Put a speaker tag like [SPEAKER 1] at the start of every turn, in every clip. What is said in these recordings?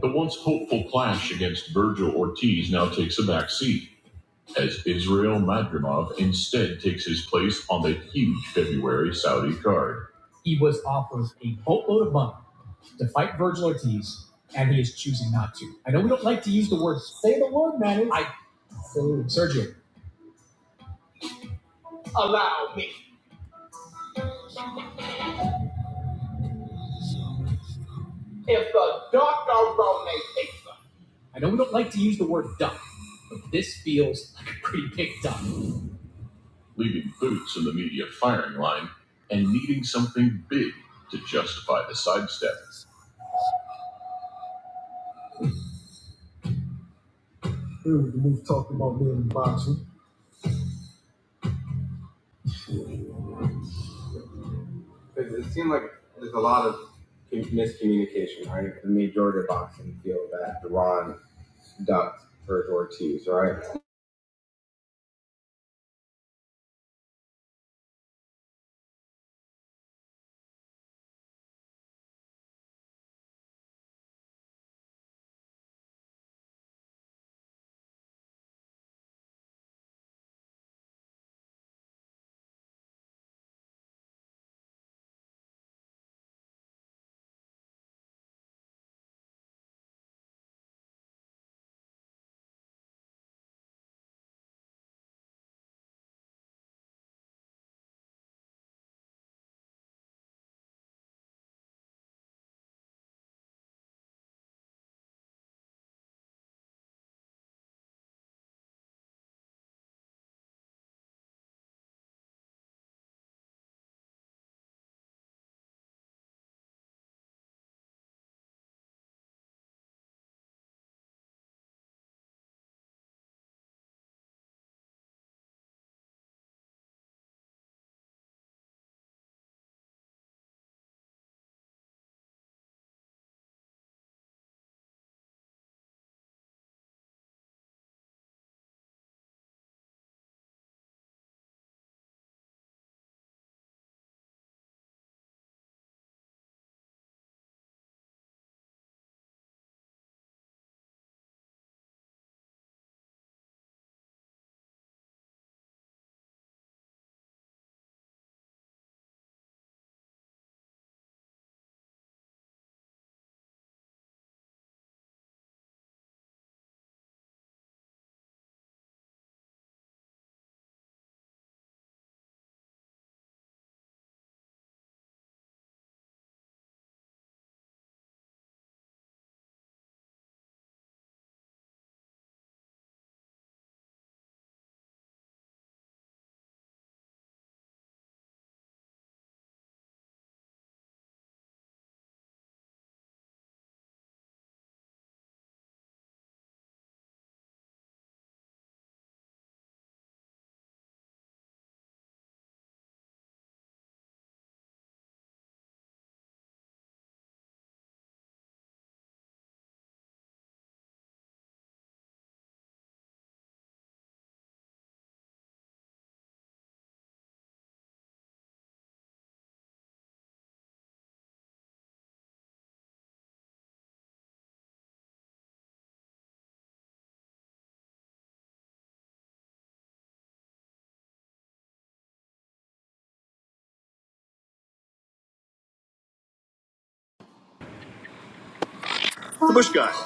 [SPEAKER 1] The once hopeful clash against Virgil Ortiz now takes a back seat, as Israel Madrimov instead takes his place on the huge February Saudi card. Allow me, if the doctor Rone takes them. Leaving Boots in the media firing line and needing something big to justify the sidestep. It seemed like there's a lot of miscommunication, right? The majority of boxing feel that Ron ducked Virgil Ortiz, right?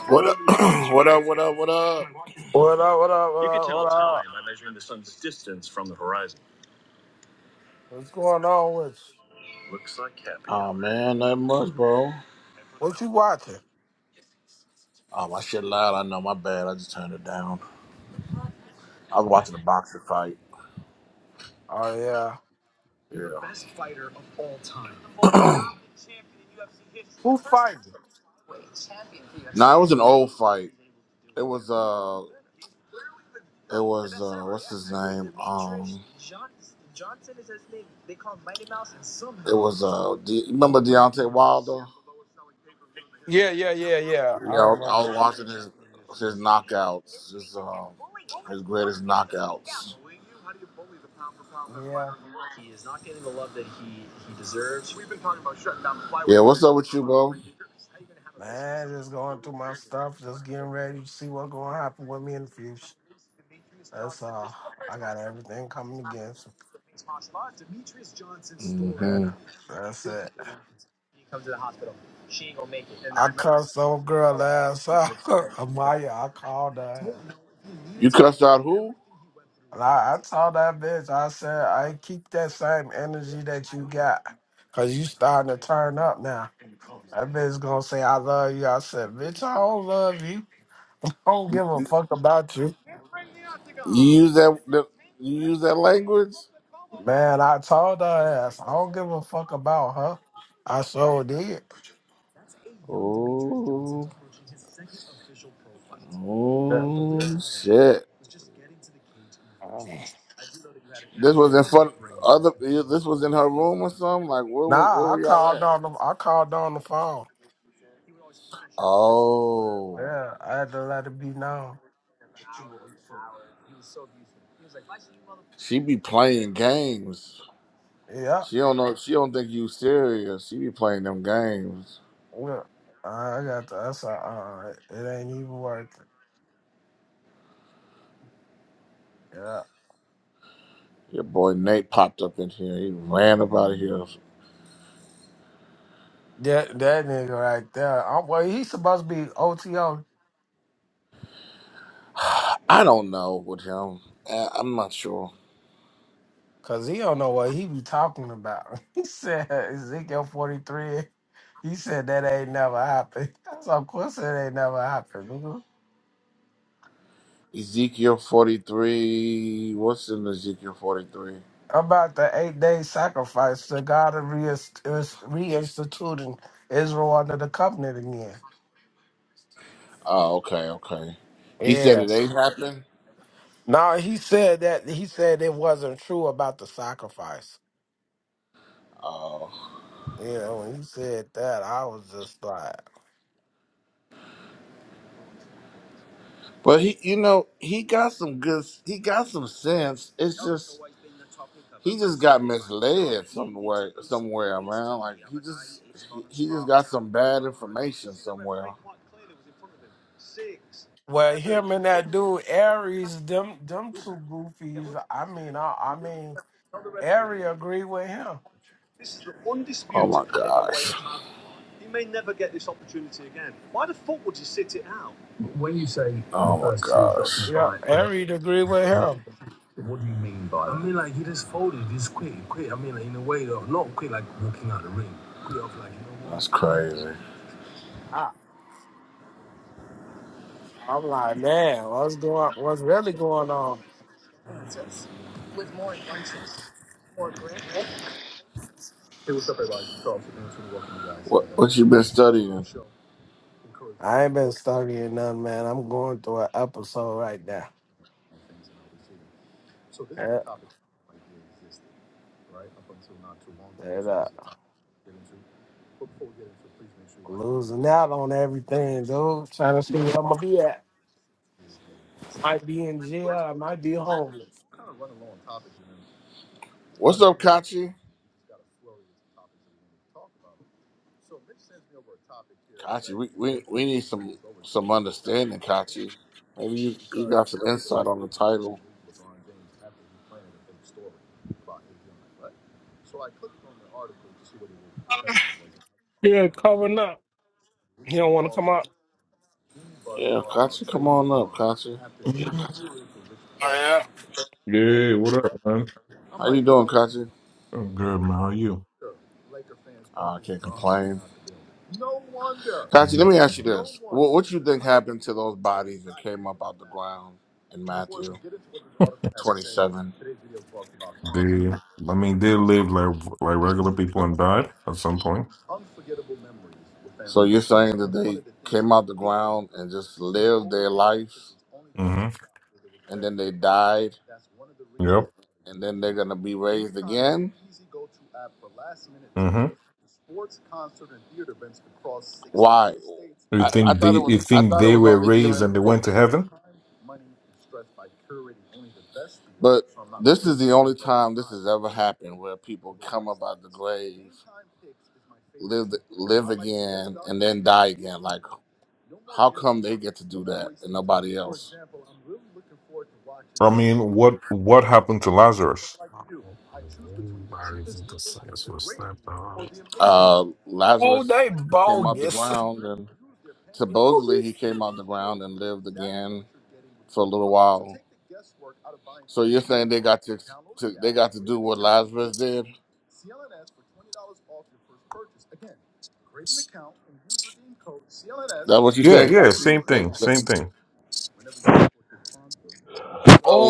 [SPEAKER 1] What up? what up? What up? What up?
[SPEAKER 2] What up, what up, what up, what up? What's going on with you?
[SPEAKER 1] Oh man, not much, bro.
[SPEAKER 2] What you watching?
[SPEAKER 1] Oh my shit loud. I know. My bad. I just turned it down. I was watching a boxer fight.
[SPEAKER 2] Oh, yeah.
[SPEAKER 1] Yeah.
[SPEAKER 2] Who fighting?
[SPEAKER 1] No, it was an old fight. It was uh, it was uh, what's his name? Um, it was uh, De- remember Deontay Wilder?
[SPEAKER 2] Yeah, yeah, yeah, yeah.
[SPEAKER 1] Yeah,
[SPEAKER 2] I
[SPEAKER 1] I was, I
[SPEAKER 2] remember.
[SPEAKER 1] was watching his his knockouts, his uh, his great outs.
[SPEAKER 2] Yeah. Man, just going through my stuff, just getting ready to see what's going to happen with me in the future. That's all. I got everything coming against me. Yeah, that's it. I cussed old girl last Amaya, I called her.
[SPEAKER 1] But who?
[SPEAKER 2] And I, I told that bitch, I said, I keep that same energy that you got. Cause you starting to turn up now. That bitch gonna say I love you. I said, bitch, I don't love you. I don't
[SPEAKER 1] You,
[SPEAKER 2] give a
[SPEAKER 1] you
[SPEAKER 2] fuck about you.
[SPEAKER 1] you use that? that- You use that language?
[SPEAKER 2] Man, I told her ass, I don't give a fuck about her. I sure did. Yeah.
[SPEAKER 1] Mm. Yeah. Was in her room or something? Like, where was? Where
[SPEAKER 2] Nah, I
[SPEAKER 1] were
[SPEAKER 2] called on the I called on the phone. Yeah, I had to let it be known.
[SPEAKER 1] She be playing games.
[SPEAKER 2] Yeah.
[SPEAKER 1] She don't know. She don't think you serious. She be playing them games.
[SPEAKER 2] yeah. I got to, I said, uh, it ain't even worth it. Yeah,
[SPEAKER 1] Your boy Nate popped up in here. He ran up out of here.
[SPEAKER 2] That that nigga right there. I'm, well, he supposed to be OTO
[SPEAKER 1] I don't know with him. I- I'm not sure.
[SPEAKER 2] because he don't know what he be talking about. He said Ezekiel 43. He said that ain't never happened. That's of course it ain't never happened. Nigga.
[SPEAKER 1] Ezekiel 43. What's in Ezekiel 43?
[SPEAKER 2] About the eight day sacrifice to God of reist- is reinstituting Israel under the covenant again.
[SPEAKER 1] Oh, okay, okay. He said
[SPEAKER 2] Yeah.
[SPEAKER 1] it ain't happened.
[SPEAKER 2] No, he said that he said it wasn't true about the sacrifice.
[SPEAKER 1] Oh,
[SPEAKER 2] Yeah, when he said that, I was just like.
[SPEAKER 1] but he, you know, he got some good. He got some sense. It's he just got misled somewhere. Somewhere, man. Got some bad information.
[SPEAKER 2] Well, him and that dude Aries, them them two goofies. I mean, I, I mean, Aries agree with him.
[SPEAKER 1] Oh my gosh. Oh my gosh.
[SPEAKER 2] Yeah, Aries agree with him.
[SPEAKER 1] That's crazy.
[SPEAKER 2] I, I'm like, man, what's going? What's really going on?
[SPEAKER 1] what you been studying?
[SPEAKER 2] I ain't been studying nothing, man. I'm going through an episode right now. Yeah, and, uh, losing out on everything, dude. Trying to see where I'm gonna be at. Might be in jail. I might be homeless.
[SPEAKER 1] What's up, Kachi? Have you
[SPEAKER 2] Yeah, covering up. He don't want to come
[SPEAKER 3] Yeah,
[SPEAKER 2] up.
[SPEAKER 3] what up, man?
[SPEAKER 1] Kachi?
[SPEAKER 3] I'm good, man. How are you?
[SPEAKER 1] Kachi, let me happened to those bodies in and
[SPEAKER 3] They, I mean, they live like like regular people and died at some point. hmm Yep.
[SPEAKER 1] might be what
[SPEAKER 3] hmm You think they, you think they were raised and they went to heaven?
[SPEAKER 1] happened where people nobody
[SPEAKER 3] I mean, what what happened to Lazarus?
[SPEAKER 2] Everybody's into science was slapped out.
[SPEAKER 1] left
[SPEAKER 2] Oh, they bogus.
[SPEAKER 1] it.
[SPEAKER 3] Yeah, yeah, same thing, same thing.
[SPEAKER 2] oh,
[SPEAKER 1] So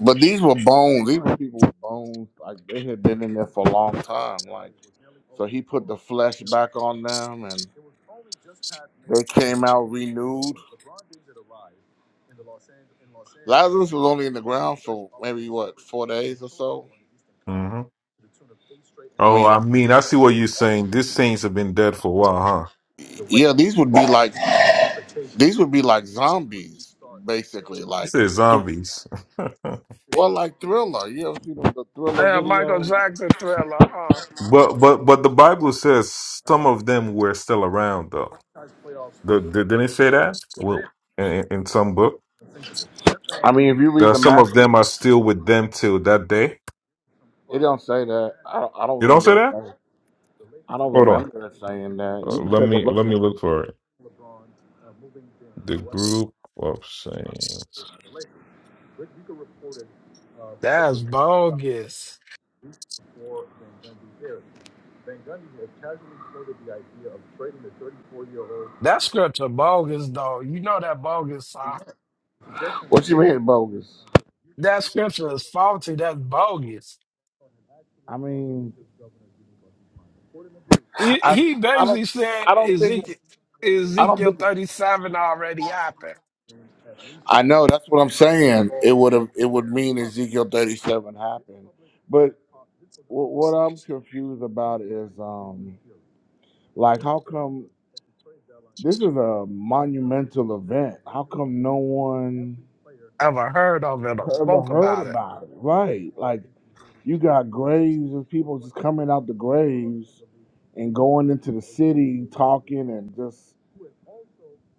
[SPEAKER 1] but these were bones. These were people with bones. Like they had been in there for a long time. He put the flesh back on them and
[SPEAKER 3] hmm Oh,
[SPEAKER 1] mean
[SPEAKER 3] I mean, I see what you're saying. These saints have been dead for a while, huh?
[SPEAKER 1] yeah, these would be like these would be like zombies.
[SPEAKER 3] You say zombies, but
[SPEAKER 1] Well, like Thriller, you ever see the, the Thriller
[SPEAKER 2] yeah, Michael
[SPEAKER 1] video?
[SPEAKER 2] Jackson thriller, huh?
[SPEAKER 3] but but the Bible says some of them were still around, though. The, the, didn't it say that? Well, in, in some book,
[SPEAKER 1] I mean, if you read
[SPEAKER 3] that
[SPEAKER 1] the
[SPEAKER 3] some of
[SPEAKER 1] Matthew,
[SPEAKER 3] them are still with them till that day.
[SPEAKER 1] it don't say that. I don't, I don't
[SPEAKER 3] You don't
[SPEAKER 1] remember
[SPEAKER 3] say
[SPEAKER 1] it
[SPEAKER 3] that?
[SPEAKER 1] saying. I don't
[SPEAKER 3] Hold on.
[SPEAKER 1] remember it saying that.
[SPEAKER 3] Uh,
[SPEAKER 1] You can
[SPEAKER 3] let
[SPEAKER 1] take a
[SPEAKER 3] me
[SPEAKER 1] look
[SPEAKER 3] let me
[SPEAKER 1] at.
[SPEAKER 3] look for it. The group of saints.
[SPEAKER 2] That's bogus. That scripture bogus, though. You know that bogus. Uh,
[SPEAKER 1] What you mean bogus?
[SPEAKER 2] that scripture is faulty. That's bogus.
[SPEAKER 1] I mean,
[SPEAKER 2] He,
[SPEAKER 1] I
[SPEAKER 2] he
[SPEAKER 1] I don't
[SPEAKER 2] basically said
[SPEAKER 1] I don't think
[SPEAKER 2] Ezekiel,
[SPEAKER 1] it's, I don't
[SPEAKER 2] Ezekiel
[SPEAKER 1] think it's-
[SPEAKER 2] 37 already happened.
[SPEAKER 1] I know that's what I'm saying. It would have it would mean Ezekiel 37 happened, but wh- what I'm confused about is um like how come. This is a monumental event. How come no one
[SPEAKER 2] Ever heard of it or
[SPEAKER 1] ever
[SPEAKER 2] spoke
[SPEAKER 1] heard
[SPEAKER 2] about it?
[SPEAKER 1] about it? Right. Like you got graves of people just coming out the graves and going into the city talking and just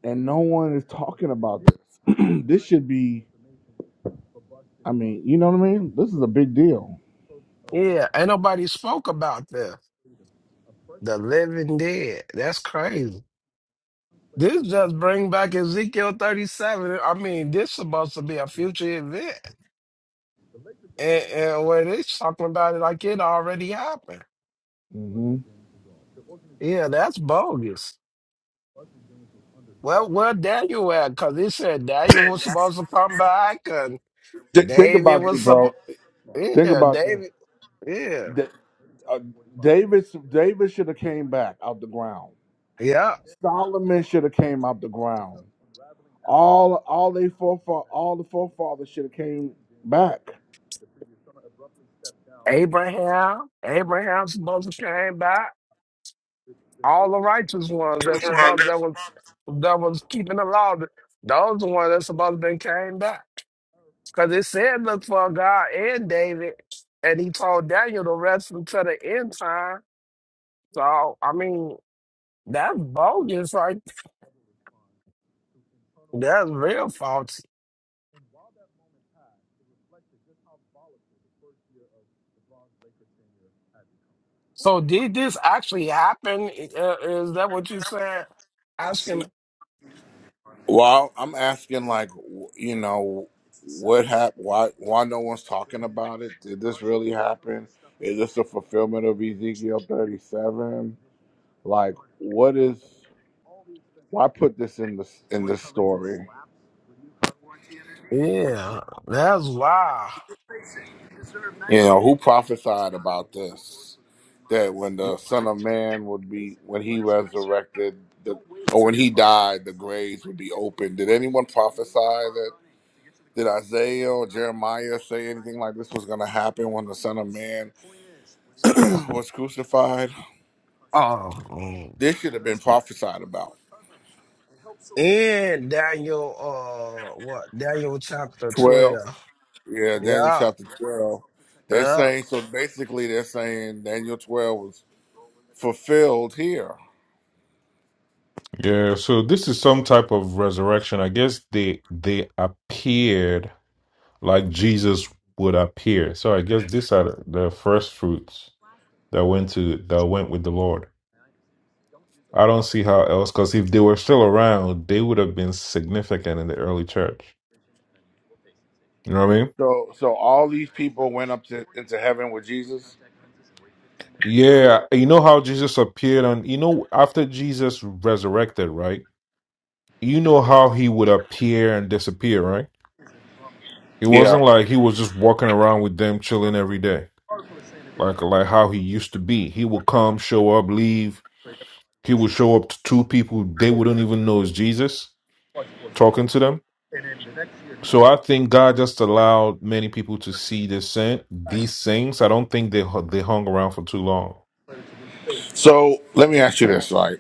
[SPEAKER 1] and no one is talking about this. this should be I mean, you know what I mean? This is a big deal.
[SPEAKER 2] Yeah, ain't nobody spoke about this. The living dead. That's crazy. This just bring back Ezekiel 37. I mean, this supposed to be a future event. And, and where they talking about it like it already happened.
[SPEAKER 1] hmm
[SPEAKER 2] Yeah, that's bogus. Well, where Daniel at? Because he said Daniel was supposed to come back and
[SPEAKER 1] Th- think
[SPEAKER 2] David
[SPEAKER 1] about this,
[SPEAKER 2] was
[SPEAKER 1] bro.
[SPEAKER 2] supposed.
[SPEAKER 1] Think
[SPEAKER 2] Yeah,
[SPEAKER 1] about this.
[SPEAKER 2] David. Yeah.
[SPEAKER 1] Da- uh, David, David should have came back out the ground.
[SPEAKER 2] Yeah.
[SPEAKER 1] Solomon should have came out the ground. All all they forefa all the forefathers should have came back.
[SPEAKER 2] Abraham. Abraham supposed to came back. All the righteous ones that supposed that was that was keeping the law. Those the ones that supposed to been came back. Because it said, look for God and David. And he told Daniel to wrestle to the end time. So, I mean, that's bogus, right? That's real faulty. So, did this actually happen? Uh, Is that what you said? Asking.
[SPEAKER 1] Well, I'm asking, like, w- you know, what happened? Why, why no one's talking about it? Did this really happen? Is this a fulfillment of Ezekiel 37? Like, what is? Why put this in this in this story?
[SPEAKER 2] Yeah, that's wow.
[SPEAKER 1] You know, who prophesied about this? that when the Son of Man would be when he resurrected the or when he died, the graves would be open. Did anyone prophesy that? Did Isaiah or Jeremiah say anything like this was going to happen when the Son of Man was crucified?
[SPEAKER 2] Oh, mm.
[SPEAKER 1] This should have been prophesied about.
[SPEAKER 2] in Daniel, uh, what? Daniel chapter 12.
[SPEAKER 1] Twelve, yeah, Daniel
[SPEAKER 2] Yeah,
[SPEAKER 1] chapter twelve. They're
[SPEAKER 2] yeah.
[SPEAKER 1] saying so. Basically, they're saying Daniel twelve was fulfilled here.
[SPEAKER 3] Yeah. So this is some type of resurrection. I guess they they appeared like Jesus would appear. So I guess these are the first fruits that went to that went with the Lord. I don't see how else because if they were still around, they would have been significant in the early church. You know what I mean?
[SPEAKER 1] So, so all these people went up to into heaven with Jesus.
[SPEAKER 3] Yeah, you know how Jesus appeared on, you know, after Jesus resurrected, right? You know how he would appear and disappear, right? It
[SPEAKER 1] Yeah,
[SPEAKER 3] wasn't like he was just walking around with them chilling every day, like like how he used to be. He would come, show up, leave. He would show up to two people they wouldn't even know is Jesus talking to them. So I think God just allowed many people to see this sin, these things. I don't think they hu- they hung around for too long.
[SPEAKER 1] So let me ask you this: like,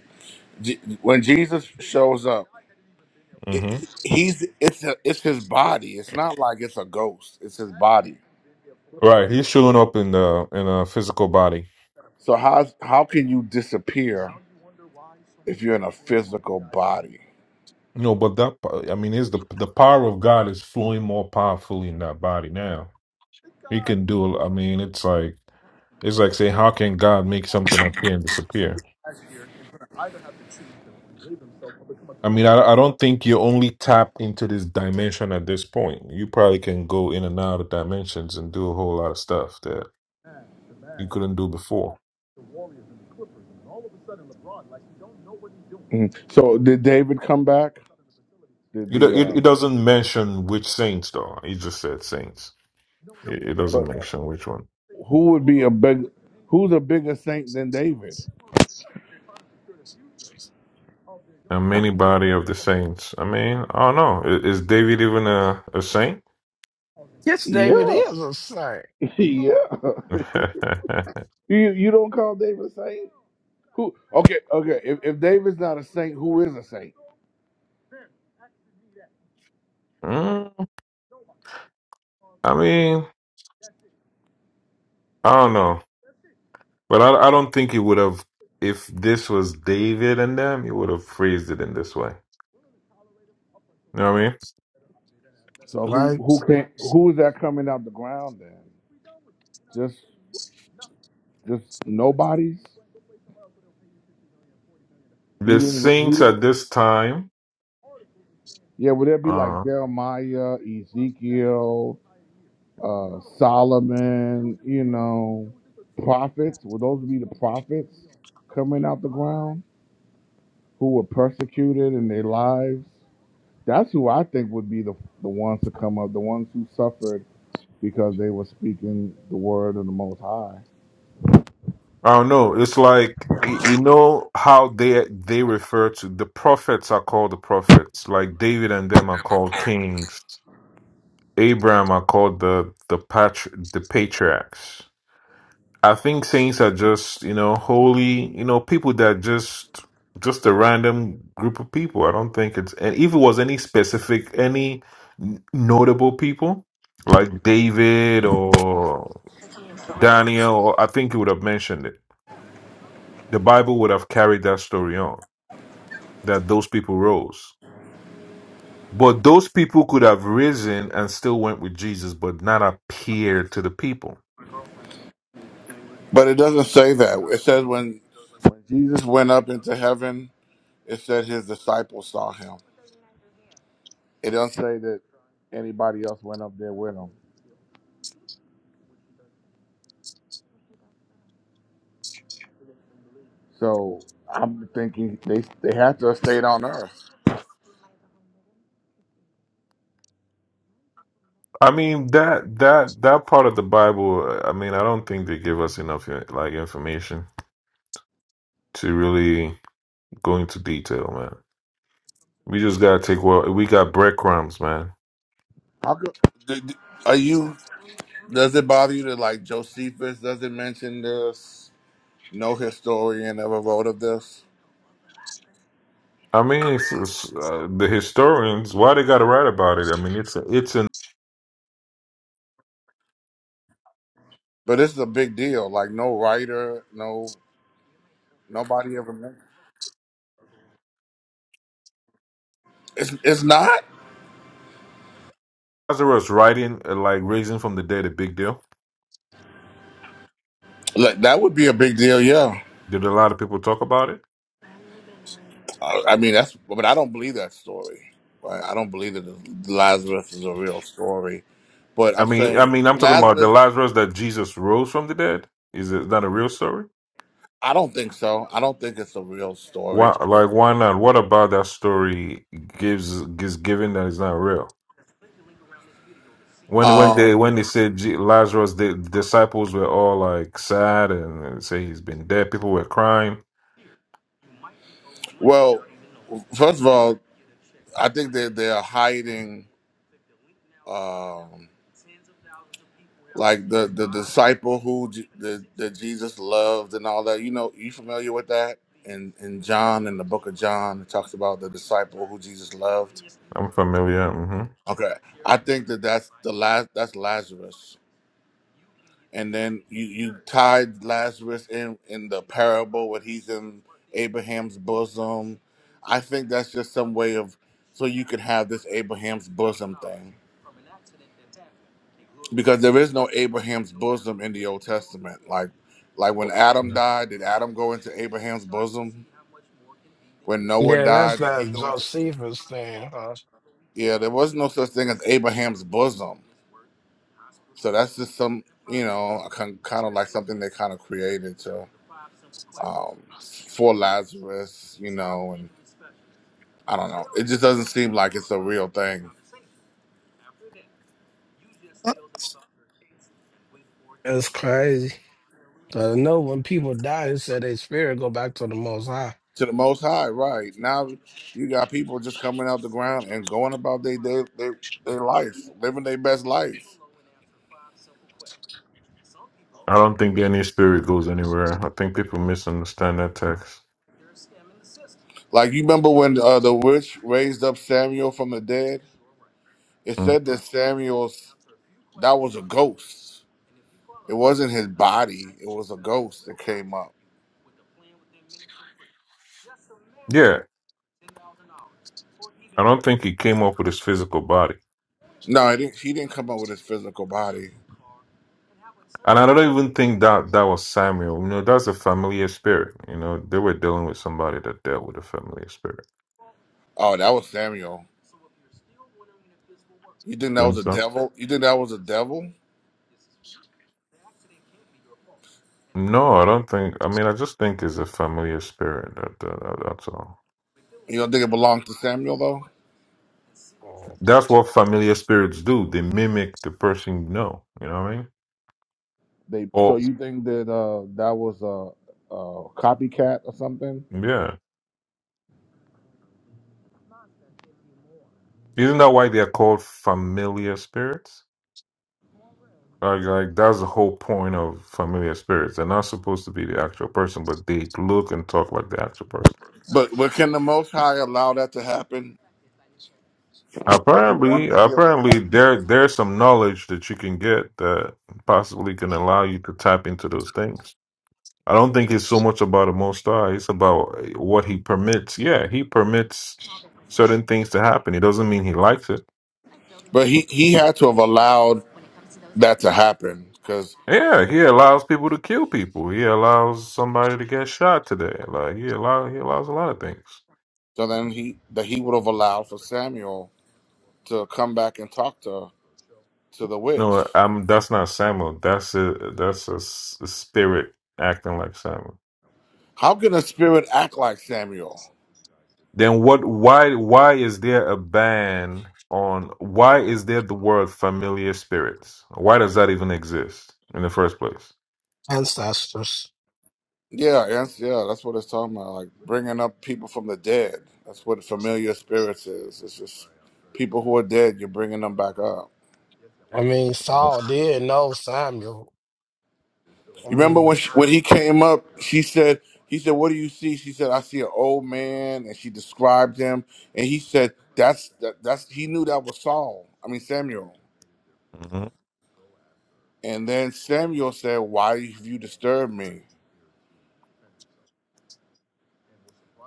[SPEAKER 1] Je- when Jesus shows up, it,
[SPEAKER 3] hmm
[SPEAKER 1] he's it's a, it's his body. It's not like it's a ghost. It's his body.
[SPEAKER 3] Right, he's showing up in the in a physical body.
[SPEAKER 1] So how how can you disappear if you're in a physical body?
[SPEAKER 3] You know, but that po- I mean, is the the power of God is flowing more powerfully in that body now. He can do. I mean, it's like it's like saying, how can God make something appear and disappear? I mean, I, I don't think you only tap into this dimension at this point. You probably can go in and out of dimensions and do a whole lot of stuff that you couldn't do before.
[SPEAKER 1] Mhm. So did David come back? Did
[SPEAKER 3] You do,
[SPEAKER 1] the
[SPEAKER 3] it,
[SPEAKER 1] uh,
[SPEAKER 3] it doesn't mention which saints though. He just said saints. It, it doesn't
[SPEAKER 1] but
[SPEAKER 3] mention which one.
[SPEAKER 1] who would be a big who's a bigger saint than David?
[SPEAKER 3] And many body of the saints. I mean, I don't know. I- Is David even a, a saint?
[SPEAKER 2] Yes, David
[SPEAKER 1] Yeah,
[SPEAKER 2] is a saint. Come
[SPEAKER 1] yeah.
[SPEAKER 2] on,
[SPEAKER 1] you you don't call David a saint? Who? Okay, okay. If if David's not a saint, who is a saint?
[SPEAKER 3] Mm, I mean, I don't know. But I, I don't think he would have, if this was David and them, he would have phrased it in this way. You know what I mean?
[SPEAKER 1] So who
[SPEAKER 2] Lord.
[SPEAKER 1] who can who is that coming out the ground then? Just just nobody's. He
[SPEAKER 3] The
[SPEAKER 1] didn't he
[SPEAKER 3] saints
[SPEAKER 1] didn't.
[SPEAKER 3] at this time,
[SPEAKER 1] Yeah, would that be like
[SPEAKER 3] uh,
[SPEAKER 1] Jeremiah, Ezekiel, uh, Solomon? You know, prophets. Would those be the prophets coming out the ground who were persecuted in their lives? That's who I think would be the the ones to come up, the ones who suffered because they were speaking the word of the Most High.
[SPEAKER 3] I don't know. It's like, y- you know how they they refer to the prophets are called the prophets. Like David and them are called kings. Abraham are called the the patr the patriarchs. I think saints are just you know holy you know people that just just a random group of people. I don't think it's and if it was any specific any n- notable people like David or Daniel, or I think you would have mentioned it. The Bible would have carried that story on that those people rose. But those people could have risen and still went with Jesus, but not appear to the people.
[SPEAKER 1] But it doesn't say that. It says when when Jesus went up into heaven, it said his disciples saw him. It doesn't say that anybody else went up there with him. So I'm thinking they they had to have stayed on earth.
[SPEAKER 3] I mean that that that part of the Bible. I mean, I don't think they give us enough uh, like information to really go into detail, man. We just gotta take well. We got breadcrumbs, man.
[SPEAKER 1] Did- Are you? Does it bother you that like Josephus doesn't mention this? No historian ever wrote of this.
[SPEAKER 3] I mean, it's, it's, uh, the historians why they gotta write about it. I mean, it's a, it's in
[SPEAKER 1] But this is a big deal. Like no writer, no nobody ever mentioned. It's it's not.
[SPEAKER 3] Lazarus writing uh, like raising from the dead a big deal.
[SPEAKER 1] Like that would be a big deal. Yeah.
[SPEAKER 3] Did a lot of people talk about it?
[SPEAKER 1] I I mean, that's, but I don't believe that story. Right? I don't believe that Lazarus is a real story. But
[SPEAKER 3] I
[SPEAKER 1] I'm
[SPEAKER 3] mean, I
[SPEAKER 1] saying
[SPEAKER 3] mean, I'm talking about the
[SPEAKER 1] Lazarus.
[SPEAKER 3] Lazarus that Jesus rose from the dead. Is it not a real story?
[SPEAKER 1] I don't think so. I don't think it's a real story.
[SPEAKER 3] Why, like, why not? What about that story gives gives given that it's not real? When when
[SPEAKER 1] Um,
[SPEAKER 3] they when they said Je- Lazarus, the disciples were all like sad and and say he's been dead. People were crying.
[SPEAKER 1] well, first of all, I think that they're hiding, um, like the the disciple who J- the that Jesus loved and all that. You know, you familiar with that? In in John, in the book of John, it talks about the disciple who Jesus loved
[SPEAKER 3] I'm familiar. hmm
[SPEAKER 1] Okay, I think that that's the last. That's Lazarus, and then you you tied Lazarus in in the parable when he's in Abraham's bosom. I think that's just some way of so you could have this Abraham's bosom thing because there is no Abraham's bosom in the Old Testament. Like like when Adam died, did Adam go into Abraham's bosom? When Noah
[SPEAKER 2] Yeah, that's
[SPEAKER 1] died, did he
[SPEAKER 2] that
[SPEAKER 1] go into?
[SPEAKER 2] Josephus thing, huh?
[SPEAKER 1] Yeah, there was no such thing as Abraham's bosom. So that's just some, you know, kind of like something they kind of created to um, for Lazarus, you know, and I don't know. It just doesn't seem like it's a real thing.
[SPEAKER 2] That's crazy. I know when people die, it said their spirit go back to the Most High
[SPEAKER 1] To the Most High, right now you got people just coming out the ground and going about their their their, their life, living their best life.
[SPEAKER 3] I don't think any spirit goes anywhere. I think people misunderstand that text.
[SPEAKER 1] Like you remember when uh, the witch raised up Samuel from the dead? It
[SPEAKER 3] Mhm.
[SPEAKER 1] said that Samuel's that was a ghost. It wasn't his body. It was a ghost that came up
[SPEAKER 3] Yeah, I don't think he came up with his physical body,
[SPEAKER 1] No, I didn't, he didn't come up with his physical body.
[SPEAKER 3] and I don't even think that that was Samuel. You know, that's a familiar spirit. You know, they were dealing with somebody that dealt with a familiar spirit.
[SPEAKER 1] Oh, that was Samuel. You think that was
[SPEAKER 3] Think
[SPEAKER 1] a
[SPEAKER 3] so?
[SPEAKER 1] devil? You think that was a devil?
[SPEAKER 3] No, I don't think. I mean, I just think it's a familiar spirit. That, that, that- that's all.
[SPEAKER 1] You don't think it belonged to Samuel though?
[SPEAKER 3] That's what familiar spirits do. They mimic the person you know. You know what I mean?
[SPEAKER 1] They so
[SPEAKER 3] Or
[SPEAKER 1] you think that uh that was a, a copycat or something?
[SPEAKER 3] yeah, isn't that why they are called familiar spirits? Like, like that's the whole point of familiar spirits. They're not supposed to be the actual person, but they look and talk like the actual person.
[SPEAKER 1] But but can the Most High allow that to happen? Because he wanted
[SPEAKER 3] Apparently,
[SPEAKER 1] to give.
[SPEAKER 3] apparently, there there's some knowledge that you can get that possibly can allow you to tap into those things. I don't think it's so much about the Most High. It's about what He permits. Yeah, He permits certain things to happen. It doesn't mean He likes it.
[SPEAKER 1] But he he had to have allowed that to happen because
[SPEAKER 3] Yeah, He allows people to kill people. He allows somebody to get shot today. Like He allow He allows a lot of things.
[SPEAKER 1] so then he that he would have allowed for Samuel to come back and talk to to the witch.
[SPEAKER 3] No, I'm. That's not Samuel. That's a that's a, s- a spirit acting like Samuel.
[SPEAKER 1] How can a spirit act like Samuel?
[SPEAKER 3] Then what? Why? Why is there a ban on? Why is there the word familiar spirits? Why does that even exist in the first place?
[SPEAKER 2] ancestors.
[SPEAKER 1] Yeah, that's yeah, that's what it's talking about. Like bringing up people from the dead. That's what familiar spirits is. It's just people who are dead. You're bringing them back up.
[SPEAKER 2] I mean, Saul did know Samuel. I
[SPEAKER 1] You remember when
[SPEAKER 2] mean,
[SPEAKER 1] she, when he came up? She said, "He said, what do you see?" She said, "I see an old man," and she described him. And he said, "That's that, that's." He knew that was Saul. I mean Samuel. And then Samuel said, "Why have you disturbed me?"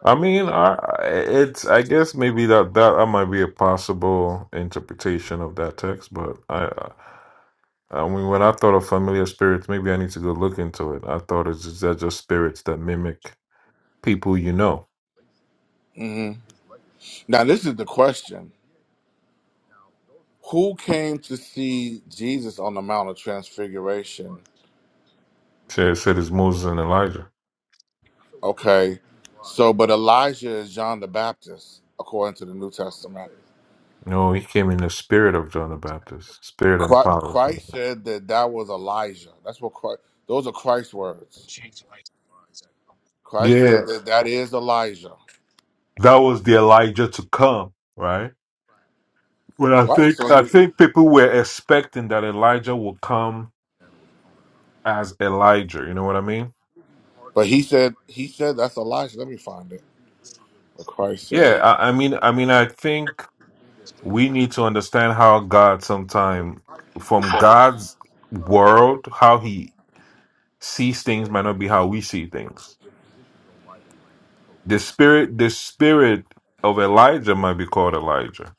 [SPEAKER 3] I mean, I it's I guess maybe that that that might be a possible interpretation of that text, but I I mean when I thought of familiar spirits, maybe I need to go look into it. I thought it's just, they're just spirits that mimic people you know.
[SPEAKER 1] hmm Now this is the question: Who came to see Jesus on the Mount of Transfiguration?
[SPEAKER 3] So it said it's Moses and Elijah.
[SPEAKER 1] Okay. So, but Elijah is John the Baptist, according to the New Testament.
[SPEAKER 3] No, he came in the spirit of John the Baptist, spirit and
[SPEAKER 1] Chri-
[SPEAKER 3] power.
[SPEAKER 1] Christ said that that was Elijah. That's what Christ, those are Christ's words. Christ said
[SPEAKER 3] Yeah,
[SPEAKER 1] that that is Elijah.
[SPEAKER 3] that was the Elijah to come, right? Well, I
[SPEAKER 1] Right. So
[SPEAKER 3] think I
[SPEAKER 1] he,
[SPEAKER 3] think people were expecting that Elijah will come as Elijah. You know what I mean?
[SPEAKER 1] but he said, he said that's Elijah. Let me find it. What Christ
[SPEAKER 3] Yeah,
[SPEAKER 1] said.
[SPEAKER 3] I, I mean, I mean, I think we need to understand how God, sometime from God's world, how He sees things might not be how we see things. The spirit, the spirit of Elijah might be called Elijah,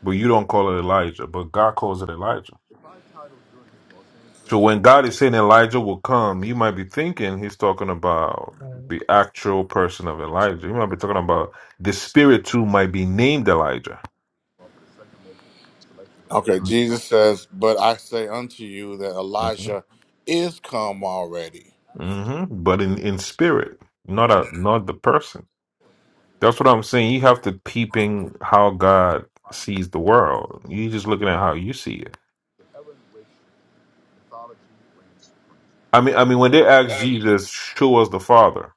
[SPEAKER 3] but you don't call it Elijah, but God calls it Elijah. So when God is saying Elijah will come, you might be thinking He's talking about the actual person of Elijah. You might be talking about the spirit too might be named Elijah.
[SPEAKER 1] Okay. Jesus says, but I say unto you that Elijah is come already.
[SPEAKER 3] hmm But in in spirit, not a not the person. That's what I'm saying. You have to peeping how God sees the world. You just looking at how you see it. I mean, I mean, when they asked Jesus, "Show us the Father,"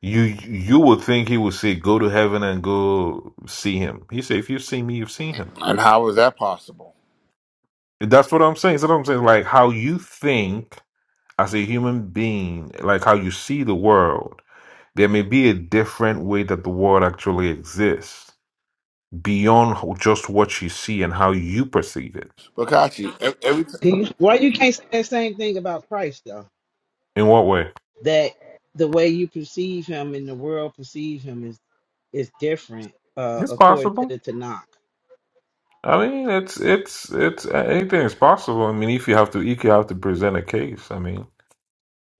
[SPEAKER 3] you you would think he would say, "Go to heaven and go see him." He said, "If you've seen me, you've seen him."
[SPEAKER 1] And how is that possible?
[SPEAKER 3] That's what I'm saying. So what I'm saying, like how you think as a human being, like how you see the world. There may be a different way that the world actually exists beyond just what you see and how you perceive it.
[SPEAKER 1] But Kachi, ev- every,
[SPEAKER 4] Do you- Why you can't say that same thing about Christ though?
[SPEAKER 3] In what way?
[SPEAKER 4] That the way you perceive him and the world perceive him is is different uh,
[SPEAKER 3] It's
[SPEAKER 4] according to
[SPEAKER 3] possible.
[SPEAKER 4] the Tanakh.
[SPEAKER 3] I mean, it's it's it's anything is possible. I mean, if you have to, if you have to present a case, I mean,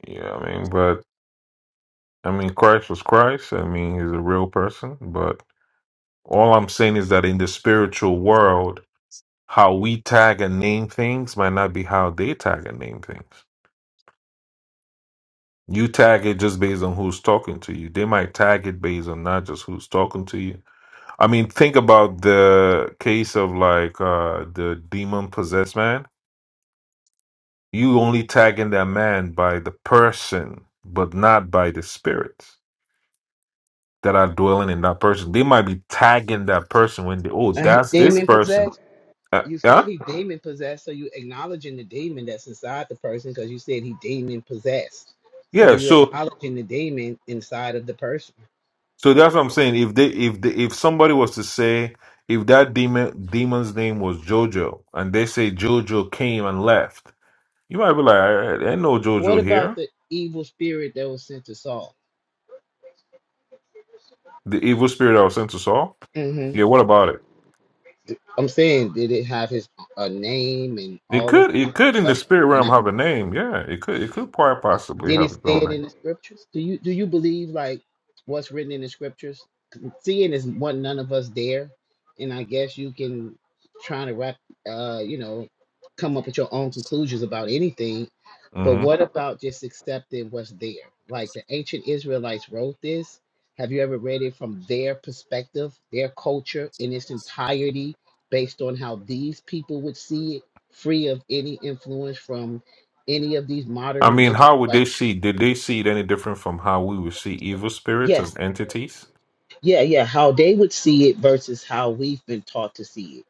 [SPEAKER 3] yeah, I mean, but I mean, Christ was Christ. I mean, he's a real person. But all I'm saying is that in the spiritual world, how we tag and name things might not be how they tag and name things. You tag it just based on who's talking to you. They might tag it based on not just who's talking to you I mean, think about the case of like uh the demon possessed man. You only tagging that man by the person, but not by the spirits that are dwelling in that person. They might be tagging that person when they oh
[SPEAKER 4] And he
[SPEAKER 3] that's this
[SPEAKER 4] demon
[SPEAKER 3] person.
[SPEAKER 4] possessed.
[SPEAKER 3] Uh,
[SPEAKER 4] You said
[SPEAKER 3] yeah,
[SPEAKER 4] he demon possessed, so you acknowledging the demon that's inside the person because you said he demon possessed. So
[SPEAKER 3] yeah.
[SPEAKER 4] you
[SPEAKER 3] So
[SPEAKER 4] acknowledging the demon inside of the person.
[SPEAKER 3] so that's what I'm saying. If they if they, if somebody was to say if that demon demon's name was Jojo and they say Jojo came and left, you might be like I, I ain't no
[SPEAKER 4] What
[SPEAKER 3] Jojo
[SPEAKER 4] about
[SPEAKER 3] here
[SPEAKER 4] the evil spirit that was sent to Saul?
[SPEAKER 3] The evil spirit that was sent to Saul?
[SPEAKER 4] hmm
[SPEAKER 3] Yeah, what about it?
[SPEAKER 4] I'm saying, did it have his a name and
[SPEAKER 3] It
[SPEAKER 4] all this
[SPEAKER 3] could it
[SPEAKER 4] kind
[SPEAKER 3] could in the
[SPEAKER 4] of
[SPEAKER 3] spirit realm
[SPEAKER 4] stuff?
[SPEAKER 3] have a name. Yeah, it could it could quite possibly
[SPEAKER 4] Did it
[SPEAKER 3] have its
[SPEAKER 4] say
[SPEAKER 3] own
[SPEAKER 4] it in
[SPEAKER 3] name.
[SPEAKER 4] the scriptures? Do you do you believe like what's written in the scriptures? Seeing is what none of us dare, and I guess you can try to wrap, uh, you know, come up with your own conclusions about anything. But
[SPEAKER 3] hmm
[SPEAKER 4] what about just accepting what's there? Like the ancient Israelites wrote this. Have you ever read it from their perspective, their culture in its entirety, based on how these people would see it, free of any influence from any of these modern
[SPEAKER 3] I mean,
[SPEAKER 4] religions?
[SPEAKER 3] how would
[SPEAKER 4] Like,
[SPEAKER 3] they see? Did they see it any different from how we would see evil spirits as
[SPEAKER 4] Yes.
[SPEAKER 3] entities?
[SPEAKER 4] Yeah, yeah. How they would see it versus how we've been taught to see it.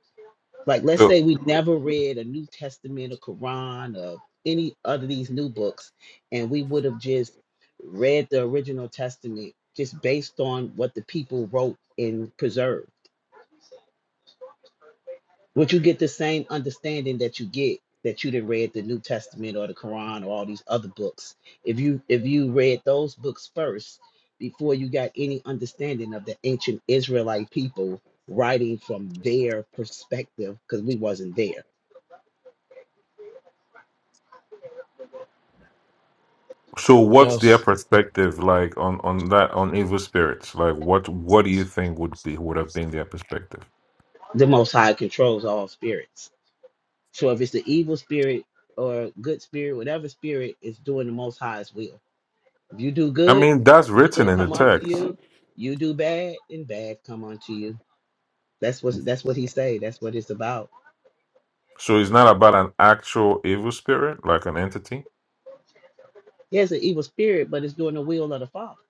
[SPEAKER 4] Like, let's say
[SPEAKER 3] So
[SPEAKER 4] we never read a New Testament, a Quran, or any other of these new books, and we would have just read the original Testament just based on what the people wrote and preserved. Would you get the same understanding that you get that you'd have read the New Testament or the Quran or all these other books? If you if you read those books first before you got any understanding of the ancient Israelite people writing from their perspective, because we wasn't there.
[SPEAKER 3] so what's their
[SPEAKER 2] yes.
[SPEAKER 3] perspective like on on that on evil spirits? Like what what do you think would be would have been their perspective?
[SPEAKER 4] The most high controls all spirits. So if it's the evil spirit or good spirit, whatever spirit is doing the most high's will. If you do
[SPEAKER 3] I
[SPEAKER 4] good,
[SPEAKER 3] mean, that's written
[SPEAKER 4] good
[SPEAKER 3] in the
[SPEAKER 4] come unto
[SPEAKER 3] text.
[SPEAKER 4] you. You do bad, and bad come unto you That's what that's what he say. That's what it's about.
[SPEAKER 3] So it's not about an actual evil spirit, like an entity.
[SPEAKER 4] Yeah, it's an evil spirit, but it's doing the will of the Father.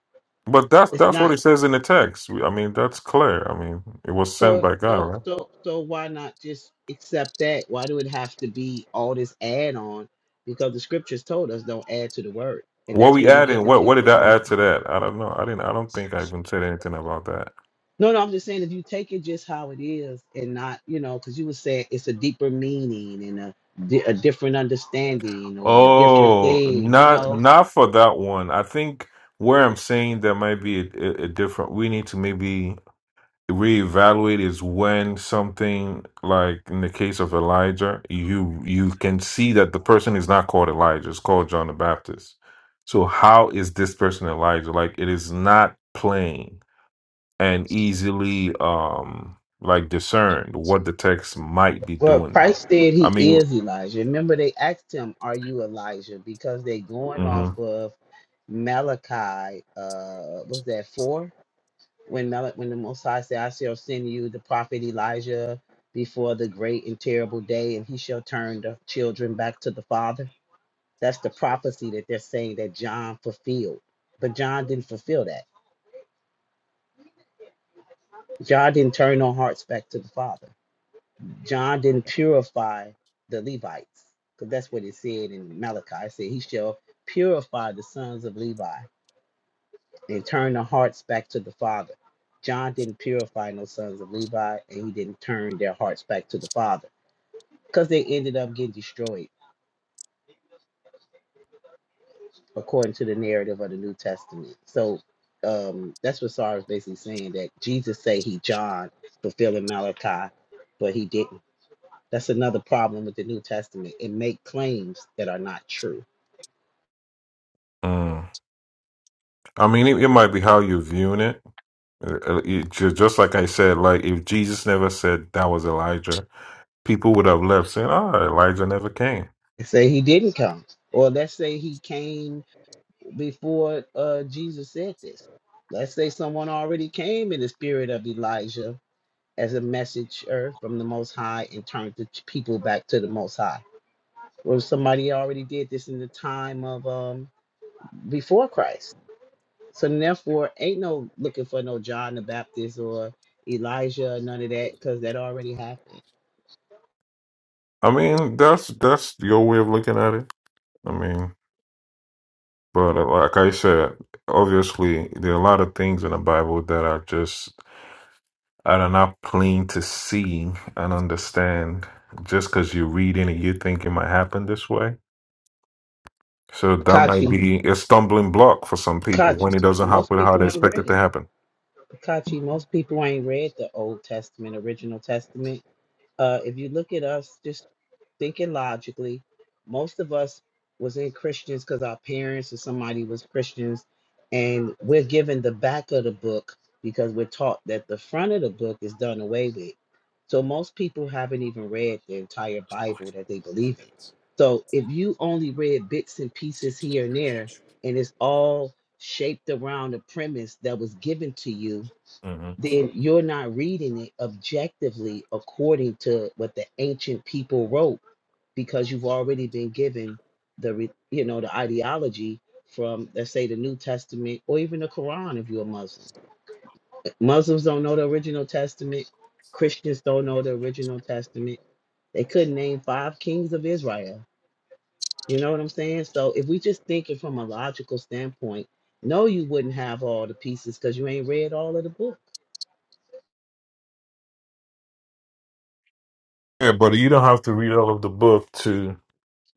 [SPEAKER 3] But that's
[SPEAKER 4] It's
[SPEAKER 3] that's what
[SPEAKER 4] not
[SPEAKER 3] it says in the text. We- I mean, that's clear. I mean, it was sent
[SPEAKER 4] so
[SPEAKER 3] by God,
[SPEAKER 4] so
[SPEAKER 3] right?
[SPEAKER 4] so so why not just accept that? Why do it have to be all this add on? Because the scriptures told us don't add to the word. And
[SPEAKER 3] What
[SPEAKER 4] that's
[SPEAKER 3] we
[SPEAKER 4] when you get
[SPEAKER 3] adding? What
[SPEAKER 4] into your
[SPEAKER 3] what did
[SPEAKER 4] own
[SPEAKER 3] I add
[SPEAKER 4] thing.
[SPEAKER 3] to that? I don't know. I didn't. I don't think I even said anything about that.
[SPEAKER 4] No, no, I'm just saying if you take it just how it is and not, you know, because you were saying it's a deeper meaning and a, di- a different understanding or a different
[SPEAKER 3] Oh,
[SPEAKER 4] thing, you
[SPEAKER 3] not
[SPEAKER 4] know
[SPEAKER 3] not for that one. I think where I'm saying there might be a, a, a different. We need to maybe reevaluate is when something like in the case of Elijah, you you can see that the person is not called Elijah, it's called John the Baptist. So how is this person Elijah? Like it is not plain and easily um like discerned what the text might be
[SPEAKER 4] Well,
[SPEAKER 3] doing there.
[SPEAKER 4] Christ said
[SPEAKER 3] I
[SPEAKER 4] he
[SPEAKER 3] mean,
[SPEAKER 4] is Elijah. Remember, they asked him, Are you Elijah? Because they going
[SPEAKER 3] mhm,
[SPEAKER 4] off of Malachi, uh, was that four? When Mal- when the Most High said, I shall send you the prophet Elijah before the great and terrible day, and he shall turn the children back to the Father. That's the prophecy that they're saying that John fulfilled. But John didn't fulfill that. John didn't turn our hearts back to the Father. John didn't purify the Levites, because that's what it said in Malachi. It said, He shall purify the sons of Levi and turn their hearts back to the Father. John didn't purify no sons of Levi, and he didn't turn their hearts back to the Father, because they ended up getting destroyed, according to the narrative of the New Testament. So um, that's what Sarah is basically saying that Jesus say he John fulfilling Malachi, but he didn't. That's another problem with the New Testament. It make claims that are not true
[SPEAKER 3] mm. I mean it, it might be how you're viewing it. Uh, uh, it ju- Just like I said, like if Jesus never said that was Elijah, people would have left saying, "Ah, Elijah never came."
[SPEAKER 4] say he didn't come, or let's say he came before uh, Jesus said this. Let's say someone already came in the spirit of Elijah as a messenger from the Most High and turned the people back to the Most High. Or somebody already did this in the time of um, before Christ. So therefore, ain't no looking for no John the Baptist or Elijah, none of that, because that already happened.
[SPEAKER 3] I mean, that's that's your way of looking at it. I mean, but uh, like I said, obviously there are a lot of things in the Bible that are just that are not plain to see and understand. Just because you read it and you think it might happen this way, So that might
[SPEAKER 4] Kachi,
[SPEAKER 3] be a stumbling block for some people
[SPEAKER 4] Kachi.
[SPEAKER 3] when it doesn't
[SPEAKER 4] Most
[SPEAKER 3] happen how they
[SPEAKER 4] people ain't
[SPEAKER 3] expect it
[SPEAKER 4] ready.
[SPEAKER 3] to happen.
[SPEAKER 4] Kachi, most people ain't read the Old Testament, Original Testament. Uh, if you look at us, just thinking logically, most of us was in Christians because our parents or somebody was Christians, and we're given the back of the book because we're taught that the front of the book is done away with. So most people haven't even read the entire Bible that they believe in. So if you only read bits and pieces here and there, and it's all shaped around a premise that was given to you
[SPEAKER 3] hmm
[SPEAKER 4] then you're not reading it objectively according to what the ancient people wrote because you've already been given the re- you know the ideology from let's say the New Testament or even the Quran if you're a Muslim. Muslims don't know the original Testament. Christians don't know the original Testament. They couldn't name five kings of Israel. You know what I'm saying? So if we just thinking from a logical standpoint, no, you wouldn't have all the pieces because you ain't read all of the book.
[SPEAKER 3] Yeah, but you don't have to read all of the book to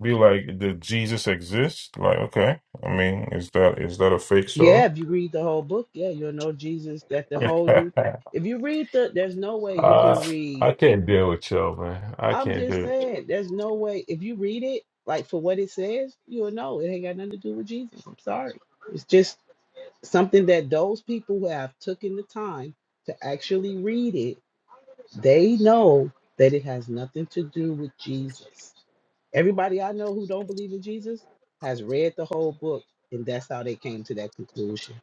[SPEAKER 3] be like, did Jesus exist? Like, okay, I mean, is that is that a fake story?
[SPEAKER 4] Yeah, if you read the whole book, yeah, you'll know Jesus. That the whole new. If you read the, there's no way you
[SPEAKER 3] uh,
[SPEAKER 4] can read.
[SPEAKER 3] I can't deal with y'all, man. I
[SPEAKER 4] I'm
[SPEAKER 3] can't
[SPEAKER 4] just
[SPEAKER 3] do it.
[SPEAKER 4] saying, there's no way. If you read it, like for what it says, you'll know it ain't got nothing to do with Jesus. I'm sorry. It's just something that those people who have taken the time to actually read it, they know that it has nothing to do with Jesus. Everybody I know who don't believe in Jesus has read the whole book, and that's how they came to that conclusion.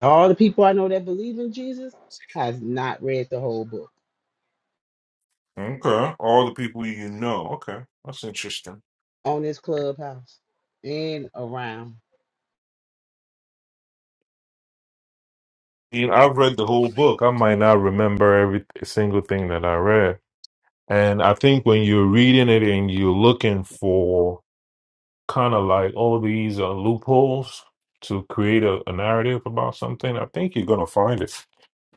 [SPEAKER 4] All the people I know that believe in Jesus has not read the whole book
[SPEAKER 3] Okay. All the people you know. Okay. That's interesting.
[SPEAKER 4] on this clubhouse and around.
[SPEAKER 3] You know, I've read the whole book. I might not remember every single thing that I read. And I think when you're reading it and you're looking for kind of like all these uh, loopholes to create a, a narrative about something, I think you're going to find it.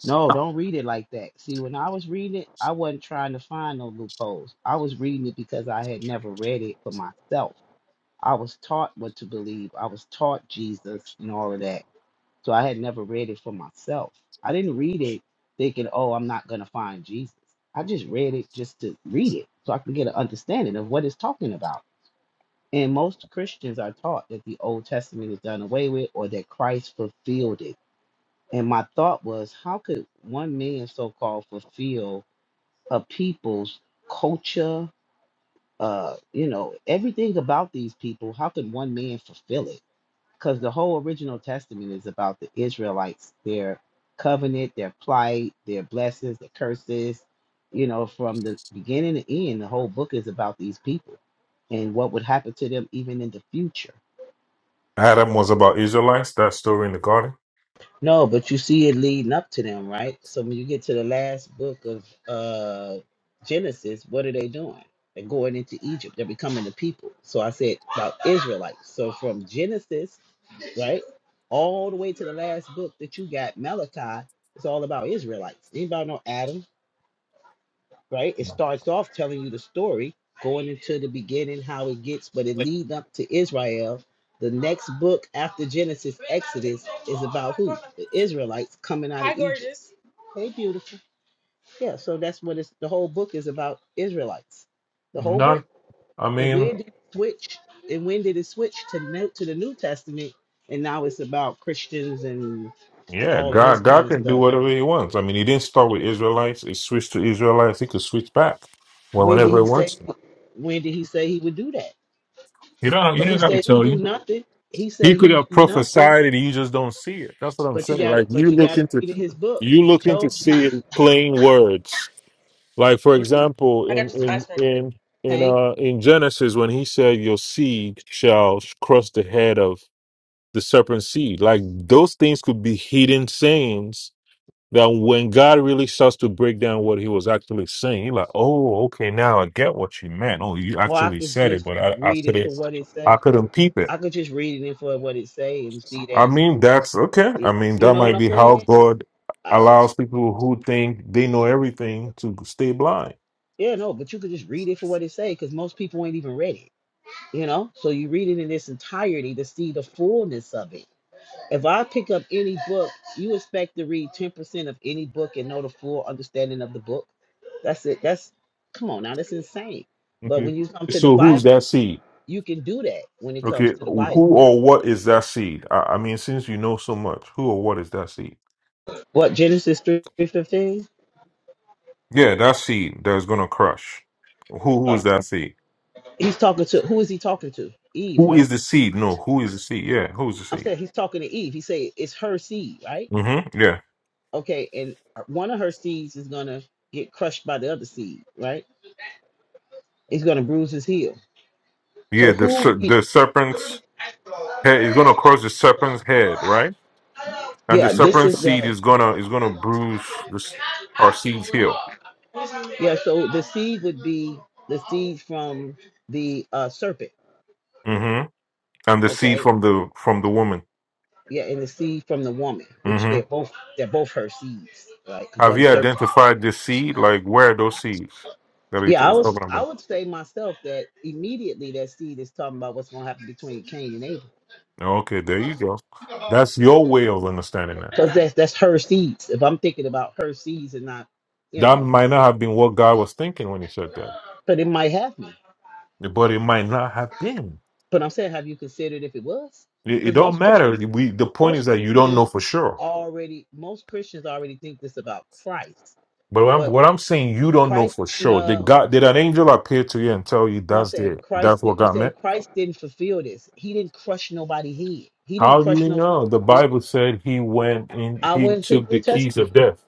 [SPEAKER 4] No, don't read it like that. See, when I was reading it, I wasn't trying to find no loopholes. I was reading it because I had never read it for myself. I was taught what to believe. I was taught Jesus and all of that. So I had never read it for myself. I didn't read it thinking, oh, I'm not going to find Jesus. I just read it just to read it so I can get an understanding of what it's talking about. And most Christians are taught that the Old Testament is done away with or that Christ fulfilled it. And my thought was, how could one man so called fulfill a people's culture, uh, you know, everything about these people? How could one man fulfill it? Because the whole original testament is about the Israelites, their covenant, their plight, their blessings, their curses. You know, from the beginning to end, the whole book is about these people and what would happen to them even in the future
[SPEAKER 3] Adam was about Israelites, that story in the garden.
[SPEAKER 4] No, but you see it leading up to them, right? So when you get to the last book of uh Genesis, what are they doing? They're going into Egypt. They're becoming the people. So I said about Israelites. So from Genesis, right, all the way to the last book that you got, Malachi, it's all about Israelites. Anybody know Adam? right? It starts off telling you the story, going into the beginning, how it gets, but it leads up to Israel. The next book after Genesis, Exodus, is about who? The Israelites coming out Hi, of Egypt. Gorgeous. Hey, beautiful. Yeah, so that's what it's, the whole book is about Israelites. The whole
[SPEAKER 3] Not,
[SPEAKER 4] book.
[SPEAKER 3] I
[SPEAKER 4] And
[SPEAKER 3] mean,
[SPEAKER 4] where did it switch? And when did it switch to new, to the New Testament? And now it's about Christians and
[SPEAKER 3] yeah,
[SPEAKER 4] all of this
[SPEAKER 3] God, God
[SPEAKER 4] kind of
[SPEAKER 3] can do
[SPEAKER 4] stuff.
[SPEAKER 3] whatever he wants. I mean, he didn't start with Israelites. He switched to Israelites. He could switch back well,
[SPEAKER 4] When did
[SPEAKER 3] whenever he
[SPEAKER 4] he
[SPEAKER 3] wants
[SPEAKER 4] say?
[SPEAKER 3] to.
[SPEAKER 4] When did he say he would do that?
[SPEAKER 3] You don't. You
[SPEAKER 4] Because he
[SPEAKER 3] ain't got to
[SPEAKER 4] said he
[SPEAKER 3] tell
[SPEAKER 4] do
[SPEAKER 3] you.
[SPEAKER 4] nothing. He said
[SPEAKER 3] He could
[SPEAKER 4] he
[SPEAKER 3] have
[SPEAKER 4] do nothing.
[SPEAKER 3] prophesied it. You just don't see it. That's what I'm
[SPEAKER 4] But you
[SPEAKER 3] saying.
[SPEAKER 4] got
[SPEAKER 3] Like
[SPEAKER 4] it.
[SPEAKER 3] you
[SPEAKER 4] But you
[SPEAKER 3] look
[SPEAKER 4] got to
[SPEAKER 3] into
[SPEAKER 4] read his book.
[SPEAKER 3] you
[SPEAKER 4] He
[SPEAKER 3] looking to
[SPEAKER 4] chose you.
[SPEAKER 3] see in plain words. Like for example,
[SPEAKER 4] I got
[SPEAKER 3] in
[SPEAKER 4] you some ice
[SPEAKER 3] in
[SPEAKER 4] cream.
[SPEAKER 3] in in
[SPEAKER 4] Thank.
[SPEAKER 3] uh in Genesis when he said your seed shall crush the head of the serpent seed. Like those things could be hidden sayings that when God really starts to break down what he was actually saying, you're like, oh, okay, now I get what you meant. Oh, you
[SPEAKER 4] Well, I
[SPEAKER 3] actually
[SPEAKER 4] could
[SPEAKER 3] said it,
[SPEAKER 4] just
[SPEAKER 3] but I, I
[SPEAKER 4] read it
[SPEAKER 3] couldn't
[SPEAKER 4] for what it
[SPEAKER 3] I
[SPEAKER 4] say.
[SPEAKER 3] couldn't peep it.
[SPEAKER 4] I could just read it for what it say and see
[SPEAKER 3] I
[SPEAKER 4] that.
[SPEAKER 3] mean, that's okay. I
[SPEAKER 4] It,
[SPEAKER 3] mean,
[SPEAKER 4] you
[SPEAKER 3] that
[SPEAKER 4] know what
[SPEAKER 3] might
[SPEAKER 4] I'm
[SPEAKER 3] be how
[SPEAKER 4] saying?
[SPEAKER 3] God
[SPEAKER 4] Uh,
[SPEAKER 3] allows people who think they know everything to stay blind.
[SPEAKER 4] yeah, no. But you could just read it for what it say, because most people ain't even read it. You know. So you read it in its entirety to see the fullness of it. If I pick up any book, you expect to read 10% of any book and know the full understanding of the book. That's it. That's come on now, that's insane. But
[SPEAKER 3] Okay.
[SPEAKER 4] when you come to the
[SPEAKER 3] So who's
[SPEAKER 4] Bible,
[SPEAKER 3] that seed?
[SPEAKER 4] you can do that when it comes
[SPEAKER 3] Okay.
[SPEAKER 4] to the
[SPEAKER 3] Who
[SPEAKER 4] Bible.
[SPEAKER 3] or what is that seed? I, I mean, since you know so much, who or what is that seed?
[SPEAKER 4] What Genesis 3:15?
[SPEAKER 3] Yeah, that seed that is going to crush. Who who is
[SPEAKER 4] Uh,
[SPEAKER 3] that seed?
[SPEAKER 4] he's talking to who is he talking to? Eve,
[SPEAKER 3] Who is
[SPEAKER 4] right?
[SPEAKER 3] the seed? No, who is the seed? Yeah, who's the
[SPEAKER 4] I'm
[SPEAKER 3] seed?
[SPEAKER 4] saying he's talking to Eve. He say it's her seed, right?
[SPEAKER 3] Mm-hmm. Yeah,
[SPEAKER 4] Okay, and one of her seeds is gonna get crushed by the other seed, right? It's gonna bruise his heel.
[SPEAKER 3] yeah.
[SPEAKER 4] So
[SPEAKER 3] The
[SPEAKER 4] who?
[SPEAKER 3] ser- the serpent's head is going to crush the serpent's head, right? And the
[SPEAKER 4] Yeah, this is
[SPEAKER 3] serpent's seed
[SPEAKER 4] the
[SPEAKER 3] is gonna is gonna bruise the, s- our seed's heel.
[SPEAKER 4] Yeah, so the seed would be the seed from the uh, serpent,
[SPEAKER 3] Mm-hmm. And the seed
[SPEAKER 4] okay?
[SPEAKER 3] from the from the woman.
[SPEAKER 4] Yeah, and the seed from the woman, which they're
[SPEAKER 3] Mm-hmm.
[SPEAKER 4] both they're both her seeds, right? Because
[SPEAKER 3] Have
[SPEAKER 4] the
[SPEAKER 3] you
[SPEAKER 4] serpent.
[SPEAKER 3] identified the seed? Like where are those seeds that it
[SPEAKER 4] Yeah, I
[SPEAKER 3] was
[SPEAKER 4] was
[SPEAKER 3] talking
[SPEAKER 4] I
[SPEAKER 3] about?
[SPEAKER 4] would say myself that immediately that seed is talking about what's going to happen between Cain and Abel,
[SPEAKER 3] Okay, there you go. That's your way of understanding that.
[SPEAKER 4] because that's that's her seeds. If I'm thinking about her seeds and not, you
[SPEAKER 3] That
[SPEAKER 4] know,
[SPEAKER 3] might not have been what God was thinking when He said that,
[SPEAKER 4] but it might have me.
[SPEAKER 3] but it might not have been.
[SPEAKER 4] But I'm saying, have you considered if it was?
[SPEAKER 3] It, it
[SPEAKER 4] Because
[SPEAKER 3] don't
[SPEAKER 4] most Christians,
[SPEAKER 3] matter. We the point is
[SPEAKER 4] most
[SPEAKER 3] that you don't know
[SPEAKER 4] Christians
[SPEAKER 3] for sure.
[SPEAKER 4] already most Christians already think this about Christ.
[SPEAKER 3] But what I'm,
[SPEAKER 4] but.
[SPEAKER 3] what I'm saying, you don't know
[SPEAKER 4] Christ,
[SPEAKER 3] for sure. Did
[SPEAKER 4] no,
[SPEAKER 3] God? Did an angel appear to you and tell you
[SPEAKER 4] no, I'm
[SPEAKER 3] that's
[SPEAKER 4] saying
[SPEAKER 3] the that's
[SPEAKER 4] Christ. Did,
[SPEAKER 3] what
[SPEAKER 4] I'm
[SPEAKER 3] God
[SPEAKER 4] saying
[SPEAKER 3] meant?
[SPEAKER 4] Christ didn't fulfill this. He didn't crush nobody's head. He didn't
[SPEAKER 3] How do
[SPEAKER 4] crush
[SPEAKER 3] you
[SPEAKER 4] no.
[SPEAKER 3] know? The Bible said He went in.
[SPEAKER 4] I
[SPEAKER 3] He
[SPEAKER 4] went to the
[SPEAKER 3] took the
[SPEAKER 4] New
[SPEAKER 3] keys of
[SPEAKER 4] Testament.
[SPEAKER 3] death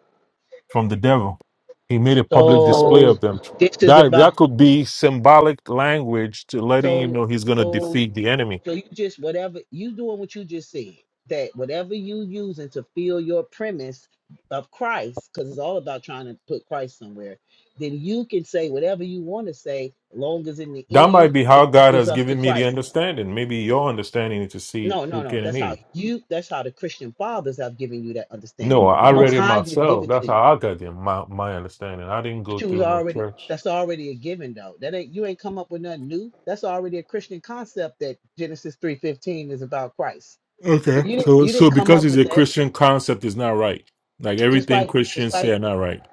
[SPEAKER 3] from the devil. He made a public display
[SPEAKER 4] So
[SPEAKER 3] of them.
[SPEAKER 4] this is
[SPEAKER 3] That that
[SPEAKER 4] about.
[SPEAKER 3] could be symbolic language to letting you
[SPEAKER 4] So
[SPEAKER 3] know He's going to
[SPEAKER 4] so
[SPEAKER 3] defeat the enemy
[SPEAKER 4] so you just whatever you doing what you just said that whatever you using to fill your premise of Christ, because it's all about trying to put Christ somewhere. Then you can say whatever you want to say, long as in the
[SPEAKER 3] That
[SPEAKER 4] end
[SPEAKER 3] might be how
[SPEAKER 4] it
[SPEAKER 3] God
[SPEAKER 4] equals
[SPEAKER 3] has
[SPEAKER 4] up to
[SPEAKER 3] given me the
[SPEAKER 4] Christ.
[SPEAKER 3] understanding. Maybe your understanding is to see
[SPEAKER 4] No, no,
[SPEAKER 3] through
[SPEAKER 4] no.
[SPEAKER 3] Cain and
[SPEAKER 4] That's how
[SPEAKER 3] Eve.
[SPEAKER 4] you. That's how the Christian fathers have given you that
[SPEAKER 3] No,
[SPEAKER 4] understanding.
[SPEAKER 3] I
[SPEAKER 4] The
[SPEAKER 3] read
[SPEAKER 4] Most
[SPEAKER 3] it
[SPEAKER 4] High didn't give
[SPEAKER 3] myself.
[SPEAKER 4] it
[SPEAKER 3] That's
[SPEAKER 4] to you.
[SPEAKER 3] how I got it. my, my understanding. I didn't
[SPEAKER 4] But
[SPEAKER 3] go
[SPEAKER 4] you was
[SPEAKER 3] through no
[SPEAKER 4] already.
[SPEAKER 3] church.
[SPEAKER 4] That's already a given though. That ain't you ain't come up with nothing new. That's already a Christian concept that Genesis three fifteen is about Christ.
[SPEAKER 3] Okay.
[SPEAKER 4] So you didn't
[SPEAKER 3] So
[SPEAKER 4] you
[SPEAKER 3] so
[SPEAKER 4] didn't come
[SPEAKER 3] because
[SPEAKER 4] up
[SPEAKER 3] it's
[SPEAKER 4] with
[SPEAKER 3] a
[SPEAKER 4] that.
[SPEAKER 3] Christian concept is not right. Like
[SPEAKER 4] Just
[SPEAKER 3] everything
[SPEAKER 4] like just
[SPEAKER 3] Christians say
[SPEAKER 4] like
[SPEAKER 3] are not right.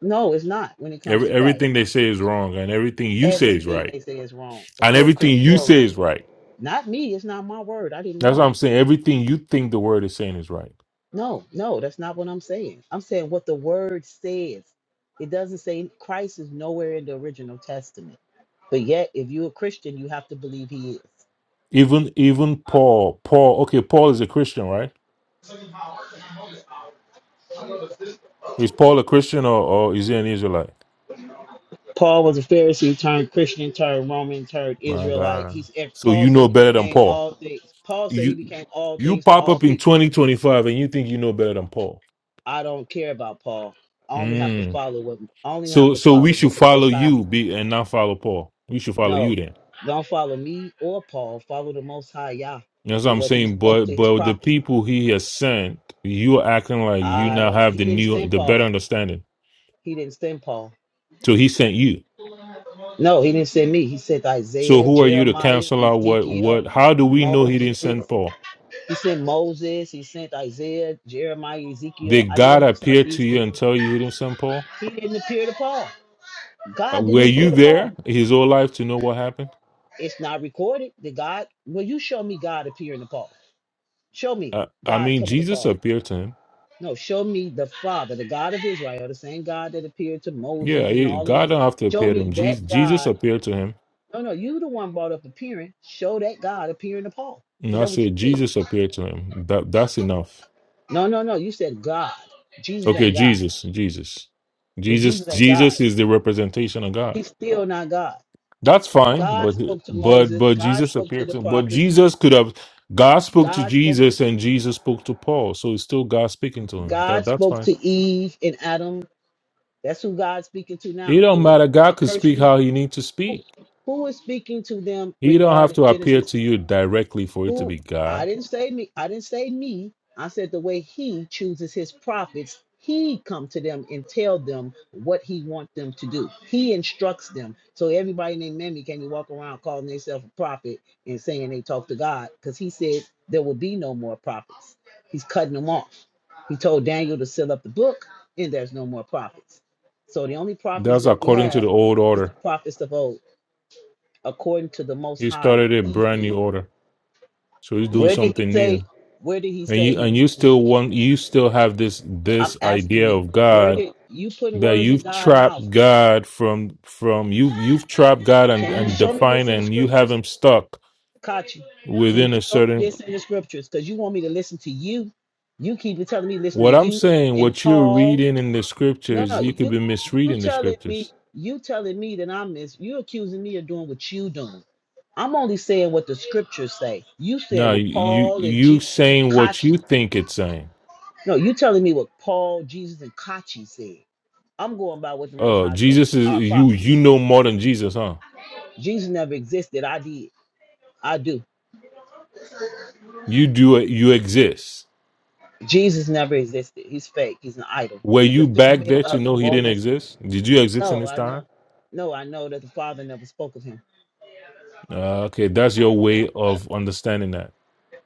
[SPEAKER 4] no, it's not when it comes
[SPEAKER 3] Every,
[SPEAKER 4] to Christ.
[SPEAKER 3] everything they say is wrong and everything you say is
[SPEAKER 4] Everything
[SPEAKER 3] right.
[SPEAKER 4] they say is wrong
[SPEAKER 3] And
[SPEAKER 4] according to the
[SPEAKER 3] everything you
[SPEAKER 4] Torah.
[SPEAKER 3] say is right.
[SPEAKER 4] Not me. It's not my word. I didn't
[SPEAKER 3] That's what
[SPEAKER 4] write
[SPEAKER 3] I'm
[SPEAKER 4] it.
[SPEAKER 3] saying. Everything you think the word is saying is right.
[SPEAKER 4] No, no, that's not what I'm saying. I'm saying what the word says. It doesn't say Christ is nowhere in the original testament. But yet, if you're a Christian, you have to believe he is.
[SPEAKER 3] Even even Paul, Paul, okay, Paul is a Christian, right? Is Paul a Christian or, or is he an Israelite?
[SPEAKER 4] Paul was a Pharisee turned Christian, turned Roman, turned
[SPEAKER 3] My
[SPEAKER 4] Israelite.
[SPEAKER 3] God.
[SPEAKER 4] He's if
[SPEAKER 3] So
[SPEAKER 4] Paul
[SPEAKER 3] you
[SPEAKER 4] said
[SPEAKER 3] know
[SPEAKER 4] he
[SPEAKER 3] better than
[SPEAKER 4] became
[SPEAKER 3] Paul.
[SPEAKER 4] all things. Paul said he
[SPEAKER 3] You
[SPEAKER 4] became all
[SPEAKER 3] you
[SPEAKER 4] things to
[SPEAKER 3] pop
[SPEAKER 4] all
[SPEAKER 3] up in
[SPEAKER 4] people.
[SPEAKER 3] 2025 and you think you know better than Paul.
[SPEAKER 4] I don't care about Paul. I only have to
[SPEAKER 3] Mm.
[SPEAKER 4] follow what I only have
[SPEAKER 3] So
[SPEAKER 4] to
[SPEAKER 3] so we
[SPEAKER 4] follow
[SPEAKER 3] should
[SPEAKER 4] what the
[SPEAKER 3] follow
[SPEAKER 4] most high s-
[SPEAKER 3] you be and not follow Paul. We should follow you
[SPEAKER 4] no.
[SPEAKER 3] then.
[SPEAKER 4] Don't follow me or Paul. Follow the most high Yah
[SPEAKER 3] That's what
[SPEAKER 4] and
[SPEAKER 3] I'm
[SPEAKER 4] what he
[SPEAKER 3] saying.
[SPEAKER 4] spoke
[SPEAKER 3] But
[SPEAKER 4] to his
[SPEAKER 3] but the
[SPEAKER 4] prophets.
[SPEAKER 3] people he has sent, you're acting like you
[SPEAKER 4] I
[SPEAKER 3] now
[SPEAKER 4] don't.
[SPEAKER 3] have
[SPEAKER 4] He
[SPEAKER 3] the
[SPEAKER 4] didn't
[SPEAKER 3] new
[SPEAKER 4] send
[SPEAKER 3] the better
[SPEAKER 4] Paul.
[SPEAKER 3] understanding.
[SPEAKER 4] He didn't send Paul.
[SPEAKER 3] So he sent you.
[SPEAKER 4] No, he didn't send me. He sent
[SPEAKER 3] So
[SPEAKER 4] Isaiah,
[SPEAKER 3] who are you to
[SPEAKER 4] Jeremiah,
[SPEAKER 3] cancel out what
[SPEAKER 4] Ezekiel,
[SPEAKER 3] what how do we know he
[SPEAKER 4] Moses.
[SPEAKER 3] didn't send Paul?
[SPEAKER 4] He sent Moses. He sent Isaiah, Jeremiah, Ezekiel.
[SPEAKER 3] Did
[SPEAKER 4] I know
[SPEAKER 3] God
[SPEAKER 4] he sent
[SPEAKER 3] appear to
[SPEAKER 4] these
[SPEAKER 3] you and
[SPEAKER 4] people.
[SPEAKER 3] tell you he didn't send Paul?
[SPEAKER 4] He didn't appear to Paul.
[SPEAKER 3] Uh,
[SPEAKER 4] God
[SPEAKER 3] Were
[SPEAKER 4] didn't
[SPEAKER 3] you
[SPEAKER 4] appear to
[SPEAKER 3] there
[SPEAKER 4] Paul.
[SPEAKER 3] his whole life to know what happened?
[SPEAKER 4] It's not recorded. Did God? Will you show me God appearing to Paul? Show me
[SPEAKER 3] I, I
[SPEAKER 4] God
[SPEAKER 3] mean,
[SPEAKER 4] coming to
[SPEAKER 3] Jesus
[SPEAKER 4] Paul.
[SPEAKER 3] appeared to him.
[SPEAKER 4] No, show me the Father, the God of Israel, the same God that appeared to
[SPEAKER 3] Yeah,
[SPEAKER 4] Moses and
[SPEAKER 3] he-
[SPEAKER 4] all of them.
[SPEAKER 3] God don't have to
[SPEAKER 4] Show
[SPEAKER 3] appear to
[SPEAKER 4] me
[SPEAKER 3] him. Jesus,
[SPEAKER 4] that God
[SPEAKER 3] Jesus appeared to him,
[SPEAKER 4] No, no, you the one brought up appearing. Show that God appearing to Paul.
[SPEAKER 3] and
[SPEAKER 4] Because
[SPEAKER 3] I
[SPEAKER 4] that's what you
[SPEAKER 3] said
[SPEAKER 4] said.
[SPEAKER 3] Jesus appeared to him. That that's enough.
[SPEAKER 4] No, no, no. You said God. Jesus
[SPEAKER 3] Okay,
[SPEAKER 4] ain't God.
[SPEAKER 3] Jesus, Jesus,
[SPEAKER 4] But
[SPEAKER 3] Jesus,
[SPEAKER 4] Jesus ain't God.
[SPEAKER 3] Jesus is the representation of God.
[SPEAKER 4] He's still not God.
[SPEAKER 3] That's fine,
[SPEAKER 4] God
[SPEAKER 3] but
[SPEAKER 4] spoke to
[SPEAKER 3] but
[SPEAKER 4] Moses.
[SPEAKER 3] but
[SPEAKER 4] God
[SPEAKER 3] Jesus
[SPEAKER 4] spoke to
[SPEAKER 3] appeared
[SPEAKER 4] the
[SPEAKER 3] to him. But
[SPEAKER 4] prophets.
[SPEAKER 3] Jesus could have God spoke to
[SPEAKER 4] God spoke to
[SPEAKER 3] Jesus, and Jesus spoke to Paul, so it's still God speaking to him. That
[SPEAKER 4] God
[SPEAKER 3] that's
[SPEAKER 4] spoke
[SPEAKER 3] fine.
[SPEAKER 4] to Eve and Adam. That's who God's speaking to
[SPEAKER 3] It
[SPEAKER 4] now.
[SPEAKER 3] don't
[SPEAKER 4] When he
[SPEAKER 3] matter. God could
[SPEAKER 4] curse
[SPEAKER 3] speak
[SPEAKER 4] you,
[SPEAKER 3] how He need to
[SPEAKER 4] who
[SPEAKER 3] speak.
[SPEAKER 4] who is speaking to them
[SPEAKER 3] He don't have
[SPEAKER 4] regarding
[SPEAKER 3] to appear
[SPEAKER 4] Genesis
[SPEAKER 3] to you directly for it to
[SPEAKER 4] Who
[SPEAKER 3] be
[SPEAKER 4] I
[SPEAKER 3] God.
[SPEAKER 4] didn't say me. I didn't say me. I said the way he chooses his prophets, he come to them and tell them what he wants them to do. He instructs them. So everybody named Mammy can't even walk around calling themselves a prophet and saying they talk to God because he said there will be no more prophets. He's cutting them off. He told Daniel to seal up the book and there's no more prophets. So the only prophets
[SPEAKER 3] That's
[SPEAKER 4] that we
[SPEAKER 3] according to the
[SPEAKER 4] have
[SPEAKER 3] old
[SPEAKER 4] is the
[SPEAKER 3] order.
[SPEAKER 4] prophets of old, according to the Most
[SPEAKER 3] He
[SPEAKER 4] High,
[SPEAKER 3] started a
[SPEAKER 4] what he
[SPEAKER 3] brand
[SPEAKER 4] said.
[SPEAKER 3] new order, so he's doing
[SPEAKER 4] Where did he
[SPEAKER 3] something new.
[SPEAKER 4] say? Where did he
[SPEAKER 3] And
[SPEAKER 4] say
[SPEAKER 3] you
[SPEAKER 4] he
[SPEAKER 3] and
[SPEAKER 4] was
[SPEAKER 3] you
[SPEAKER 4] going to do
[SPEAKER 3] still
[SPEAKER 4] that?
[SPEAKER 3] want you still have this
[SPEAKER 4] I'm
[SPEAKER 3] this
[SPEAKER 4] asking
[SPEAKER 3] idea
[SPEAKER 4] you.
[SPEAKER 3] of
[SPEAKER 4] Where
[SPEAKER 3] God
[SPEAKER 4] did you put
[SPEAKER 3] that
[SPEAKER 4] words in
[SPEAKER 3] you've
[SPEAKER 4] God's mouth?
[SPEAKER 3] trapped God from from you you've you've trapped God and
[SPEAKER 4] Can you
[SPEAKER 3] and
[SPEAKER 4] show me this
[SPEAKER 3] defined
[SPEAKER 4] in the
[SPEAKER 3] and you have
[SPEAKER 4] scriptures,
[SPEAKER 3] him stuck
[SPEAKER 4] Kachi? Can
[SPEAKER 3] within
[SPEAKER 4] you
[SPEAKER 3] a
[SPEAKER 4] show me
[SPEAKER 3] certain.
[SPEAKER 4] this in the scriptures? Because you want me to listen to you. You keep telling me listen to
[SPEAKER 3] What I'm
[SPEAKER 4] you
[SPEAKER 3] saying,
[SPEAKER 4] and
[SPEAKER 3] what you're reading
[SPEAKER 4] Paul.
[SPEAKER 3] in the
[SPEAKER 4] No,
[SPEAKER 3] scriptures,
[SPEAKER 4] no,
[SPEAKER 3] you could
[SPEAKER 4] you
[SPEAKER 3] be
[SPEAKER 4] you
[SPEAKER 3] misreading the
[SPEAKER 4] telling me
[SPEAKER 3] scriptures.
[SPEAKER 4] you telling me that I'm mis you accusing me of doing what you doing. I'm only saying what the scriptures say. You
[SPEAKER 3] No,
[SPEAKER 4] saying what
[SPEAKER 3] you
[SPEAKER 4] Paul and
[SPEAKER 3] you
[SPEAKER 4] Jesus and
[SPEAKER 3] saying what
[SPEAKER 4] Kachi.
[SPEAKER 3] you think it's saying.
[SPEAKER 4] No, you telling me what Paul, Jesus, and Kachi said. I'm going by what the Most
[SPEAKER 3] Oh,
[SPEAKER 4] High told
[SPEAKER 3] Jesus is
[SPEAKER 4] our
[SPEAKER 3] you. You
[SPEAKER 4] prophets.
[SPEAKER 3] know more than Jesus, huh?
[SPEAKER 4] Jesus never existed. I did. I do.
[SPEAKER 3] You do you exist.
[SPEAKER 4] Jesus never existed. He's fake. He's an idol.
[SPEAKER 3] Were
[SPEAKER 4] He's a
[SPEAKER 3] you back
[SPEAKER 4] figment
[SPEAKER 3] there to
[SPEAKER 4] of the
[SPEAKER 3] know he didn't
[SPEAKER 4] Romans.
[SPEAKER 3] exist? Did you exist in
[SPEAKER 4] No,
[SPEAKER 3] this
[SPEAKER 4] I
[SPEAKER 3] time?
[SPEAKER 4] know. No, I know that the Father never spoke of him.
[SPEAKER 3] Uh, okay, that's your way of understanding that.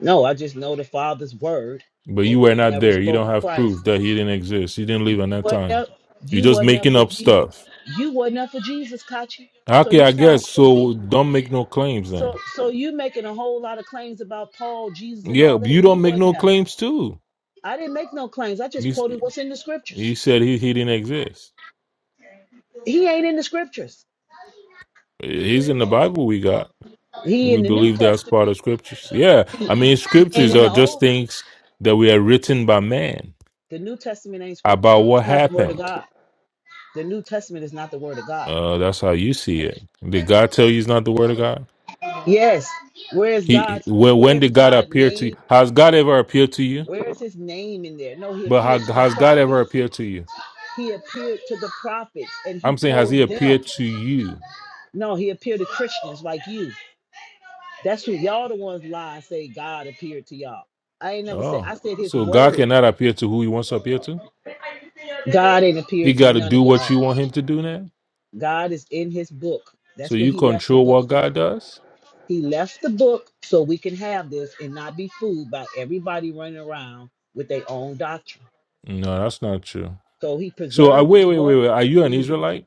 [SPEAKER 4] No, I just know the Father's word,
[SPEAKER 3] But you
[SPEAKER 4] and
[SPEAKER 3] were
[SPEAKER 4] he
[SPEAKER 3] not
[SPEAKER 4] never
[SPEAKER 3] there. You
[SPEAKER 4] spoke
[SPEAKER 3] don't
[SPEAKER 4] of
[SPEAKER 3] have
[SPEAKER 4] Christ.
[SPEAKER 3] proof that he didn't exist. He didn't live
[SPEAKER 4] You
[SPEAKER 3] in that
[SPEAKER 4] wasn't
[SPEAKER 3] time.
[SPEAKER 4] up.
[SPEAKER 3] You're
[SPEAKER 4] You
[SPEAKER 3] just
[SPEAKER 4] wasn't up
[SPEAKER 3] making
[SPEAKER 4] for
[SPEAKER 3] up
[SPEAKER 4] Jesus.
[SPEAKER 3] stuff.
[SPEAKER 4] You wasn't up for Jesus, Kachi. So
[SPEAKER 3] Okay,
[SPEAKER 4] you
[SPEAKER 3] I
[SPEAKER 4] sound
[SPEAKER 3] guess so.
[SPEAKER 4] stupid.
[SPEAKER 3] Don't make no claims then.
[SPEAKER 4] So, so you making a whole lot of claims about Paul, Jesus, and
[SPEAKER 3] Yeah,
[SPEAKER 4] all that,
[SPEAKER 3] you
[SPEAKER 4] and you
[SPEAKER 3] don't make
[SPEAKER 4] wasn't
[SPEAKER 3] no
[SPEAKER 4] there.
[SPEAKER 3] claims too.
[SPEAKER 4] I didn't make no claims. I
[SPEAKER 3] You
[SPEAKER 4] just
[SPEAKER 3] s-
[SPEAKER 4] quoted what's in the
[SPEAKER 3] you
[SPEAKER 4] scriptures.
[SPEAKER 3] said he he didn't exist.
[SPEAKER 4] He ain't in the scriptures.
[SPEAKER 3] He's in the Bible. We got.
[SPEAKER 4] He
[SPEAKER 3] We
[SPEAKER 4] in the New
[SPEAKER 3] believe that's part
[SPEAKER 4] Testament.
[SPEAKER 3] of scriptures. Yeah, I mean
[SPEAKER 4] He ain't
[SPEAKER 3] scriptures
[SPEAKER 4] in
[SPEAKER 3] are
[SPEAKER 4] the
[SPEAKER 3] just
[SPEAKER 4] Old.
[SPEAKER 3] things that we are written by man.
[SPEAKER 4] The New Testament ain't scripture.
[SPEAKER 3] about what
[SPEAKER 4] It's not the Word of
[SPEAKER 3] happened.
[SPEAKER 4] God. The New Testament is not the Word of God.
[SPEAKER 3] Uh, that's how you see it. Did God tell you it's not the word of God?
[SPEAKER 4] Yes. Where is
[SPEAKER 3] He
[SPEAKER 4] God's?
[SPEAKER 3] when
[SPEAKER 4] Where
[SPEAKER 3] when
[SPEAKER 4] is
[SPEAKER 3] did God
[SPEAKER 4] God's
[SPEAKER 3] appear to you?
[SPEAKER 4] name?
[SPEAKER 3] Has God ever appeared to you?
[SPEAKER 4] Where is His name in there? No, He
[SPEAKER 3] But
[SPEAKER 4] appeared
[SPEAKER 3] how,
[SPEAKER 4] to the
[SPEAKER 3] has God ever
[SPEAKER 4] prophets.
[SPEAKER 3] appeared to you?
[SPEAKER 4] He appeared to the prophets and He
[SPEAKER 3] I'm saying, has He
[SPEAKER 4] told them.
[SPEAKER 3] appeared to you?
[SPEAKER 4] No, He appeared to Christians like you. That's who y'all the ones lie and say God appeared to y'all. I ain't never said.
[SPEAKER 3] Oh,
[SPEAKER 4] I said His
[SPEAKER 3] so God
[SPEAKER 4] Word.
[SPEAKER 3] cannot appear to who He wants to appear to.
[SPEAKER 4] God ain't
[SPEAKER 3] He
[SPEAKER 4] appeared to
[SPEAKER 3] got to
[SPEAKER 4] none
[SPEAKER 3] do
[SPEAKER 4] of
[SPEAKER 3] what
[SPEAKER 4] y'all.
[SPEAKER 3] you want Him to do now.
[SPEAKER 4] God is in his book.
[SPEAKER 3] So
[SPEAKER 4] That's what
[SPEAKER 3] you
[SPEAKER 4] he left the
[SPEAKER 3] control
[SPEAKER 4] book
[SPEAKER 3] what
[SPEAKER 4] for.
[SPEAKER 3] God does?
[SPEAKER 4] He left the book so we can have this and not be fooled by everybody running around with their own doctrine.
[SPEAKER 3] No, that's not true.
[SPEAKER 4] So he
[SPEAKER 3] So uh,
[SPEAKER 4] preserved
[SPEAKER 3] wait,
[SPEAKER 4] this
[SPEAKER 3] wait, wait,
[SPEAKER 4] word
[SPEAKER 3] wait. Are
[SPEAKER 4] for a
[SPEAKER 3] you an
[SPEAKER 4] reason.
[SPEAKER 3] Israelite?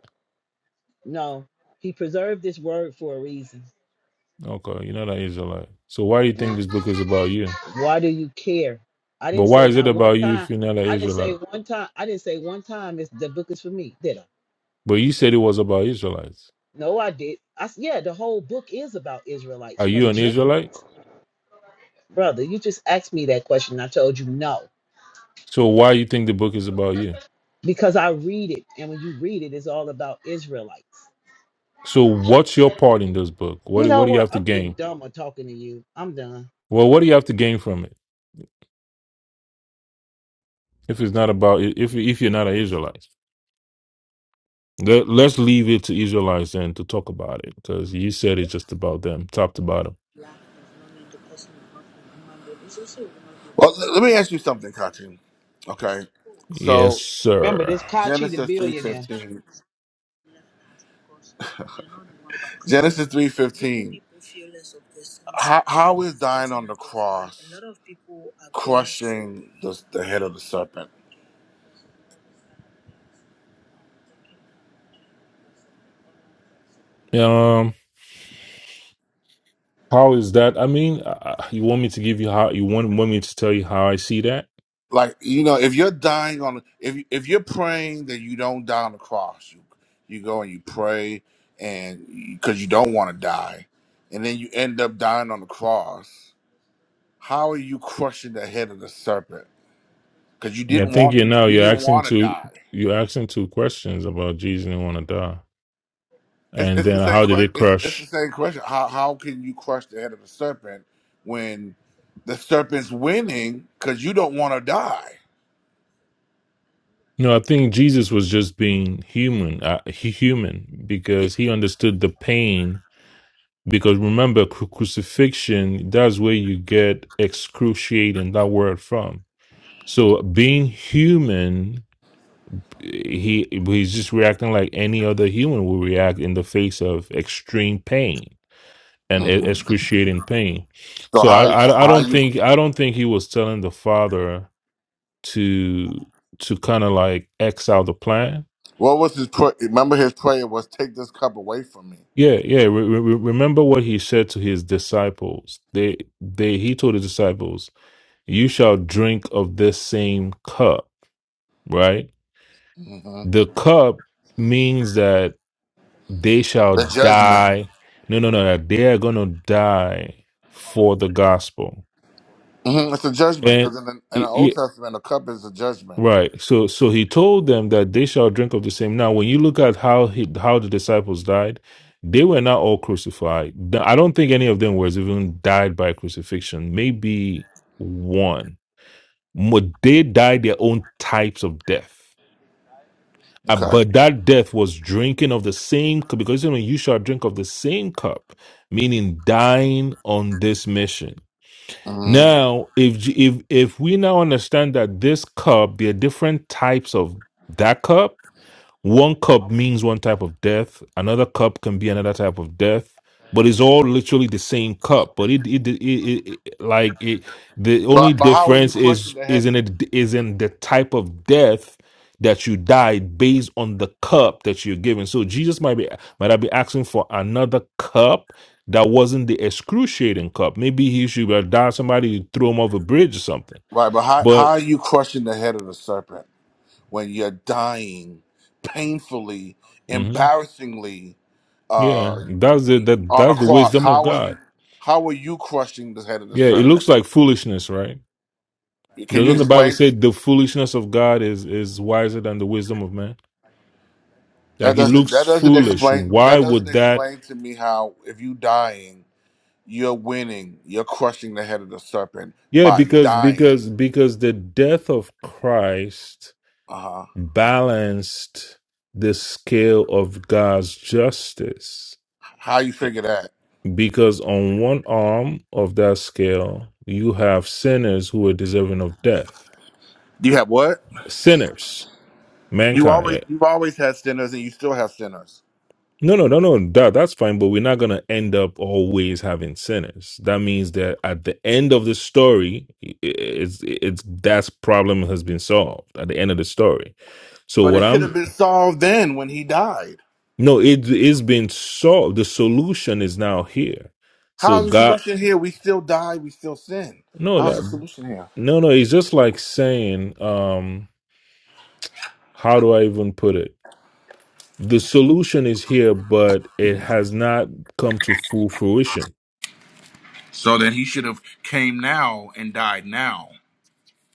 [SPEAKER 4] No, he preserved this word for a reason.
[SPEAKER 3] Okay, you're not an Israelite. So why do you think
[SPEAKER 4] No.
[SPEAKER 3] this book is about you?
[SPEAKER 4] Why do you care? I
[SPEAKER 3] But
[SPEAKER 4] didn't
[SPEAKER 3] why
[SPEAKER 4] say
[SPEAKER 3] is it
[SPEAKER 4] not one
[SPEAKER 3] about you if
[SPEAKER 4] time.
[SPEAKER 3] you're not an
[SPEAKER 4] I didn't
[SPEAKER 3] Israelite?
[SPEAKER 4] say one time. I didn't say one time is the book is for me, did I?
[SPEAKER 3] But you said it was about Israelites.
[SPEAKER 4] No, I did. I s- yeah, the whole book is about Israelites
[SPEAKER 3] Are you
[SPEAKER 4] from
[SPEAKER 3] an Israelite?
[SPEAKER 4] Genesis brother, you just asked me that question. I told you no
[SPEAKER 3] So why you think the book is about you?
[SPEAKER 4] because I read it, and when you read it, it's all about Israelites.
[SPEAKER 3] So what's your part in this book? What
[SPEAKER 4] You know
[SPEAKER 3] what do you
[SPEAKER 4] what?
[SPEAKER 3] have to
[SPEAKER 4] I'm getting
[SPEAKER 3] gain?
[SPEAKER 4] dumb on talking to you. I'm done.
[SPEAKER 3] Well, what do you have to gain from it if it's not about if if you're not an Israelite? Let, let's leave it to Israelites then to talk about it because you said it's just about them, top to bottom.
[SPEAKER 1] Well, l- let me ask you something, Kachi. Okay,
[SPEAKER 3] Yes,
[SPEAKER 1] so
[SPEAKER 4] Remember
[SPEAKER 3] sir.
[SPEAKER 4] this Kachi the
[SPEAKER 1] Genesis three
[SPEAKER 4] billionaire.
[SPEAKER 1] fifteen. Genesis three fifteen. How, how is dying on the cross crushing the, the head of the serpent?
[SPEAKER 3] Um, how is that? I mean, uh, you want me to give you how you want want me to tell you how I see that?
[SPEAKER 1] Like you know, if you're dying on, if if you're praying that you don't die on the cross, you you go and you pray, and because you don't want to die, and then you end up dying on the cross. How are you crushing the head of the serpent? Because you
[SPEAKER 3] Yeah, I
[SPEAKER 1] didn't
[SPEAKER 3] think
[SPEAKER 1] want
[SPEAKER 3] you know
[SPEAKER 1] you
[SPEAKER 3] you're
[SPEAKER 1] didn't
[SPEAKER 3] asking
[SPEAKER 1] want to
[SPEAKER 3] two
[SPEAKER 1] die.
[SPEAKER 3] you're asking two questions about Jesus didn't want to die,
[SPEAKER 1] It's,
[SPEAKER 3] and
[SPEAKER 1] it's the
[SPEAKER 3] then
[SPEAKER 1] same
[SPEAKER 3] how did
[SPEAKER 1] question.
[SPEAKER 3] it
[SPEAKER 1] It's, it's the
[SPEAKER 3] crush?
[SPEAKER 1] same question. How how can you crush the head of a serpent when the serpent's winning? Because you don't want to die.
[SPEAKER 3] No, I think Jesus was just being human, uh, he, human
[SPEAKER 1] Yeah.
[SPEAKER 3] because he understood the pain. Because remember, cru- crucifixion—that's where you get excruciating that word from. So being human, he he's just reacting like any other human would react in the face of extreme pain and e-
[SPEAKER 1] Mhm.
[SPEAKER 3] excruciating pain.
[SPEAKER 1] So
[SPEAKER 3] So I,
[SPEAKER 1] how
[SPEAKER 3] I I
[SPEAKER 1] how
[SPEAKER 3] don't
[SPEAKER 1] you?
[SPEAKER 3] think I don't think he was telling the father to to kind of like X out the plan.
[SPEAKER 1] What was his prayer? Remember his prayer was, "Take this cup away from me."
[SPEAKER 3] Yeah, yeah. Re- re- re- remember what he said to his disciples. They they he told his disciples, "You shall drink of this same cup." Right.
[SPEAKER 1] hmm
[SPEAKER 3] The cup means that they shall
[SPEAKER 1] The judgment.
[SPEAKER 3] die. No, no, no. That they are gonna die for the gospel.
[SPEAKER 1] hmm It's a judgment
[SPEAKER 3] And
[SPEAKER 1] because in the, in the Old Testament, a cup is a judgment.
[SPEAKER 3] Right. So so he told them that they shall drink of the same. Now, when you look at how he, how the disciples died, they were not all crucified. Th- I don't think any of them was even died by crucifixion. Maybe one. Mo- They died their own types of death. Uh,
[SPEAKER 1] Okay.
[SPEAKER 3] But that death was drinking of the same cup, because you know, you shall drink of the same cup, meaning dying on this mission.
[SPEAKER 1] hmm
[SPEAKER 3] Now, if if if we now understand that this cup, there are different types of that cup, one cup means one type of death. Another cup can be another type of death. But it's all literally the same cup. But it, it, it, it, it like it, the only
[SPEAKER 1] But but how are you
[SPEAKER 3] difference
[SPEAKER 1] crushing
[SPEAKER 3] is
[SPEAKER 1] the head?
[SPEAKER 3] is in it is in the type of death that you died based on the cup that you're given. So Jesus might be might I be asking for another cup that wasn't the excruciating cup. Maybe he should have died somebody threw him off a bridge or something.
[SPEAKER 1] Right. But how how
[SPEAKER 3] But
[SPEAKER 1] are you crushing the head of the serpent? when you're dying painfully,
[SPEAKER 3] mhm,
[SPEAKER 1] embarrassingly,
[SPEAKER 3] yeah,
[SPEAKER 1] uh,
[SPEAKER 3] that's the that,
[SPEAKER 1] on a
[SPEAKER 3] that's the
[SPEAKER 1] cross.
[SPEAKER 3] wisdom of
[SPEAKER 1] How are
[SPEAKER 3] God.
[SPEAKER 1] you? How are you crushing the head of the
[SPEAKER 3] Yeah, it
[SPEAKER 1] serpent?
[SPEAKER 3] looks like foolishness, right?
[SPEAKER 1] Can you
[SPEAKER 3] Doesn't the Bible
[SPEAKER 1] explain?
[SPEAKER 3] say the foolishness of God is is wiser than the wisdom of man?
[SPEAKER 1] That
[SPEAKER 3] Like it
[SPEAKER 1] doesn't.
[SPEAKER 3] looks
[SPEAKER 1] That doesn't
[SPEAKER 3] foolish.
[SPEAKER 1] explain.
[SPEAKER 3] Why
[SPEAKER 1] That doesn't
[SPEAKER 3] would that?
[SPEAKER 1] explain to me how if you dying, you're winning. You're crushing the head of the serpent
[SPEAKER 3] Yeah,
[SPEAKER 1] by
[SPEAKER 3] because
[SPEAKER 1] dying.
[SPEAKER 3] because because the death of Christ
[SPEAKER 1] Uh huh.
[SPEAKER 3] balanced the scale of God's justice.
[SPEAKER 1] How you figure that?
[SPEAKER 3] Because on one arm of that scale, you have sinners who are deserving of death.
[SPEAKER 1] You have what?
[SPEAKER 3] Sinners,
[SPEAKER 1] You
[SPEAKER 3] mankind.
[SPEAKER 1] always. You've always had sinners, and you still have sinners.
[SPEAKER 3] No, no, no, no. That that's fine, but we're not gonna end up always having sinners. That means that at the end of the story, i- i- it's it's that problem has been solved at the end of the story. So
[SPEAKER 1] But
[SPEAKER 3] what
[SPEAKER 1] it should have
[SPEAKER 3] I'm
[SPEAKER 1] been solved then when he died.
[SPEAKER 3] no, it is been solved. The solution is now here. So
[SPEAKER 1] How's the
[SPEAKER 3] God,
[SPEAKER 1] solution here? We still die, we still sin.
[SPEAKER 3] no,
[SPEAKER 1] How's the
[SPEAKER 3] that
[SPEAKER 1] solution here?
[SPEAKER 3] no, no. It's just like saying, um, how do I even put it? The solution is here, but it has not come to full fruition.
[SPEAKER 1] So then he should have came now and died now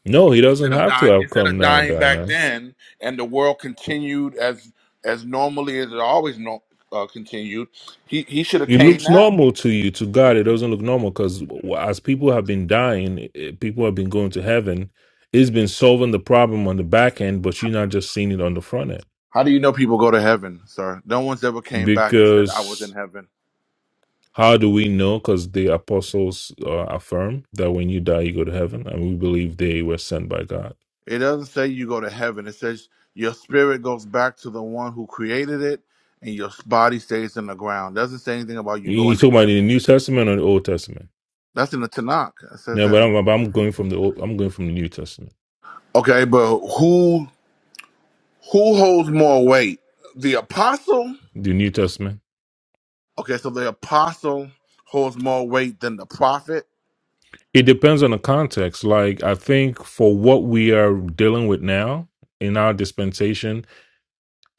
[SPEAKER 3] No, he doesn't
[SPEAKER 1] instead of
[SPEAKER 3] have to
[SPEAKER 1] dying
[SPEAKER 3] have
[SPEAKER 1] instead
[SPEAKER 3] come
[SPEAKER 1] of
[SPEAKER 3] now,
[SPEAKER 1] dying back
[SPEAKER 3] Diana.
[SPEAKER 1] then, and the world continued as as normally as it always no, uh, continued. He he should have
[SPEAKER 3] It
[SPEAKER 1] came
[SPEAKER 3] looks
[SPEAKER 1] now.
[SPEAKER 3] normal to you. To God, it doesn't look normal because as people have been dying, eh, eh, people have been going to heaven. It's been solving the problem on the back end, but you're not just seeing it on the front end.
[SPEAKER 1] How do you know people go to heaven, sir? No one's ever came back and said I was in
[SPEAKER 3] Because
[SPEAKER 1] heaven.
[SPEAKER 3] how do we know? Because the apostles uh, affirm that when you die, you go to heaven, and we believe they were sent by God.
[SPEAKER 1] It doesn't say you go to heaven. It says your spirit goes back to the one who created it, and your body stays in the ground. doesn't say anything about you
[SPEAKER 3] You
[SPEAKER 1] going.
[SPEAKER 3] talking about in the New Testament or the Old Testament?
[SPEAKER 1] That's in the Tanakh. It says
[SPEAKER 3] No, but
[SPEAKER 1] that.
[SPEAKER 3] I'm, but I'm going from the old, I'm going from the New Testament.
[SPEAKER 1] Okay, but who who holds more weight? The apostle?
[SPEAKER 3] The New Testament.
[SPEAKER 1] Okay, so the apostle holds more weight than the prophet.
[SPEAKER 3] It depends on the context. Like, I think for what we are dealing with now in our dispensation,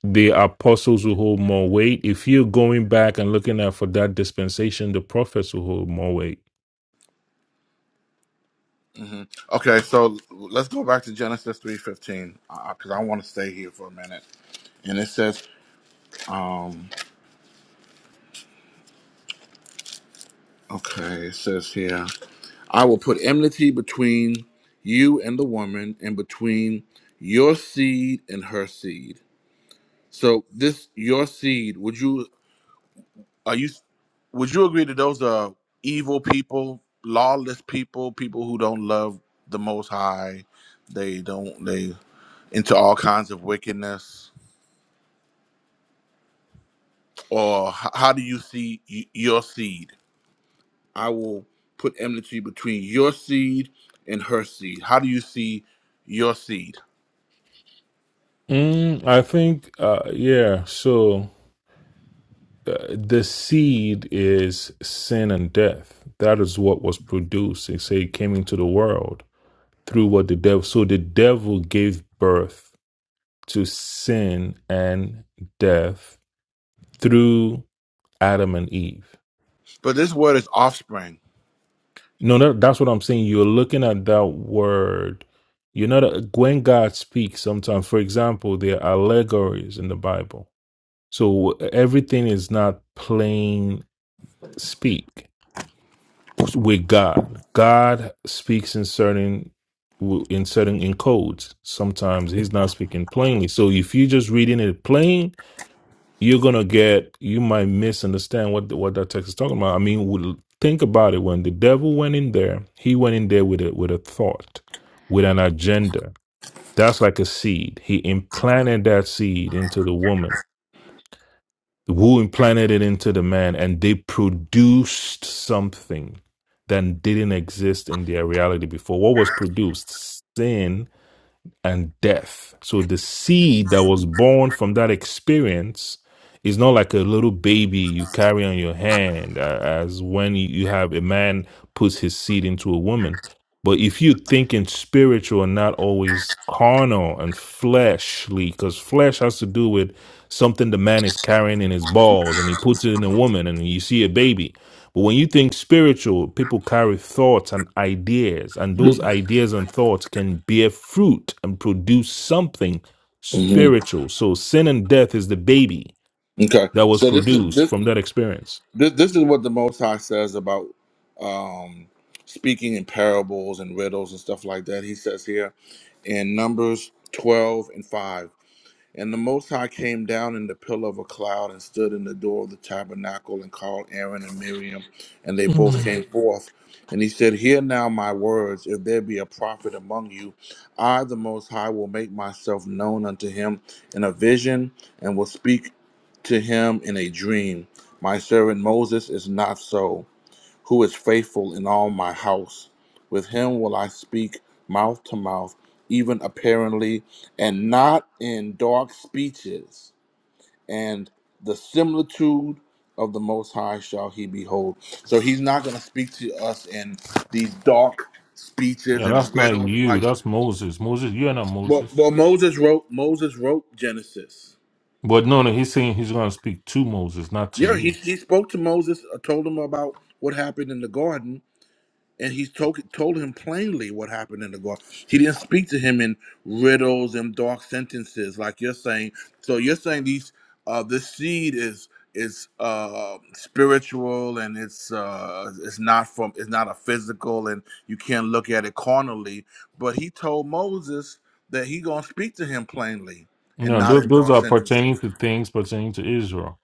[SPEAKER 3] the apostles will hold more weight. If you're going back and looking at for that dispensation, the prophets will hold more weight.
[SPEAKER 1] hmm Okay, so let's go back to Genesis three fifteen because I want to stay here for a minute. And it says, um, okay, it says here, I will put enmity between you and the woman, and between your seed and her seed. So this your seed. Would you Are you? Would you agree that those are evil people, lawless people, people who don't love the Most High? They don't. They into all kinds of wickedness. Or h- how do you see y- your seed? I will put enmity between your seed and her seed. How do you see your seed?
[SPEAKER 3] Mm, I think, uh, yeah. So uh, the seed is sin and death. That is what was produced. They say it came into the world through what the devil. So the devil gave birth to sin and death through Adam and Eve.
[SPEAKER 1] But this word is offspring.
[SPEAKER 3] No, no, that's what I'm saying. You're looking at that word. You know that when God speaks, sometimes, for example, there are allegories in the Bible. So everything is not plain speak with God. God speaks in certain in certain in codes. Sometimes He's not speaking plainly. So if you're just reading it plain, you're gonna get you might misunderstand what the, what that text is talking about. I mean, we'll- think about it. When the devil went in there, he went in there with a with a thought, with an agenda. That's like a seed. He implanted that seed into the woman, who implanted it into the man, and they produced something that didn't exist in their reality before. What was produced? Sin and death. So the seed that was born from that experience is not like a little baby you carry on your hand, uh, as when you have a man puts his seed into a woman. But if you think in spiritual and not always carnal and fleshly, because flesh has to do with something the man is carrying in his balls and he puts it in a woman and you see a baby but when you think spiritual, people carry thoughts and ideas, and those ideas and thoughts can bear fruit and produce something
[SPEAKER 1] hmm
[SPEAKER 3] spiritual. So sin and death is the baby
[SPEAKER 1] Okay,
[SPEAKER 3] that was
[SPEAKER 1] so this is
[SPEAKER 3] produced
[SPEAKER 1] this.
[SPEAKER 3] from that experience.
[SPEAKER 1] This, this is what the Most High says about um, speaking in parables and riddles and stuff like that. He says here in Numbers 12 and 5. And the Most High came down in the pillar of a cloud and stood in the door of the tabernacle and called Aaron and Miriam, and they both
[SPEAKER 3] Mm.
[SPEAKER 1] came forth. And he said, Hear now my words. If there be a prophet among you, I, the Most High, will make myself known unto him in a vision and will speak to him in a dream. My servant Moses is not so who is faithful in all my house. With him will I speak mouth to mouth, even apparently, and not in dark speeches. And the similitude of the Most High shall he behold. So he's not going to speak to us in these dark speeches
[SPEAKER 3] Yeah,
[SPEAKER 1] and
[SPEAKER 3] that's not
[SPEAKER 1] riddles
[SPEAKER 3] you.
[SPEAKER 1] like.
[SPEAKER 3] That's Moses. Moses, you're not
[SPEAKER 1] Well, well,
[SPEAKER 3] Moses.
[SPEAKER 1] Moses wrote. Moses wrote Genesis.
[SPEAKER 3] But no, no, he's saying he's going to speak to Moses, not to
[SPEAKER 1] Yeah, he,
[SPEAKER 3] you.
[SPEAKER 1] he spoke to Moses, uh, told him about what happened in the garden, and he told told him plainly what happened in the garden. He didn't speak to him in riddles and dark sentences like you're saying. So you're saying these uh, this seed is is uh, spiritual and it's uh, it's not from it's not a physical and you can't look at it carnally. But he told Moses that he gonna speak to him plainly and
[SPEAKER 3] No,
[SPEAKER 1] not
[SPEAKER 3] those,
[SPEAKER 1] in
[SPEAKER 3] those
[SPEAKER 1] dark
[SPEAKER 3] are
[SPEAKER 1] sentences.
[SPEAKER 3] pertaining to things pertaining to Israel.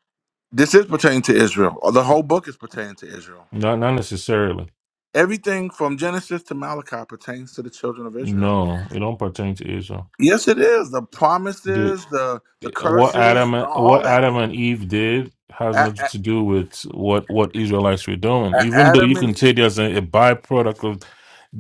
[SPEAKER 1] This is pertaining to Israel. Uh, The whole book is pertaining to Israel.
[SPEAKER 3] Not, not necessarily.
[SPEAKER 1] Everything from Genesis to Malachi pertains to the children of Israel.
[SPEAKER 3] No, it don't pertain to Israel.
[SPEAKER 1] Yes, it is. The promises, the the
[SPEAKER 3] What
[SPEAKER 1] curses,
[SPEAKER 3] Adam,
[SPEAKER 1] all
[SPEAKER 3] what
[SPEAKER 1] that.
[SPEAKER 3] Adam and Eve did has
[SPEAKER 1] A-
[SPEAKER 3] nothing to
[SPEAKER 1] A-
[SPEAKER 3] do with what what Israelites were doing.
[SPEAKER 1] A-
[SPEAKER 3] Even though
[SPEAKER 1] Adam
[SPEAKER 3] you
[SPEAKER 1] and
[SPEAKER 3] can
[SPEAKER 1] E-
[SPEAKER 3] say there's a, a byproduct of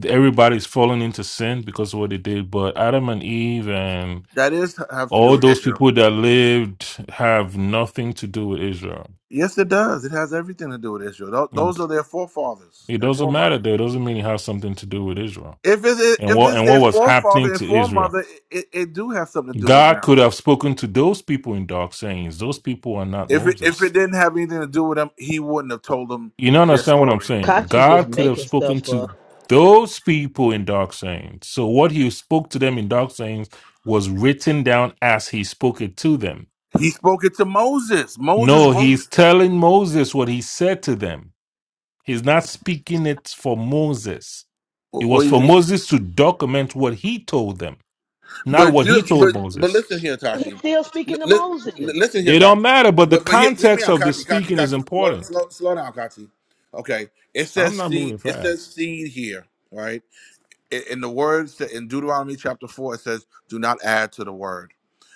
[SPEAKER 3] everybody's falling into sin because of what they did, but Adam and Eve and
[SPEAKER 1] that is have to do
[SPEAKER 3] all
[SPEAKER 1] with
[SPEAKER 3] those
[SPEAKER 1] Israel.
[SPEAKER 3] people that lived have nothing to do with Israel.
[SPEAKER 1] Yes, it does. It has everything to do with Israel. Tho-
[SPEAKER 3] It,
[SPEAKER 1] Those are their forefathers
[SPEAKER 3] it
[SPEAKER 1] and
[SPEAKER 3] doesn't matter
[SPEAKER 1] foremothers.
[SPEAKER 3] there. It doesn't mean it has something to do with Israel.
[SPEAKER 1] If it's
[SPEAKER 3] And
[SPEAKER 1] if
[SPEAKER 3] what
[SPEAKER 1] it's
[SPEAKER 3] and
[SPEAKER 1] their
[SPEAKER 3] what was happening
[SPEAKER 1] forefather and
[SPEAKER 3] to Israel?
[SPEAKER 1] foremother, it, it, it do have something to do with
[SPEAKER 3] God
[SPEAKER 1] them.
[SPEAKER 3] could have spoken to those people in dark sayings. Those people are not
[SPEAKER 1] If it, if it
[SPEAKER 3] Moses.
[SPEAKER 1] didn't have anything to do with them, he wouldn't have told them
[SPEAKER 3] You don't
[SPEAKER 1] their
[SPEAKER 3] understand what I'm
[SPEAKER 1] story.
[SPEAKER 3] saying.
[SPEAKER 4] Kachi just
[SPEAKER 3] God could have
[SPEAKER 4] making
[SPEAKER 3] spoken
[SPEAKER 4] stuff
[SPEAKER 3] to
[SPEAKER 4] up.
[SPEAKER 3] those people in Dark Sayings. So what he spoke to them in Dark Sayings was written down as he spoke it to them.
[SPEAKER 1] He spoke it to Moses. Moses
[SPEAKER 3] No,
[SPEAKER 1] wrote.
[SPEAKER 3] he's telling Moses what he said to them. He's not speaking it for Moses. It
[SPEAKER 1] Wh- What
[SPEAKER 3] was
[SPEAKER 1] do you
[SPEAKER 3] for
[SPEAKER 1] mean?
[SPEAKER 3] Moses to document what he told them, not
[SPEAKER 1] But
[SPEAKER 3] what
[SPEAKER 1] you,
[SPEAKER 3] he told
[SPEAKER 1] but but
[SPEAKER 3] Moses.
[SPEAKER 1] listen here,
[SPEAKER 4] He's
[SPEAKER 1] Kachi.
[SPEAKER 4] still
[SPEAKER 1] Li-
[SPEAKER 4] speaking to
[SPEAKER 1] li- li-
[SPEAKER 4] Moses.
[SPEAKER 1] listen here,
[SPEAKER 3] It
[SPEAKER 1] Kachi.
[SPEAKER 3] don't matter, but the
[SPEAKER 1] But but hear, hear me
[SPEAKER 3] context
[SPEAKER 1] out,
[SPEAKER 3] of the
[SPEAKER 1] Kachi, Kachi,
[SPEAKER 3] speaking is
[SPEAKER 1] Kachi. Slow,
[SPEAKER 3] important.
[SPEAKER 1] slow, slow down, Kachi. Okay, it
[SPEAKER 3] I'm
[SPEAKER 1] says
[SPEAKER 3] not
[SPEAKER 1] seed.
[SPEAKER 3] moving
[SPEAKER 1] It says
[SPEAKER 3] fast.
[SPEAKER 1] seed here, right? in, in the words that in Deuteronomy chapter four, it says, "Do not add to the word."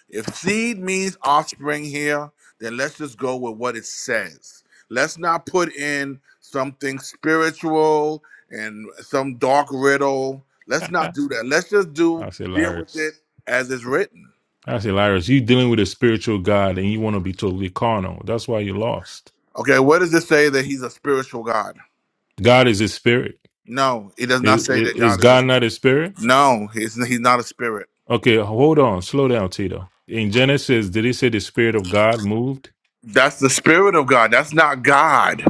[SPEAKER 1] If seed means offspring here, then let's just go with what it says. Let's not put in something spiritual and some dark riddle. Let's not do that. Let's just do
[SPEAKER 3] That's
[SPEAKER 1] deal with
[SPEAKER 3] hilarious.
[SPEAKER 1] it as it's written.
[SPEAKER 3] That's hilarious. You dealing with a spiritual God and you want to be totally carnal. That's why you lost.
[SPEAKER 1] Okay, where does it say that he's a spiritual God?
[SPEAKER 3] God is a spirit.
[SPEAKER 1] No, it does not
[SPEAKER 3] I-
[SPEAKER 1] say
[SPEAKER 3] i-
[SPEAKER 1] that
[SPEAKER 3] Is
[SPEAKER 1] God is
[SPEAKER 3] God
[SPEAKER 1] a
[SPEAKER 3] not a spirit?
[SPEAKER 1] no, he's he's not a spirit.
[SPEAKER 3] Okay, hold on. Slow down, Tito. In Genesis, did he say the spirit of God moved?
[SPEAKER 1] That's the spirit of God. That's not God.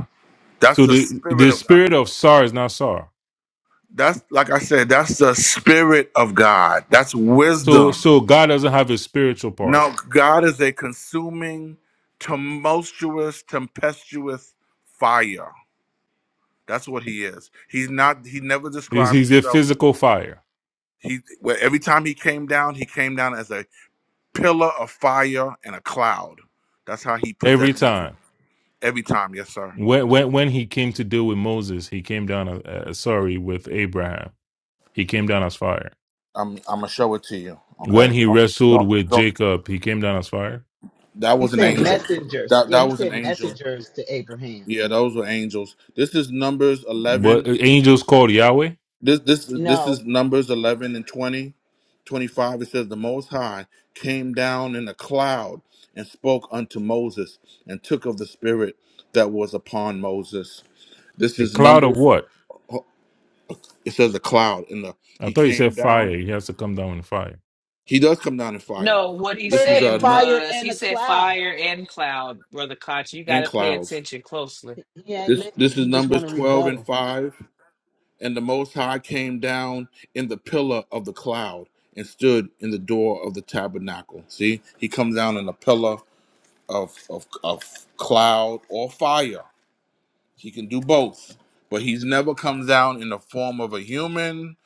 [SPEAKER 1] That's
[SPEAKER 3] So
[SPEAKER 1] the
[SPEAKER 3] the
[SPEAKER 1] spirit
[SPEAKER 3] the
[SPEAKER 1] of God.
[SPEAKER 3] spirit of Sar is not Sar.
[SPEAKER 1] That's like I said, that's the spirit of God. That's
[SPEAKER 3] So
[SPEAKER 1] wisdom.
[SPEAKER 3] so God doesn't have a spiritual part.
[SPEAKER 1] Now, God is a consuming, tumultuous, tempestuous fire. That's what he is. He's not, he never
[SPEAKER 3] He's,
[SPEAKER 1] described
[SPEAKER 3] he's a
[SPEAKER 1] himself.
[SPEAKER 3] physical fire
[SPEAKER 1] He well, every time he came down, he came down as a pillar of fire and a cloud. That's how he
[SPEAKER 3] every
[SPEAKER 1] presented himself
[SPEAKER 3] time.
[SPEAKER 1] every time. Yes, sir.
[SPEAKER 3] When, when when he came to deal with Moses, he came down. Uh, uh, sorry, with Abraham, he came down as fire.
[SPEAKER 1] I'm I'm gonna show it to you. Okay.
[SPEAKER 3] When he
[SPEAKER 1] do
[SPEAKER 3] wrestled with
[SPEAKER 1] don't, don't.
[SPEAKER 3] Jacob, he came down as fire.
[SPEAKER 1] That
[SPEAKER 4] He
[SPEAKER 1] was an
[SPEAKER 4] sent
[SPEAKER 1] angel.
[SPEAKER 4] messengers.
[SPEAKER 1] That
[SPEAKER 4] Yeah,
[SPEAKER 1] that
[SPEAKER 4] he
[SPEAKER 1] was an
[SPEAKER 4] sent
[SPEAKER 1] angel.
[SPEAKER 4] messengers to Abraham.
[SPEAKER 1] Yeah, those were angels. This is Numbers
[SPEAKER 3] But
[SPEAKER 1] 11.
[SPEAKER 3] uh, angels called Yahweh.
[SPEAKER 1] This this this is
[SPEAKER 4] No,
[SPEAKER 1] Numbers 11 and 20. 25 it says the most high came down in a cloud and spoke unto Moses and took of the spirit that was upon Moses. This
[SPEAKER 3] A
[SPEAKER 1] is
[SPEAKER 3] cloud of
[SPEAKER 1] Numbers
[SPEAKER 3] what?
[SPEAKER 1] oh, it says a cloud in the
[SPEAKER 3] I
[SPEAKER 1] he
[SPEAKER 3] thought he
[SPEAKER 1] came
[SPEAKER 3] said
[SPEAKER 1] down.
[SPEAKER 3] fire. He has to come down in fire.
[SPEAKER 1] He does come down in fire.
[SPEAKER 5] No, what he
[SPEAKER 1] This is
[SPEAKER 4] said
[SPEAKER 5] said
[SPEAKER 1] uh Num-
[SPEAKER 4] fire
[SPEAKER 5] was
[SPEAKER 4] and
[SPEAKER 5] he
[SPEAKER 4] a
[SPEAKER 5] said
[SPEAKER 4] cloud.
[SPEAKER 5] fire and cloud, Brother Koch. You got
[SPEAKER 1] and
[SPEAKER 5] to pay
[SPEAKER 1] clouds.
[SPEAKER 5] attention closely.
[SPEAKER 4] He ain't
[SPEAKER 1] This this
[SPEAKER 4] listening.
[SPEAKER 1] is
[SPEAKER 4] He just
[SPEAKER 1] Numbers
[SPEAKER 4] want to
[SPEAKER 1] 12 and
[SPEAKER 4] rebuttal.
[SPEAKER 1] 5. And the Most High came down in the pillar of the cloud and stood in the door of the tabernacle. See, he comes down in a pillar of, of, of cloud or fire. He can do both, but he's never comes down in the form of a human,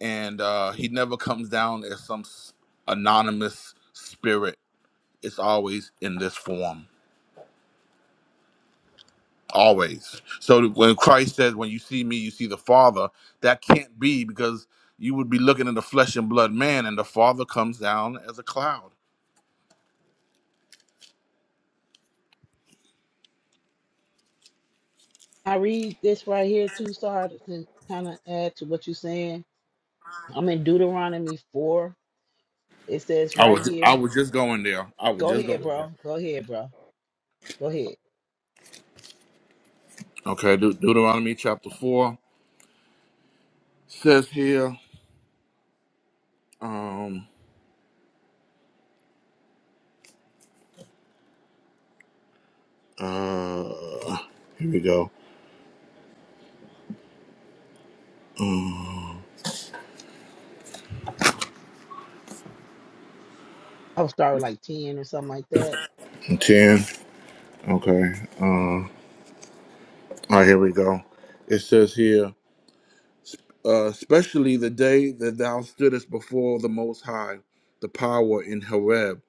[SPEAKER 1] and uh, he never comes down as some s- anonymous spirit. It's always in this form. always. So when Christ says, "When you see me, you see the Father," that can't be because you would be looking at the flesh and blood man, and the Father comes down as a cloud.
[SPEAKER 4] I read this right here too, Star, to kind of add to what you're saying I'm in Deuteronomy 4. It says
[SPEAKER 1] I
[SPEAKER 4] right
[SPEAKER 1] was I
[SPEAKER 4] here.
[SPEAKER 1] was just going there. I was
[SPEAKER 4] Go
[SPEAKER 1] just going
[SPEAKER 4] ahead,
[SPEAKER 1] there.
[SPEAKER 4] bro. Go ahead, bro. Go ahead.
[SPEAKER 1] Okay, De- Deuteronomy chapter four says here. Um, uh, here we go. Um,
[SPEAKER 4] I'll start with like 10 or something like that.
[SPEAKER 1] ten. Okay. Uh, all right. Here we go. It says here. uh, especially the day that thou stoodest before the Most High, the power in Horeb,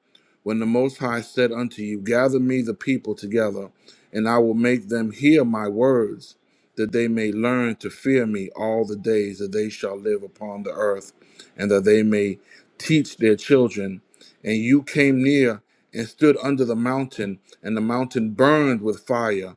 [SPEAKER 1] when the Most High said unto you, Gather me the people together, and I will make them hear my words, that they may learn to fear me all the days that they shall live upon the earth, and that they may teach their children. And you came near and stood under the mountain, and the mountain burned with fire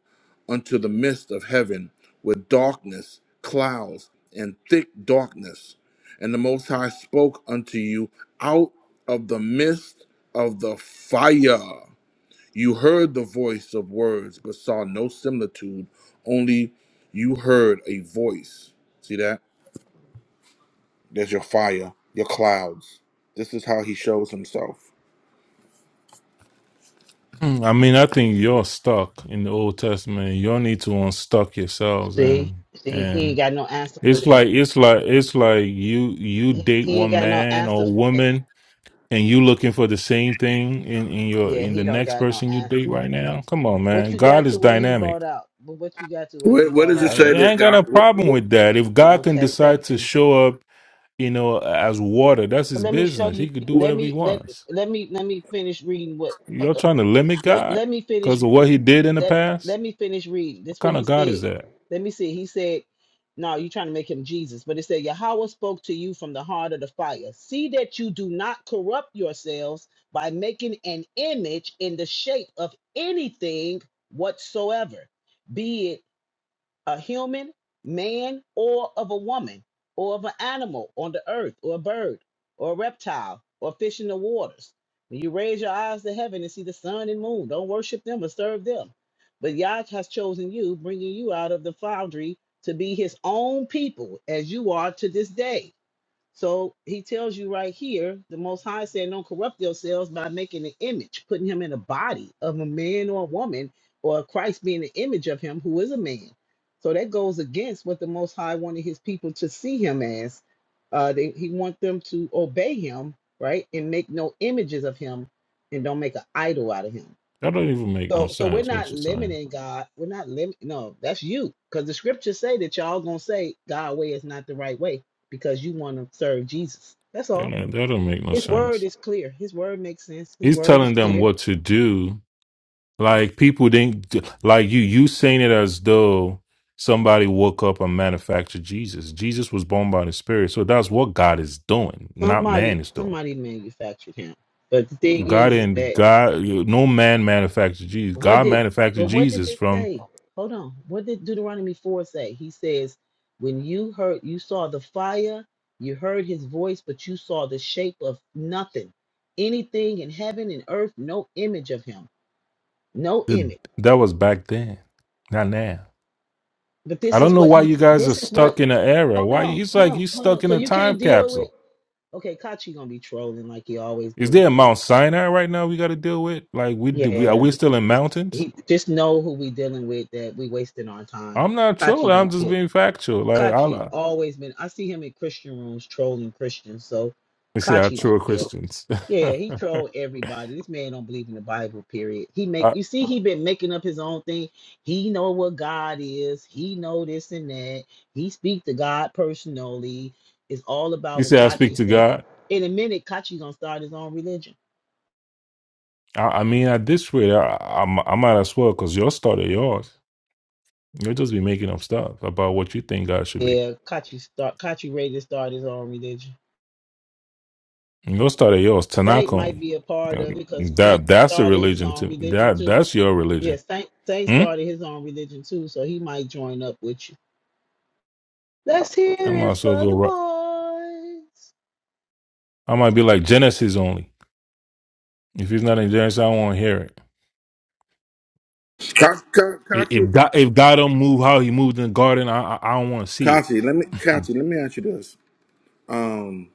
[SPEAKER 1] unto the midst of heaven with darkness, clouds and thick darkness. And the Most High spoke unto you out of the midst of the fire. You heard the voice of words, but saw no similitude, only you heard a voice. See that? There's your fire, your clouds. This is how he shows himself.
[SPEAKER 3] Hmm, I mean, I think you're stuck in the Old Testament. Y'all need to unstuck yourselves
[SPEAKER 4] See?
[SPEAKER 3] and
[SPEAKER 4] See, he
[SPEAKER 3] and
[SPEAKER 4] ain't got no answer for
[SPEAKER 3] It's
[SPEAKER 4] that.
[SPEAKER 3] like it's like it's like you you
[SPEAKER 4] He,
[SPEAKER 3] date
[SPEAKER 4] he ain't
[SPEAKER 3] one
[SPEAKER 4] got no
[SPEAKER 3] man
[SPEAKER 4] answer
[SPEAKER 3] or
[SPEAKER 4] for that.
[SPEAKER 3] woman and you looking for the same thing in in your
[SPEAKER 4] Yeah,
[SPEAKER 3] in the
[SPEAKER 4] he don't
[SPEAKER 3] next
[SPEAKER 4] got no
[SPEAKER 3] person you date
[SPEAKER 4] answer.
[SPEAKER 3] right now. Come on,
[SPEAKER 4] What
[SPEAKER 3] man.
[SPEAKER 4] you
[SPEAKER 3] God
[SPEAKER 4] got to
[SPEAKER 3] is
[SPEAKER 4] what he
[SPEAKER 3] dynamic.
[SPEAKER 4] bought out? But what you got to what he
[SPEAKER 1] Wait, what
[SPEAKER 4] bought
[SPEAKER 1] does
[SPEAKER 3] Uh,
[SPEAKER 1] it
[SPEAKER 4] out?
[SPEAKER 1] say
[SPEAKER 3] I
[SPEAKER 1] that
[SPEAKER 3] ain't got
[SPEAKER 1] God?
[SPEAKER 3] no
[SPEAKER 1] What,
[SPEAKER 3] problem
[SPEAKER 1] what,
[SPEAKER 3] with that. If God can
[SPEAKER 4] Okay,
[SPEAKER 3] decide
[SPEAKER 4] thank
[SPEAKER 3] to
[SPEAKER 4] you.
[SPEAKER 3] show up, you know, as water, that's
[SPEAKER 4] But
[SPEAKER 3] his
[SPEAKER 4] let me show
[SPEAKER 3] business. He
[SPEAKER 4] you.
[SPEAKER 3] could do
[SPEAKER 4] Let
[SPEAKER 3] whatever he
[SPEAKER 4] me let
[SPEAKER 3] wants.
[SPEAKER 4] let me let me finish reading what. uh,
[SPEAKER 3] You're trying to limit
[SPEAKER 4] Let,
[SPEAKER 3] God
[SPEAKER 4] let me finish
[SPEAKER 3] because of what
[SPEAKER 4] reading.
[SPEAKER 3] he did in the
[SPEAKER 4] Let
[SPEAKER 3] past.
[SPEAKER 4] let me finish reading.
[SPEAKER 3] What
[SPEAKER 4] This what
[SPEAKER 3] kind
[SPEAKER 4] he
[SPEAKER 3] of God
[SPEAKER 4] said.
[SPEAKER 3] is that?
[SPEAKER 4] Let me see. He said, No, you're trying to make him Jesus. But it said, Yahweh spoke to you from the heart of the fire. See that you do not corrupt yourselves by making an image in the shape of anything whatsoever, be it a human, man, or of a woman, or of an animal on the earth, or a bird, or a reptile, or a fish in the waters. When you raise your eyes to heaven and see the sun and moon, don't worship them or serve them. But Yah has chosen you, bringing you out of the foundry to be his own people, as you are to this day. So he tells you right here, the Most High said, Don't corrupt yourselves by making an image, putting him in a body of a man or a woman, or Christ being the image of him who is a man. So that goes against what the Most High wanted his people to see him as. Uh, they, he want them to obey him, right? And make no images of him and don't make an idol out of him.
[SPEAKER 3] That don't even make no
[SPEAKER 4] So so we're
[SPEAKER 3] sense. What
[SPEAKER 4] not
[SPEAKER 3] you're saying?
[SPEAKER 4] limiting God. We're not limit. No, that's you. Because the scriptures say that y'all gonna say God way is not the right way because you want to serve Jesus. That's
[SPEAKER 3] That
[SPEAKER 4] all.
[SPEAKER 3] don't that don't make no
[SPEAKER 4] His word
[SPEAKER 3] sense.
[SPEAKER 4] is clear. His word makes sense. His
[SPEAKER 3] He's
[SPEAKER 4] word is
[SPEAKER 3] telling them
[SPEAKER 4] clear.
[SPEAKER 3] what to do Like people didn't like you. You saying it as though somebody woke up and manufactured Jesus. Jesus was born by the Spirit, so that's what God is doing, not
[SPEAKER 4] Somebody
[SPEAKER 3] man is doing.
[SPEAKER 4] somebody manufactured him. But the thing
[SPEAKER 3] God
[SPEAKER 4] is, is
[SPEAKER 3] and
[SPEAKER 4] that
[SPEAKER 3] God, no man manufactured Jesus.
[SPEAKER 4] What
[SPEAKER 3] God
[SPEAKER 4] did but
[SPEAKER 3] manufactured
[SPEAKER 4] what did
[SPEAKER 3] Jesus
[SPEAKER 4] it
[SPEAKER 3] from
[SPEAKER 4] say? Hold on. What did Deuteronomy 4 say? He says, When you heard you saw the fire, you heard his voice, but you saw the shape of nothing. Anything in heaven and earth, no image of him. No
[SPEAKER 3] the,
[SPEAKER 4] image.
[SPEAKER 3] that was back then, not now.
[SPEAKER 4] But
[SPEAKER 3] I
[SPEAKER 4] this
[SPEAKER 3] don't
[SPEAKER 4] is
[SPEAKER 3] know
[SPEAKER 4] what
[SPEAKER 3] why
[SPEAKER 4] he
[SPEAKER 3] you guys are
[SPEAKER 4] this is what
[SPEAKER 3] stuck in an era.
[SPEAKER 4] hold
[SPEAKER 3] Why
[SPEAKER 4] on,
[SPEAKER 3] you- it's
[SPEAKER 4] hold
[SPEAKER 3] like
[SPEAKER 4] on,
[SPEAKER 3] you
[SPEAKER 4] hold
[SPEAKER 3] stuck
[SPEAKER 4] on.
[SPEAKER 3] in
[SPEAKER 4] So
[SPEAKER 3] a
[SPEAKER 4] you
[SPEAKER 3] time
[SPEAKER 4] can't deal with
[SPEAKER 3] capsule.
[SPEAKER 4] okay, Kachi gonna be trolling like he always
[SPEAKER 3] Is there
[SPEAKER 4] do.
[SPEAKER 3] a
[SPEAKER 4] Just-
[SPEAKER 3] Mount Sinai right now we got to deal with? Like we do, we are
[SPEAKER 4] yeah,
[SPEAKER 3] we still in
[SPEAKER 4] just-
[SPEAKER 3] mountains?
[SPEAKER 4] he just know who we dealing with that we wasting our time.
[SPEAKER 3] I'm not
[SPEAKER 4] Kachi
[SPEAKER 3] trolling. I'm
[SPEAKER 4] don't
[SPEAKER 3] just
[SPEAKER 4] care.
[SPEAKER 3] being factual. Like
[SPEAKER 4] Kachi
[SPEAKER 3] Allah,
[SPEAKER 4] always been. I see him in Christian rooms trolling Christians. So
[SPEAKER 3] you see, I
[SPEAKER 4] Kachi
[SPEAKER 3] troll
[SPEAKER 4] don't care.
[SPEAKER 3] Christians.
[SPEAKER 4] Yeah, he troll everybody. This man don't believe in the Bible. Period. He make
[SPEAKER 3] I,
[SPEAKER 4] you see he been making up his own thing. He know what God is. He know this and that. He speak to God personally. It's all about
[SPEAKER 3] you
[SPEAKER 4] what
[SPEAKER 3] see, I speak
[SPEAKER 4] Kachi
[SPEAKER 3] to
[SPEAKER 4] say.
[SPEAKER 3] God.
[SPEAKER 4] In a minute, Kachi gonna start his own religion.
[SPEAKER 3] I, I mean, at this rate, I, I, I might as well because your start of yours. You'll just be making up stuff about what you think God should be.
[SPEAKER 4] Yeah, Kachi start. Kachi ready to start his own religion.
[SPEAKER 3] Your start of yours, Tanakh
[SPEAKER 4] Saint might
[SPEAKER 3] only.
[SPEAKER 4] be a part
[SPEAKER 3] Uh,
[SPEAKER 4] of it because Saint
[SPEAKER 3] That that's a
[SPEAKER 4] started his
[SPEAKER 3] religion
[SPEAKER 4] own
[SPEAKER 3] to
[SPEAKER 4] religion
[SPEAKER 3] that
[SPEAKER 4] too.
[SPEAKER 3] that's your
[SPEAKER 4] Yeah,
[SPEAKER 3] religion.
[SPEAKER 4] Saint, Saint
[SPEAKER 3] Hmm?
[SPEAKER 4] started his own religion too, so he might join up with you. Let's hear
[SPEAKER 3] I might
[SPEAKER 4] it
[SPEAKER 3] as well
[SPEAKER 4] for
[SPEAKER 3] go.
[SPEAKER 4] the
[SPEAKER 3] ro-
[SPEAKER 4] boys.
[SPEAKER 3] I might be like Genesis only. If he's not in Genesis, I won't hear it.
[SPEAKER 1] Ka- Ka-
[SPEAKER 3] If
[SPEAKER 1] Kachi,
[SPEAKER 3] if God, if God don't move how He moved in the garden, I I, I don't want to see it.
[SPEAKER 1] Kachi, let me, Kachi, let me ask you this. Um,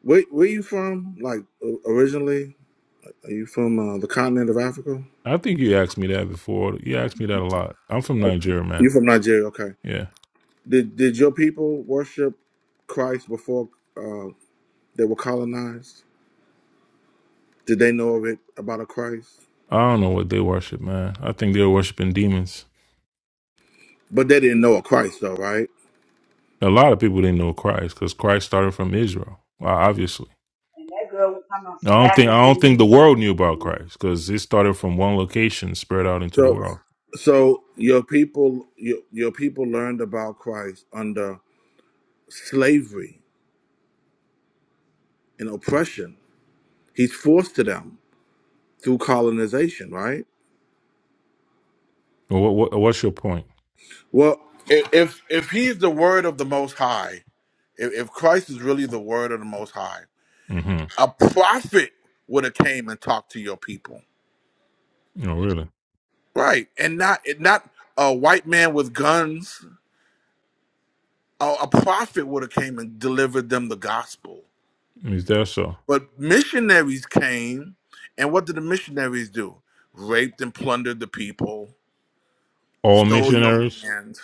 [SPEAKER 1] where, where you from? Like o- originally? Are you from uh, the continent of Africa?
[SPEAKER 3] I think you asked me that before. You asked me that a lot. I'm from
[SPEAKER 1] Oh,
[SPEAKER 3] Nigeria,
[SPEAKER 1] You
[SPEAKER 3] man.
[SPEAKER 1] from Nigeria? Okay.
[SPEAKER 3] Yeah.
[SPEAKER 1] Did did your people worship Christ before uh, they were colonized? Did they know of it about a Christ?
[SPEAKER 3] I don't know what they worship, man. I think they're worshiping demons.
[SPEAKER 1] But they didn't know a Christ, though, right?
[SPEAKER 3] A lot of people didn't know Christ because Christ started from Israel, well, obviously. I don't think I don't think the world knew about Christ because it started from one location, spread out into the
[SPEAKER 1] So,
[SPEAKER 3] world.
[SPEAKER 1] so your people, your, your people learned about Christ under slavery and oppression. He's forced to them through colonization, right?
[SPEAKER 3] Well, What, what, what's your point?
[SPEAKER 1] Well, i- if if he's the word of the Most High, if, if Christ is really the word of the Most High.
[SPEAKER 3] Mm-hmm.
[SPEAKER 1] a prophet would have came and talked to your people
[SPEAKER 3] No, really.
[SPEAKER 1] right and not not a white man with guns a, a prophet would have came and delivered them the gospel
[SPEAKER 3] Is that so?
[SPEAKER 1] but missionaries came and what did the missionaries do raped and plundered the people
[SPEAKER 3] All
[SPEAKER 1] stole your
[SPEAKER 3] missionaries?
[SPEAKER 1] land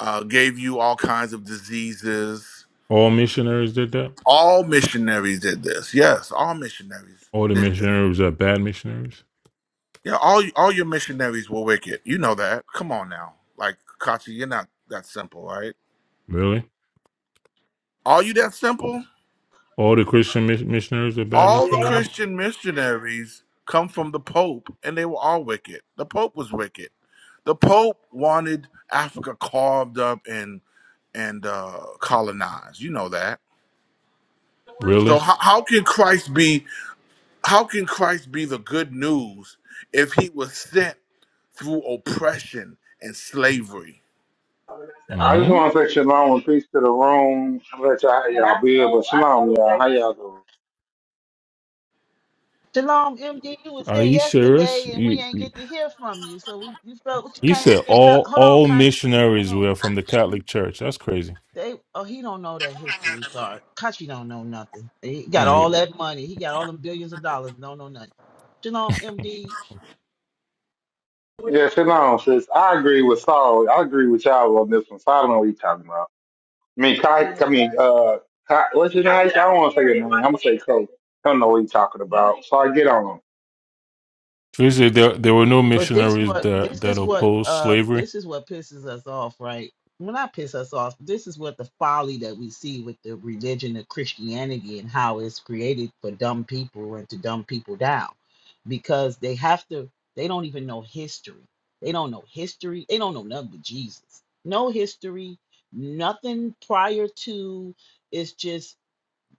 [SPEAKER 1] uh, gave you all kinds of diseases
[SPEAKER 3] All missionaries did that?
[SPEAKER 1] all missionaries did this yes all missionaries
[SPEAKER 3] All the
[SPEAKER 1] did this
[SPEAKER 3] missionaries are bad missionaries?
[SPEAKER 1] Yeah, all all your missionaries were wicked. You know that. Come on now. Like Kachi, you're not that simple, right?
[SPEAKER 3] Really?
[SPEAKER 1] Are you that simple?
[SPEAKER 3] All the Christian mis- missionaries are bad
[SPEAKER 1] All the
[SPEAKER 3] missionaries?
[SPEAKER 1] Christian missionaries come from the Pope and they were all wicked. The Pope was wicked. The Pope wanted Africa carved up and and uh colonized. You know that.
[SPEAKER 3] Really?
[SPEAKER 1] So how, how can Christ be how can Christ be the good news if he was sent through oppression and slavery?
[SPEAKER 6] I just
[SPEAKER 3] hmm
[SPEAKER 6] want to say shalom and peace to the room. I'll let y'all, how y'all be able. Shalom, y'all. How y'all doing?
[SPEAKER 4] Shalom, MD, you was
[SPEAKER 3] Are
[SPEAKER 4] here
[SPEAKER 3] you serious?
[SPEAKER 4] yesterday and we
[SPEAKER 3] You,
[SPEAKER 4] ain't
[SPEAKER 3] you
[SPEAKER 4] get to hear from you. So we, we felt what you
[SPEAKER 3] you
[SPEAKER 4] came
[SPEAKER 3] said
[SPEAKER 4] in and felt.
[SPEAKER 3] all
[SPEAKER 4] Hold on,
[SPEAKER 3] all
[SPEAKER 4] Kachi. Hold
[SPEAKER 3] missionaries
[SPEAKER 4] on.
[SPEAKER 3] were from the Catholic Church. That's crazy.
[SPEAKER 4] They oh he don't know that history. Sorry, Kachi don't know nothing. He got
[SPEAKER 3] Like,
[SPEAKER 4] all that money. He got all them billions of dollars. Don't know nothing. Shalom, MD.
[SPEAKER 6] Yeah, shalom, sis. I agree with Saul. I agree with y'all on this one. So I don't know what you talking about. I mean, Kai, I mean, uh, Kai, what's your name? I don't want to say your name. I'm going to say Kai. I don't know what you talking about. So I get on.
[SPEAKER 3] Tracy, there there were no
[SPEAKER 4] But this
[SPEAKER 3] missionaries
[SPEAKER 4] what
[SPEAKER 3] that
[SPEAKER 4] this
[SPEAKER 3] that
[SPEAKER 4] is what
[SPEAKER 3] opposed
[SPEAKER 4] uh
[SPEAKER 3] slavery.
[SPEAKER 4] this is what pisses us off, right? Well, not piss us off. But this is what the folly that we see with the religion of Christianity and how it's created for dumb people and to dumb people down, because they have to. They don't even know history. They don't know history. They don't know nothing but Jesus. No history. Nothing prior to. It's just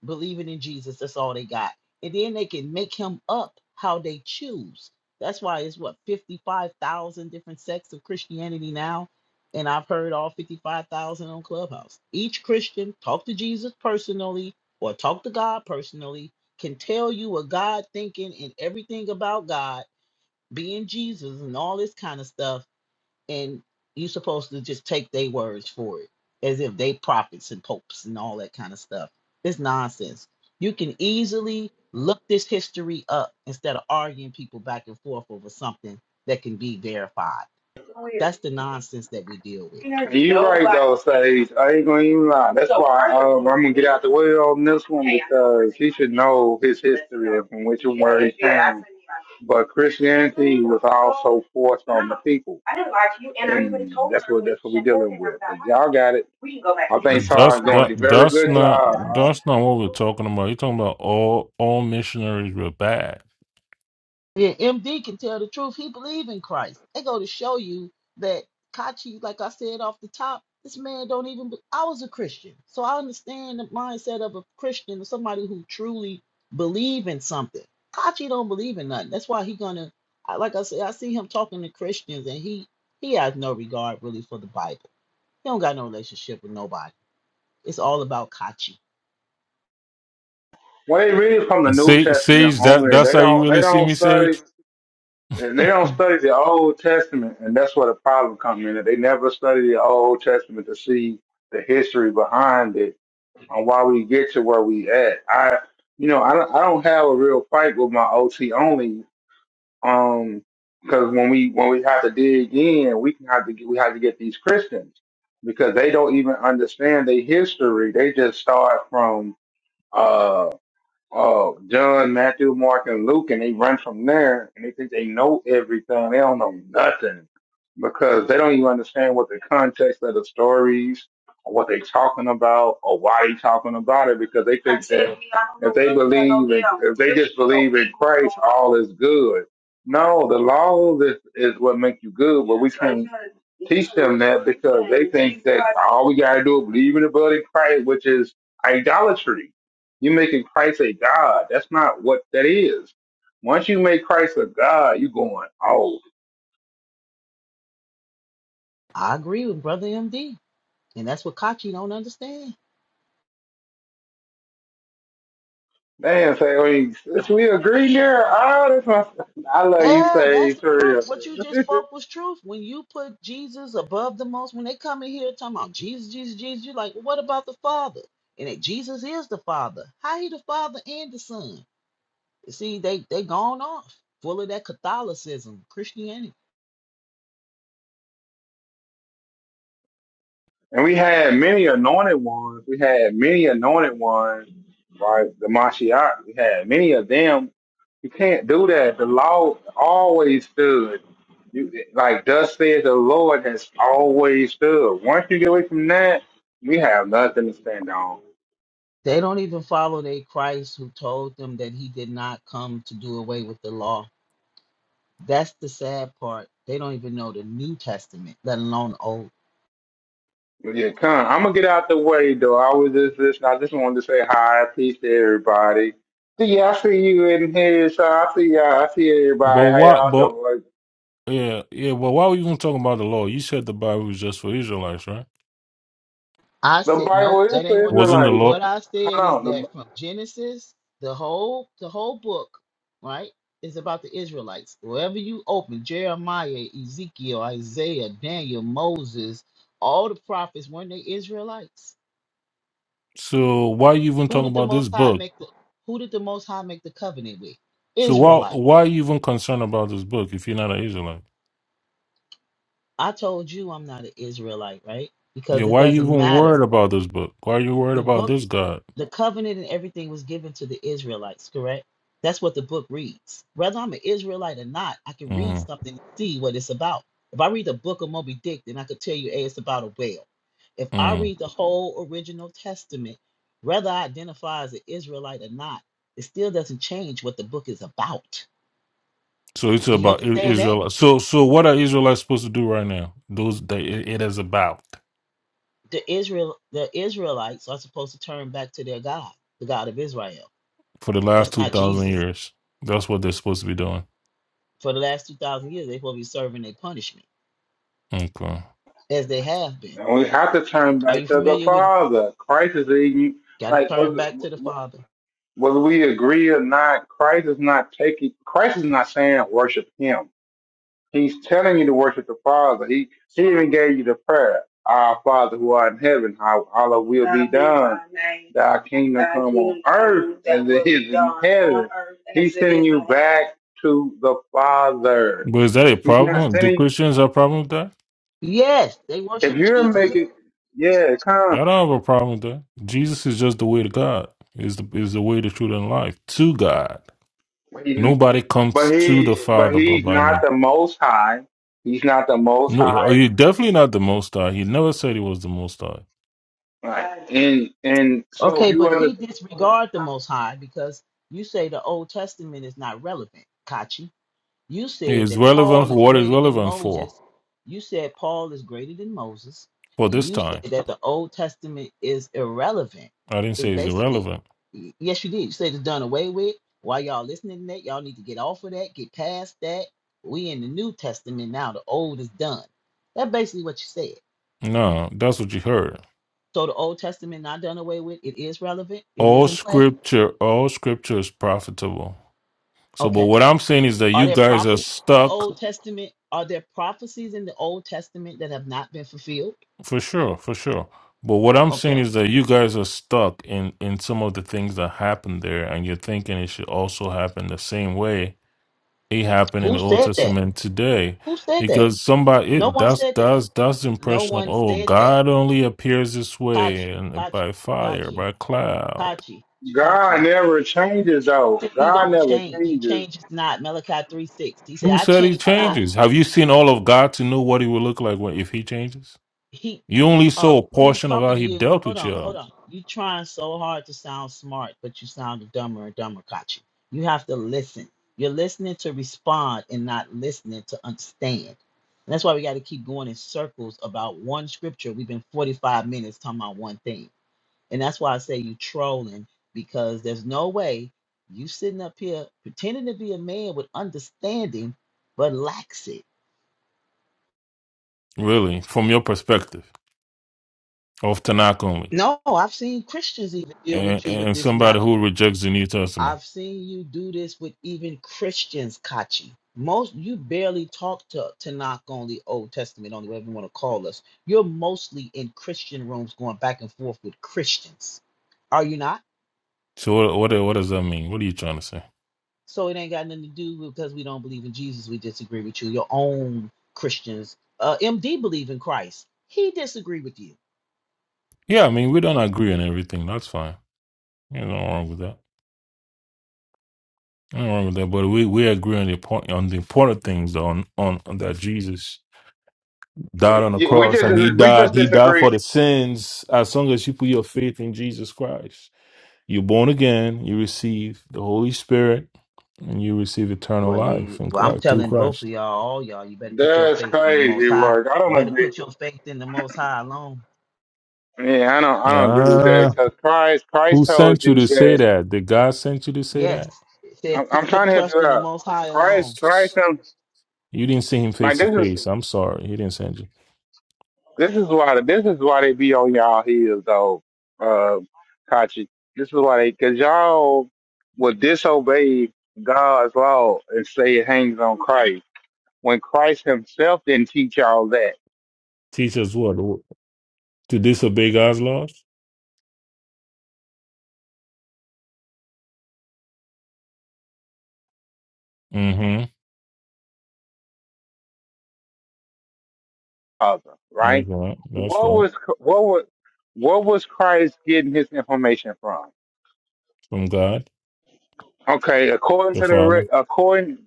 [SPEAKER 4] believing in Jesus. That's all they got. And then they can make him up how they choose. That's why it's what 55,000 different sects of Christianity now. And I've heard all 55,000 on Clubhouse. Each Christian talk to Jesus personally or talk to God personally can tell you what God thinking and everything about God, being Jesus and all this kind of stuff and you're supposed to just take their words for it as if they prophets and popes and all that kind of stuff it's nonsense you can easily look this history up instead of arguing people back and forth over something that can be verified that's the nonsense that we deal with
[SPEAKER 6] You right though, Sage. I ain't gonna even lie. That's why um, I'm gonna get out the way on this one because he should know his history and from which and where he came. But Christianity was also forced on the people. And that's what that's what we're dealing with. y'all got it. I think
[SPEAKER 3] That's
[SPEAKER 6] Sarah's doing
[SPEAKER 3] that
[SPEAKER 6] a very
[SPEAKER 3] that's
[SPEAKER 6] good
[SPEAKER 3] not
[SPEAKER 6] job. Uh,
[SPEAKER 3] that's not what we're talking about. You're talking about all all missionaries were bad.
[SPEAKER 4] Yeah, MD can tell the truth. He believe in Christ. They go to show you that Kachi, like I said off the top, this man don't even. Be- I was a Christian, so I understand the mindset of a Christian, or somebody who truly believe in something. Kachi don't believe in nothing. That's why he gonna. I, like I said, I see him talking to Christians, and he he has no regard really for the Bible. He don't got no relationship with nobody. It's all about Kachi.
[SPEAKER 6] When they read from the
[SPEAKER 3] And
[SPEAKER 6] New
[SPEAKER 3] Sa-
[SPEAKER 6] Testament
[SPEAKER 3] Sage, that
[SPEAKER 6] only,
[SPEAKER 3] that's
[SPEAKER 6] they
[SPEAKER 3] how you
[SPEAKER 6] don't they
[SPEAKER 3] really see
[SPEAKER 6] don't
[SPEAKER 3] me,
[SPEAKER 6] study.
[SPEAKER 3] Sage.
[SPEAKER 6] And they don't
[SPEAKER 3] but
[SPEAKER 6] study the Old Testament, and that's where the problem comes in. that They never study the Old Testament to see the history behind it and why we get to where we at. I, you know, I don't, I don't have a real fight with my OT only, um, because when we when we have to dig in, we can have to get, we have to get these Christians because they don't even understand their history. They just start from uh, Oh, John, Matthew, Mark, and Luke, and they run from there and they think they know everything. They don't know nothing because they don't even understand what the context of the stories or what they're talking about or why they're talking about it because they think that if they believe in, if they just believe in Christ, all is good. No, the law is, is what makes you good, but we can't teach them that because they think that all we got to do is believe in the blood of Christ, which is idolatry you're making Christ a God. That's not what that is. Once you make Christ a God, you going, oh,
[SPEAKER 4] I agree with brother MD, and that's what Kachi don't understand.
[SPEAKER 6] man, say, I mean, since we agree here, oh, that's my, I love you,
[SPEAKER 4] Yeah,
[SPEAKER 6] say,
[SPEAKER 4] that's the
[SPEAKER 6] for
[SPEAKER 4] truth.
[SPEAKER 6] real.
[SPEAKER 4] What you just spoke was truth. When you put Jesus above the most, when they come in here talking about Jesus, Jesus, Jesus, you're like, well, what about the Father? And that Jesus is the Father. How he the Father and the Son? You see, they they gone off full of that Catholicism, Christianity.
[SPEAKER 6] And we had many anointed ones. We had many anointed ones, right? The Mashiach, we had many of them. You can't do that. The law always stood. You, like thus says the Lord has always stood. Once you get away from that, we have nothing to stand on.
[SPEAKER 4] They don't even follow their Christ who told them that he did not come to do away with the law. That's the sad part. They don't even know the New Testament, let alone the Old.
[SPEAKER 6] Yeah, Con, I'm gonna get out the way though. I was just listening. I just wanted to say hi, peace to everybody. See, yeah, I see you in here, so I see y'all. I see everybody. How y'all
[SPEAKER 3] what? But
[SPEAKER 6] doing? Like,
[SPEAKER 3] yeah, yeah. Well, why were you even talking about the law? You said the Bible was just for Israelites, right?
[SPEAKER 4] I
[SPEAKER 6] The
[SPEAKER 4] said nope,
[SPEAKER 6] Bible is
[SPEAKER 4] that ain't
[SPEAKER 6] for
[SPEAKER 4] what
[SPEAKER 3] Wasn't the
[SPEAKER 6] Israelites.
[SPEAKER 3] law?
[SPEAKER 4] what I said is
[SPEAKER 6] Hold on,
[SPEAKER 4] that from Genesis, the whole the whole book, right, is about the Israelites. Wherever you open, Jeremiah, Ezekiel, Isaiah, Daniel, Moses, all the prophets weren't they Israelites?
[SPEAKER 3] So why are you even
[SPEAKER 4] Who
[SPEAKER 3] talking
[SPEAKER 4] did the
[SPEAKER 3] about this
[SPEAKER 4] most high
[SPEAKER 3] book?
[SPEAKER 4] make the who did the most high make the covenant with?
[SPEAKER 3] So why
[SPEAKER 4] Israelite.
[SPEAKER 3] why are you even concerned about this book if you're not an Israelite?
[SPEAKER 4] I told you I'm not an Israelite, right?
[SPEAKER 3] Yeah,
[SPEAKER 4] Because it
[SPEAKER 3] why are you
[SPEAKER 4] doesn't
[SPEAKER 3] even
[SPEAKER 4] matter.
[SPEAKER 3] worried about this book? Why are you worried
[SPEAKER 4] The
[SPEAKER 3] about
[SPEAKER 4] book,
[SPEAKER 3] this God?
[SPEAKER 4] the covenant and everything was given to the Israelites, correct? That's what the book reads. Whether I'm an Israelite or not, I can read
[SPEAKER 3] hmm
[SPEAKER 4] something and see what it's about. If I read the book of Moby Dick, then I could tell you, hey, it's about a whale. If I
[SPEAKER 3] mm
[SPEAKER 4] read the whole original testament, whether I identify as an Israelite or not, it still doesn't change what the book is about.
[SPEAKER 3] So it's
[SPEAKER 4] Do you
[SPEAKER 3] about I-
[SPEAKER 4] understand that?
[SPEAKER 3] Israel. So so what are Israelites supposed to do right now? Those that it, it is about
[SPEAKER 4] The Israel the Israelites are supposed to turn back to their God, the God of Israel.
[SPEAKER 3] for the last
[SPEAKER 4] That's
[SPEAKER 3] two
[SPEAKER 4] not
[SPEAKER 3] thousand
[SPEAKER 4] Jesus.
[SPEAKER 3] years. That's what they're supposed to be doing.
[SPEAKER 4] For the last 2,000 years, they're supposed to be serving their punishment
[SPEAKER 3] Okay,
[SPEAKER 4] as they have been.
[SPEAKER 6] the, and we have to turn
[SPEAKER 4] Are
[SPEAKER 6] back
[SPEAKER 4] you
[SPEAKER 6] to the
[SPEAKER 4] familiar with
[SPEAKER 6] Father. Christ is eating.
[SPEAKER 4] got to
[SPEAKER 6] Like
[SPEAKER 4] turn
[SPEAKER 6] whether
[SPEAKER 4] back to the Father?
[SPEAKER 6] whether we agree or not, Christ is not taking. Christ is not saying worship Him. He's telling you to worship the Father. He she even gave you the prayer. Our Father who art in heaven, how Allah will be done. kingdom come on He's sending you back to the Father.
[SPEAKER 3] but is that a
[SPEAKER 6] He's not
[SPEAKER 3] problem? Do
[SPEAKER 6] sending
[SPEAKER 3] Christians have a problem with that?
[SPEAKER 4] Yes, they
[SPEAKER 6] if
[SPEAKER 4] worship
[SPEAKER 6] you're
[SPEAKER 4] Jesus.
[SPEAKER 6] making yeah,
[SPEAKER 3] I
[SPEAKER 6] come.
[SPEAKER 3] don't have a problem with that. Jesus is just the way to God. Is the is the way, the truth, and life to God.
[SPEAKER 6] He-
[SPEAKER 3] Nobody comes
[SPEAKER 6] But
[SPEAKER 3] to
[SPEAKER 6] he
[SPEAKER 3] the
[SPEAKER 6] but
[SPEAKER 3] Father but
[SPEAKER 6] he's
[SPEAKER 3] by
[SPEAKER 6] not
[SPEAKER 3] me.
[SPEAKER 6] the most high. He's not the most
[SPEAKER 3] No,
[SPEAKER 6] high.
[SPEAKER 3] you definitely not the Most High. He never said he was the Most High.
[SPEAKER 6] Right. And and so if
[SPEAKER 4] Okay,
[SPEAKER 6] you
[SPEAKER 4] but
[SPEAKER 6] understand.
[SPEAKER 4] he disregard the Most High because you say the Old Testament is not relevant, Kachi. You
[SPEAKER 3] He
[SPEAKER 4] said
[SPEAKER 3] is
[SPEAKER 4] that
[SPEAKER 3] relevant
[SPEAKER 4] Paul
[SPEAKER 3] for
[SPEAKER 4] is
[SPEAKER 3] what is
[SPEAKER 4] greater than
[SPEAKER 3] relevant
[SPEAKER 4] Moses.
[SPEAKER 3] for,
[SPEAKER 4] You said Paul is greater than Moses.
[SPEAKER 3] for this
[SPEAKER 4] You said
[SPEAKER 3] time.
[SPEAKER 4] that the Old Testament is irrelevant.
[SPEAKER 3] I didn't
[SPEAKER 4] It's
[SPEAKER 3] say he's
[SPEAKER 4] basically,
[SPEAKER 3] irrelevant.
[SPEAKER 4] y- yes, you did. You said it's done away with. While y'all listening to that, y'all need to get off of that, get past that. We in the New Testament now. The old is done. That's basically what you said.
[SPEAKER 3] No, that's what you heard.
[SPEAKER 4] So the Old Testament not done away with. It is relevant. It
[SPEAKER 3] All
[SPEAKER 4] is in play.
[SPEAKER 3] scripture, all scripture is profitable. So, but
[SPEAKER 4] Okay.
[SPEAKER 3] what I'm saying is that
[SPEAKER 4] Are
[SPEAKER 3] you
[SPEAKER 4] there
[SPEAKER 3] guys are
[SPEAKER 4] prophecies in the
[SPEAKER 3] stuck,
[SPEAKER 4] Old Testament? Are there prophecies in the Old Testament that have not been fulfilled?
[SPEAKER 3] for sure, for sure. But what I'm saying
[SPEAKER 4] Okay.
[SPEAKER 3] is that you guys are stuck in in some of the things that happened there, and you're thinking it should also happen the same way it happened in
[SPEAKER 4] Who
[SPEAKER 3] the Old
[SPEAKER 4] said that?
[SPEAKER 3] Testament today.
[SPEAKER 4] Who said that?
[SPEAKER 3] Because somebody
[SPEAKER 4] No
[SPEAKER 3] it,
[SPEAKER 4] one
[SPEAKER 3] that's
[SPEAKER 4] said that.
[SPEAKER 3] that's that's the
[SPEAKER 4] No
[SPEAKER 3] impression of
[SPEAKER 4] one
[SPEAKER 3] oh
[SPEAKER 4] said that.
[SPEAKER 3] God only appears this
[SPEAKER 4] Kachi,
[SPEAKER 3] way and
[SPEAKER 4] Kachi,
[SPEAKER 3] by fire,
[SPEAKER 4] Kachi,
[SPEAKER 3] by cloud.
[SPEAKER 4] Kachi,
[SPEAKER 6] God
[SPEAKER 4] Kachi.
[SPEAKER 6] never changes,
[SPEAKER 4] He
[SPEAKER 6] though.
[SPEAKER 4] said he
[SPEAKER 6] God
[SPEAKER 4] don't
[SPEAKER 6] never
[SPEAKER 4] change. He
[SPEAKER 6] changes.
[SPEAKER 4] changes not. Malachi 3 6. He said,
[SPEAKER 3] Who
[SPEAKER 4] I
[SPEAKER 3] said he
[SPEAKER 4] change not.
[SPEAKER 3] changes? Have you seen all of God to know what he will look like when, if he changes?
[SPEAKER 4] he
[SPEAKER 3] You only
[SPEAKER 4] uh
[SPEAKER 3] saw a
[SPEAKER 4] see
[SPEAKER 3] portion of how
[SPEAKER 4] talking to
[SPEAKER 3] he
[SPEAKER 4] you
[SPEAKER 3] dealt
[SPEAKER 4] hold
[SPEAKER 3] with
[SPEAKER 4] on hold
[SPEAKER 3] y'all,
[SPEAKER 4] on you trying so hard to sound smart but you sound dumber and dumber kachi you have to listen you're listening to respond and not listening to understand and that's why we got to keep going in circles about one scripture we've been 45 minutes talking about one thing and that's why i say you trolling because there's no way you sitting up here pretending to be a man with understanding but lacks it
[SPEAKER 3] really, from your perspective of Tanakh only,
[SPEAKER 4] no i've seen christians even deal
[SPEAKER 3] and,
[SPEAKER 4] with you with
[SPEAKER 3] and
[SPEAKER 4] this
[SPEAKER 3] somebody
[SPEAKER 4] matter
[SPEAKER 3] who rejects the New Testament.
[SPEAKER 4] I've seen you do this with even Christians, Kachi. Most you barely talk to Tanakh only, Old Testament only, whatever you want to call us. You're mostly in Christian rooms going back and forth with Christians. Are you not?
[SPEAKER 3] So what, what what does that mean? What are you trying to say?
[SPEAKER 4] So it ain't got nothing to do with because we don't believe in Jesus, we disagree with you. Your own Christians. Uh MD believe in Christ. He disagree with you.
[SPEAKER 3] Yeah, I mean we don't agree on everything. That's fine. There's nothing wrong with that. Nothing wrong with that, but we, we agree on the point on the important things though, on, on on that Jesus died on the
[SPEAKER 6] Yeah, We
[SPEAKER 3] cross and he
[SPEAKER 6] just we
[SPEAKER 3] died
[SPEAKER 6] just
[SPEAKER 3] he died
[SPEAKER 6] disagree.
[SPEAKER 3] for the sins as long as you put your faith in Jesus Christ. You're born again, you receive the Holy Spirit, and you receive eternal
[SPEAKER 4] Well,
[SPEAKER 3] life
[SPEAKER 4] you
[SPEAKER 3] in
[SPEAKER 4] well, I'm
[SPEAKER 3] Christ through
[SPEAKER 4] telling both of
[SPEAKER 3] Christ.
[SPEAKER 4] y'all, all y'all, you better put your
[SPEAKER 6] That's
[SPEAKER 4] faith in the most
[SPEAKER 6] crazy
[SPEAKER 4] high.
[SPEAKER 6] work. I don't
[SPEAKER 4] Better
[SPEAKER 6] agree.
[SPEAKER 4] put your faith in the most high alone.
[SPEAKER 6] Yeah, I don't I don't agree with that
[SPEAKER 3] Yeah.
[SPEAKER 6] because Christ Christ
[SPEAKER 3] Who
[SPEAKER 6] told
[SPEAKER 3] sent you
[SPEAKER 6] you
[SPEAKER 3] to say
[SPEAKER 6] that.
[SPEAKER 3] that? Did God send you to say that?
[SPEAKER 4] Yes. It says,
[SPEAKER 6] I'm, I'm
[SPEAKER 4] put your
[SPEAKER 6] trying to help
[SPEAKER 4] trust
[SPEAKER 6] you
[SPEAKER 4] in the
[SPEAKER 6] out.
[SPEAKER 4] Most High
[SPEAKER 6] Christ
[SPEAKER 4] alone.
[SPEAKER 6] Christ um,
[SPEAKER 3] You didn't see him
[SPEAKER 6] like
[SPEAKER 3] face to
[SPEAKER 6] this is
[SPEAKER 3] face. I'm sorry. He didn't send you.
[SPEAKER 6] this is why this is why they be on y'all heels though, uh, Kachi. This is why they because y'all will disobey God's law and say it hangs on Christ. when Christ Himself didn't teach all that
[SPEAKER 3] Teach us what? To disobey God's laws? Mm-hmm.
[SPEAKER 6] other, right?
[SPEAKER 3] That's right. That's
[SPEAKER 6] What
[SPEAKER 3] right.
[SPEAKER 6] was what was what was Christ getting his information from?
[SPEAKER 3] From God,
[SPEAKER 6] Okay, according
[SPEAKER 3] the
[SPEAKER 6] to the rec-
[SPEAKER 3] Father.
[SPEAKER 6] according,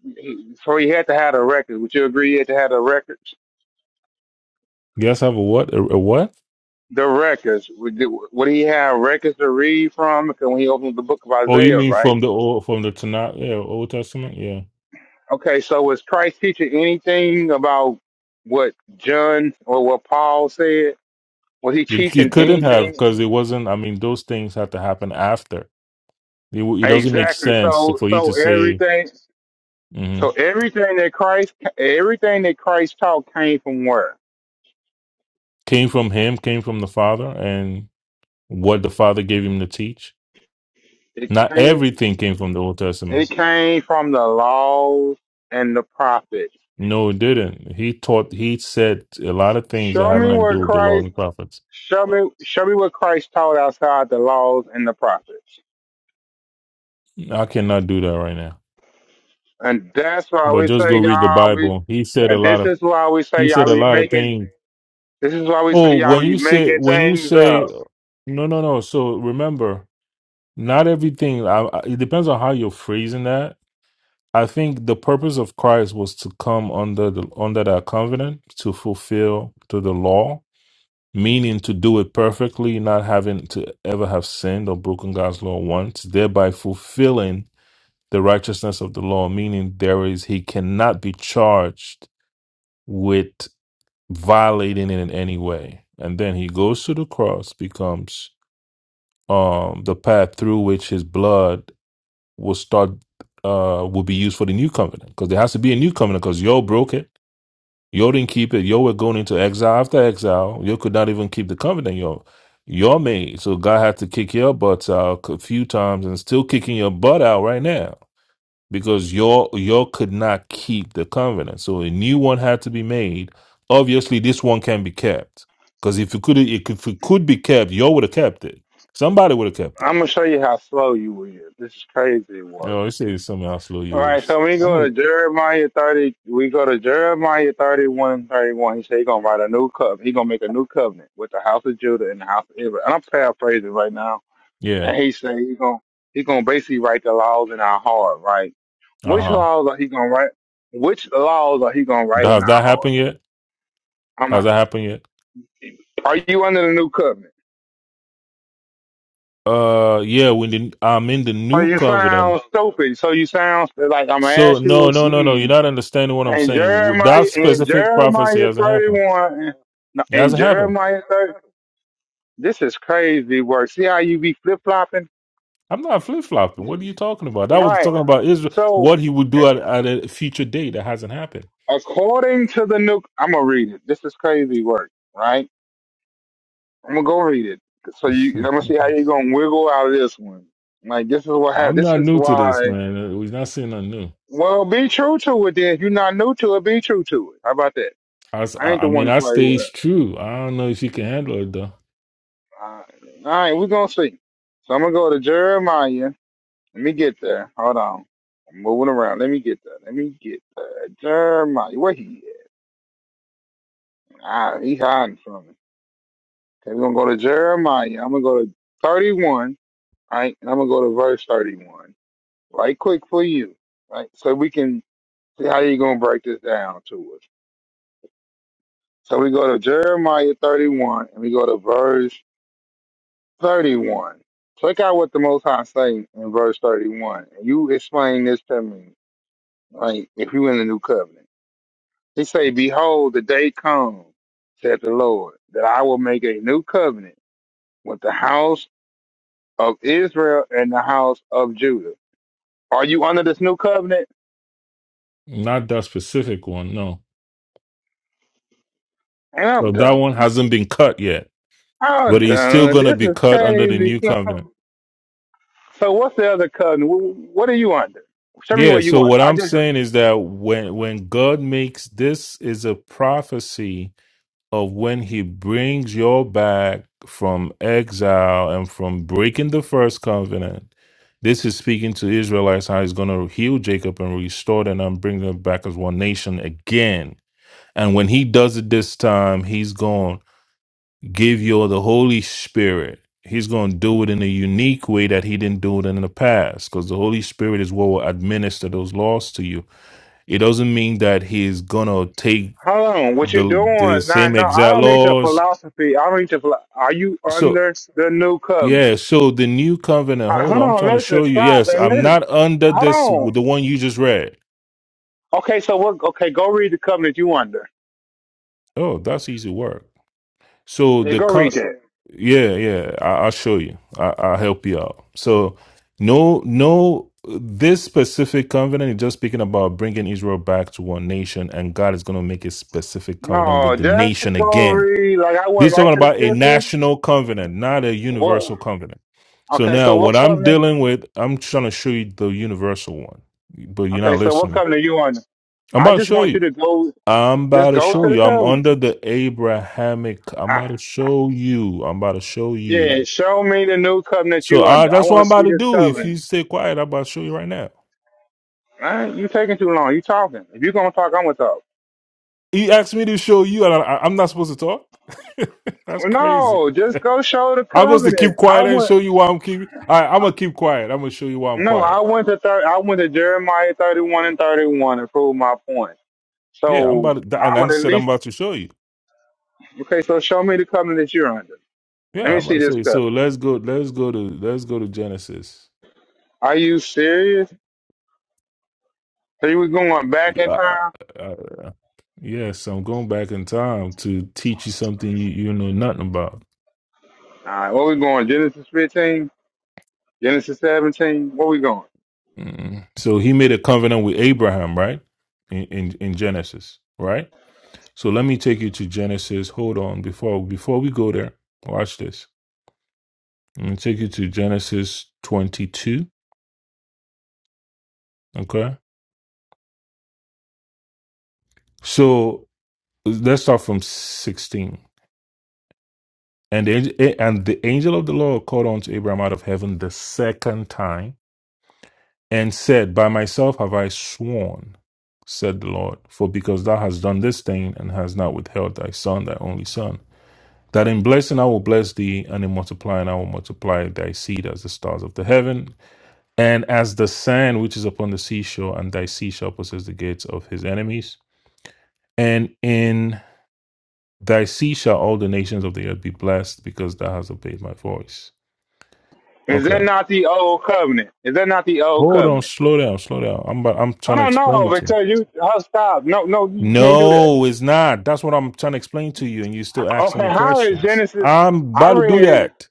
[SPEAKER 6] so he had to have the records. Would you agree he had to have the records?
[SPEAKER 3] Yes, have a what? A, a what?
[SPEAKER 6] The records. Would, would he have records to read from? Because when he opened the book of
[SPEAKER 3] Oh, you
[SPEAKER 6] Isaiah,
[SPEAKER 3] mean
[SPEAKER 6] right?
[SPEAKER 3] from the old, from the Tanakh, yeah, Old Testament? Yeah.
[SPEAKER 6] Okay, so was Christ teaching anything about what John or what Paul said? Was he
[SPEAKER 3] You, you
[SPEAKER 6] teaching
[SPEAKER 3] couldn't have
[SPEAKER 6] anything
[SPEAKER 3] because it wasn't, I mean, those things had to happen after. It, w- it doesn't make
[SPEAKER 6] Exactly.
[SPEAKER 3] sense
[SPEAKER 6] So
[SPEAKER 3] for you
[SPEAKER 6] so
[SPEAKER 3] to say
[SPEAKER 6] everything so
[SPEAKER 3] mhm,
[SPEAKER 6] everything that Christ everything that Christ taught came from where?
[SPEAKER 3] came from him, came from the Father, and what the Father gave him to teach.
[SPEAKER 6] It
[SPEAKER 3] Not
[SPEAKER 6] came
[SPEAKER 3] everything came from the Old Testament.
[SPEAKER 6] it came from the laws and the prophets.
[SPEAKER 3] No, it didn't. He taught. He said a lot of things that
[SPEAKER 6] Show
[SPEAKER 3] had
[SPEAKER 6] me
[SPEAKER 3] nothing to
[SPEAKER 6] what
[SPEAKER 3] do with the law
[SPEAKER 6] Christ
[SPEAKER 3] and prophets.
[SPEAKER 6] show me show me what Christ taught outside the laws and the prophets.
[SPEAKER 3] I cannot do that right now.
[SPEAKER 6] And that's why
[SPEAKER 3] But
[SPEAKER 6] we
[SPEAKER 3] just
[SPEAKER 6] say
[SPEAKER 3] go read the
[SPEAKER 6] y'all be
[SPEAKER 3] Bible. He said a
[SPEAKER 6] and
[SPEAKER 3] lot
[SPEAKER 6] this
[SPEAKER 3] of.
[SPEAKER 6] is why we
[SPEAKER 3] He
[SPEAKER 6] say
[SPEAKER 3] said
[SPEAKER 6] y'all
[SPEAKER 3] a
[SPEAKER 6] be
[SPEAKER 3] lot of
[SPEAKER 6] making
[SPEAKER 3] things.
[SPEAKER 6] this is why we say
[SPEAKER 3] Oh,
[SPEAKER 6] y'all
[SPEAKER 3] when
[SPEAKER 6] be
[SPEAKER 3] you say
[SPEAKER 6] making
[SPEAKER 3] when you
[SPEAKER 6] things
[SPEAKER 3] say
[SPEAKER 6] up.
[SPEAKER 3] no, no, no. So remember, not everything. I, I, it depends on how you're phrasing that I think the purpose of Christ was to come under the under that covenant to fulfill to the law, meaning to do it perfectly, not having to ever have sinned or broken God's law once, thereby fulfilling the righteousness of the law, meaning there is he cannot be charged with violating it in any way. And then he goes to the cross, becomes um the path through which his blood will start uh will be used for the new covenant because there has to be a new covenant because yo broke it yo didn't keep it yo were going into exile after exile yo could not even keep the covenant yo yo made so god had to kick your butts out a few times and still kicking your butt out right now because yo yo could not keep the covenant so a new one had to be made obviously this one can be kept because if it could if it could be kept yo would have kept it somebody would have kept it
[SPEAKER 6] I'm gonna show you how slow you were. This is crazy
[SPEAKER 3] you
[SPEAKER 6] work.
[SPEAKER 3] know they say somehow slow
[SPEAKER 6] All
[SPEAKER 3] you
[SPEAKER 6] right,
[SPEAKER 3] is
[SPEAKER 6] so we
[SPEAKER 3] i'm
[SPEAKER 6] go
[SPEAKER 3] a
[SPEAKER 6] to Jeremiah 30. We go to Jeremiah 31, 31. He said he's going to write a new covenant. He's going to make a new covenant with the house of Judah and the house of Israel. And I'm paraphrasing right now.
[SPEAKER 3] yeah
[SPEAKER 6] And he said he's going to he's gonna basically write the laws in our heart, right?
[SPEAKER 3] Uh
[SPEAKER 6] Which
[SPEAKER 3] huh.
[SPEAKER 6] laws are he going to write? Which laws are he going to write in
[SPEAKER 3] Has
[SPEAKER 6] our
[SPEAKER 3] that
[SPEAKER 6] heart?
[SPEAKER 3] happened yet?
[SPEAKER 6] I'm
[SPEAKER 3] Has
[SPEAKER 6] like,
[SPEAKER 3] that happened yet?
[SPEAKER 6] are you under the new covenant?
[SPEAKER 3] Uh, yeah. When the, I'm in the
[SPEAKER 6] So
[SPEAKER 3] new
[SPEAKER 6] you
[SPEAKER 3] covenant,
[SPEAKER 6] sound stupid. So you sound like I'm going to
[SPEAKER 3] so
[SPEAKER 6] ask you
[SPEAKER 3] no, no, no, no. You're
[SPEAKER 6] again.
[SPEAKER 3] not understanding what I'm
[SPEAKER 6] In
[SPEAKER 3] saying. With
[SPEAKER 6] Jeremiah
[SPEAKER 3] That
[SPEAKER 6] in
[SPEAKER 3] specific prophecy
[SPEAKER 6] Jeremiah
[SPEAKER 3] hasn't happened.
[SPEAKER 6] 31 no,
[SPEAKER 3] It
[SPEAKER 6] in
[SPEAKER 3] hasn't happened.
[SPEAKER 6] Jeremiah 30 this is crazy work. See how you be flip flopping?
[SPEAKER 3] I'm not flip flopping. What are you talking about? That was
[SPEAKER 6] Right.
[SPEAKER 3] talking about Israel.
[SPEAKER 6] So
[SPEAKER 3] What he would do at, at a future date that hasn't happened.
[SPEAKER 6] according to the new I'm gonna read it. This is crazy work, right? I'm gonna go read it. So you I'm gonna see how you gonna wiggle out of this one. Like this is what happened.
[SPEAKER 3] I'm
[SPEAKER 6] This
[SPEAKER 3] not
[SPEAKER 6] is
[SPEAKER 3] new to this,
[SPEAKER 6] why
[SPEAKER 3] man. Uh, We're not saying nothing new.
[SPEAKER 6] well be true to it then. If you're not new to it, be true to it. How about that?
[SPEAKER 3] I, s-
[SPEAKER 6] I
[SPEAKER 3] I-
[SPEAKER 6] ain't the
[SPEAKER 3] I
[SPEAKER 6] one
[SPEAKER 3] mean,
[SPEAKER 6] to
[SPEAKER 3] I
[SPEAKER 6] play
[SPEAKER 3] stays
[SPEAKER 6] with.
[SPEAKER 3] true. I don't know if you can handle it though.
[SPEAKER 6] All right, All right we're gonna see. So I'm gonna go to Jeremiah Let me get there. Hold on. I'm moving around. Let me get there. Let me get there. Jeremiah. Where he at? Ah, he hiding from me. Okay, we're gonna go to Jeremiah. I'm gonna go to 31, right? And I'm gonna go to verse 31. Right quick for you. Right? So we can see how you gonna break this down to us. So we go to Jeremiah 31 and we go to verse 31. Check out what the most high say in verse 31. And you explain this to me, right? If you in the new covenant. He say, Behold, the day comes, said the Lord, that I will make a new covenant with the house of Israel and the house of Judah. Are you under this new covenant?
[SPEAKER 3] Not that specific one, no.
[SPEAKER 6] And I'm
[SPEAKER 3] So that one
[SPEAKER 6] done.
[SPEAKER 3] hasn't been cut yet.
[SPEAKER 6] I'm
[SPEAKER 3] but he's still
[SPEAKER 6] done.
[SPEAKER 3] going to
[SPEAKER 6] This
[SPEAKER 3] be
[SPEAKER 6] is
[SPEAKER 3] cut under the
[SPEAKER 6] crazy.
[SPEAKER 3] new covenant.
[SPEAKER 6] so what's the other covenant? Wh- What are you under? Show me
[SPEAKER 3] Yeah,
[SPEAKER 6] what you
[SPEAKER 3] so
[SPEAKER 6] under.
[SPEAKER 3] what
[SPEAKER 6] I
[SPEAKER 3] I'm
[SPEAKER 6] just
[SPEAKER 3] saying is that when when God makes this is a prophecy of when he brings you back from exile and from breaking the first covenant. This is speaking to Israelites how he's going to heal Jacob and restore them and bring them back as one nation again. And when he does it this time, he's gone. give you the Holy Spirit. He's going to do it in a unique way that he didn't do it in the past because the Holy Spirit is what will administer those laws to you. It doesn't mean that he's going to take
[SPEAKER 6] hold on. What you
[SPEAKER 3] the the
[SPEAKER 6] doing? Nah,
[SPEAKER 3] same
[SPEAKER 6] no, I
[SPEAKER 3] exact
[SPEAKER 6] don't need your
[SPEAKER 3] laws.
[SPEAKER 6] philosophy. I don't need your. philo- Are you
[SPEAKER 3] So,
[SPEAKER 6] under the new covenant?
[SPEAKER 3] yeah, so the new covenant,
[SPEAKER 6] Uh,
[SPEAKER 3] hold
[SPEAKER 6] hold
[SPEAKER 3] on, I'm
[SPEAKER 6] on.
[SPEAKER 3] trying to
[SPEAKER 6] Listen.
[SPEAKER 3] show you.
[SPEAKER 6] Stop
[SPEAKER 3] Yes,
[SPEAKER 6] and
[SPEAKER 3] I'm
[SPEAKER 6] listen.
[SPEAKER 3] not under
[SPEAKER 6] Hold
[SPEAKER 3] this
[SPEAKER 6] on.
[SPEAKER 3] the one you just read.
[SPEAKER 6] Okay, so what? Okay, go read the covenant you under.
[SPEAKER 3] Oh, that's easy work. So
[SPEAKER 6] Yeah,
[SPEAKER 3] the
[SPEAKER 6] go
[SPEAKER 3] co-
[SPEAKER 6] read that.
[SPEAKER 3] yeah, yeah, I, I'll show you. I, I'll help you out. So no, no, this specific covenant is just speaking about bringing Israel back to one nation, and God is going to make a specific covenant
[SPEAKER 6] No,
[SPEAKER 3] with the nation
[SPEAKER 6] just go
[SPEAKER 3] again.
[SPEAKER 6] read. Like I went
[SPEAKER 3] This is
[SPEAKER 6] right
[SPEAKER 3] talking
[SPEAKER 6] to the
[SPEAKER 3] about a
[SPEAKER 6] scripture.
[SPEAKER 3] national covenant, not a
[SPEAKER 6] What?
[SPEAKER 3] universal covenant. So
[SPEAKER 6] Okay, so
[SPEAKER 3] now, what
[SPEAKER 6] what
[SPEAKER 3] I'm
[SPEAKER 6] covenant?
[SPEAKER 3] dealing with, I'm trying to show you the universal one, but you're
[SPEAKER 6] Okay,
[SPEAKER 3] not
[SPEAKER 6] so what
[SPEAKER 3] listening.
[SPEAKER 6] covenant you under?
[SPEAKER 3] I'm
[SPEAKER 6] I
[SPEAKER 3] about to
[SPEAKER 6] just
[SPEAKER 3] show
[SPEAKER 6] want
[SPEAKER 3] you.
[SPEAKER 6] you to go.
[SPEAKER 3] I'm
[SPEAKER 6] Just
[SPEAKER 3] about to
[SPEAKER 6] go
[SPEAKER 3] show
[SPEAKER 6] to the
[SPEAKER 3] you. I'm
[SPEAKER 6] covenant.
[SPEAKER 3] under the Abrahamic. I'm about
[SPEAKER 6] I,
[SPEAKER 3] to show you. I'm about to show
[SPEAKER 6] yeah,
[SPEAKER 3] you.
[SPEAKER 6] show me the new covenant
[SPEAKER 3] So
[SPEAKER 6] you
[SPEAKER 3] uh,
[SPEAKER 6] under. I
[SPEAKER 3] that's what
[SPEAKER 6] want
[SPEAKER 3] I'm
[SPEAKER 6] to
[SPEAKER 3] about
[SPEAKER 6] see
[SPEAKER 3] to
[SPEAKER 6] this
[SPEAKER 3] do. If you
[SPEAKER 6] covenant.
[SPEAKER 3] stay quiet, I'm about to show you right now.
[SPEAKER 6] Man, you taking too long. You talking. If you gonna talk, I'm gonna talk.
[SPEAKER 3] He asked me to show you, and I, I- I'm not supposed to talk. that's crazy.
[SPEAKER 6] No, just go show the
[SPEAKER 3] I'm supposed to keep
[SPEAKER 6] covenant. I
[SPEAKER 3] quiet and
[SPEAKER 6] went.
[SPEAKER 3] show you why I'm keeping. I, I'm gonna keep quiet. I'm gonna show you why I'm
[SPEAKER 6] No, I
[SPEAKER 3] quiet.
[SPEAKER 6] went to thir- I went to Jeremiah 31 and 31 to prove my point.
[SPEAKER 3] Yeah, I'm
[SPEAKER 6] So
[SPEAKER 3] about to.
[SPEAKER 6] I
[SPEAKER 3] And I
[SPEAKER 6] would at
[SPEAKER 3] said I'm
[SPEAKER 6] least
[SPEAKER 3] about to show you.
[SPEAKER 6] okay. So show me the covenant that you're under. Let
[SPEAKER 3] Yeah,
[SPEAKER 6] me
[SPEAKER 3] I'm about
[SPEAKER 6] see
[SPEAKER 3] to
[SPEAKER 6] this
[SPEAKER 3] show you. So
[SPEAKER 6] covenant.
[SPEAKER 3] let's go. Let's go to. Let's go to Genesis.
[SPEAKER 6] Are you serious? So you we going back in
[SPEAKER 3] Yeah,
[SPEAKER 6] time?
[SPEAKER 3] I, Yes, I'm going back in time to teach you something you, you know nothing about.
[SPEAKER 6] All right, where we going? Genesis 15, Genesis 17. Where we going?
[SPEAKER 3] Mm. So he made a covenant with Abraham, right? In, in in Genesis, right? So let me take you to Genesis. Hold on, before before we go there, watch this. I'm gonna take you to Genesis 22. Okay, so let's start from 16. And the, ang- and the angel of the Lord called unto Abraham out of heaven the second time and said, By myself have I sworn, said the Lord, for because thou hast done this thing, and hast not withheld thy son, thy only son, that in blessing I will bless thee, and in multiplying I will multiply thy seed as the stars of the heaven, and as the sand which is upon the seashore, and thy seed shall possess the gates of his enemies. And in thy seed shall all the nations of the earth be blessed, because thou hast obeyed my voice.
[SPEAKER 6] Is that
[SPEAKER 3] Okay.
[SPEAKER 6] not the old covenant? Is that not the old
[SPEAKER 3] Hold on,
[SPEAKER 6] covenant?
[SPEAKER 3] slow down, slow down. I'm about, I'm trying
[SPEAKER 6] Hold
[SPEAKER 3] to
[SPEAKER 6] on,
[SPEAKER 3] explain
[SPEAKER 6] no,
[SPEAKER 3] it to you.
[SPEAKER 6] because you oh, stop. No, no, you can't do that.
[SPEAKER 3] No, it's not. That's what I'm trying to explain to you, and you're still asking
[SPEAKER 6] Okay,
[SPEAKER 3] me
[SPEAKER 6] how is
[SPEAKER 3] questions.
[SPEAKER 6] Genesis?
[SPEAKER 3] I'm
[SPEAKER 6] I
[SPEAKER 3] about to do
[SPEAKER 6] read.
[SPEAKER 3] that.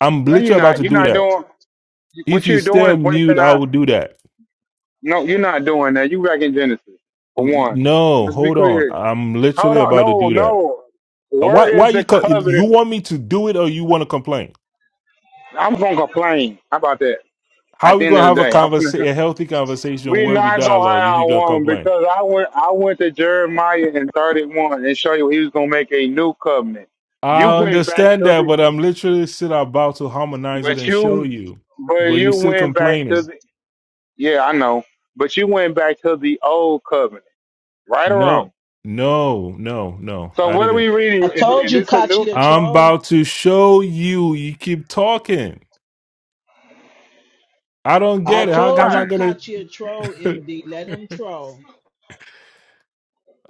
[SPEAKER 3] I'm
[SPEAKER 6] No, you're
[SPEAKER 3] literally about
[SPEAKER 6] not.
[SPEAKER 3] to
[SPEAKER 6] You're
[SPEAKER 3] do
[SPEAKER 6] not
[SPEAKER 3] that.
[SPEAKER 6] doing
[SPEAKER 3] If
[SPEAKER 6] what
[SPEAKER 3] you
[SPEAKER 6] you're
[SPEAKER 3] stay
[SPEAKER 6] doing is
[SPEAKER 3] on mute,
[SPEAKER 6] wasting
[SPEAKER 3] I
[SPEAKER 6] our.
[SPEAKER 3] will do that.
[SPEAKER 6] No, you're not doing that. You back in Genesis for
[SPEAKER 3] N- e,
[SPEAKER 6] one.
[SPEAKER 3] No,
[SPEAKER 6] Let's be
[SPEAKER 3] hold on.
[SPEAKER 6] clear.
[SPEAKER 3] I'm
[SPEAKER 6] Hold
[SPEAKER 3] literally
[SPEAKER 6] on.
[SPEAKER 3] about to
[SPEAKER 6] No,
[SPEAKER 3] do that.
[SPEAKER 6] no.
[SPEAKER 3] Why?
[SPEAKER 6] Where
[SPEAKER 3] Why
[SPEAKER 6] is the
[SPEAKER 3] you? co- You
[SPEAKER 6] covenant?
[SPEAKER 3] want me to do it, or you want to complain?
[SPEAKER 6] I'm going to complain How about that at
[SPEAKER 3] How we
[SPEAKER 6] the end
[SPEAKER 3] gonna
[SPEAKER 6] of
[SPEAKER 3] have
[SPEAKER 6] the
[SPEAKER 3] a
[SPEAKER 6] day. I'm
[SPEAKER 3] conversation,
[SPEAKER 6] gonna,
[SPEAKER 3] a healthy conversation
[SPEAKER 6] we're
[SPEAKER 3] where we
[SPEAKER 6] not going to
[SPEAKER 3] dialogue if
[SPEAKER 6] have
[SPEAKER 3] you're gonna
[SPEAKER 6] one
[SPEAKER 3] complain?
[SPEAKER 6] because I went, I went to Jeremiah in 31 and show you he was going to make a new covenant. You
[SPEAKER 3] I
[SPEAKER 6] went back
[SPEAKER 3] understand
[SPEAKER 6] to
[SPEAKER 3] that,
[SPEAKER 6] the,
[SPEAKER 3] but I'm literally still about to harmonize it
[SPEAKER 6] but
[SPEAKER 3] and show
[SPEAKER 6] you,
[SPEAKER 3] you.
[SPEAKER 6] but
[SPEAKER 3] But you're
[SPEAKER 6] you
[SPEAKER 3] still
[SPEAKER 6] went back
[SPEAKER 3] complaining.
[SPEAKER 6] to the, yeah, I know, but you went back to the old covenant, right or wrong.
[SPEAKER 3] No, no, no, no.
[SPEAKER 6] So
[SPEAKER 3] I
[SPEAKER 6] what are we
[SPEAKER 3] didn't.
[SPEAKER 4] I
[SPEAKER 6] reading? Is,
[SPEAKER 4] told
[SPEAKER 6] is
[SPEAKER 4] you,
[SPEAKER 6] this a new? All
[SPEAKER 4] Kachi a
[SPEAKER 3] I'm about
[SPEAKER 4] troll.
[SPEAKER 3] to show you. You keep talking. I don't
[SPEAKER 4] I
[SPEAKER 3] get it. How
[SPEAKER 4] told
[SPEAKER 3] am I
[SPEAKER 6] right.
[SPEAKER 4] you,
[SPEAKER 3] gonna?
[SPEAKER 4] Kachi a troll, MD. Let him troll.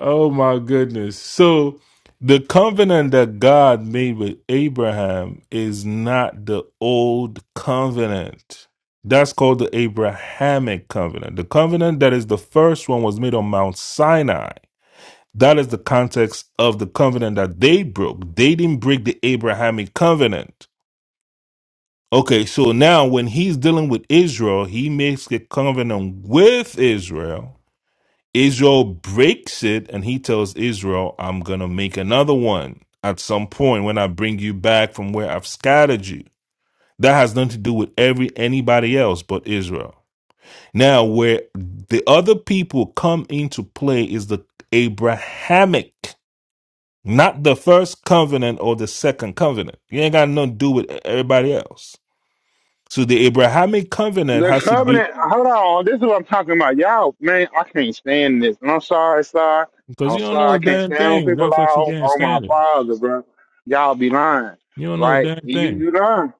[SPEAKER 3] Oh my goodness. So the covenant that God made with Abraham is not the old covenant. That's called the Abrahamic covenant. The covenant that is the first one was made on Mount Sinai. That is the context of the covenant that they broke. They didn't break the Abrahamic covenant. Okay, so now when he's dealing with Israel, he makes a covenant with Israel. Israel breaks it, and he tells Israel, I'm going to make another one at some point when I bring you back from where I've scattered you. That has nothing to do with every anybody else but Israel. Now, where the other people come into play is the Abrahamic, not the first covenant or the second covenant. You ain't got nothing to do with everybody else. So the Abrahamic covenant
[SPEAKER 6] The
[SPEAKER 3] has to do
[SPEAKER 6] covenant. Hold on. This is what I'm talking about. Y'all, man, I can't stand this. And I'm sorry, sir.
[SPEAKER 3] because
[SPEAKER 6] I'm
[SPEAKER 3] you don't know
[SPEAKER 6] sorry.
[SPEAKER 3] a
[SPEAKER 6] I can't
[SPEAKER 3] damn
[SPEAKER 6] stand when
[SPEAKER 3] thing.
[SPEAKER 6] people lie
[SPEAKER 3] That's what you
[SPEAKER 6] on,
[SPEAKER 3] can't
[SPEAKER 6] on my
[SPEAKER 3] stand it.
[SPEAKER 6] father, bro. Y'all be lying,
[SPEAKER 3] You don't know a
[SPEAKER 6] right?
[SPEAKER 3] damn
[SPEAKER 6] You
[SPEAKER 3] thing.
[SPEAKER 6] you lying.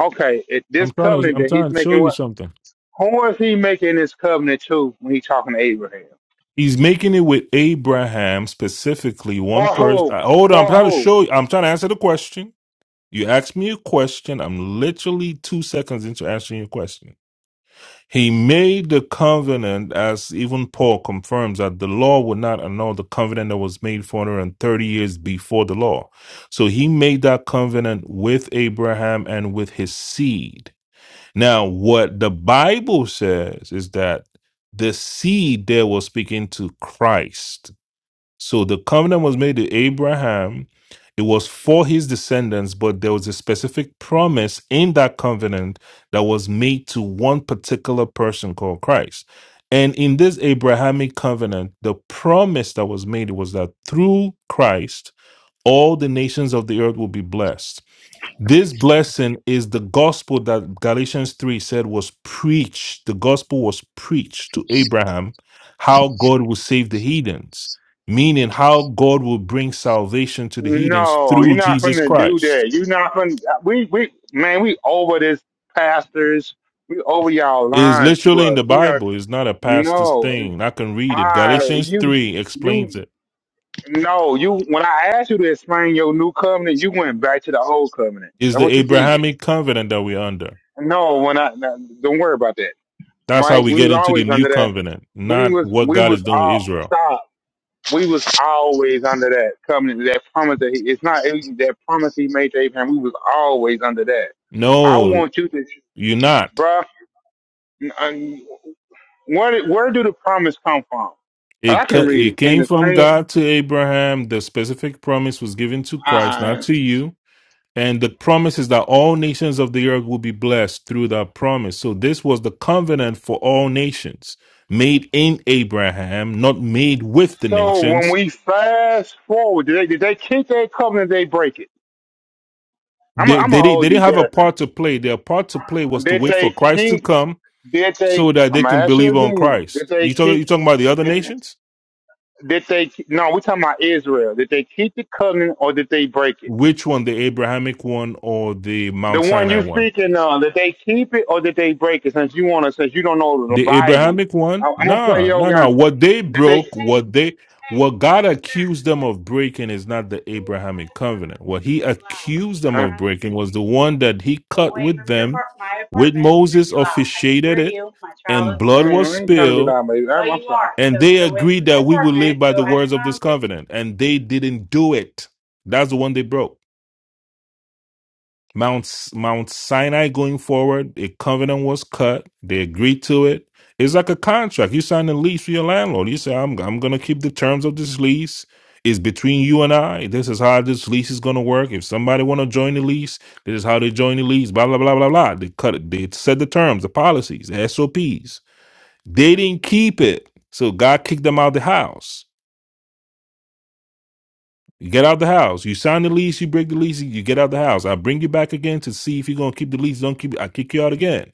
[SPEAKER 6] Okay, it, this
[SPEAKER 3] I'm trying to
[SPEAKER 6] covenant
[SPEAKER 3] I'm
[SPEAKER 6] that he's
[SPEAKER 3] trying to show
[SPEAKER 6] making,
[SPEAKER 3] you
[SPEAKER 6] what?
[SPEAKER 3] something.
[SPEAKER 6] Who is he making this covenant to when he's talking to Abraham?
[SPEAKER 3] He's making it with Abraham specifically, one
[SPEAKER 6] For
[SPEAKER 3] person.
[SPEAKER 6] who?
[SPEAKER 3] uh, Hold on, I'm
[SPEAKER 6] For
[SPEAKER 3] trying to
[SPEAKER 6] who?
[SPEAKER 3] show you. I'm trying to answer the question. You asked me a question. I'm literally two seconds into answering your question. He made the covenant, as even Paul confirms, that the law would not annul the covenant that was made 430 years before the law. So he made that covenant with Abraham and with his seed. Now, what the Bible says is that the seed there was speaking to Christ so the covenant was made to Abraham. It was for his descendants, but there was a specific promise in that covenant that was made to one particular person called Christ. And in this Abrahamic covenant, the promise that was made was that through Christ, all the nations of the earth will be blessed. This blessing is the gospel that Galatians 3 said was preached. The gospel was preached to Abraham how God will save the heathens, meaning how God will bring salvation to the heathens
[SPEAKER 6] No, you're
[SPEAKER 3] through
[SPEAKER 6] not
[SPEAKER 3] Jesus
[SPEAKER 6] gonna do
[SPEAKER 3] Christ.
[SPEAKER 6] that. You're not gonna. We we man, we over this pastors. We over y'all
[SPEAKER 3] It is
[SPEAKER 6] lying
[SPEAKER 3] literally
[SPEAKER 6] to
[SPEAKER 3] in
[SPEAKER 6] us.
[SPEAKER 3] the
[SPEAKER 6] We are
[SPEAKER 3] Bible, it's not a pastor's
[SPEAKER 6] no.
[SPEAKER 3] thing. I can read it.
[SPEAKER 6] I
[SPEAKER 3] Galatians
[SPEAKER 6] you
[SPEAKER 3] 3 explains
[SPEAKER 6] you
[SPEAKER 3] it.
[SPEAKER 6] no you when I asked you to explain your new covenant, you went back to the old covenant.
[SPEAKER 3] It's
[SPEAKER 6] That's
[SPEAKER 3] the
[SPEAKER 6] what you did.
[SPEAKER 3] Abrahamic covenant that we're under.
[SPEAKER 6] No, when I no, don't worry about that.
[SPEAKER 3] That's how
[SPEAKER 6] Right?
[SPEAKER 3] we
[SPEAKER 6] We
[SPEAKER 3] get
[SPEAKER 6] was
[SPEAKER 3] into the
[SPEAKER 6] always
[SPEAKER 3] new
[SPEAKER 6] under that.
[SPEAKER 3] covenant,
[SPEAKER 6] We
[SPEAKER 3] not
[SPEAKER 6] was
[SPEAKER 3] what
[SPEAKER 6] we
[SPEAKER 3] God
[SPEAKER 6] was
[SPEAKER 3] is doing with
[SPEAKER 6] all
[SPEAKER 3] Israel.
[SPEAKER 6] stop. We was always under that covenant, that promise that he, it's not it, that promise he made to Abraham. We was always under that. I
[SPEAKER 3] No,
[SPEAKER 6] want you to,
[SPEAKER 3] you're not.
[SPEAKER 6] bruh. n- n- Where did- where do the promise come from? 'Cause I
[SPEAKER 3] It,
[SPEAKER 6] can
[SPEAKER 3] co-
[SPEAKER 6] read
[SPEAKER 3] it
[SPEAKER 6] it in
[SPEAKER 3] came
[SPEAKER 6] the
[SPEAKER 3] from
[SPEAKER 6] same.
[SPEAKER 3] God to Abraham. The specific promise was given to Christ, not
[SPEAKER 6] uh,
[SPEAKER 3] to you. And the promise is that all nations of the earth will be blessed through that promise. So this was the covenant for all nations made in Abraham, not made with the
[SPEAKER 6] So when
[SPEAKER 3] nations.
[SPEAKER 6] we fast forward, did they, did they keep their covenant? Did they break it? I'm i
[SPEAKER 3] They,
[SPEAKER 6] I'm
[SPEAKER 3] they,
[SPEAKER 6] gonna
[SPEAKER 3] didn't- they
[SPEAKER 6] hold you
[SPEAKER 3] didn't have a
[SPEAKER 6] there.
[SPEAKER 3] part to play. Their part to play was to
[SPEAKER 6] Did
[SPEAKER 3] wait
[SPEAKER 6] they
[SPEAKER 3] for Christ to
[SPEAKER 6] keep?
[SPEAKER 3] come
[SPEAKER 6] Did they?
[SPEAKER 3] so that
[SPEAKER 6] I'm
[SPEAKER 3] they
[SPEAKER 6] gonna
[SPEAKER 3] can
[SPEAKER 6] ask you
[SPEAKER 3] believe on
[SPEAKER 6] again. Did
[SPEAKER 3] Christ.
[SPEAKER 6] they
[SPEAKER 3] You talking,
[SPEAKER 6] keep?
[SPEAKER 3] you talking about the other
[SPEAKER 6] Did,
[SPEAKER 3] nations?
[SPEAKER 6] did they? No, we're talking about Israel. Did they keep the covenant or did they break it?
[SPEAKER 3] Which one, the Abrahamic one or the
[SPEAKER 6] The
[SPEAKER 3] Mount
[SPEAKER 6] one
[SPEAKER 3] Sinai
[SPEAKER 6] you
[SPEAKER 3] one?
[SPEAKER 6] speaking of, did they keep it or did they break it? Since you wanna, since you don't know the
[SPEAKER 3] The
[SPEAKER 6] Bible,
[SPEAKER 3] Abrahamic one?
[SPEAKER 6] I, I'm gonna play
[SPEAKER 3] Nah,
[SPEAKER 6] your
[SPEAKER 3] no, no.
[SPEAKER 6] gun.
[SPEAKER 3] What they
[SPEAKER 6] Did they?
[SPEAKER 3] broke, what they what God accused them of breaking is not the Abrahamic covenant. What he accused them
[SPEAKER 6] huh?
[SPEAKER 3] of breaking was the one that he cut with them, with Moses officiated it, and blood was
[SPEAKER 6] Mm, I ain't trying to be
[SPEAKER 3] spilled,
[SPEAKER 6] loud, baby. I, i
[SPEAKER 3] and they agreed that we would live by the words of this covenant, and they didn't do it. That's the one they broke. Mount Mount Sinai going forward, a covenant was cut. They agreed to it. It's like a contract. You sign a lease with your landlord. You say, "I'm I'm gonna keep the terms of this lease. It's between you and I. This is how this lease is gonna work. If somebody wanna join the lease, this is how they join the lease. Blah blah blah blah blah." They cut it. They set the terms, the policies, the SOPs. They didn't keep it, so God kicked them out of the house. You get out the house. You sign the lease. You break the lease. You get out the house. I bring you back again to see if you're gonna keep the lease. Don't keep. it. I kick you out again.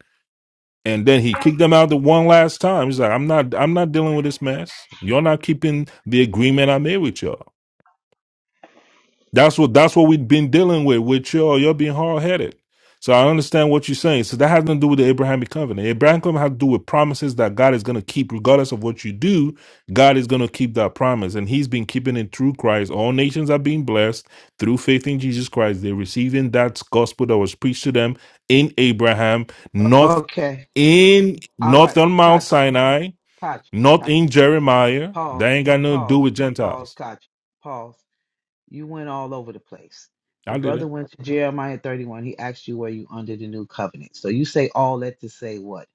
[SPEAKER 3] And then he kicked them out the one last time. He's like, I'm not. I'm not dealing with this mess. You're not keeping the agreement I made with you. That's what that's what we've been dealing with. With you, you're being hard headed. So I understand what you're saying. So that has nothing to do with the Abrahamic covenant. Abrahamic covenant has to do with promises that God is going to keep, regardless of what you do. God is going to keep that promise, and He's been keeping it through Christ. All nations are being blessed through faith in Jesus Christ. They're receiving that gospel that was preached to them in Abraham, not
[SPEAKER 4] Okay.
[SPEAKER 3] in
[SPEAKER 4] All
[SPEAKER 3] not
[SPEAKER 4] right.
[SPEAKER 3] on Mount
[SPEAKER 4] Kachi,
[SPEAKER 3] Sinai,
[SPEAKER 4] Kachi,
[SPEAKER 3] not in
[SPEAKER 4] Kachi.
[SPEAKER 3] Jeremiah.
[SPEAKER 4] Pause,
[SPEAKER 3] That ain't got nothing to do
[SPEAKER 4] pause,
[SPEAKER 3] with
[SPEAKER 4] pause,
[SPEAKER 3] Gentiles.
[SPEAKER 4] Kachi, pause. You went all over the place. The
[SPEAKER 3] I didn't.
[SPEAKER 4] brother went to Jeremiah 31. He asked you, were you under the new covenant? So you say all that to say what?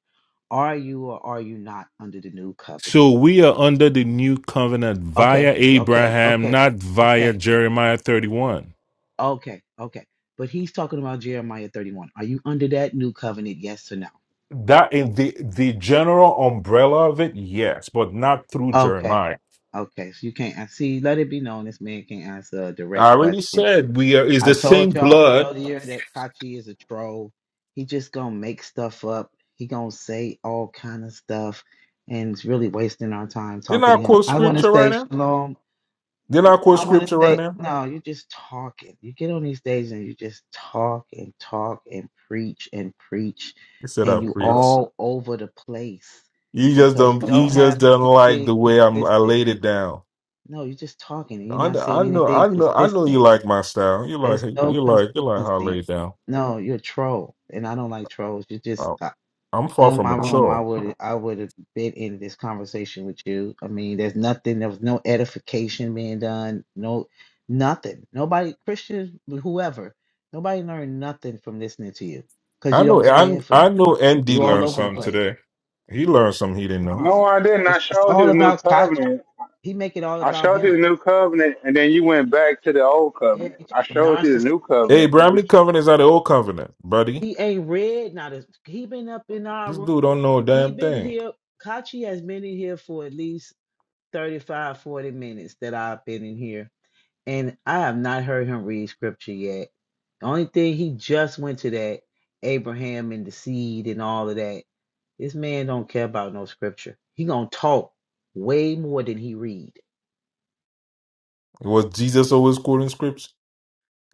[SPEAKER 4] Are you or are you not under the new covenant?
[SPEAKER 3] So we are under the new covenant
[SPEAKER 4] Okay,
[SPEAKER 3] via
[SPEAKER 4] okay,
[SPEAKER 3] Abraham,
[SPEAKER 4] okay,
[SPEAKER 3] not via
[SPEAKER 4] okay.
[SPEAKER 3] Jeremiah 31.
[SPEAKER 4] Okay, okay. But he's talking about Jeremiah 31. Are you under that new covenant? Yes or no?
[SPEAKER 3] That in the, the general umbrella of it, yes, but not through
[SPEAKER 4] Okay,
[SPEAKER 3] Jeremiah.
[SPEAKER 4] okay. So you can't I see, let it be known this man can't answer a direct
[SPEAKER 3] I already
[SPEAKER 4] question.
[SPEAKER 3] said we are is
[SPEAKER 4] I
[SPEAKER 3] the same
[SPEAKER 4] told y'all
[SPEAKER 3] blood.
[SPEAKER 4] earlier that Kachi is a troll. He just gonna make stuff up. He gonna say all kind of stuff and it's really wasting our time
[SPEAKER 3] Didn't
[SPEAKER 4] talking
[SPEAKER 3] I
[SPEAKER 4] to him.
[SPEAKER 3] quote
[SPEAKER 4] I wanna
[SPEAKER 3] scripture right
[SPEAKER 4] say
[SPEAKER 3] now?
[SPEAKER 4] shalom.
[SPEAKER 3] Didn't I quote
[SPEAKER 4] I want to
[SPEAKER 3] scripture right
[SPEAKER 4] say,
[SPEAKER 3] now?
[SPEAKER 4] no, you're just talking. You get on these stages and you just talk and talk and preach and preach,
[SPEAKER 3] He said I
[SPEAKER 4] and you
[SPEAKER 3] preach.
[SPEAKER 4] all over the place
[SPEAKER 3] You just
[SPEAKER 4] because
[SPEAKER 3] don't
[SPEAKER 4] you
[SPEAKER 3] you
[SPEAKER 4] don't
[SPEAKER 3] just
[SPEAKER 4] have
[SPEAKER 3] don't like the
[SPEAKER 4] anything
[SPEAKER 3] way I'm I
[SPEAKER 4] consistent.
[SPEAKER 3] laid it down.
[SPEAKER 4] No, you're just talking and you're
[SPEAKER 3] I,
[SPEAKER 4] not
[SPEAKER 3] I
[SPEAKER 4] saying
[SPEAKER 3] know
[SPEAKER 4] anything
[SPEAKER 3] I know I know you
[SPEAKER 4] consistent.
[SPEAKER 3] like my style. You like
[SPEAKER 4] There's no
[SPEAKER 3] you like you like how I
[SPEAKER 4] consistency.
[SPEAKER 3] lay it down.
[SPEAKER 4] No, you're a troll, and I don't like trolls. You just,
[SPEAKER 3] I,
[SPEAKER 4] I,
[SPEAKER 3] I'm far
[SPEAKER 4] in
[SPEAKER 3] from
[SPEAKER 4] my room,
[SPEAKER 3] mature.
[SPEAKER 4] I would I would have been in this conversation with you. I mean, there's nothing. There was no edification being done. No, nothing. Nobody, Christians, whoever, nobody learned nothing from listening to you because
[SPEAKER 3] I
[SPEAKER 4] you
[SPEAKER 3] know
[SPEAKER 4] don't
[SPEAKER 3] I
[SPEAKER 4] stand for
[SPEAKER 3] I
[SPEAKER 4] nothing.
[SPEAKER 3] know ND
[SPEAKER 4] You all
[SPEAKER 3] learned
[SPEAKER 4] over the
[SPEAKER 3] something
[SPEAKER 4] place.
[SPEAKER 3] today. He learned something he didn't know.
[SPEAKER 6] No,
[SPEAKER 4] No,
[SPEAKER 6] I didn't. I
[SPEAKER 4] it's, it's
[SPEAKER 6] showed
[SPEAKER 4] all
[SPEAKER 6] you the new
[SPEAKER 4] about Koch.
[SPEAKER 6] covenant.
[SPEAKER 4] He make it all
[SPEAKER 6] I
[SPEAKER 4] about
[SPEAKER 6] showed you
[SPEAKER 4] him.
[SPEAKER 6] the new covenant, and then you went back to the old
[SPEAKER 4] Yeah,
[SPEAKER 6] covenant.
[SPEAKER 4] he
[SPEAKER 6] I
[SPEAKER 4] just
[SPEAKER 6] showed you the
[SPEAKER 4] narcissist.
[SPEAKER 6] new
[SPEAKER 3] Hey,
[SPEAKER 6] covenant.
[SPEAKER 3] Abrahamic
[SPEAKER 6] Which,
[SPEAKER 3] covenants are the old covenant, buddy.
[SPEAKER 4] He ain't read. Not as he been up in our
[SPEAKER 3] This
[SPEAKER 4] room.
[SPEAKER 3] dude don't know a
[SPEAKER 4] He
[SPEAKER 3] damn
[SPEAKER 4] been
[SPEAKER 3] thing.
[SPEAKER 4] here. Kachi has been in here for at least 35, 40 minutes that I've been in here, and I have not heard him read scripture yet. The only thing he just went to that Abraham and the seed and all of that. This man don't care about no scripture. He gonna talk way more than he read.
[SPEAKER 3] Was Jesus always quoting scripts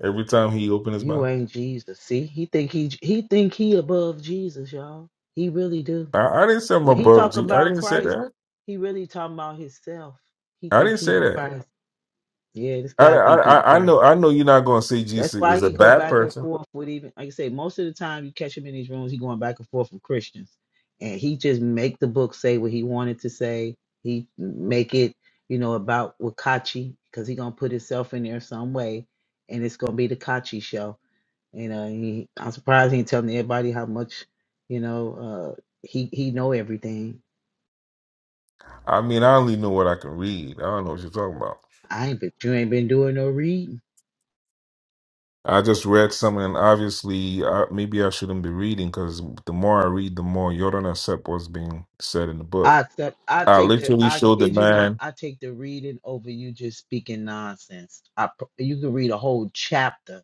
[SPEAKER 3] every time he opened his
[SPEAKER 4] You
[SPEAKER 3] mouth?
[SPEAKER 4] ain't Jesus. See, he think he he think he above Jesus, y'all. He really do.
[SPEAKER 3] I, I didn't say I'm
[SPEAKER 4] When he
[SPEAKER 3] above
[SPEAKER 4] talk
[SPEAKER 3] G. I
[SPEAKER 4] about
[SPEAKER 3] didn't say
[SPEAKER 4] Christ,
[SPEAKER 3] that.
[SPEAKER 4] he really talking about himself. He
[SPEAKER 3] I
[SPEAKER 4] think
[SPEAKER 3] didn't
[SPEAKER 4] he
[SPEAKER 3] say
[SPEAKER 4] the
[SPEAKER 3] that.
[SPEAKER 4] Christ. Yeah, this
[SPEAKER 3] I,
[SPEAKER 4] guy
[SPEAKER 3] I
[SPEAKER 4] think he the
[SPEAKER 3] I I
[SPEAKER 4] Christ.
[SPEAKER 3] know I know you're not gonna say Jesus
[SPEAKER 4] That's why
[SPEAKER 3] is a
[SPEAKER 4] he go
[SPEAKER 3] bad
[SPEAKER 4] back and
[SPEAKER 3] person.
[SPEAKER 4] forth with even like I say, most of the time you catch him in these rooms, he going back and forth with Christians. And he just make the book say what he wanted to say. He make it, you know, about Wakachi, because he gonna put himself in there some way, and it's gonna be the Kachi show. You know, he I'm surprised he ain't telling everybody how much, you know, uh he he know everything.
[SPEAKER 3] I mean I only know what I can read. I don't know what you're talking about.
[SPEAKER 4] I ain't but you ain't been doing no reading.
[SPEAKER 3] I just read something, and obviously, I, maybe I shouldn't be reading because the more I read, the more you don't accept what's being said in the book.
[SPEAKER 4] I accept. I
[SPEAKER 3] I
[SPEAKER 4] take the.
[SPEAKER 3] literally
[SPEAKER 4] I
[SPEAKER 3] showed the
[SPEAKER 4] kid you not.
[SPEAKER 3] man,
[SPEAKER 4] I take the reading over you just speaking nonsense. I pr- you can read a whole chapter.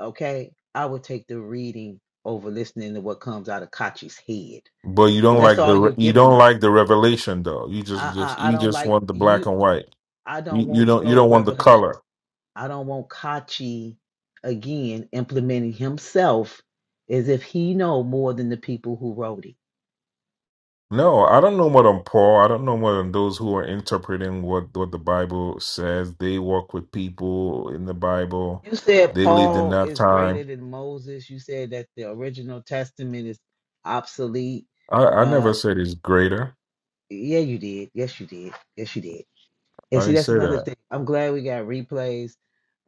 [SPEAKER 4] Okay, I would take the reading over listening to what comes out of Kachi's head.
[SPEAKER 3] but you
[SPEAKER 4] But
[SPEAKER 3] don't
[SPEAKER 4] that's
[SPEAKER 3] like the
[SPEAKER 4] all
[SPEAKER 3] re-
[SPEAKER 4] you
[SPEAKER 3] you
[SPEAKER 4] giving
[SPEAKER 3] don't
[SPEAKER 4] us.
[SPEAKER 3] like the revelation though. You just
[SPEAKER 4] I,
[SPEAKER 3] just
[SPEAKER 4] I I
[SPEAKER 3] you
[SPEAKER 4] don't
[SPEAKER 3] just
[SPEAKER 4] like
[SPEAKER 3] want the black
[SPEAKER 4] you.
[SPEAKER 3] and white.
[SPEAKER 4] I don't
[SPEAKER 3] You, you
[SPEAKER 4] want
[SPEAKER 3] don't you
[SPEAKER 4] your
[SPEAKER 3] don't want the
[SPEAKER 4] revelation.
[SPEAKER 3] color.
[SPEAKER 4] I don't want Kachi again implementing himself as if he know more than the people who wrote it.
[SPEAKER 3] No, I don't know more than Paul. I don't know more than those who are interpreting what what the Bible says. They work with people in the Bible.
[SPEAKER 4] You said
[SPEAKER 3] They lived in
[SPEAKER 4] Paul
[SPEAKER 3] that
[SPEAKER 4] is greater
[SPEAKER 3] time.
[SPEAKER 4] than Moses. You said that the original testament is obsolete.
[SPEAKER 3] I, I never
[SPEAKER 4] Uh,
[SPEAKER 3] said it's greater.
[SPEAKER 4] yeah, you did. Yes, you did. Yes, you did. And
[SPEAKER 3] I
[SPEAKER 4] see,
[SPEAKER 3] didn't
[SPEAKER 4] that's
[SPEAKER 3] say
[SPEAKER 4] another
[SPEAKER 3] that.
[SPEAKER 4] thing. I'm glad we got replays,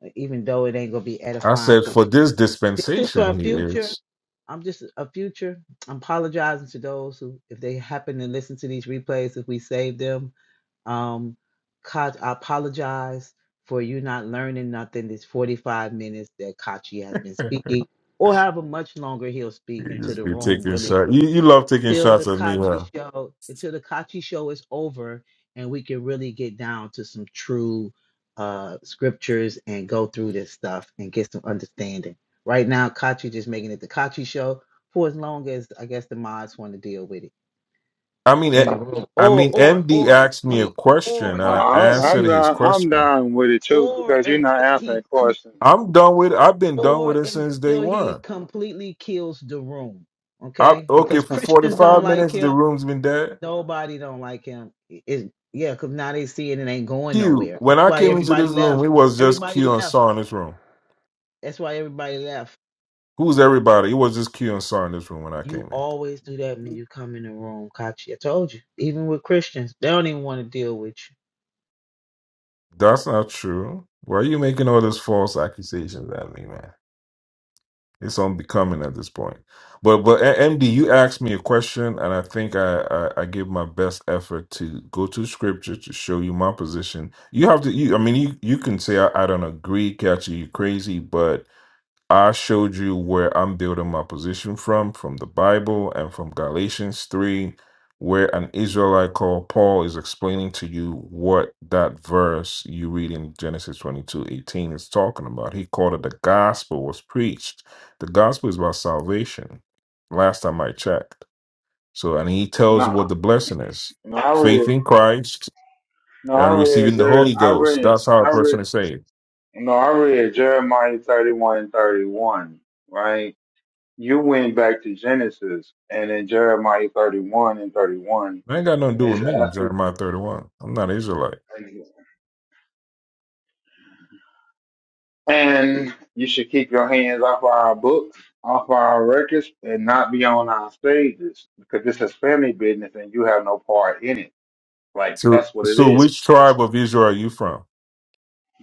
[SPEAKER 4] uh, even though it ain't gonna be
[SPEAKER 3] I
[SPEAKER 4] edifying
[SPEAKER 3] said,
[SPEAKER 4] for
[SPEAKER 3] for
[SPEAKER 4] it.
[SPEAKER 3] this
[SPEAKER 4] This is for a
[SPEAKER 3] dispensation, he
[SPEAKER 4] future.
[SPEAKER 3] is.
[SPEAKER 4] I'm just a future. I'm apologizing to those who, if they happen to listen to these replays, if we save them, Um, Kat, I apologize for you not learning nothing this 45 minutes that Kachi has been speaking, or however much longer he'll speak
[SPEAKER 3] You
[SPEAKER 4] into
[SPEAKER 3] just
[SPEAKER 4] the
[SPEAKER 3] be
[SPEAKER 4] room,
[SPEAKER 3] taking
[SPEAKER 4] really,
[SPEAKER 3] shots. You, you love taking
[SPEAKER 4] till the
[SPEAKER 3] shots at me,
[SPEAKER 4] Kachi
[SPEAKER 3] huh?
[SPEAKER 4] show, until the Kachi show is over and we can really get down to some true uh scriptures and go through this stuff and get some understanding. Right now, Kachi just making it the Kachi show for as long as I guess the mods want to deal with it
[SPEAKER 3] I mean,
[SPEAKER 4] and
[SPEAKER 3] eh,
[SPEAKER 4] the room,
[SPEAKER 3] I
[SPEAKER 4] or
[SPEAKER 3] mean,
[SPEAKER 4] or
[SPEAKER 3] MD
[SPEAKER 4] or
[SPEAKER 3] asked
[SPEAKER 4] until
[SPEAKER 3] me a
[SPEAKER 4] he
[SPEAKER 3] question, and
[SPEAKER 4] or
[SPEAKER 6] uh,
[SPEAKER 3] I
[SPEAKER 4] until
[SPEAKER 6] I- I'm
[SPEAKER 3] answered
[SPEAKER 4] he
[SPEAKER 3] his
[SPEAKER 6] not. I'm
[SPEAKER 3] question.
[SPEAKER 6] down with it too
[SPEAKER 4] or
[SPEAKER 6] because you're not
[SPEAKER 4] until he
[SPEAKER 6] answering
[SPEAKER 4] cle-
[SPEAKER 6] questions.
[SPEAKER 3] I'm done with. I've been done with
[SPEAKER 4] or
[SPEAKER 3] it since day
[SPEAKER 4] until he
[SPEAKER 3] one.
[SPEAKER 4] completely kills the room.
[SPEAKER 3] I,
[SPEAKER 4] Okay,
[SPEAKER 3] okay,
[SPEAKER 4] because
[SPEAKER 3] for
[SPEAKER 4] Christians don't
[SPEAKER 3] 45
[SPEAKER 4] like
[SPEAKER 3] minutes, the
[SPEAKER 4] him.
[SPEAKER 3] room's been dead.
[SPEAKER 4] Nobody don't like him. It, it- yeah, because now they see it and ain't going
[SPEAKER 3] Q.
[SPEAKER 4] nowhere.
[SPEAKER 3] When
[SPEAKER 4] That's
[SPEAKER 3] I
[SPEAKER 4] why
[SPEAKER 3] came into
[SPEAKER 4] everybody
[SPEAKER 3] this room,
[SPEAKER 4] left.
[SPEAKER 3] it was just
[SPEAKER 4] Everybody
[SPEAKER 3] Q and
[SPEAKER 4] left.
[SPEAKER 3] Saw in this room.
[SPEAKER 4] That's why everybody left.
[SPEAKER 3] Who's everybody? It was just Q and Saw in this room when I came
[SPEAKER 4] You
[SPEAKER 3] in.
[SPEAKER 4] always do that when you come in the room, Kachi. I told you. Even with Christians, they don't even want to deal with you.
[SPEAKER 3] That's not true. Why are you making all those false accusations at me, man? It's unbecoming at this point. But but A- MD, you asked me a question, and I think I, I I gave my best effort to go to scripture to show you my position. You have to. You, I mean, you you can say I, I don't agree, catch you, you crazy, but I showed you where I'm building my position from, from the Bible and from Galatians 3, where an Israelite called Paul is explaining to you what that verse you read in Genesis 22 18 is talking about. He called it the gospel was preached. The gospel is about salvation, last time I checked. So, and he tells you
[SPEAKER 6] No,
[SPEAKER 3] what the blessing is
[SPEAKER 6] no, I
[SPEAKER 3] faith
[SPEAKER 6] read.
[SPEAKER 3] in Christ
[SPEAKER 6] No,
[SPEAKER 3] and
[SPEAKER 6] I read.
[SPEAKER 3] receiving the
[SPEAKER 6] Jer-
[SPEAKER 3] Holy
[SPEAKER 6] I
[SPEAKER 3] Ghost.
[SPEAKER 6] read.
[SPEAKER 3] That's how
[SPEAKER 6] I
[SPEAKER 3] a person
[SPEAKER 6] read.
[SPEAKER 3] is saved.
[SPEAKER 6] No, I read Jeremiah 31 and 31. Right. you went back to Genesis and in Jeremiah 31 and 31,
[SPEAKER 3] That ain't got nothing to do
[SPEAKER 6] it's
[SPEAKER 3] with me,
[SPEAKER 6] after,
[SPEAKER 3] Jeremiah 31. I'm not Israelite.
[SPEAKER 6] and you should keep your hands off our books, off our records, and not be on our stages because this is family business and you have no part in it. Like,
[SPEAKER 3] So,
[SPEAKER 6] that's what it
[SPEAKER 3] so
[SPEAKER 6] is.
[SPEAKER 3] which tribe of Israel are you from?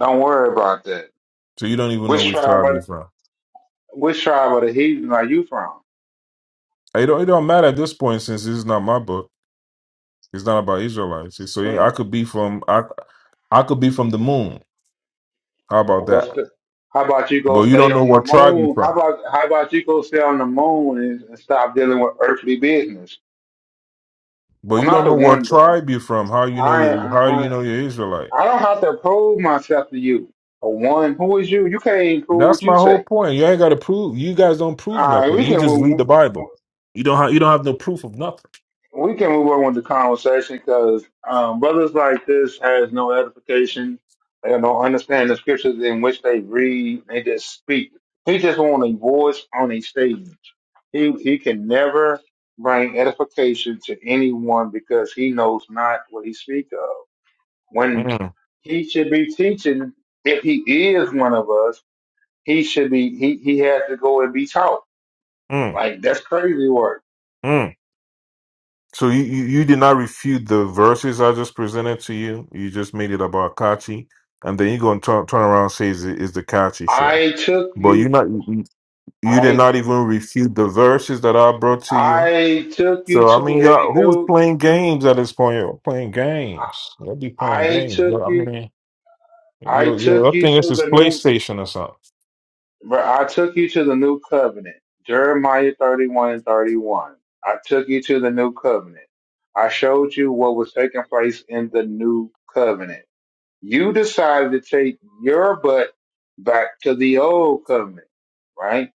[SPEAKER 6] Don't worry about that.
[SPEAKER 3] So you don't even know
[SPEAKER 6] Which
[SPEAKER 3] which
[SPEAKER 6] tribe
[SPEAKER 3] tribe you're
[SPEAKER 6] are,
[SPEAKER 3] from.
[SPEAKER 6] which tribe of the heathen are you from?
[SPEAKER 3] It don't, it don't matter at this point since this is not my book. It's not about Israelites. So yeah,
[SPEAKER 6] Mm.
[SPEAKER 3] I could be from I, I could be from the moon. How about
[SPEAKER 6] Well,
[SPEAKER 3] that?
[SPEAKER 6] st- how about you go
[SPEAKER 3] But you
[SPEAKER 6] stay
[SPEAKER 3] don't know
[SPEAKER 6] on the
[SPEAKER 3] what tribe you're
[SPEAKER 6] moon? How
[SPEAKER 3] from.
[SPEAKER 6] about how about you go stay on the moon and, and stop dealing with earthly business?
[SPEAKER 3] But
[SPEAKER 6] I'm
[SPEAKER 3] you
[SPEAKER 6] not
[SPEAKER 3] don't
[SPEAKER 6] the
[SPEAKER 3] know what
[SPEAKER 6] one, bro.
[SPEAKER 3] tribe you're from. How you know
[SPEAKER 6] I
[SPEAKER 3] you?
[SPEAKER 6] I
[SPEAKER 3] How do you
[SPEAKER 6] I
[SPEAKER 3] know you're Israelite?
[SPEAKER 6] I don't have to prove myself to you. A one, who is you? You can't even prove what
[SPEAKER 3] That's
[SPEAKER 6] you
[SPEAKER 3] my
[SPEAKER 6] say.
[SPEAKER 3] whole point. You ain't got to prove. You guys don't prove
[SPEAKER 6] All right,
[SPEAKER 3] nothing.
[SPEAKER 6] we
[SPEAKER 3] You
[SPEAKER 6] can
[SPEAKER 3] just read
[SPEAKER 6] move.
[SPEAKER 3] the Bible. You don't have. You don't have no proof of nothing.
[SPEAKER 6] We can move on with the conversation because um, brothers like this has no edification. They don't understand the scriptures in which they read. They just speak. He just want a voice on a stage. He he can never bring edification to anyone because he knows not what he speak of. when
[SPEAKER 3] Mm,
[SPEAKER 6] he should be teaching, if he is one of us, he should be he he had to go and be taught.
[SPEAKER 3] mm,
[SPEAKER 6] Like that's crazy work.
[SPEAKER 3] mm. So you, you you did not refute the verses I just presented to you. You just made it about Kachi, and then you're gonna turn turn around and say it's, it's the Kachi show.
[SPEAKER 6] I took
[SPEAKER 3] But you
[SPEAKER 6] you
[SPEAKER 3] not you you did
[SPEAKER 6] I
[SPEAKER 3] not even refute the verses that I brought to you.
[SPEAKER 6] I took you
[SPEAKER 3] So I
[SPEAKER 6] to
[SPEAKER 3] mean, y'all,
[SPEAKER 6] a
[SPEAKER 3] who is
[SPEAKER 6] new
[SPEAKER 3] playing games at this point? You're playing games. They'll be playing
[SPEAKER 6] I
[SPEAKER 3] games. But
[SPEAKER 6] took
[SPEAKER 3] I
[SPEAKER 6] you
[SPEAKER 3] mean,
[SPEAKER 6] I
[SPEAKER 3] you you
[SPEAKER 6] took
[SPEAKER 3] I
[SPEAKER 6] you
[SPEAKER 3] think this
[SPEAKER 6] to
[SPEAKER 3] is
[SPEAKER 6] the new
[SPEAKER 3] PlayStation or something.
[SPEAKER 6] bro, I took you to the new covenant. Jeremiah thirty one and thirty one. I took you to the new covenant. I showed you what was taking place in the new covenant. You decided to take your butt back to the old covenant, right?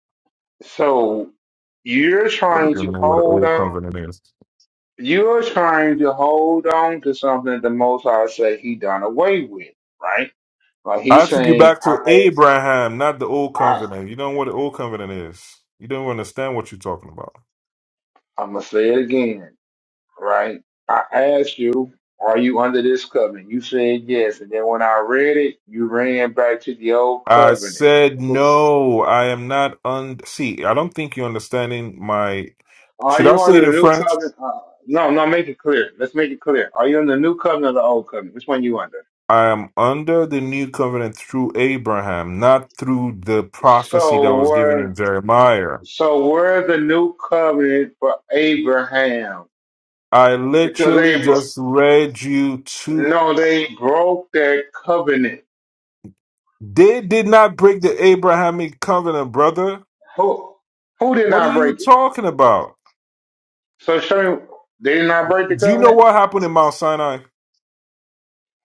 [SPEAKER 6] So you're
[SPEAKER 3] You don't
[SPEAKER 6] trying
[SPEAKER 3] even
[SPEAKER 6] to
[SPEAKER 3] know what the
[SPEAKER 6] hold
[SPEAKER 3] old
[SPEAKER 6] on.
[SPEAKER 3] covenant is.
[SPEAKER 6] You're trying to hold on to something the Most High said He done away with, right? Like
[SPEAKER 3] I
[SPEAKER 6] He's
[SPEAKER 3] took you
[SPEAKER 6] saying,
[SPEAKER 3] back to
[SPEAKER 6] I,
[SPEAKER 3] Abraham, not the old
[SPEAKER 6] I,
[SPEAKER 3] covenant. You don't know what the old covenant is. You don't understand what you're talking about.
[SPEAKER 6] I'm gonna say it again, right? I asked you, are you under this covenant? You said yes, and then when I read it, you ran back to the old
[SPEAKER 3] I
[SPEAKER 6] covenant.
[SPEAKER 3] said no. I am not un. See, I don't think you're understanding my.
[SPEAKER 6] Are
[SPEAKER 3] Should I
[SPEAKER 6] you on
[SPEAKER 3] say
[SPEAKER 6] the
[SPEAKER 3] it in
[SPEAKER 6] new
[SPEAKER 3] French?
[SPEAKER 6] covenant? Uh, no, no, make it clear. Let's make it clear. Are you on the new covenant or the old covenant? Which one you under?
[SPEAKER 3] I am under the new covenant through Abraham, not through the prophecy that
[SPEAKER 6] So
[SPEAKER 3] was given
[SPEAKER 6] we're
[SPEAKER 3] in Jeremiah.
[SPEAKER 6] so we're the new covenant for Abraham
[SPEAKER 3] I
[SPEAKER 6] because
[SPEAKER 3] literally
[SPEAKER 6] they bro-
[SPEAKER 3] just read you to.
[SPEAKER 6] no they broke their covenant.
[SPEAKER 3] They did not break the Abrahamic covenant, brother.
[SPEAKER 6] Who who did
[SPEAKER 3] What are
[SPEAKER 6] not
[SPEAKER 3] you
[SPEAKER 6] break it?
[SPEAKER 3] talking about?
[SPEAKER 6] So show me they did not break the
[SPEAKER 3] Do you know
[SPEAKER 6] covenant.
[SPEAKER 3] what happened in Mount Sinai?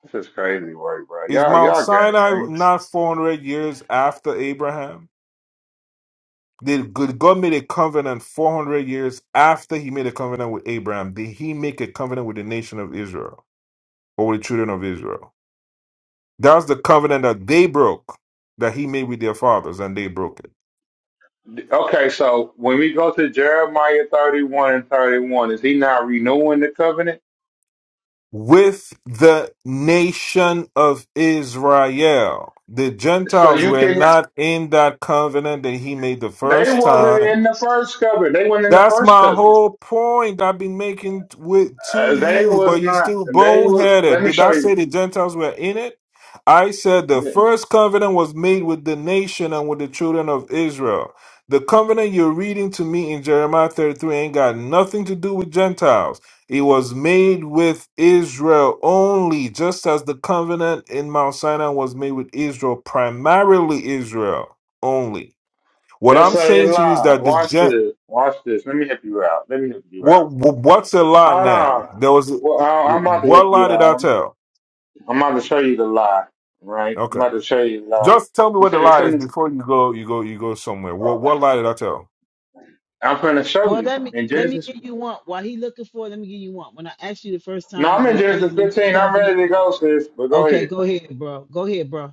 [SPEAKER 6] This is crazy work, bro.
[SPEAKER 3] Is
[SPEAKER 6] Y'all
[SPEAKER 3] Mount
[SPEAKER 6] y'all got it,
[SPEAKER 3] Sinai
[SPEAKER 6] man.
[SPEAKER 3] not 400 years after Abraham? Did did God made a covenant 400 years after he made a covenant with Abraham? Did he make a covenant with the nation of Israel or with the children of Israel? That's the covenant that they broke, that he made with their fathers, and they broke it.
[SPEAKER 6] Okay, so when we go to Jeremiah thirty one and thirty one, is he not renewing the covenant?
[SPEAKER 3] With the nation of Israel. The
[SPEAKER 6] So
[SPEAKER 3] Gentiles
[SPEAKER 6] you
[SPEAKER 3] were
[SPEAKER 6] can.
[SPEAKER 3] not in that covenant that he made the
[SPEAKER 6] They
[SPEAKER 3] first
[SPEAKER 6] wasn't
[SPEAKER 3] time
[SPEAKER 6] in the first covenant. They weren't in the
[SPEAKER 3] That's
[SPEAKER 6] first
[SPEAKER 3] my
[SPEAKER 6] covenant.
[SPEAKER 3] whole point I've been making t- with to
[SPEAKER 6] Uh, they
[SPEAKER 3] you,
[SPEAKER 6] was
[SPEAKER 3] but you
[SPEAKER 6] not.
[SPEAKER 3] still
[SPEAKER 6] They was. Let
[SPEAKER 3] boneheaded.
[SPEAKER 6] me
[SPEAKER 3] Did I
[SPEAKER 6] show you.
[SPEAKER 3] say the Gentiles were in it? I said the first covenant was made with the nation and with the children of Israel. The covenant you're reading to me in Jeremiah 33 ain't got nothing to do with Gentiles. It was made with Israel only, just as the covenant in Mount Sinai was made with Israel, primarily Israel only. What
[SPEAKER 6] That's
[SPEAKER 3] I'm
[SPEAKER 6] a
[SPEAKER 3] saying to you is
[SPEAKER 6] lie.
[SPEAKER 3] that the
[SPEAKER 6] Watch
[SPEAKER 3] Gen-
[SPEAKER 6] this. Watch this. Let me help you out. Let me help you
[SPEAKER 3] what
[SPEAKER 6] out.
[SPEAKER 3] what's a lie
[SPEAKER 6] Hold
[SPEAKER 3] now?
[SPEAKER 6] on.
[SPEAKER 3] There was
[SPEAKER 6] Well, I- I'm about to
[SPEAKER 3] what
[SPEAKER 6] help
[SPEAKER 3] lie
[SPEAKER 6] you
[SPEAKER 3] did I
[SPEAKER 6] out.
[SPEAKER 3] tell?
[SPEAKER 6] I'm about to show you the lie. Right. I'm
[SPEAKER 3] Okay,
[SPEAKER 6] about to show you the lie.
[SPEAKER 3] just tell me
[SPEAKER 6] You
[SPEAKER 3] what the
[SPEAKER 6] said it
[SPEAKER 3] lie is
[SPEAKER 6] couldn't.
[SPEAKER 3] before you go. You go. You go somewhere. What
[SPEAKER 6] uh,
[SPEAKER 3] what lie did I tell?
[SPEAKER 6] I'm going to show
[SPEAKER 4] Well,
[SPEAKER 6] you
[SPEAKER 4] let me
[SPEAKER 6] in
[SPEAKER 4] let me
[SPEAKER 6] Genesis.
[SPEAKER 4] give you one. While he looking for, it, let me give you one. When I asked you the first
[SPEAKER 6] No,
[SPEAKER 4] time,
[SPEAKER 6] I'm
[SPEAKER 4] were
[SPEAKER 6] in
[SPEAKER 4] you under
[SPEAKER 6] Genesis
[SPEAKER 4] the new
[SPEAKER 6] 15. I'm ready
[SPEAKER 4] covenant?
[SPEAKER 6] to go, sis. But go
[SPEAKER 4] Okay,
[SPEAKER 6] ahead.
[SPEAKER 4] go ahead, bro. Go ahead, bro.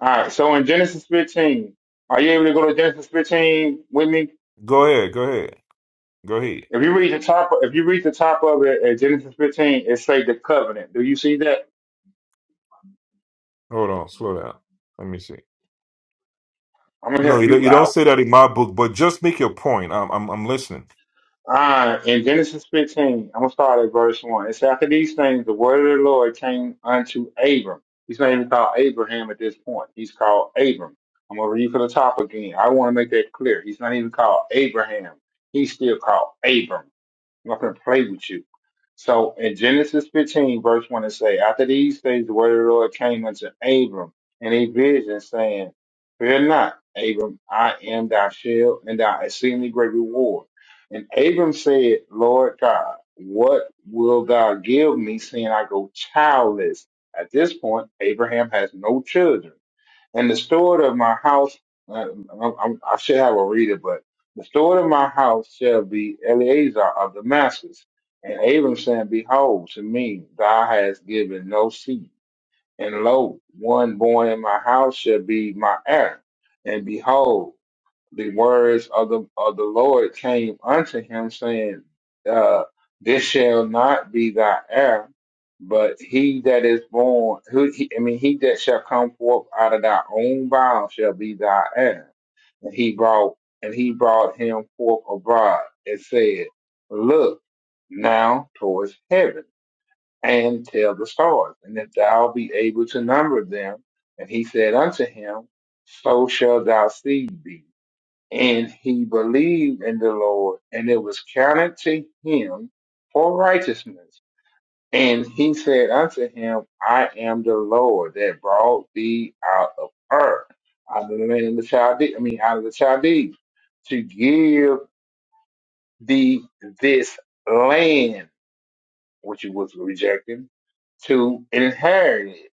[SPEAKER 6] All right. So in Genesis 15, are you able to go to Genesis 15 with me?
[SPEAKER 3] Go ahead. Go ahead. Go ahead.
[SPEAKER 6] If you read the top, if you read the top of it at Genesis 15, it say the covenant. Do you see that?
[SPEAKER 3] Hold on. Slow down. Let me see.
[SPEAKER 6] I'm gonna
[SPEAKER 3] No,
[SPEAKER 6] help
[SPEAKER 3] you don't,
[SPEAKER 6] you
[SPEAKER 3] you don't
[SPEAKER 6] out.
[SPEAKER 3] say that in my book, but just make your point. I'm I'm, I'm listening.
[SPEAKER 6] Uh, in Genesis 15, I'm gonna start at verse one. It's after these things, the word of the Lord came unto Abram. He's not even called Abraham at this point. He's called Abram. I'm gonna read from the top again. I want to make that clear. He's not even called Abraham. He's still called Abram. I'm not going to play with you. So in Genesis 15, verse 1, it say, After these things, the word of the Lord came unto Abram in a vision, saying, Fear not, Abram, I am thy shield and thy exceedingly great reward. And Abram said, Lord God, what will thou give me, seeing I go childless? At this point, Abraham has no children. And the steward of my house, uh, I, I, I should have a reader, but the steward of my house shall be Eleazar of Damascus. And Abram said, Behold, to me thou hast given no seed. And lo, one born in my house shall be my heir. And behold, the words of the of the Lord came unto him, saying, uh, "This shall not be thy heir, but he that is born, who he, I mean, he that shall come forth out of thy own bowels shall be thy heir." And he brought and he brought him forth abroad and said, "Look now towards heaven and tell the stars, and if thou be able to number them." And he said unto him, "So shall thy seed be." and he believed in the Lord, and it was counted to him for righteousness. And he said unto him, I am the Lord that brought thee out of earth, out of the land of the Chaldees, I mean, out of the Chaldees, to give thee this land, which it was rejecting, to inherit it.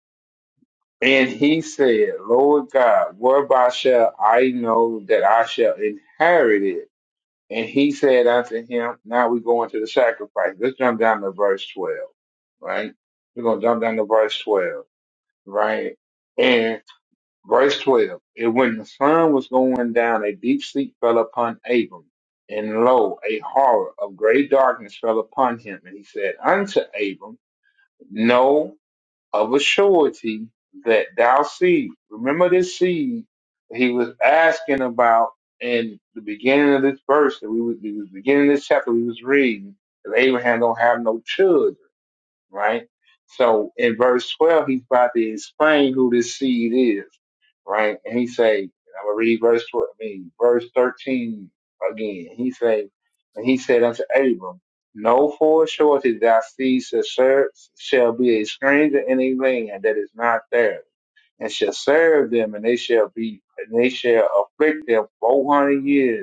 [SPEAKER 6] And he said, Lord God, whereby shall I know that I shall inherit it? And he said unto him, Now we go into the sacrifice. Let's jump down to verse 12, right? We're going to jump down to verse 12, right? And verse 12, and when the sun was going down, a deep sleep fell upon Abram. And lo, a horror of great darkness fell upon him. And he said unto Abram, No of a surety that thou seed. Remember this seed he was asking about in the beginning of this verse that we was, we was beginning of this chapter we was reading that Abraham don't have no children right? So in verse 12, he's about to explain who this seed is, right? And he say, I'm gonna read verse 12, I mean, verse 13 again. He say, and he said unto Abram, Know for sure that thy seed shall serve- shall be a stranger in a land that is not theirs, and shall serve them, and they shall be, and they shall afflict them 400 years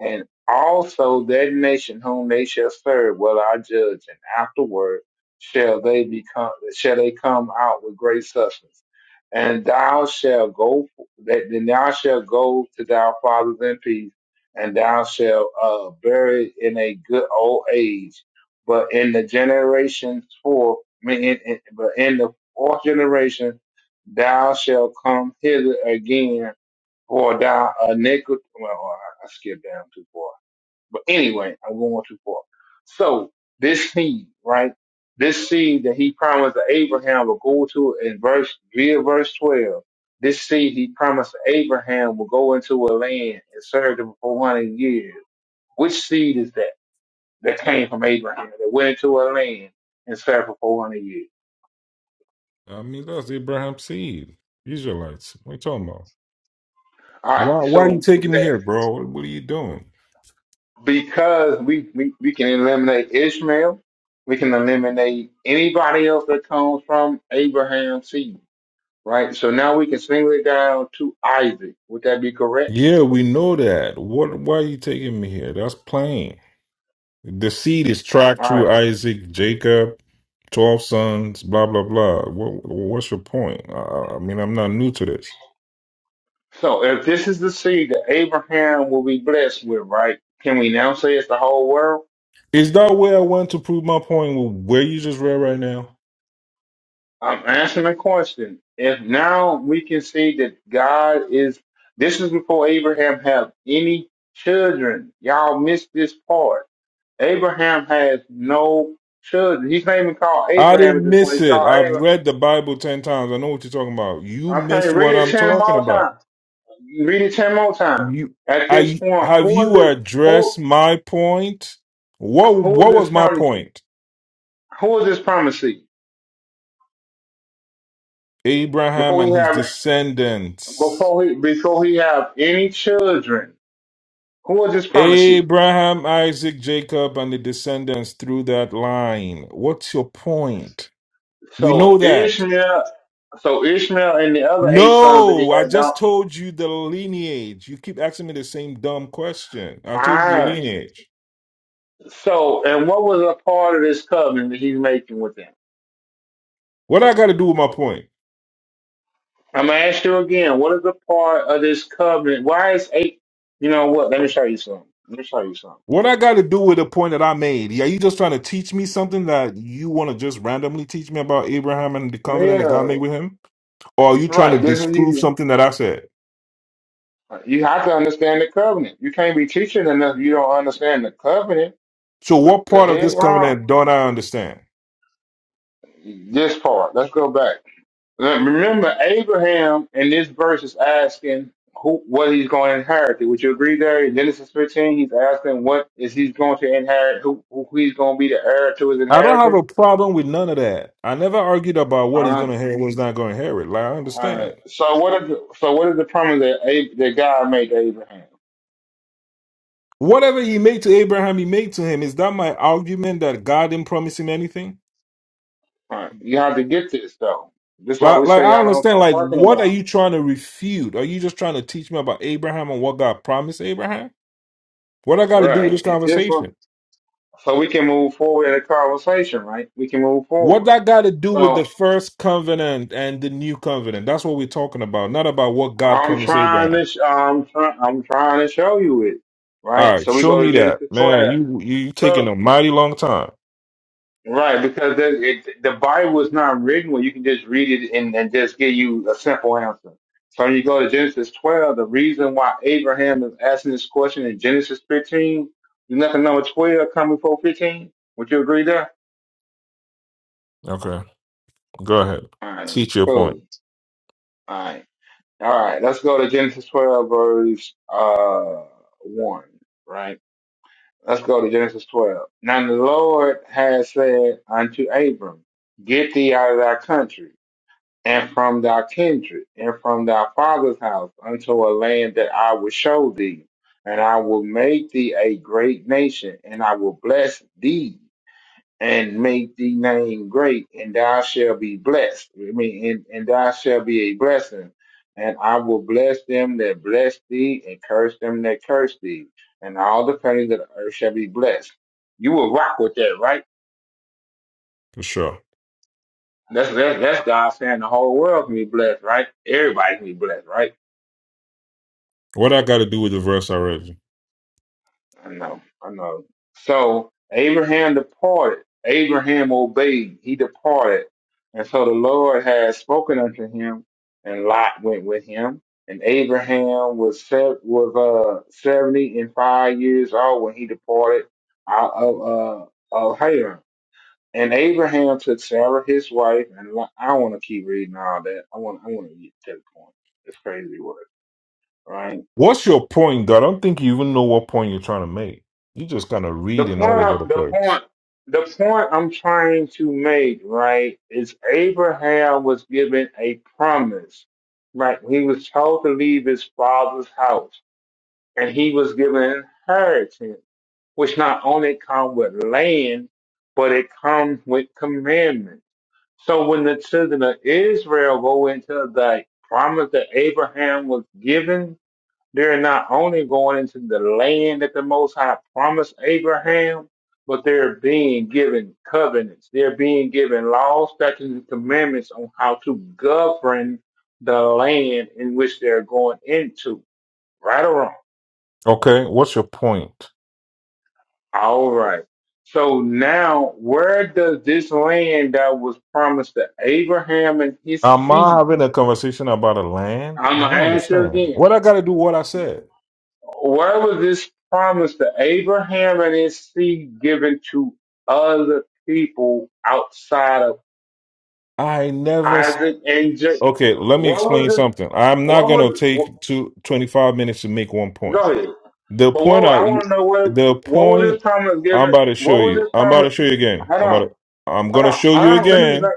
[SPEAKER 6] and also that nation whom they shall serve will I judge, and afterward shall they become shall they come out with great substance. And thou shalt go that then thou shalt go to thy fathers in peace, and thou shalt uh, bury in a good old age. But in the generations four, I mean, in, in, but in the fourth generation, thou shalt come hither again or down a nickel. Well, oh, I I skipped down too far. But anyway, I'm going too far. So this seed, right? This seed that he promised to Abraham will go to in verse via verse twelve. This seed he promised to Abraham will go into a land and serve them for four hundred years. Which seed is that that came from Abraham that went into a land and served for four hundred years?
[SPEAKER 3] I mean, that's Abraham's seed, Israelites. What are you talking about?
[SPEAKER 6] All right.
[SPEAKER 3] Why, why are you
[SPEAKER 6] So with
[SPEAKER 3] taking me
[SPEAKER 6] that.
[SPEAKER 3] here, bro? What, what are you doing?
[SPEAKER 6] because we, we, we can eliminate Ishmael, we can eliminate anybody else that comes from Abraham's seed, right? So now we can single it down to Isaac. Would that be correct?
[SPEAKER 3] Yeah, we know that. What? Why are you taking me here? That's plain. The seed is tracked
[SPEAKER 6] All
[SPEAKER 3] through
[SPEAKER 6] right.
[SPEAKER 3] Isaac, Jacob, 12 sons, blah, blah, blah. What, what's your point? I, I mean, I'm not new to this.
[SPEAKER 6] So if this is the seed that Abraham will be blessed with, right? Can we now say it's the whole world?
[SPEAKER 3] Is that where I went to prove my point with where you just read right now?
[SPEAKER 6] I'm answering the question. If now we can see that God is, this is before Abraham have any children. Y'all missed this part Abraham has no children. He's not even called
[SPEAKER 3] I
[SPEAKER 6] Abraham at
[SPEAKER 3] didn't
[SPEAKER 6] this point.
[SPEAKER 3] miss
[SPEAKER 6] He's
[SPEAKER 3] it.
[SPEAKER 6] called
[SPEAKER 3] I've
[SPEAKER 6] Abraham.
[SPEAKER 3] read the Bible 10 times. I know what you're talking about. You
[SPEAKER 6] I'm saying,
[SPEAKER 3] missed
[SPEAKER 6] read
[SPEAKER 3] what
[SPEAKER 6] it
[SPEAKER 3] I'm
[SPEAKER 6] ten
[SPEAKER 3] talking
[SPEAKER 6] more
[SPEAKER 3] about.
[SPEAKER 6] times. Read it ten more times.
[SPEAKER 3] You,
[SPEAKER 6] At this
[SPEAKER 3] I,
[SPEAKER 6] point,
[SPEAKER 3] have
[SPEAKER 6] who is
[SPEAKER 3] you
[SPEAKER 6] it? Who
[SPEAKER 3] addressed my point? What,
[SPEAKER 6] who
[SPEAKER 3] what
[SPEAKER 6] is
[SPEAKER 3] was
[SPEAKER 6] this
[SPEAKER 3] my
[SPEAKER 6] promise?
[SPEAKER 3] point?
[SPEAKER 6] Who is this promising?
[SPEAKER 3] Abraham
[SPEAKER 6] Before he
[SPEAKER 3] and his
[SPEAKER 6] have
[SPEAKER 3] descendants.
[SPEAKER 6] before he before he have any children, who is this promising?
[SPEAKER 3] Abraham, Isaac, Jacob, and the descendants through that line. What's your point? We
[SPEAKER 6] So
[SPEAKER 3] know that.
[SPEAKER 6] Ishmael, so Ishmael and the other eight sons that he
[SPEAKER 3] No, I
[SPEAKER 6] had don't.
[SPEAKER 3] just told you the lineage. You keep asking me the same dumb question. I told you
[SPEAKER 6] ah.
[SPEAKER 3] lineage.
[SPEAKER 6] so and what was a part of this covenant that he's making with them?
[SPEAKER 3] What I got to do with my point?
[SPEAKER 6] I'm gonna ask you again. What is the part of this covenant? Why is eight? You know what? Let me show you something. Let me show you something.
[SPEAKER 3] What I got to do with the point that I made? Are you just trying to teach me something that you want to just randomly teach me about Abraham and the covenant that God
[SPEAKER 6] Yeah,
[SPEAKER 3] made with him? Or are you trying to
[SPEAKER 6] right. This is
[SPEAKER 3] disprove
[SPEAKER 6] you.
[SPEAKER 3] something that I said?
[SPEAKER 6] You have to understand the covenant. You can't be teaching enough. You don't understand the covenant.
[SPEAKER 3] So,
[SPEAKER 6] The
[SPEAKER 3] what
[SPEAKER 6] the
[SPEAKER 3] part of
[SPEAKER 6] head
[SPEAKER 3] this
[SPEAKER 6] round.
[SPEAKER 3] covenant don't I understand?
[SPEAKER 6] This part. Let's go back. Now, Remember, Abraham in this verse is asking who what he's going to inherit. Would you agree there? In Genesis 15, he's asking what is he's going to inherit. Who who he's going to be the heir to his
[SPEAKER 3] I don't have
[SPEAKER 6] inheritance.
[SPEAKER 3] a problem with none of that. I never argued about what
[SPEAKER 6] All
[SPEAKER 3] he's going
[SPEAKER 6] right.
[SPEAKER 3] to inherit, what he's not going to inherit. Like, I
[SPEAKER 6] Uh,
[SPEAKER 3] understand.
[SPEAKER 6] so what? Are the, so what is the promise that Ab- that God made to Abraham?
[SPEAKER 3] Whatever he made to Abraham, he made to him. Is that my argument that God didn't promise him anything?
[SPEAKER 6] All right, You have to get this though. This is why
[SPEAKER 3] Like,
[SPEAKER 6] we
[SPEAKER 3] like
[SPEAKER 6] say
[SPEAKER 3] I
[SPEAKER 6] y'all don't know what
[SPEAKER 3] understand.
[SPEAKER 6] y'all
[SPEAKER 3] Like,
[SPEAKER 6] talking
[SPEAKER 3] what are
[SPEAKER 6] about.
[SPEAKER 3] you trying to refute? Are you just trying to teach me about Abraham and what God promised Abraham? What I
[SPEAKER 6] All
[SPEAKER 3] got to do with
[SPEAKER 6] right,
[SPEAKER 3] this
[SPEAKER 6] And this one,
[SPEAKER 3] conversation?
[SPEAKER 6] so we can move forward in the conversation. Right. We can move
[SPEAKER 3] What
[SPEAKER 6] forward.
[SPEAKER 3] I got to do with the
[SPEAKER 6] So
[SPEAKER 3] first covenant and the new covenant? That's what we're talking about, not about what God
[SPEAKER 6] I'm
[SPEAKER 3] promised
[SPEAKER 6] trying
[SPEAKER 3] Abraham.
[SPEAKER 6] to. Sh- I'm trying. I'm trying to show you it.
[SPEAKER 3] All
[SPEAKER 6] Right.
[SPEAKER 3] right,
[SPEAKER 6] So we
[SPEAKER 3] show
[SPEAKER 6] go to
[SPEAKER 3] me that,
[SPEAKER 6] Genesis
[SPEAKER 3] man.
[SPEAKER 6] 12.
[SPEAKER 3] You you you
[SPEAKER 6] So,
[SPEAKER 3] taking a mighty long time.
[SPEAKER 6] Right, because the, it, the Bible is not written where you can just read it and, and just give you a simple answer. So when you go to Genesis 12, the reason why Abraham is asking this question in Genesis 15, you look at number 12 coming before 15. Would you agree there?
[SPEAKER 3] Okay, go ahead.
[SPEAKER 6] All right,
[SPEAKER 3] Teach your point
[SPEAKER 6] cool. All right. All right, let's go to Genesis 12, verse uh, 1, right? Let's go to Genesis 12. Now the Lord has said unto Abram, Get thee out of thy country and from thy kindred, and from thy father's house, unto a land that I will show thee, and I will make thee a great nation, and I will bless thee, and make thee name great, and thou shalt be blessed. I mean, and, and thou shalt be a blessing. And I will bless them that bless thee, and curse them that curse thee, and all the families of the earth shall be blessed. You will rock with that, right?
[SPEAKER 3] for sure.
[SPEAKER 6] That's that's, that's God saying the whole world can be blessed, right? Everybody can be blessed, right?
[SPEAKER 3] What I got to do with the verse I read? you?
[SPEAKER 6] I know, I know. So Abraham departed. Abraham obeyed. He departed. And so the Lord had spoken unto him, and Lot went with him. And Abraham was set, was uh seventy and five years old when he departed out of uh of Haran. And Abraham took Sarah his wife, and Lot, I want to keep reading all that. I want I want to get to the point. It's crazy word, right?
[SPEAKER 3] What's your point, God? I don't think you even know what point you're trying to make. You just kind of
[SPEAKER 6] The
[SPEAKER 3] reading all over the
[SPEAKER 6] point, the
[SPEAKER 3] place.
[SPEAKER 6] point, the point I'm trying to make, right, is Abraham was given a promise, right? He was told to leave his father's house, and he was given an inheritance, which not only come with land, but it comes with commandments. So when the children of Israel go into the promise that Abraham was given, they're not only going into the land that the Most High promised Abraham, but they're being given covenants. They're being given laws, statutes, and commandments on how to govern the land in which they're going into. Right or wrong?
[SPEAKER 3] Okay, what's your point?
[SPEAKER 6] All right. So now, where does this land that was promised to Abraham and his
[SPEAKER 3] Am I
[SPEAKER 6] seed?
[SPEAKER 3] having a conversation about a land?
[SPEAKER 6] I'm
[SPEAKER 3] I
[SPEAKER 6] going to
[SPEAKER 3] don't
[SPEAKER 6] ask you
[SPEAKER 3] understand.
[SPEAKER 6] again
[SPEAKER 3] What I got to do? What I said?
[SPEAKER 6] Where was this promise to Abraham and his seed given to other people outside of
[SPEAKER 3] I never. s-
[SPEAKER 6] Isaac and Jacob?
[SPEAKER 3] Okay, let me
[SPEAKER 6] What was
[SPEAKER 3] explain
[SPEAKER 6] this?
[SPEAKER 3] something. I'm not
[SPEAKER 6] What
[SPEAKER 3] gonna
[SPEAKER 6] was?
[SPEAKER 3] take
[SPEAKER 6] wh-
[SPEAKER 3] two twenty five minutes to make one
[SPEAKER 6] go
[SPEAKER 3] point.
[SPEAKER 6] ahead.
[SPEAKER 3] The
[SPEAKER 6] But
[SPEAKER 3] point
[SPEAKER 6] what I
[SPEAKER 3] I,
[SPEAKER 6] want to know what
[SPEAKER 3] the
[SPEAKER 6] what was
[SPEAKER 3] point
[SPEAKER 6] this promise
[SPEAKER 3] I'm
[SPEAKER 6] given?
[SPEAKER 3] about to show
[SPEAKER 6] What was
[SPEAKER 3] you.
[SPEAKER 6] this
[SPEAKER 3] I'm about
[SPEAKER 6] promise?
[SPEAKER 3] to show you again.
[SPEAKER 6] Hold
[SPEAKER 3] I'm
[SPEAKER 6] on,
[SPEAKER 3] about to, I'm
[SPEAKER 6] hold
[SPEAKER 3] gonna
[SPEAKER 6] on,
[SPEAKER 3] show
[SPEAKER 6] hold
[SPEAKER 3] you
[SPEAKER 6] on. Let me.
[SPEAKER 3] again.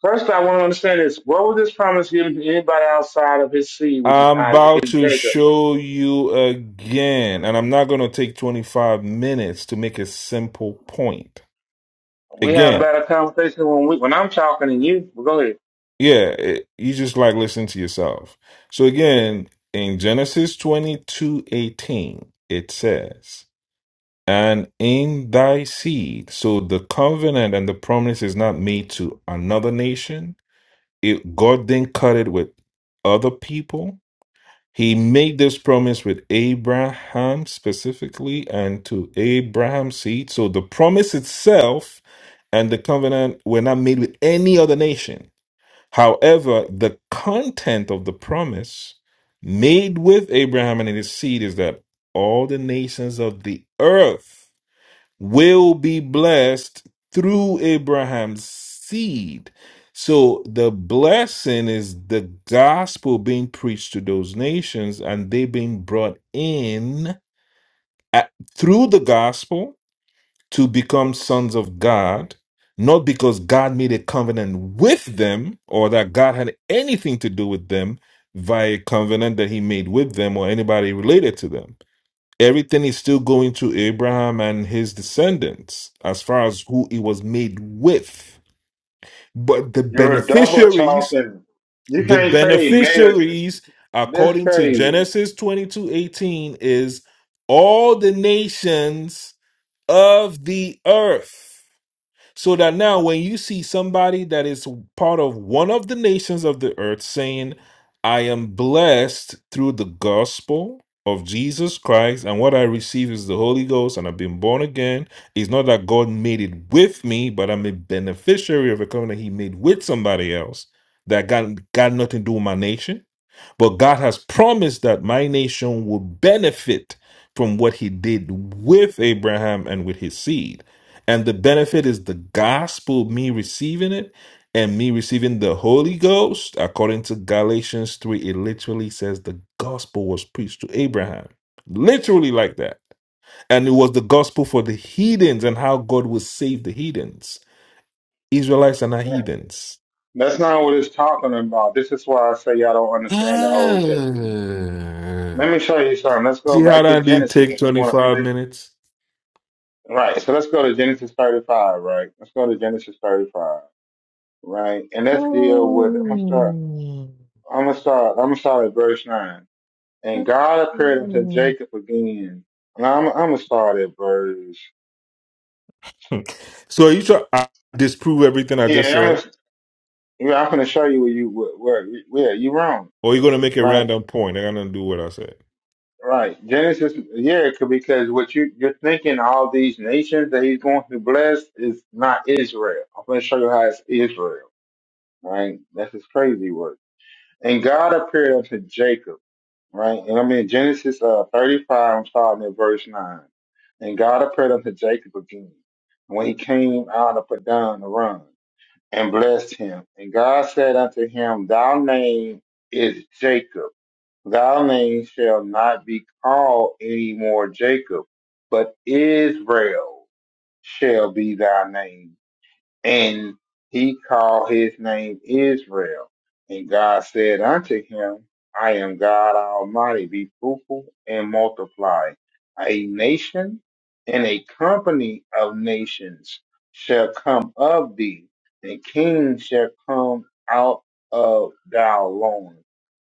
[SPEAKER 6] First, I want to understand this. What was this promise given to anybody outside of his seed, which is
[SPEAKER 3] I'm
[SPEAKER 6] Isaac
[SPEAKER 3] about
[SPEAKER 6] and
[SPEAKER 3] to
[SPEAKER 6] Jacob?
[SPEAKER 3] show you again, and I'm not gonna take 25 minutes to make a simple point.
[SPEAKER 6] We have a
[SPEAKER 3] Again,
[SPEAKER 6] better conversation when we when I'm talking to you. But go ahead.
[SPEAKER 3] yeah, it, you just like listen to yourself. So again, in Genesis 22 18, it says, "And in thy seed." So the covenant and the promise is not made to another nation it, God then cut it with other people. He made this promise with Abraham specifically and to Abraham's seed. So the promise itself and the covenant were not made with any other nation. However, the content of the promise made with Abraham and his seed is that all the nations of the earth will be blessed through Abraham's seed. So the blessing is the gospel being preached to those nations and they being brought in at, through the gospel to become sons of God, not because God made a covenant with them or that God had anything to do with them via a covenant that he made with them or anybody related to them everything is still going to Abraham and his descendants as far as who it was made with. But the
[SPEAKER 6] You're a double
[SPEAKER 3] beneficiaries,
[SPEAKER 6] talking. You
[SPEAKER 3] the
[SPEAKER 6] can't say they made it.
[SPEAKER 3] beneficiaries,
[SPEAKER 6] This
[SPEAKER 3] according to
[SPEAKER 6] crazy.
[SPEAKER 3] Genesis 22 18, is all the nations of the earth. So that now, when you see somebody that is part of one of the nations of the earth saying, I am blessed through the gospel of Jesus Christ, and what I receive is the Holy Ghost, and I've been born again, it's not that God made it with me, but I'm a beneficiary of a covenant He made with somebody else that got, got nothing to do with my nation but God has promised that my nation will benefit from what he did with Abraham and with his seed. And the benefit is the gospel, me receiving it and me receiving the Holy Ghost. According to Galatians 3, it literally says the gospel was preached to Abraham. Literally like that. And it was the gospel for the heathens and how God will save the heathens. Israelites are not heathens.
[SPEAKER 6] That's not what it's talking about. This is why I say y'all don't understand the Old Testament.
[SPEAKER 3] Ah.
[SPEAKER 6] Let me show you something. Let's go
[SPEAKER 3] See how
[SPEAKER 6] back to
[SPEAKER 3] that didn't
[SPEAKER 6] Genesis.
[SPEAKER 3] take
[SPEAKER 6] And you want to
[SPEAKER 3] 25
[SPEAKER 6] split.
[SPEAKER 3] minutes?
[SPEAKER 6] Right. So let's go to Genesis 35, right? Let's go to Genesis 35, right? And let's deal with, I'm going to start, I'm going to start, I'm going to start at verse 9. And God appeared unto Jacob again. And I'm, I'm going to start at verse.
[SPEAKER 3] So are you try I disprove everything I just
[SPEAKER 6] Yeah, I'm
[SPEAKER 3] said?
[SPEAKER 6] Yeah, I'm gonna show you where you where, where yeah you're wrong.
[SPEAKER 3] Or are you gonna make a
[SPEAKER 6] Right,
[SPEAKER 3] random point? I got nothing to do with what I said.
[SPEAKER 6] right. Genesis, yeah, c- because what you you're thinking all these nations that he's going to bless is not Israel. I'm gonna show you how it's Israel. Right, that's his crazy word. And God appeared unto Jacob. Right, and I mean Genesis uh 35. I'm starting at verse nine. And God appeared unto Jacob again and when he came out of Padan Aram and blessed him. And God said unto him, Thy name is Jacob Thy name shall not be called any more Jacob, but Israel shall be thy name. And he called his name Israel. And God said unto him, I am God Almighty, be fruitful and multiply. A nation and a company of nations shall come of thee, and kings shall come out of thy loins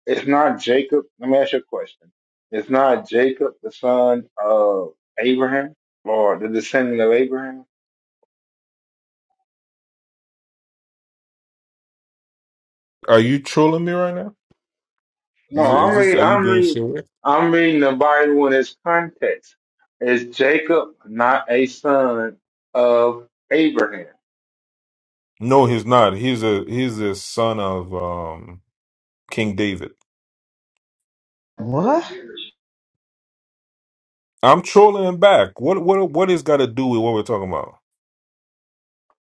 [SPEAKER 6] it's not Jacob. Let me ask you a question. It's not Jacob the son of Abraham or the descendant of Abraham.
[SPEAKER 3] Are you trolling me right now? Is,
[SPEAKER 6] No,
[SPEAKER 3] it- is
[SPEAKER 6] I'm
[SPEAKER 3] this are
[SPEAKER 6] reading.
[SPEAKER 3] you
[SPEAKER 6] I'm
[SPEAKER 3] being
[SPEAKER 6] reading.
[SPEAKER 3] sure?
[SPEAKER 6] I'm reading the Bible in its context. Is Jacob not a son of Abraham?
[SPEAKER 3] No, he's not. He's a he's the son of um King David.
[SPEAKER 4] What?
[SPEAKER 3] I'm trolling him back. What what what is got to do with what we're talking about?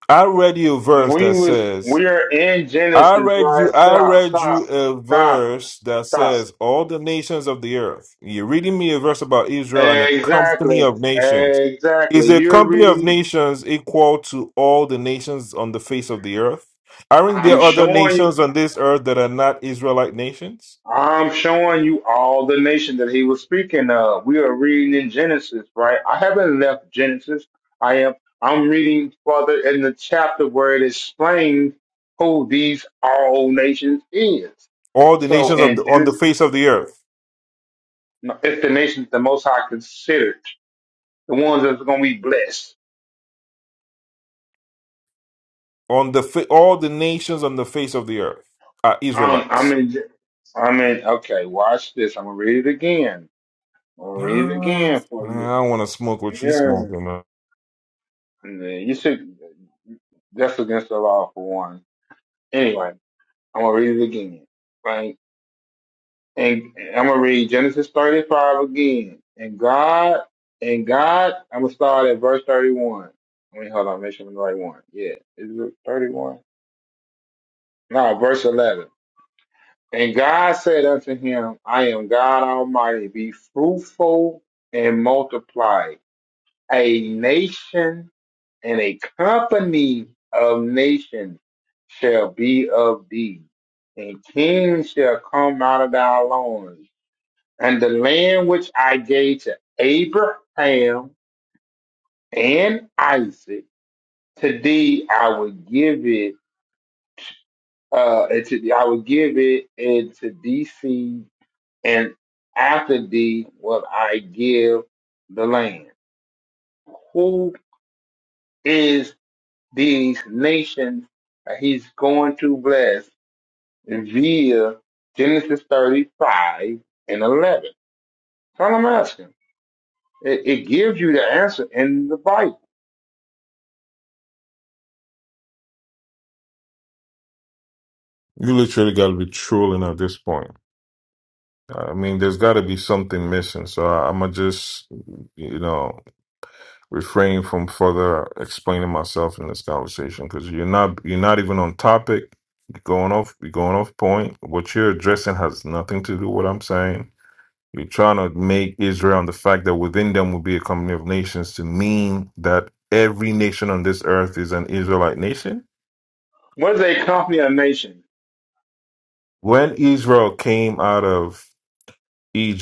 [SPEAKER 3] I read you a verse
[SPEAKER 6] We
[SPEAKER 3] that
[SPEAKER 6] was.
[SPEAKER 3] says
[SPEAKER 6] We are in
[SPEAKER 3] I
[SPEAKER 6] Genesis,
[SPEAKER 3] read
[SPEAKER 6] right?
[SPEAKER 3] you I
[SPEAKER 6] Stop.
[SPEAKER 3] read you
[SPEAKER 6] Stop.
[SPEAKER 3] a
[SPEAKER 6] Stop.
[SPEAKER 3] verse that
[SPEAKER 6] Stop.
[SPEAKER 3] says all the nations of the earth. You're reading me a verse about Israel and a company
[SPEAKER 6] Exactly.
[SPEAKER 3] of nations.
[SPEAKER 6] Exactly.
[SPEAKER 3] Is a
[SPEAKER 6] You're
[SPEAKER 3] company of
[SPEAKER 6] reading.
[SPEAKER 3] nations equal to all the nations on the face of the earth? Aren't
[SPEAKER 6] I'm
[SPEAKER 3] there other
[SPEAKER 6] showing you.
[SPEAKER 3] nations on this earth that are not Israelite nations?
[SPEAKER 6] I'm showing you all the nation that he was speaking of. We are reading in Genesis, right? I haven't left Genesis. I am I'm reading further in the chapter where it explains who these all nations is.
[SPEAKER 3] All the
[SPEAKER 6] So
[SPEAKER 3] nations of the,
[SPEAKER 6] in
[SPEAKER 3] on the
[SPEAKER 6] Genesis,
[SPEAKER 3] face of the earth,
[SPEAKER 6] it's the nations the Most High considered, the ones that's going to be blessed.
[SPEAKER 3] on the fa- all the nations on the face of the earth are
[SPEAKER 6] I'm, I'm
[SPEAKER 3] Israelites.
[SPEAKER 6] in. Gen- I'm in. Okay, watch this. I'm gonna read it again. I'm gonna read it
[SPEAKER 3] No,
[SPEAKER 6] again
[SPEAKER 3] I
[SPEAKER 6] for you.
[SPEAKER 3] don't want to smoke what you
[SPEAKER 6] Yeah,
[SPEAKER 3] smoking,
[SPEAKER 6] And then you should. That's against the law for one. Anyway, I'm gonna read it again, right? And, and I'm gonna read Genesis 35 again. And God, and God, I'm gonna start at verse 31. I mean, hold on, make sure I'm the right one. Yeah, is it 31? No, verse 11. And God said unto him, I am God Almighty. Be fruitful and multiply. A nation and a company of nations shall be of thee, and kings shall come out of thy loins. And the land which I gave to Abraham and Isaac, to thee I will give it, uh, and to thee I will give it, and to thee seed, and after thee will I give the land. Who is these nations that he's going to bless? via Genesis 35 and 11. That's all I'm asking. It, it gives you the answer in the Bible.
[SPEAKER 3] You literally got to be trolling at this point. I mean, there's got to be something missing. So I, am going to just, you know, refrain from further explaining myself in this conversation because you're not, you're not even on topic. You're going off, you're going off point. What you're addressing has nothing to do with what I'm saying. You're trying to make Israel and the fact that within them will be a company of nations to mean that every nation on this earth is an Israelite nation.
[SPEAKER 6] What is a company of nations?
[SPEAKER 3] When Israel came out of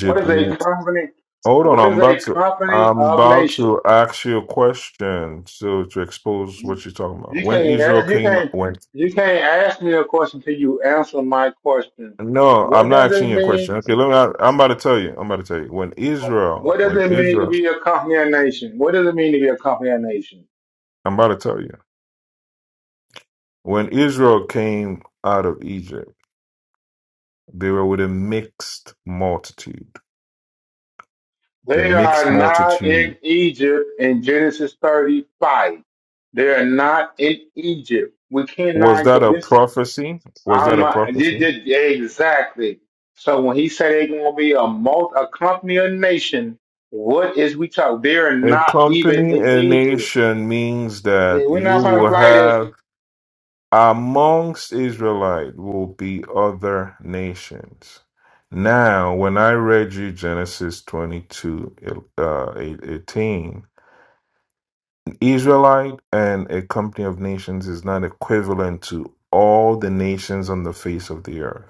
[SPEAKER 6] What is a company?
[SPEAKER 3] Hold on,
[SPEAKER 6] What
[SPEAKER 3] I'm
[SPEAKER 6] is
[SPEAKER 3] about
[SPEAKER 6] a
[SPEAKER 3] to
[SPEAKER 6] company
[SPEAKER 3] I'm
[SPEAKER 6] of
[SPEAKER 3] about
[SPEAKER 6] nations?
[SPEAKER 3] to ask you a question so to expose what you're talking about.
[SPEAKER 6] You
[SPEAKER 3] When
[SPEAKER 6] can't
[SPEAKER 3] Israel
[SPEAKER 6] ask, you
[SPEAKER 3] came
[SPEAKER 6] can't
[SPEAKER 3] when
[SPEAKER 6] you can't ask me a question till you answer my question.
[SPEAKER 3] No, I'm
[SPEAKER 6] What
[SPEAKER 3] not
[SPEAKER 6] does
[SPEAKER 3] asking
[SPEAKER 6] it
[SPEAKER 3] you a question.
[SPEAKER 6] mean?
[SPEAKER 3] Okay, let me I'm about to tell you. I'm about to tell you. When Israel
[SPEAKER 6] What does
[SPEAKER 3] when
[SPEAKER 6] it mean to
[SPEAKER 3] Israel
[SPEAKER 6] be a company of nations? What does it mean to be a company of nations?
[SPEAKER 3] I'm about to tell you. When Israel came out of Egypt, they were with a mixed multitude. The
[SPEAKER 6] They
[SPEAKER 3] mixed
[SPEAKER 6] are not
[SPEAKER 3] multitude
[SPEAKER 6] in Egypt in Genesis 35. They are not in Egypt. We
[SPEAKER 3] was
[SPEAKER 6] cannot
[SPEAKER 3] that
[SPEAKER 6] go.
[SPEAKER 3] a
[SPEAKER 6] This is
[SPEAKER 3] prophecy? Was that
[SPEAKER 6] I'm
[SPEAKER 3] a
[SPEAKER 6] uh, this-
[SPEAKER 3] prophecy?
[SPEAKER 6] this- exactly. So when he said they're going to be a multi, a company of nation, what is we talk? They are
[SPEAKER 3] A
[SPEAKER 6] not even
[SPEAKER 3] company,
[SPEAKER 6] in
[SPEAKER 3] a
[SPEAKER 6] Egypt.
[SPEAKER 3] nation means
[SPEAKER 6] Yeah,
[SPEAKER 3] that
[SPEAKER 6] We're
[SPEAKER 3] you
[SPEAKER 6] not going to
[SPEAKER 3] will
[SPEAKER 6] play this.
[SPEAKER 3] have amongst Israelite will be other nations. Now, when I read you Genesis 22, uh, 18, Israelite and a company of nations is not equivalent to all the nations on the face of the earth.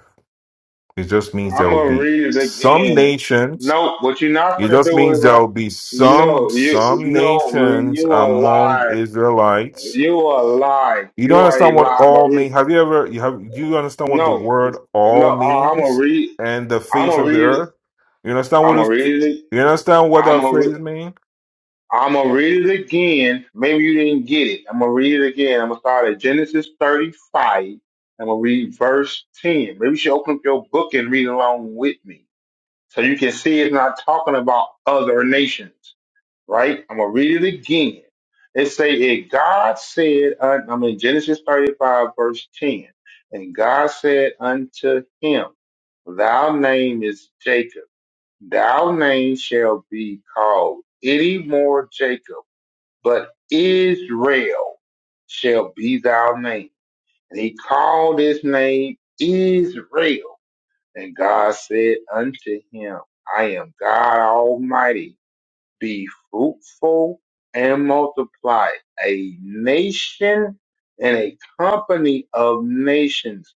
[SPEAKER 3] It just means there
[SPEAKER 6] I'm
[SPEAKER 3] will
[SPEAKER 6] going to
[SPEAKER 3] be
[SPEAKER 6] read it
[SPEAKER 3] some
[SPEAKER 6] again.
[SPEAKER 3] nations.
[SPEAKER 6] No, what you're not
[SPEAKER 3] It
[SPEAKER 6] going to
[SPEAKER 3] just
[SPEAKER 6] do
[SPEAKER 3] means
[SPEAKER 6] is,
[SPEAKER 3] there
[SPEAKER 6] uh,
[SPEAKER 3] will be
[SPEAKER 6] you
[SPEAKER 3] some
[SPEAKER 6] know, you
[SPEAKER 3] some
[SPEAKER 6] no,
[SPEAKER 3] nations
[SPEAKER 6] you a
[SPEAKER 3] among
[SPEAKER 6] lie.
[SPEAKER 3] Israelites
[SPEAKER 6] You are lying.
[SPEAKER 3] You don't
[SPEAKER 6] You are a
[SPEAKER 3] understand what
[SPEAKER 6] lie. I'm a
[SPEAKER 3] all
[SPEAKER 6] read.
[SPEAKER 3] mean. Have you ever you have do you understand what the
[SPEAKER 6] No,
[SPEAKER 3] word all
[SPEAKER 6] no. I'm a
[SPEAKER 3] means
[SPEAKER 6] read.
[SPEAKER 3] and the
[SPEAKER 6] I'm
[SPEAKER 3] face
[SPEAKER 6] a
[SPEAKER 3] of the
[SPEAKER 6] read.
[SPEAKER 3] earth? You understand
[SPEAKER 6] I'm
[SPEAKER 3] what
[SPEAKER 6] a
[SPEAKER 3] is
[SPEAKER 6] read it.
[SPEAKER 3] you understand what
[SPEAKER 6] I'm
[SPEAKER 3] that
[SPEAKER 6] a.
[SPEAKER 3] phrase
[SPEAKER 6] Re-
[SPEAKER 3] means?
[SPEAKER 6] I'm gonna read it again. Maybe you didn't get it. I'm gonna read it again. I'm gonna start at Genesis 35. I'm gonna read verse 10. Maybe you should open up your book and read along with me, so you can see it's not talking about other nations. right? I'm gonna read it again. It say, it. God said, un- I'm in Genesis 35 verse 10, and God said unto him, Thy name is Jacob. Thou name shall be called any more Jacob, but Israel shall be thou name. And he called his name Israel. And God said unto him, I am God Almighty be fruitful and multiply a nation and a company of nations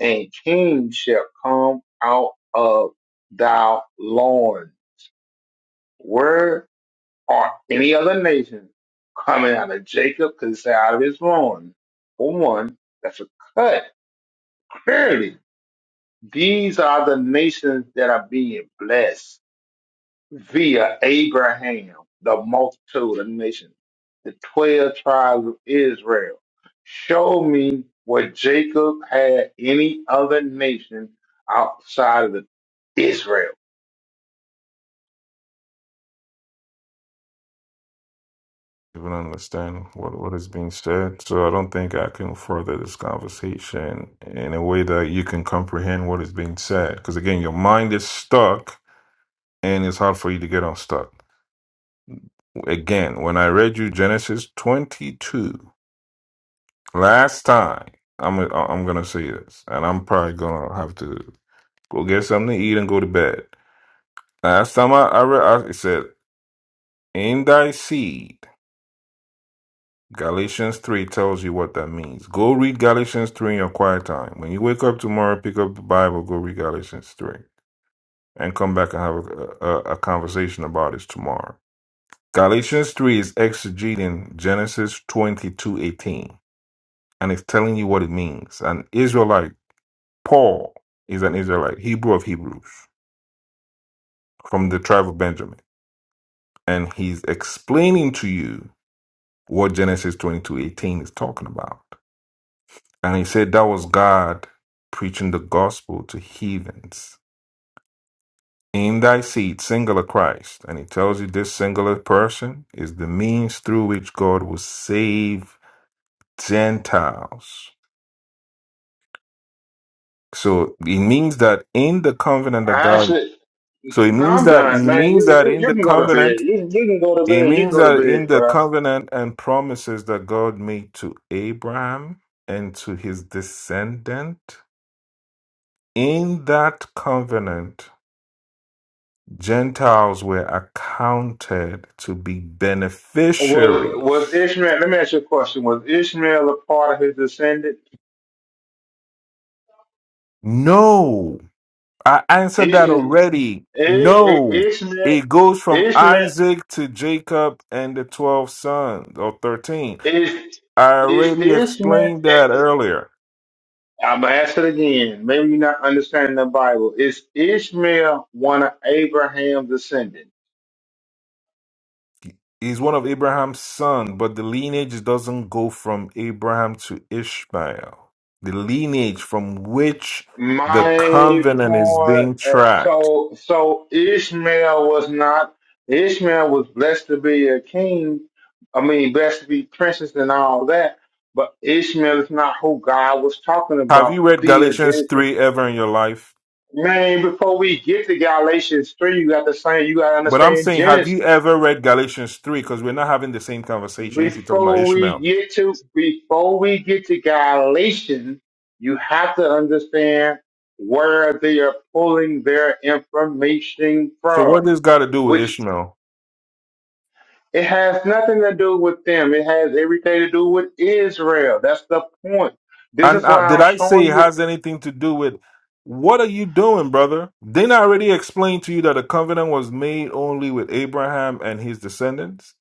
[SPEAKER 6] and kings shall come out of thy loins. Where are any other nations coming out of Jacob? Because it's out of his loins. For one, that's a cut. Clearly, these are the nations that are being blessed via Abraham, the multitude of nations, the twelve tribes of Israel. Show me where Jacob had any other nation outside of the Israel.
[SPEAKER 3] You don't understand what, what is being said. So I don't think I can further this conversation in a way that you can comprehend what is being said. Because again, your mind is stuck and it's hard for you to get unstuck. Again, when I read you Genesis 22 Last time, I'm I'm gonna say this, and I'm probably gonna have to go get something to eat and go to bed. Last time I I, re- I said, "In thy seed," Galatians three tells you what that means. Go read Galatians three in your quiet time. When you wake up tomorrow, pick up the Bible, go read Galatians three, and come back and have a, a, a conversation about it tomorrow. Galatians three is exegeting Genesis twenty two eighteen, and it's telling you what it means. An Israelite Paul is an Israelite, Hebrew of Hebrews, from the tribe of Benjamin, and he's explaining to you what Genesis twenty-two eighteen is talking about. And he said that was God preaching the gospel to heathens. In thy seed, singular Christ. And he tells you this singular person is the means through which God will save Gentiles. So it means that in the covenant that
[SPEAKER 6] I
[SPEAKER 3] God
[SPEAKER 6] said,
[SPEAKER 3] so it
[SPEAKER 6] No,
[SPEAKER 3] means
[SPEAKER 6] I'm
[SPEAKER 3] that it
[SPEAKER 6] done, man. You,
[SPEAKER 3] means that
[SPEAKER 6] you
[SPEAKER 3] in
[SPEAKER 6] you
[SPEAKER 3] the
[SPEAKER 6] can go to
[SPEAKER 3] covenant
[SPEAKER 6] bed. You, you can go to
[SPEAKER 3] It
[SPEAKER 6] bed. You can
[SPEAKER 3] means
[SPEAKER 6] go to
[SPEAKER 3] that in
[SPEAKER 6] bed,
[SPEAKER 3] the
[SPEAKER 6] bro.
[SPEAKER 3] covenant and promises that God made to Abraham and to his descendant, in that covenant, Gentiles were accounted to be
[SPEAKER 6] Was was
[SPEAKER 3] beneficiaries.
[SPEAKER 6] Ishmael? Let me ask you a question. Was Ishmael a part of his descendant?
[SPEAKER 3] No, I answered that
[SPEAKER 6] Ishmael,
[SPEAKER 3] already.
[SPEAKER 6] I- I-
[SPEAKER 3] No,
[SPEAKER 6] Ishmael,
[SPEAKER 3] it goes from
[SPEAKER 6] Ishmael.
[SPEAKER 3] Isaac to Jacob and the 12 sons or 13.
[SPEAKER 6] Is
[SPEAKER 3] I
[SPEAKER 6] is
[SPEAKER 3] already
[SPEAKER 6] Ishmael?
[SPEAKER 3] explained that earlier.
[SPEAKER 6] I'm gonna ask it again. Maybe you're not understanding the Bible. Is Ishmael one of Abraham's descendants?
[SPEAKER 3] He's one of Abraham's son, but the lineage doesn't go from Abraham to Ishmael. The lineage from which the
[SPEAKER 6] My
[SPEAKER 3] covenant is
[SPEAKER 6] point.
[SPEAKER 3] being
[SPEAKER 6] uh,
[SPEAKER 3] tracked.
[SPEAKER 6] So so Ishmael was not. Ishmael was blessed to be a king. I mean, blessed to be princes and all that. But Ishmael is not who God was talking
[SPEAKER 3] Have
[SPEAKER 6] about
[SPEAKER 3] you read
[SPEAKER 6] via
[SPEAKER 3] Galatians
[SPEAKER 6] Genesis.
[SPEAKER 3] 3 ever in your life?
[SPEAKER 6] Man, before we get to Galatians three, you got to say you got to
[SPEAKER 3] But I'm
[SPEAKER 6] understand
[SPEAKER 3] saying, have
[SPEAKER 6] Genesis.
[SPEAKER 3] you ever read Galatians 3? Because we're not having the same conversation if you're talking about
[SPEAKER 6] before we
[SPEAKER 3] Ishmael.
[SPEAKER 6] get to before we get to Galatians, you have to understand where they are pulling their information
[SPEAKER 3] So what
[SPEAKER 6] from,
[SPEAKER 3] does got to do with
[SPEAKER 6] which
[SPEAKER 3] Ishmael?
[SPEAKER 6] it has nothing to do with them. It has everything to do with Israel. That's the point. This
[SPEAKER 3] And
[SPEAKER 6] is
[SPEAKER 3] uh,
[SPEAKER 6] why
[SPEAKER 3] did
[SPEAKER 6] I'm
[SPEAKER 3] I say
[SPEAKER 6] showing
[SPEAKER 3] it
[SPEAKER 6] you
[SPEAKER 3] has anything to do with what are you doing, brother? Didn't I already explain to you that the covenant was made only with Abraham and his descendants?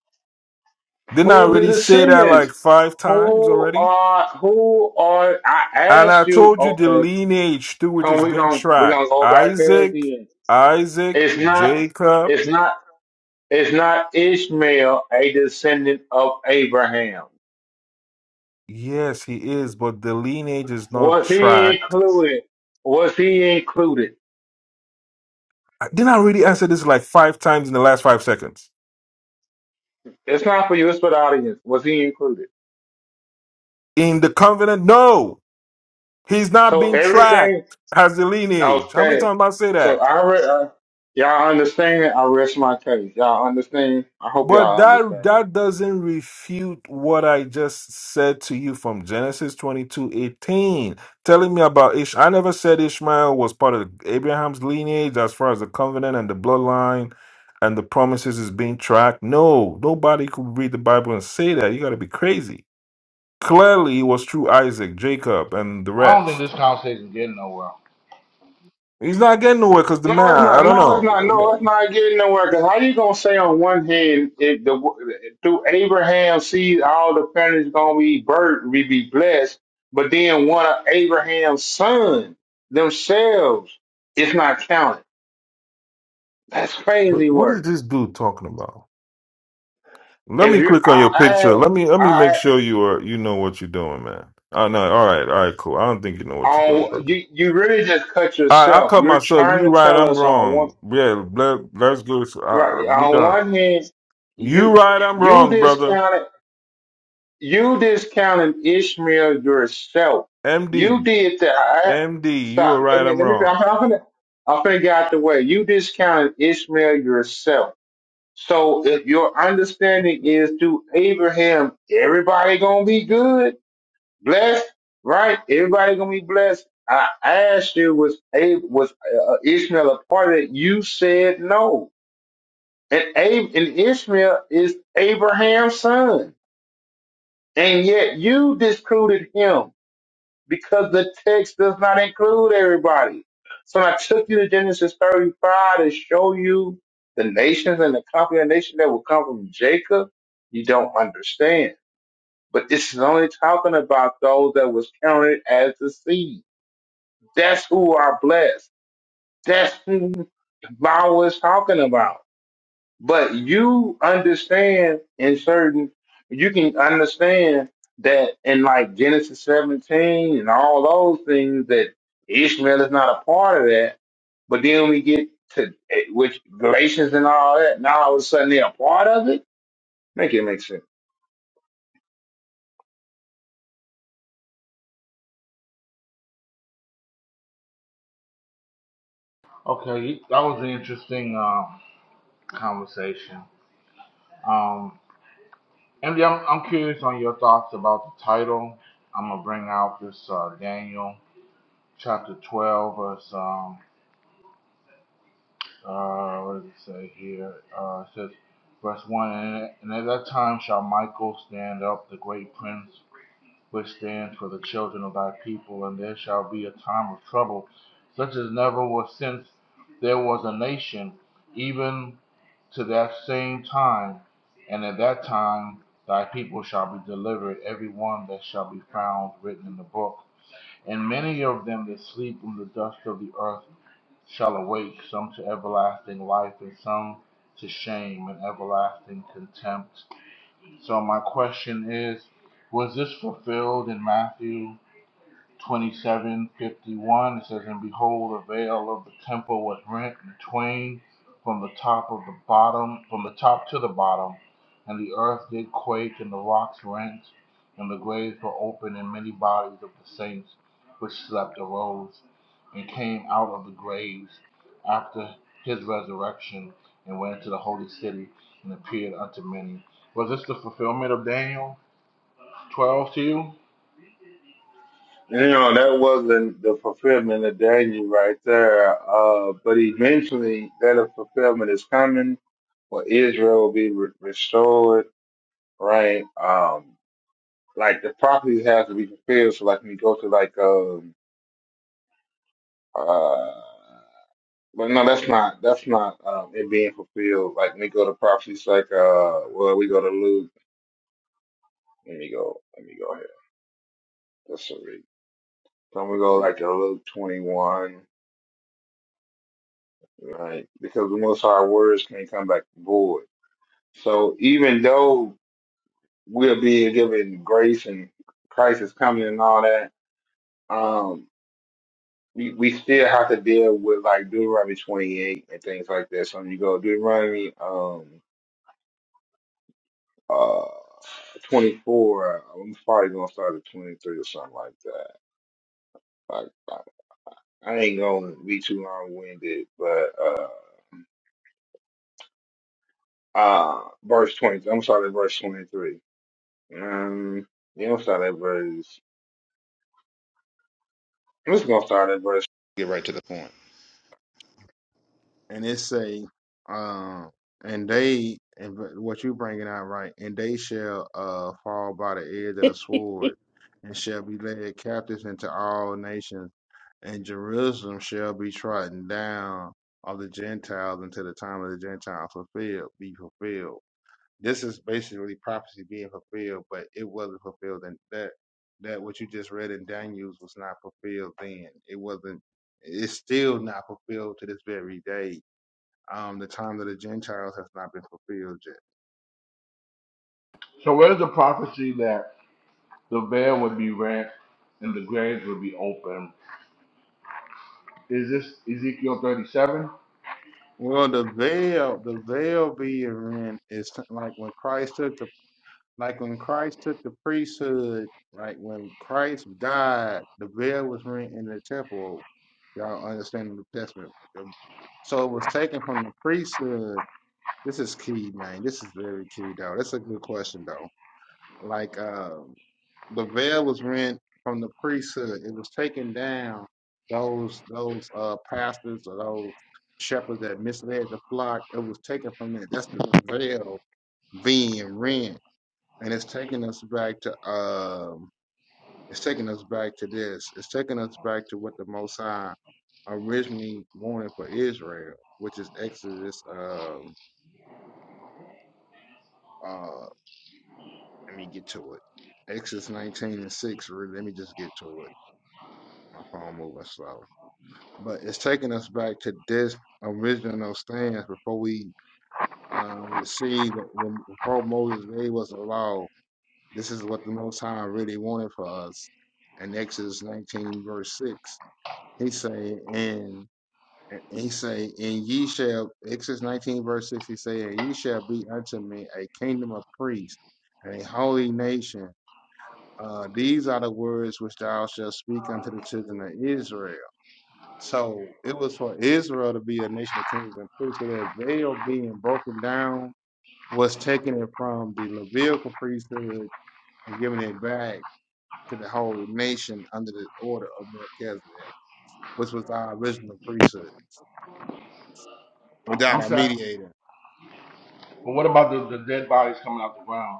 [SPEAKER 3] Didn't
[SPEAKER 6] who
[SPEAKER 3] I
[SPEAKER 6] are the
[SPEAKER 3] already say that like
[SPEAKER 6] descendants.
[SPEAKER 3] five times
[SPEAKER 6] Who
[SPEAKER 3] already?
[SPEAKER 6] are who are I
[SPEAKER 3] And I
[SPEAKER 6] asked you,
[SPEAKER 3] told you the
[SPEAKER 6] okay,
[SPEAKER 3] lineage through which
[SPEAKER 6] come
[SPEAKER 3] is
[SPEAKER 6] we
[SPEAKER 3] being
[SPEAKER 6] gonna we're gonna
[SPEAKER 3] tracked
[SPEAKER 6] go back there
[SPEAKER 3] Isaac,
[SPEAKER 6] again.
[SPEAKER 3] Isaac,
[SPEAKER 6] It's not
[SPEAKER 3] Jacob.
[SPEAKER 6] it's not. Is not Ishmael a descendant of Abraham?
[SPEAKER 3] Yes, he is, but the lineage is not
[SPEAKER 6] Was he
[SPEAKER 3] tracked.
[SPEAKER 6] included? Was he included?
[SPEAKER 3] I- Didn't I already answer this like five times in the last five seconds?
[SPEAKER 6] It's not for you, it's for the audience. Was he included?
[SPEAKER 3] In the covenant? No! He's not
[SPEAKER 6] So
[SPEAKER 3] being tracked
[SPEAKER 6] everything,
[SPEAKER 3] as a lineage. How many
[SPEAKER 6] okay.
[SPEAKER 3] times I say
[SPEAKER 6] So
[SPEAKER 3] that?
[SPEAKER 6] I read, uh, y'all understand? I rest my case. Y'all understand? I hope
[SPEAKER 3] But
[SPEAKER 6] y'all
[SPEAKER 3] that
[SPEAKER 6] understand.
[SPEAKER 3] that doesn't refute what I just said to you from Genesis twenty two eighteen, telling me about Ish. I never said Ishmael was part of Abraham's lineage as far as the covenant and the bloodline and the promises is being tracked. No, nobody could read the Bible and say that. You got to be crazy. Clearly, it was through Isaac, Jacob, and the rest. He's not getting nowhere because the
[SPEAKER 6] No,
[SPEAKER 3] man,
[SPEAKER 6] it's
[SPEAKER 3] I
[SPEAKER 6] not.
[SPEAKER 3] don't
[SPEAKER 6] No, it's not.
[SPEAKER 3] know.
[SPEAKER 6] No, it's not getting nowhere. Because how you gonna say on one hand, if the, through Abraham seed, all the families gonna be birth, we be blessed, but then one of Abraham's son themselves, it's not counted. That's
[SPEAKER 3] But
[SPEAKER 6] crazy
[SPEAKER 3] what is
[SPEAKER 6] work.
[SPEAKER 3] this dude talking about? Let
[SPEAKER 6] If
[SPEAKER 3] me
[SPEAKER 6] you,
[SPEAKER 3] click on your picture.
[SPEAKER 6] I,
[SPEAKER 3] Let me let me make
[SPEAKER 6] I,
[SPEAKER 3] sure you are you know what you're doing, man. Oh no, all right, all right, cool. I don't think you know
[SPEAKER 6] I,
[SPEAKER 3] what you're doing,
[SPEAKER 6] on,
[SPEAKER 3] brother.
[SPEAKER 6] you, you really just cut
[SPEAKER 3] I I
[SPEAKER 6] yourself.
[SPEAKER 3] cut
[SPEAKER 6] You're
[SPEAKER 3] myself.
[SPEAKER 6] trying
[SPEAKER 3] You
[SPEAKER 6] to
[SPEAKER 3] right,
[SPEAKER 6] tell
[SPEAKER 3] I'm
[SPEAKER 6] us on one,
[SPEAKER 3] wrong. Yeah, let, let's go. Uh,
[SPEAKER 6] right?
[SPEAKER 3] we
[SPEAKER 6] On
[SPEAKER 3] done.
[SPEAKER 6] one hand,
[SPEAKER 3] You
[SPEAKER 6] you,
[SPEAKER 3] right, I'm
[SPEAKER 6] you
[SPEAKER 3] wrong, brother.
[SPEAKER 6] discounted. you discounted Ishmael yourself.
[SPEAKER 3] M
[SPEAKER 6] You
[SPEAKER 3] D.
[SPEAKER 6] did that. I,
[SPEAKER 3] M D. you
[SPEAKER 6] stop.
[SPEAKER 3] are
[SPEAKER 6] Let
[SPEAKER 3] right,
[SPEAKER 6] me.
[SPEAKER 3] I'm
[SPEAKER 6] Let me.
[SPEAKER 3] wrong.
[SPEAKER 6] I'm, I'm gonna. I'm gonna get out the way. You discounted Ishmael yourself. So if your understanding is through Abraham, everybody gonna be good, blessed, right? Everybody gonna be blessed. I asked you, was Ab- was uh, Ishmael a part of it? You said no. And Ab- and Ishmael is Abraham's son. And yet you discluded him because the text does not include everybody. So I took you to Genesis 35 to show you the nations and the congregation that will come from Jacob. You don't understand. But this is only talking about those that was counted as the seed. That's who are blessed. That's who the Bible is talking about. But you understand in certain, you can understand that in like Genesis 17 and all those things that Ishmael is not a part of that. But then we get to eh, which Galatians and all that. Now all of a sudden they're a part of it. Make it make sense.
[SPEAKER 1] Okay, that was an interesting um, conversation. Um, MD, I'm, I'm curious on your thoughts about the title. I'm gonna bring out this uh, Daniel chapter 12, verse um, uh, what does it say here? Uh, it says verse one, and, and at that time shall Michael stand up, the great prince, which stands for the children of thy people, and there shall be a time of trouble, such as never was since there was a nation, even to that same time, and at that time thy people shall be delivered, every one that shall be found written in the book. And many of them that sleep in the dust of the earth shall awake, some to everlasting life, and some to shame and everlasting contempt. So my question is, was this fulfilled in Matthew? 27 51. it says and behold the veil of the temple was rent in twain from the top of the bottom from the top to the bottom and the earth did quake and the rocks rent and the graves were opened and many bodies of the saints which slept arose and came out of the graves after his resurrection and went into the holy city and appeared unto many was this the fulfillment of daniel 12 to you
[SPEAKER 6] You know that wasn't the fulfillment of Daniel right there. Uh, but eventually that fulfillment is coming, where Israel will be re- restored. Right. Um, Like the property has to be fulfilled. So like when you go to like um uh but no, that's not that's not um it being fulfilled. Like when we go to properties like uh well we go to Luke let me go let me go here. That's a read. So we go like to Luke twenty one, right? Because the most our words can't come back void. So even though we're being given grace and Christ is coming and all that, um. we, we still have to deal with like Deuteronomy 28 and things like that. So when you go Deuteronomy um uh 24, I'm probably gonna start at 23 or something like that. Like I, I ain't gonna be too long winded, but uh uh verse 20. I'm gonna start at verse 23. Um, you don't start at verse. I'm just gonna start at verse.
[SPEAKER 1] so where's the prophecy that The veil would be rent and the graves would be open. Is this Ezekiel 37? I'm, I'm sorry, but what about the, the dead bodies coming out the ground?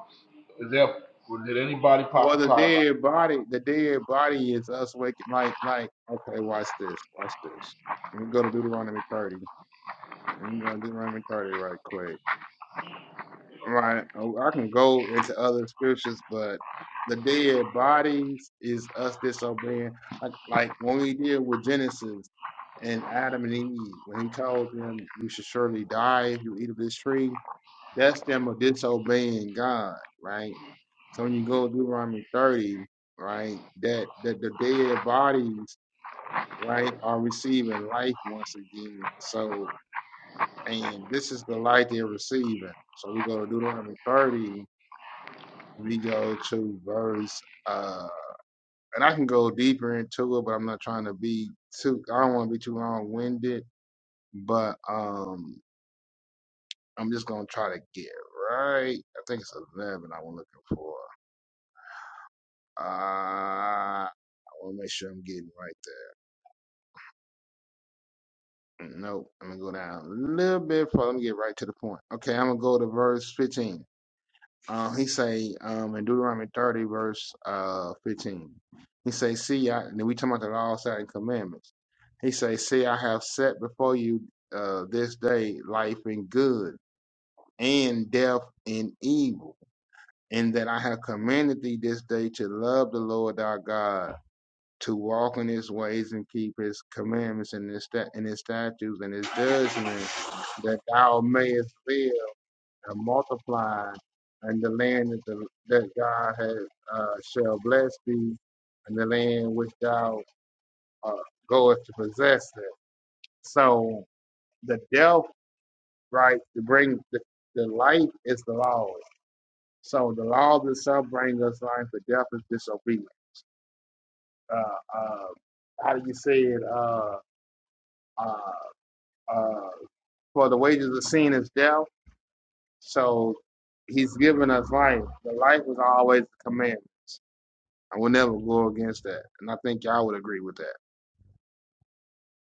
[SPEAKER 1] Is there, did anybody prophesy about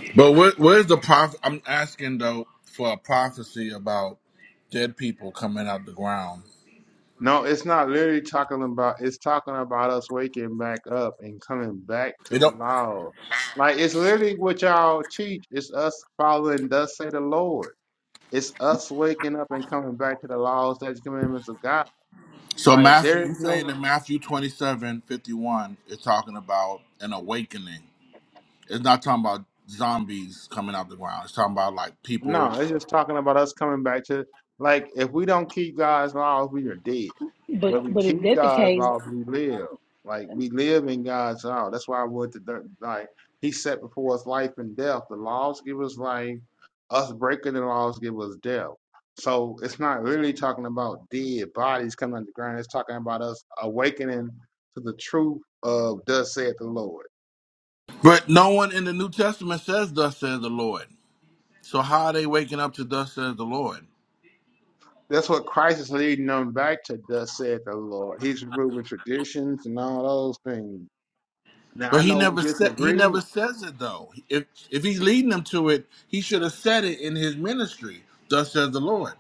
[SPEAKER 1] it? But where, where's the prof? I'm asking though for a prophecy about dead people coming out the ground. It don't. So Matthew, you saying that Matthew 27 51 is talking about an awakening. It's not talking about zombies coming out the ground. It's talking about like people.
[SPEAKER 7] But but if that's the case,
[SPEAKER 1] But no one in the New Testament says, "Thus says the Lord." So how are they waking up to "Thus says the Lord"? But he never said he never says it though. If if he's leading them to it, he should have said it in his ministry. Thus says the Lord.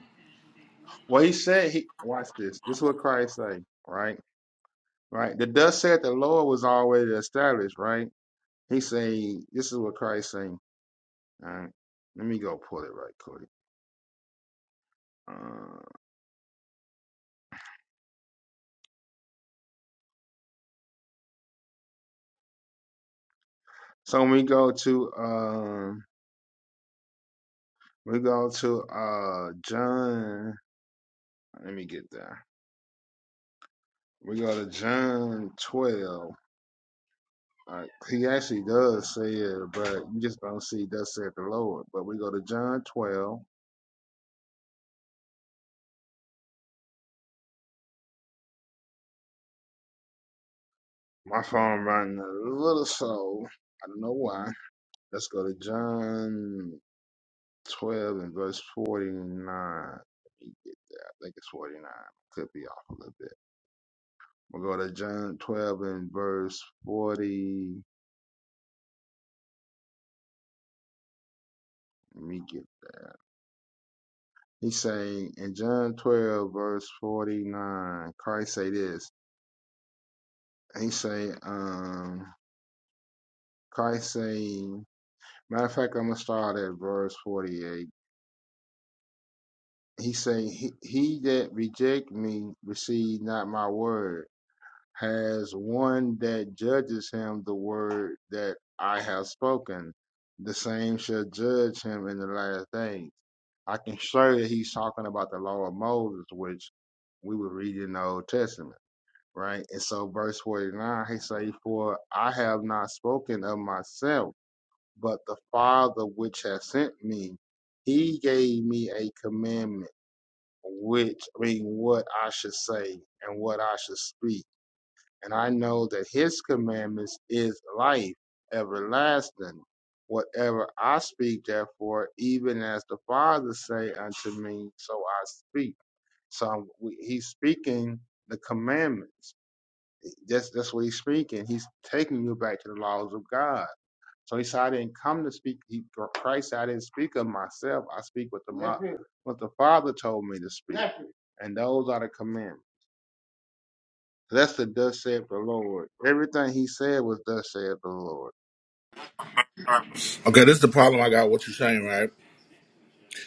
[SPEAKER 1] Okay, this is the problem I got. What you're saying, right?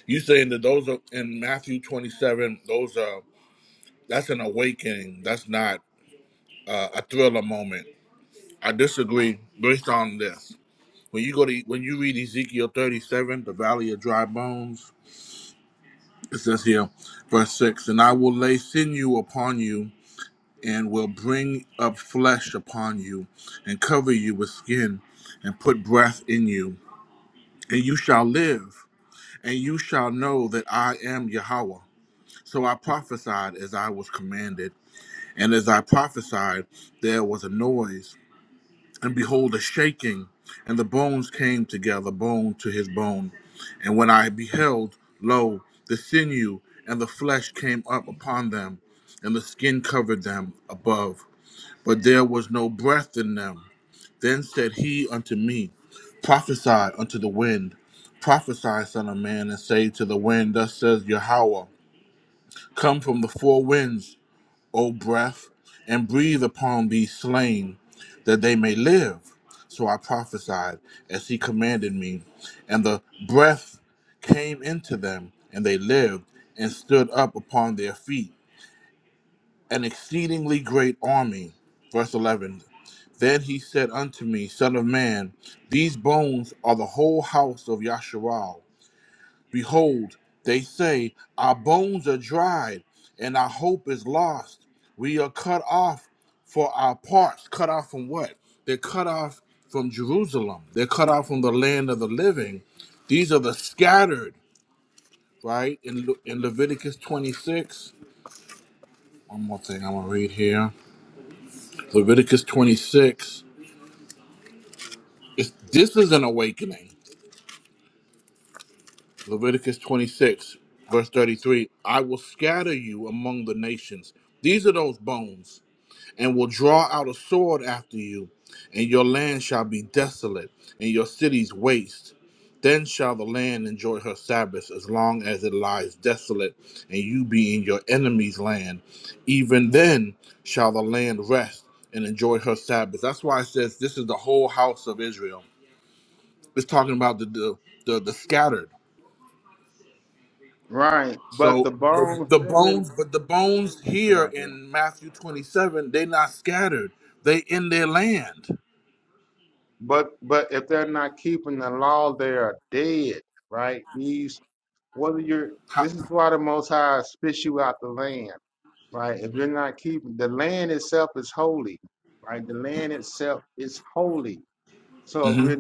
[SPEAKER 1] You saying that those are in Matthew 27. Those are that's an awakening. That's not uh, a thriller moment. I disagree based on this. When you go to when you read Ezekiel 37, the Valley of Dry Bones. it says here, verse 6 And I will lay sinew upon you, and will bring up flesh upon you, and cover you with skin, and put breath in you, and you shall live, and you shall know that I am Yahweh. So I prophesied as I was commanded, and as I prophesied, there was a noise and behold, a shaking, and the bones came together, bone to his bone. And when I beheld, lo, the sinew and the flesh came up upon them, and the skin covered them above. But there was no breath in them. Then said he unto me, Prophesy unto the wind, prophesy, son of man, and say to the wind, Thus says Yahweh, Come from the four winds, O breath, and breathe upon these slain, that they may live. So I prophesied as he commanded me, and the breath came into them, and they lived and stood up upon their feet, an exceedingly great army. Verse 11 Then he said unto me, Son of man, these bones are the whole house of Yasharal. Behold, they say, Our bones are dried, and our hope is lost. We are cut off for our parts. Cut off from what? They're cut off from Jerusalem. They're cut off from the land of the living. These are the scattered, right? In, Le- in Leviticus 26. One more thing I'm going to read here. Leviticus 26. It's, this is an awakening. Leviticus 26, verse 33. I will scatter you among the nations. These are those bones and will draw out a sword after you, and your land shall be desolate, and your cities waste. Then shall the land enjoy her sabbaths as long as it lies desolate, and you be in your enemy's land. Even then shall the land rest and enjoy her sabbaths. That's why it says this is the whole house of Israel. It's talking about the the, the, the scattered. So the, the bones, but the bones here in Matthew 27, they're not scattered. They in their land. How, hmm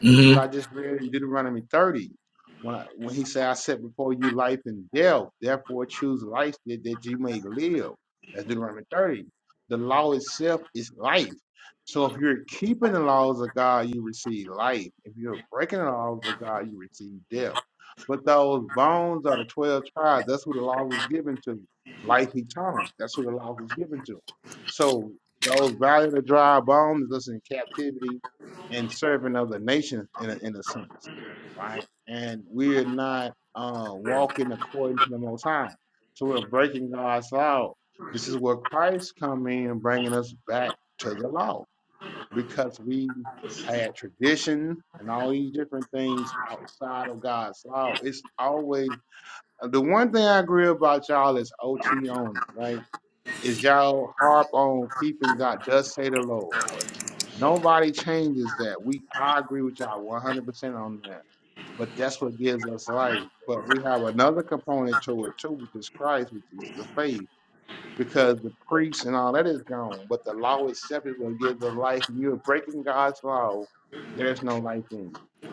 [SPEAKER 1] hmm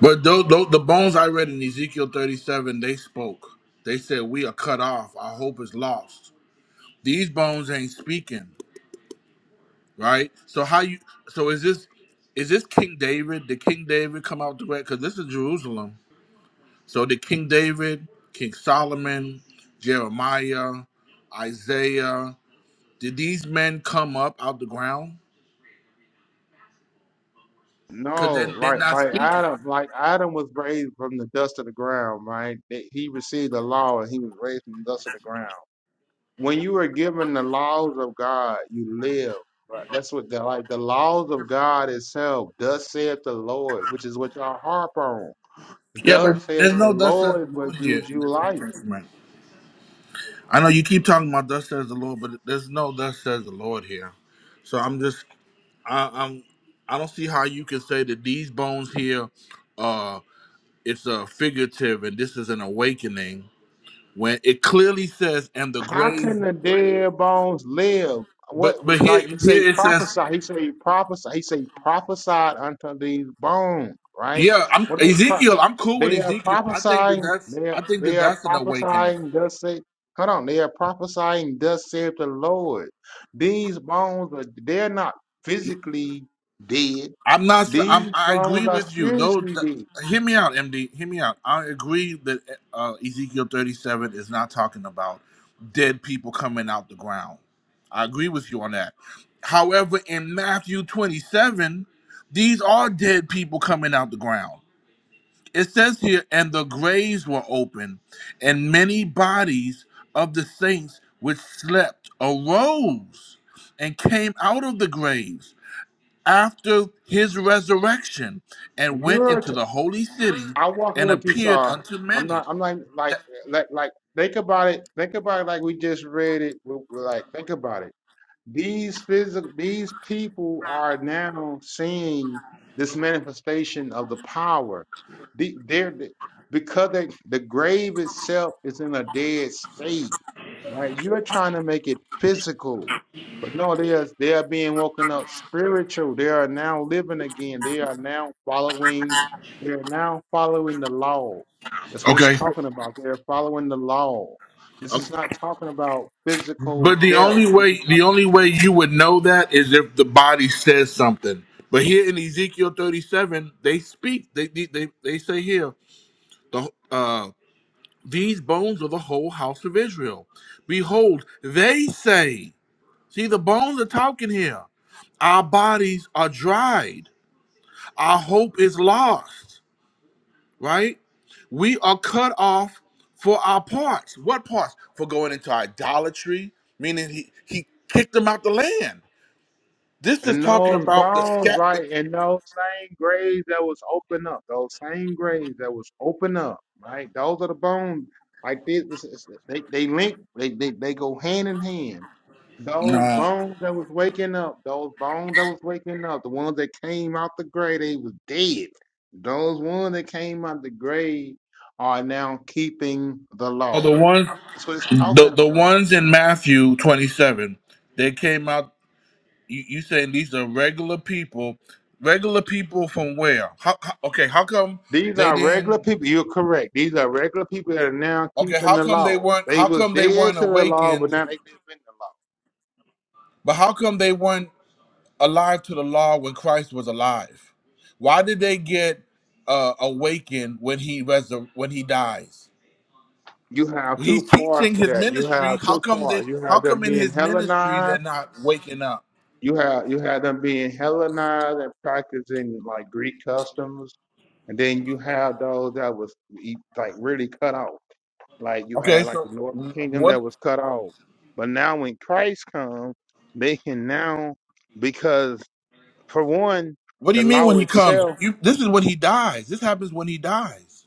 [SPEAKER 1] But tho- tho- the bones I read in Ezekiel 37, they spoke. They said, "We are cut off. Our hope is lost." These bones ain't speaking, right? So how you? So is this? Is this King David? Did King David come out the way? Because this is Jerusalem. So did King David, King Solomon, Jeremiah, Isaiah? Did these men come up out the ground? Because they're, they're not speaking. Yeah, but there's no thus says the Lord here in this New Testament. I know you keep talking about thus says the Lord, but there's no thus says the Lord here. So I'm just I, I'm I don't see how you can say that these bones here uh it's a figurative and this is an awakening when it clearly says and the grave but but here here it says yeah I'm Ezekiel I'm cool with Ezekiel I think that that's I think that that's an awakening I'm not. s- I'm, I agree with you. Those. That, hear me out, MD. Hear me out. I agree that uh, Ezekiel 37 is not talking about dead people coming out the ground. I agree with you on that. However, in Matthew 27, these are dead people coming out the ground. It says here, and the graves were open, and many bodies of the saints which slept arose and came out of the graves after his resurrection and went into the holy city and appeared unto many. Okay. uh, But the only way the only way you would know that is if the body says something. But here in Ezekiel 37, they speak. They they they, they say here, the uh these bones are the whole house of Israel. Behold, they say, see the bones are talking here. Our bodies are dried. Our hope is lost. right? We are cut off for our parts. What parts? For going into idolatry, meaning he, he kicked them out the land. This is talking about the scat, but no, oh, the one, the, the ones in Matthew twenty seven. They came out. You, you saying these are regular people? Regular people from where? How, how, okay, how come they didn't? Okay, how come they weren't? How come they weren't awakened? But how come they weren't? alive to the law when Christ was alive? Why did they get uh, awakened when he resur- when he dies? He's teaching his ministry. How come they? How come in his ministry they're not waking up? Okay, so what? What do you mean when he comes? You, this is when he dies. This happens when he dies.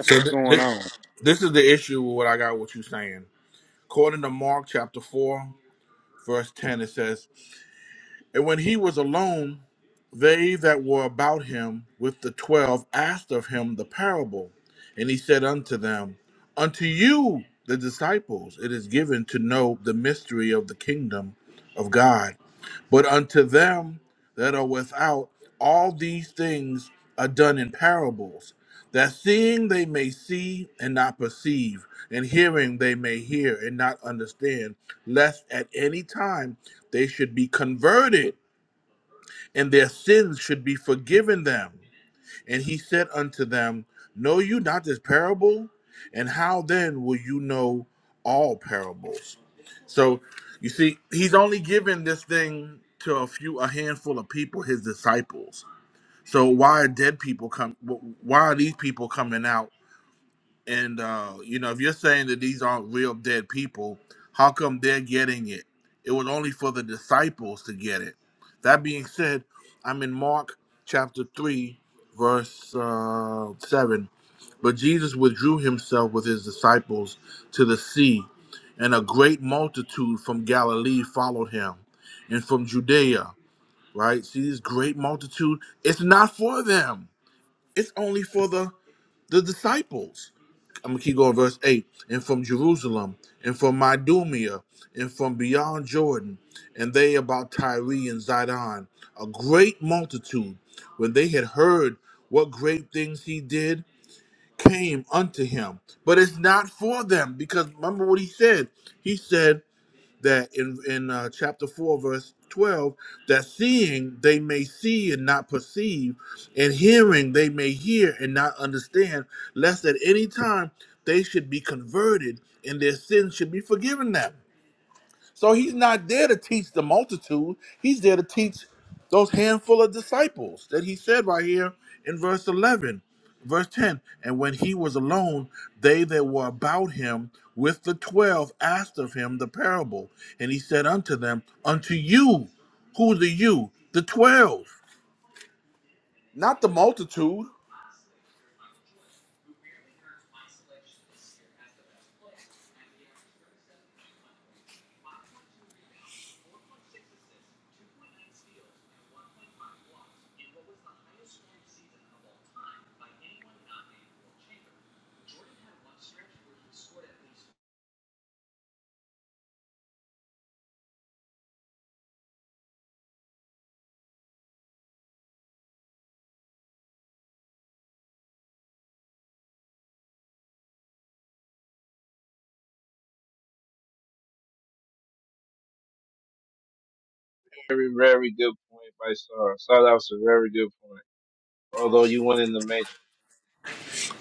[SPEAKER 1] So th- this this is the issue with what I got. What you saying? According to Mark chapter four verse ten, it says, "And when he was alone." They that were about him with the twelve asked of him the parable, and he said unto them, Unto you, the disciples, it is given to know the mystery of the kingdom of God, but unto them that are without, all these things are done in parables, that seeing they may see and not perceive, and hearing they may hear and not understand, lest at any time they should be converted and their sins should be forgiven them. And he said unto them, Know you not this parable? And how then will you know all parables? So you see, he's only given this thing to a few, a handful of people, his disciples. So why are dead people come? Why are these people coming out? And uh, you know, if you're saying that these aren't real dead people, how come they're getting it? It was only for the disciples to get it. That being said, I'm in Mark chapter three, verse uh, seven. But Jesus withdrew himself with his disciples to the sea, and a great multitude from Galilee followed him, and from Judea. Right? See this great multitude. It's not for them. It's only for the the disciples I'm gonna keep going, verse 8. And from Jerusalem, and from Idumea, and from beyond Jordan, and they about Tyre and Zidon, a great multitude, when they had heard what great things he did, came unto him. But it's not for them, because remember what he said. He said, that in in uh, chapter four, verse twelve, that seeing they may see and not perceive, and hearing they may hear and not understand, lest at any time they should be converted and their sins should be forgiven them. So he's not there to teach the multitude. He's there to teach those handful of disciples that he said right here in verse 11, verse 10. And when he was alone, they that were about him with the 12 asked of him the parable. And he said unto them, Unto you, who the you? The 12, not the multitude.
[SPEAKER 8] Very, very good point by Star. Star, that was a very good point. Although you went in the main.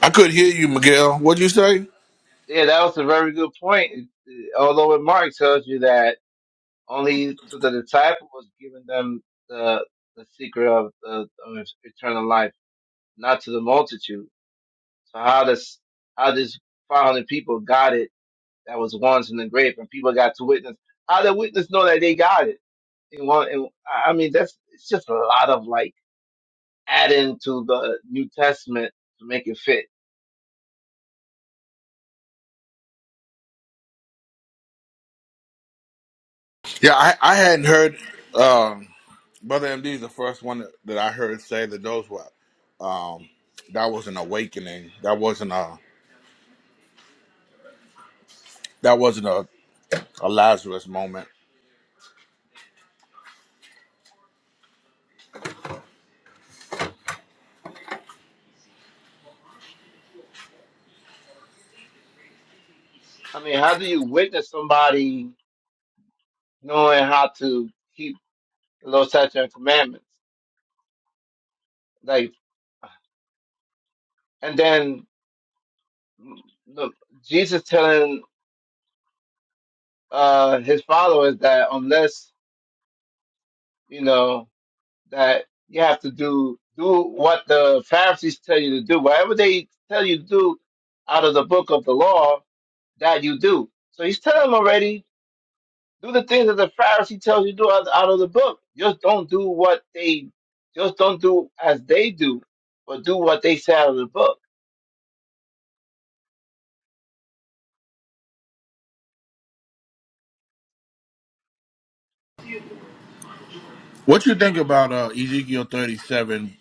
[SPEAKER 1] I could hear you, Miguel. What'd you say?
[SPEAKER 8] Yeah, that was a very good point. Although what Mark tells you that only to the disciple was given them the the secret of, the, of eternal life, not to the multitude. So how does how does 500 people got it that was once in the grave and people got to witness? How did witness know that they got it? And one, and, I I mean, that's it's just a lot of like adding to the New Testament to make it fit.
[SPEAKER 1] Yeah, I, I hadn't heard um, Brother MD is the first one that, that I heard say that those were um, that was an awakening. That wasn't a that wasn't a, a Lazarus moment.
[SPEAKER 8] I mean, how do you witness somebody knowing how to keep the Lord's statutes and commandments? Like, and then the, Jesus telling uh, his followers that unless you know that you have to do do what the Pharisees tell you to do, whatever they tell you to do out of the book of the law, that you do. So he's telling them already Do the things that the Pharisee tells you to do out, out of the book. Just don't do what they, just don't do as they do, but do what they say out of the book.
[SPEAKER 1] What you think about uh, Ezekiel thirty seven,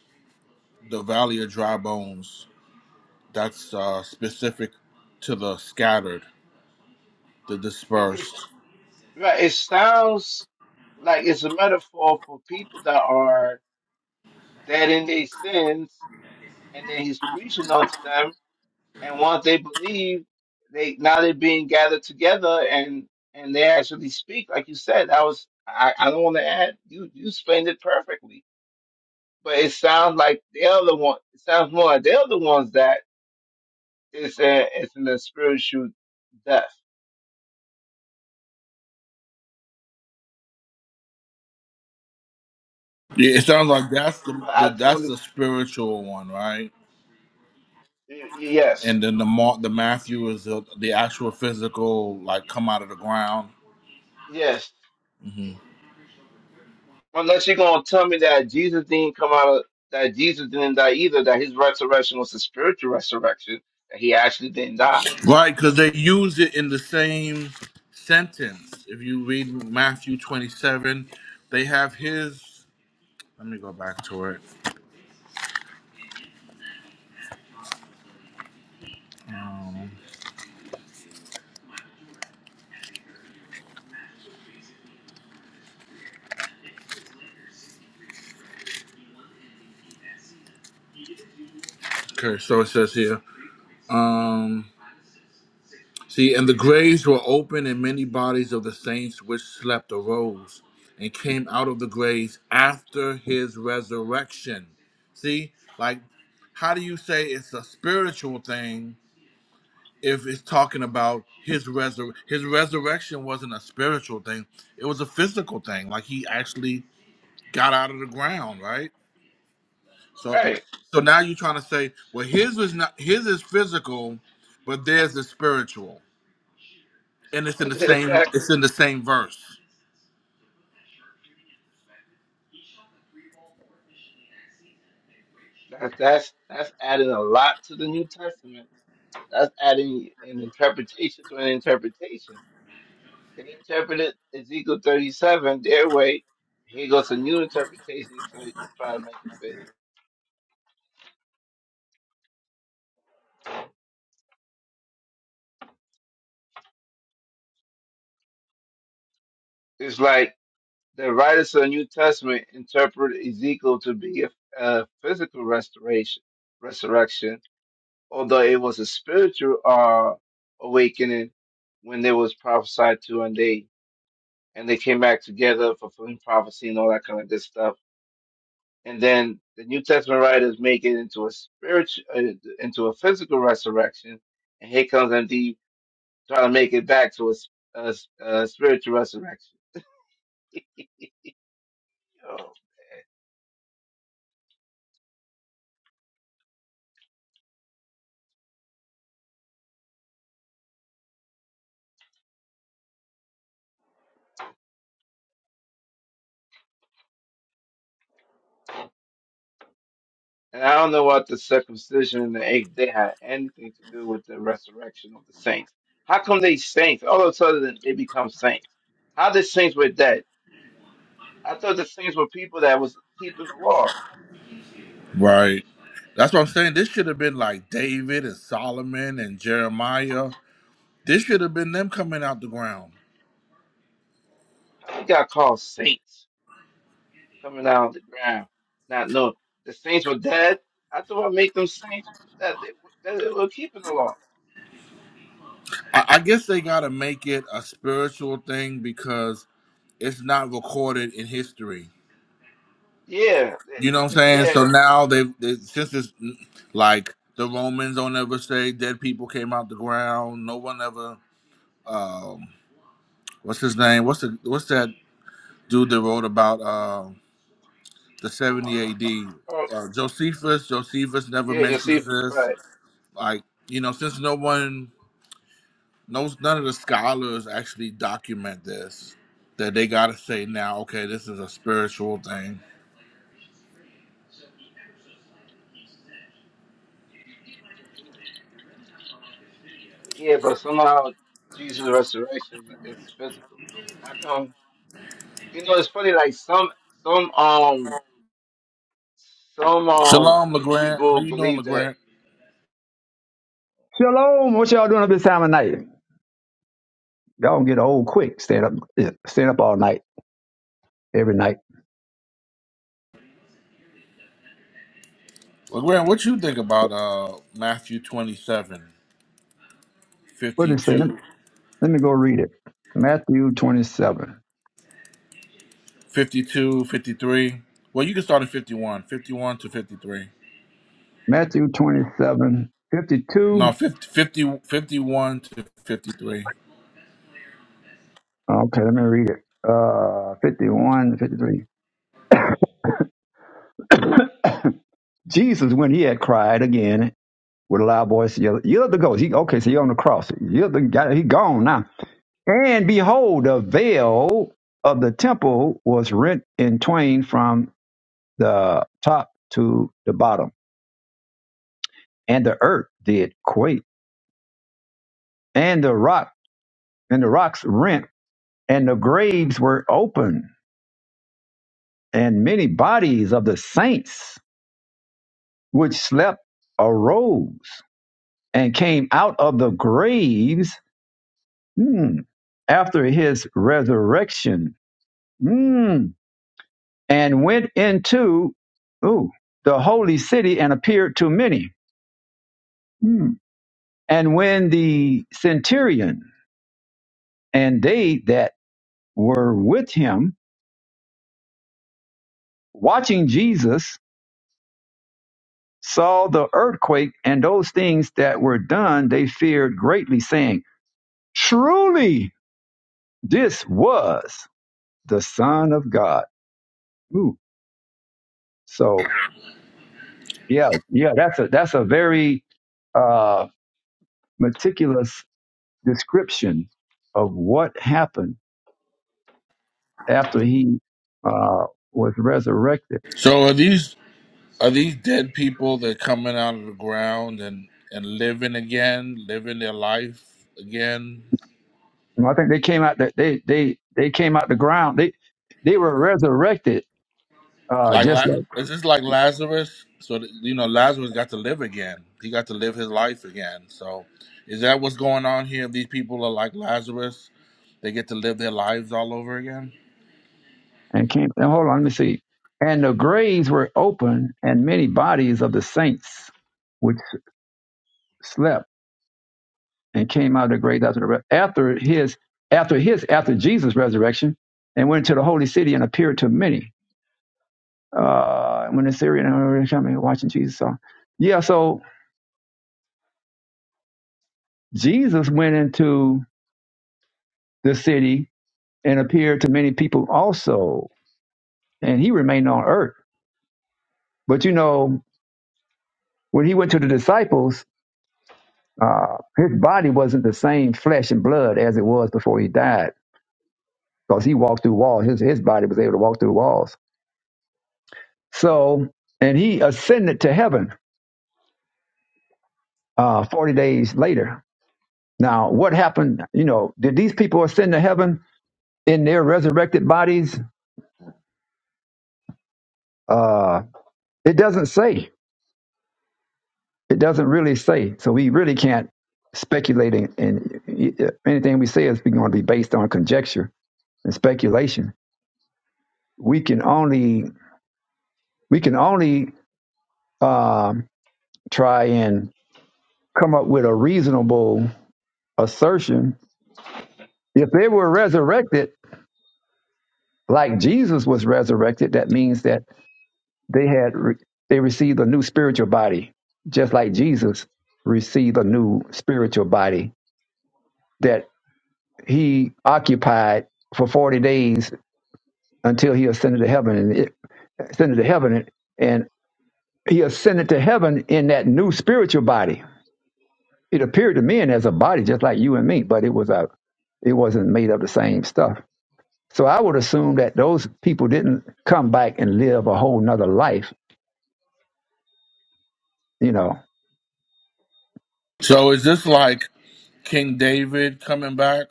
[SPEAKER 1] the valley of dry bones? That's uh, specific to the scattered, the
[SPEAKER 8] It, it's
[SPEAKER 1] dispersed.
[SPEAKER 8] right. It sounds like it's a metaphor for people that are dead in their sins, and then he's preaching unto them. And once they believe, they now they're being gathered together, and and they actually speak. Like you said, that was I. I don't want to add. You you explained it perfectly But it sounds like the other one. It sounds more like the other ones that it's a, it's in the spiritual death.
[SPEAKER 1] Yeah, It sounds like that's the,
[SPEAKER 8] But
[SPEAKER 1] the
[SPEAKER 8] I think when
[SPEAKER 1] that's the
[SPEAKER 8] it's
[SPEAKER 1] spiritual one, right?
[SPEAKER 8] y- yes,
[SPEAKER 1] And then the Mark, the Matthew is the, the actual physical, like come out of the ground.
[SPEAKER 8] yes.
[SPEAKER 1] Mhm.
[SPEAKER 8] Unless you're gonna tell me that Jesus didn't come out of that Jesus didn't die either. That his resurrection was a spiritual resurrection. That he actually didn't die.
[SPEAKER 1] Right, because they use it in the same sentence. If you read Matthew 27, they have his. Let me go back to it. Um, okay, so it says here. Um, See, and the graves were open, and many bodies of the saints which slept arose and came out of the graves after his resurrection. See, like, how do you say it's a spiritual thing if it's talking about his resur- his resurrection wasn't a spiritual thing it was a physical thing like he actually got out of the ground right so
[SPEAKER 8] Right.
[SPEAKER 1] so now you're trying to say well his was not his is physical but theirs is spiritual and it's in the same
[SPEAKER 8] exactly.
[SPEAKER 1] it's in the same verse
[SPEAKER 8] That, that's that's adding a lot to the New Testament. That's adding an interpretation to an interpretation. They interpreted Ezekiel 37 their way. Here goes a new interpretation so you can try to make it fit. It's like the writers of the New Testament interpret Ezekiel to be a, a physical restoration, resurrection, although it was a spiritual uh, awakening when they was prophesied to and they and they came back together, fulfilling prophecy and all that kind of good stuff and then the New Testament writers make it into a spiritual, uh, into a physical resurrection, and here comes MD trying to make it back to a, s- a s- a spiritual resurrection. Yo. And I don't know what the circumcision and the eighth day had anything to do with the resurrection of the saints. How come they saints? All of a sudden they become saints. How the saints were dead? I thought the saints were people that was keeping the law.
[SPEAKER 1] right that's what i'm saying this should have been like david and solomon and jeremiah this should have been them coming out the ground
[SPEAKER 8] They got called saints. coming out of the ground, not knowing the saints were dead. I thought I make them saints that they, that they were keeping the law.
[SPEAKER 1] I, I guess they gotta make it a spiritual thing because it's not recorded in history.
[SPEAKER 8] Yeah,
[SPEAKER 1] You know
[SPEAKER 8] eh,
[SPEAKER 1] what I'm
[SPEAKER 8] eh,
[SPEAKER 1] saying? So
[SPEAKER 8] yeah,
[SPEAKER 1] now they, they since it's like the Romans don't ever say dead people came out the ground. No one ever. Um, what's his name? What's the what's that dude that wrote about uh, the
[SPEAKER 8] oh, oh, oh,
[SPEAKER 1] 70
[SPEAKER 8] oh,
[SPEAKER 1] A.D.
[SPEAKER 8] oh,
[SPEAKER 1] Uh, Josephus? Josephus never
[SPEAKER 8] yeah.
[SPEAKER 1] mentions
[SPEAKER 8] Josephus,
[SPEAKER 1] this.
[SPEAKER 8] right?
[SPEAKER 1] Like you know, since no one knows, none of the scholars actually document this. That they gotta say now. Okay, this is a spiritual thing.
[SPEAKER 8] Yeah, but somehow Jesus' resurrection is physical. How come? You know, it's funny. Like some some um some um
[SPEAKER 1] Shalom, Legrand. How
[SPEAKER 8] people
[SPEAKER 1] you doing,
[SPEAKER 8] believe that.
[SPEAKER 1] Legrand?
[SPEAKER 9] Shalom, what y'all doing up this time of night? Y'all gonna get old quick. Stand up, yeah, stand up all night, every night.
[SPEAKER 1] Well, Graham, what you think about uh, Matthew twenty-seven,
[SPEAKER 9] What did it say? Let
[SPEAKER 1] fifty-two,
[SPEAKER 9] let me go read it. Matthew 27.
[SPEAKER 1] fifty-two, fifty-three? Well, you can start at 51, 51 to 53.
[SPEAKER 9] Matthew twenty-seven fifty-two.
[SPEAKER 1] No, 50, fifty, fifty-one to 53.
[SPEAKER 9] Okay, let me read it. Uh, 51, fifty-three. Jesus, when he had cried again with a loud voice, yelled, yelled the ghost. He, okay, so he on the cross. Yelled the guy, he gone now. And behold, the veil of the temple was rent in twain from the top to the bottom, and the earth did quake, and the rock and the rocks rent, and the graves were open, and many bodies of the saints which slept arose and came out of the graves hmm, after his resurrection, hmm, and went into ooh, the holy city and appeared to many. Hmm. And when the centurion and they that were with him, watching Jesus, saw the earthquake and those things that were done, they feared greatly, saying, Truly, this was the Son of God. Ooh. So, yeah, yeah, that's a that's a very uh, meticulous description of what happened after he uh, was resurrected.
[SPEAKER 1] So are these are these dead people that coming out of the ground and and living again, living their life again?
[SPEAKER 9] And I think they came out. They they they they came out the ground. They they were resurrected uh,
[SPEAKER 1] Like,
[SPEAKER 9] just
[SPEAKER 1] La-
[SPEAKER 9] like
[SPEAKER 1] is this like Lazarus? So that- you know, Lazarus got to live again. He got to live his life again. So, is that what's going on here? These people are like Lazarus. They get to live their lives all over again.
[SPEAKER 9] and came. And hold on, let me see. And the graves were open, and many bodies of the saints which slept and came out of the graves after the re- after his after his after Jesus' resurrection, and went to the holy city and appeared to many. Uh, when the Syrian were coming, watching Jesus. So, yeah, so Jesus went into the city and appeared to many people also, and he remained on earth. But you know, when he went to the disciples, Uh, his body wasn't the same flesh and blood as it was before he died because he walked through walls. His, his body was able to walk through walls. So, and he ascended to heaven uh, 40 days later. Now, what happened? You know, did these people ascend to heaven in their resurrected bodies? Uh, it doesn't say. It doesn't really say. So we really can't speculate, and and anything we say is going to be based on conjecture and speculation. We can only we can only um, try and come up with a reasonable assertion. If they were resurrected like Jesus was resurrected, that means that they had re- they received a new spiritual body, just like Jesus received a new spiritual body that he occupied for forty days until he ascended to heaven and it, ascended to heaven and and he ascended to heaven in that new spiritual body It appeared to men as a body, just like you and me, but it was a, it wasn't made of the same stuff. So I would assume that those people didn't come back and live a whole nother life. You know,
[SPEAKER 1] So, is this like King David coming back?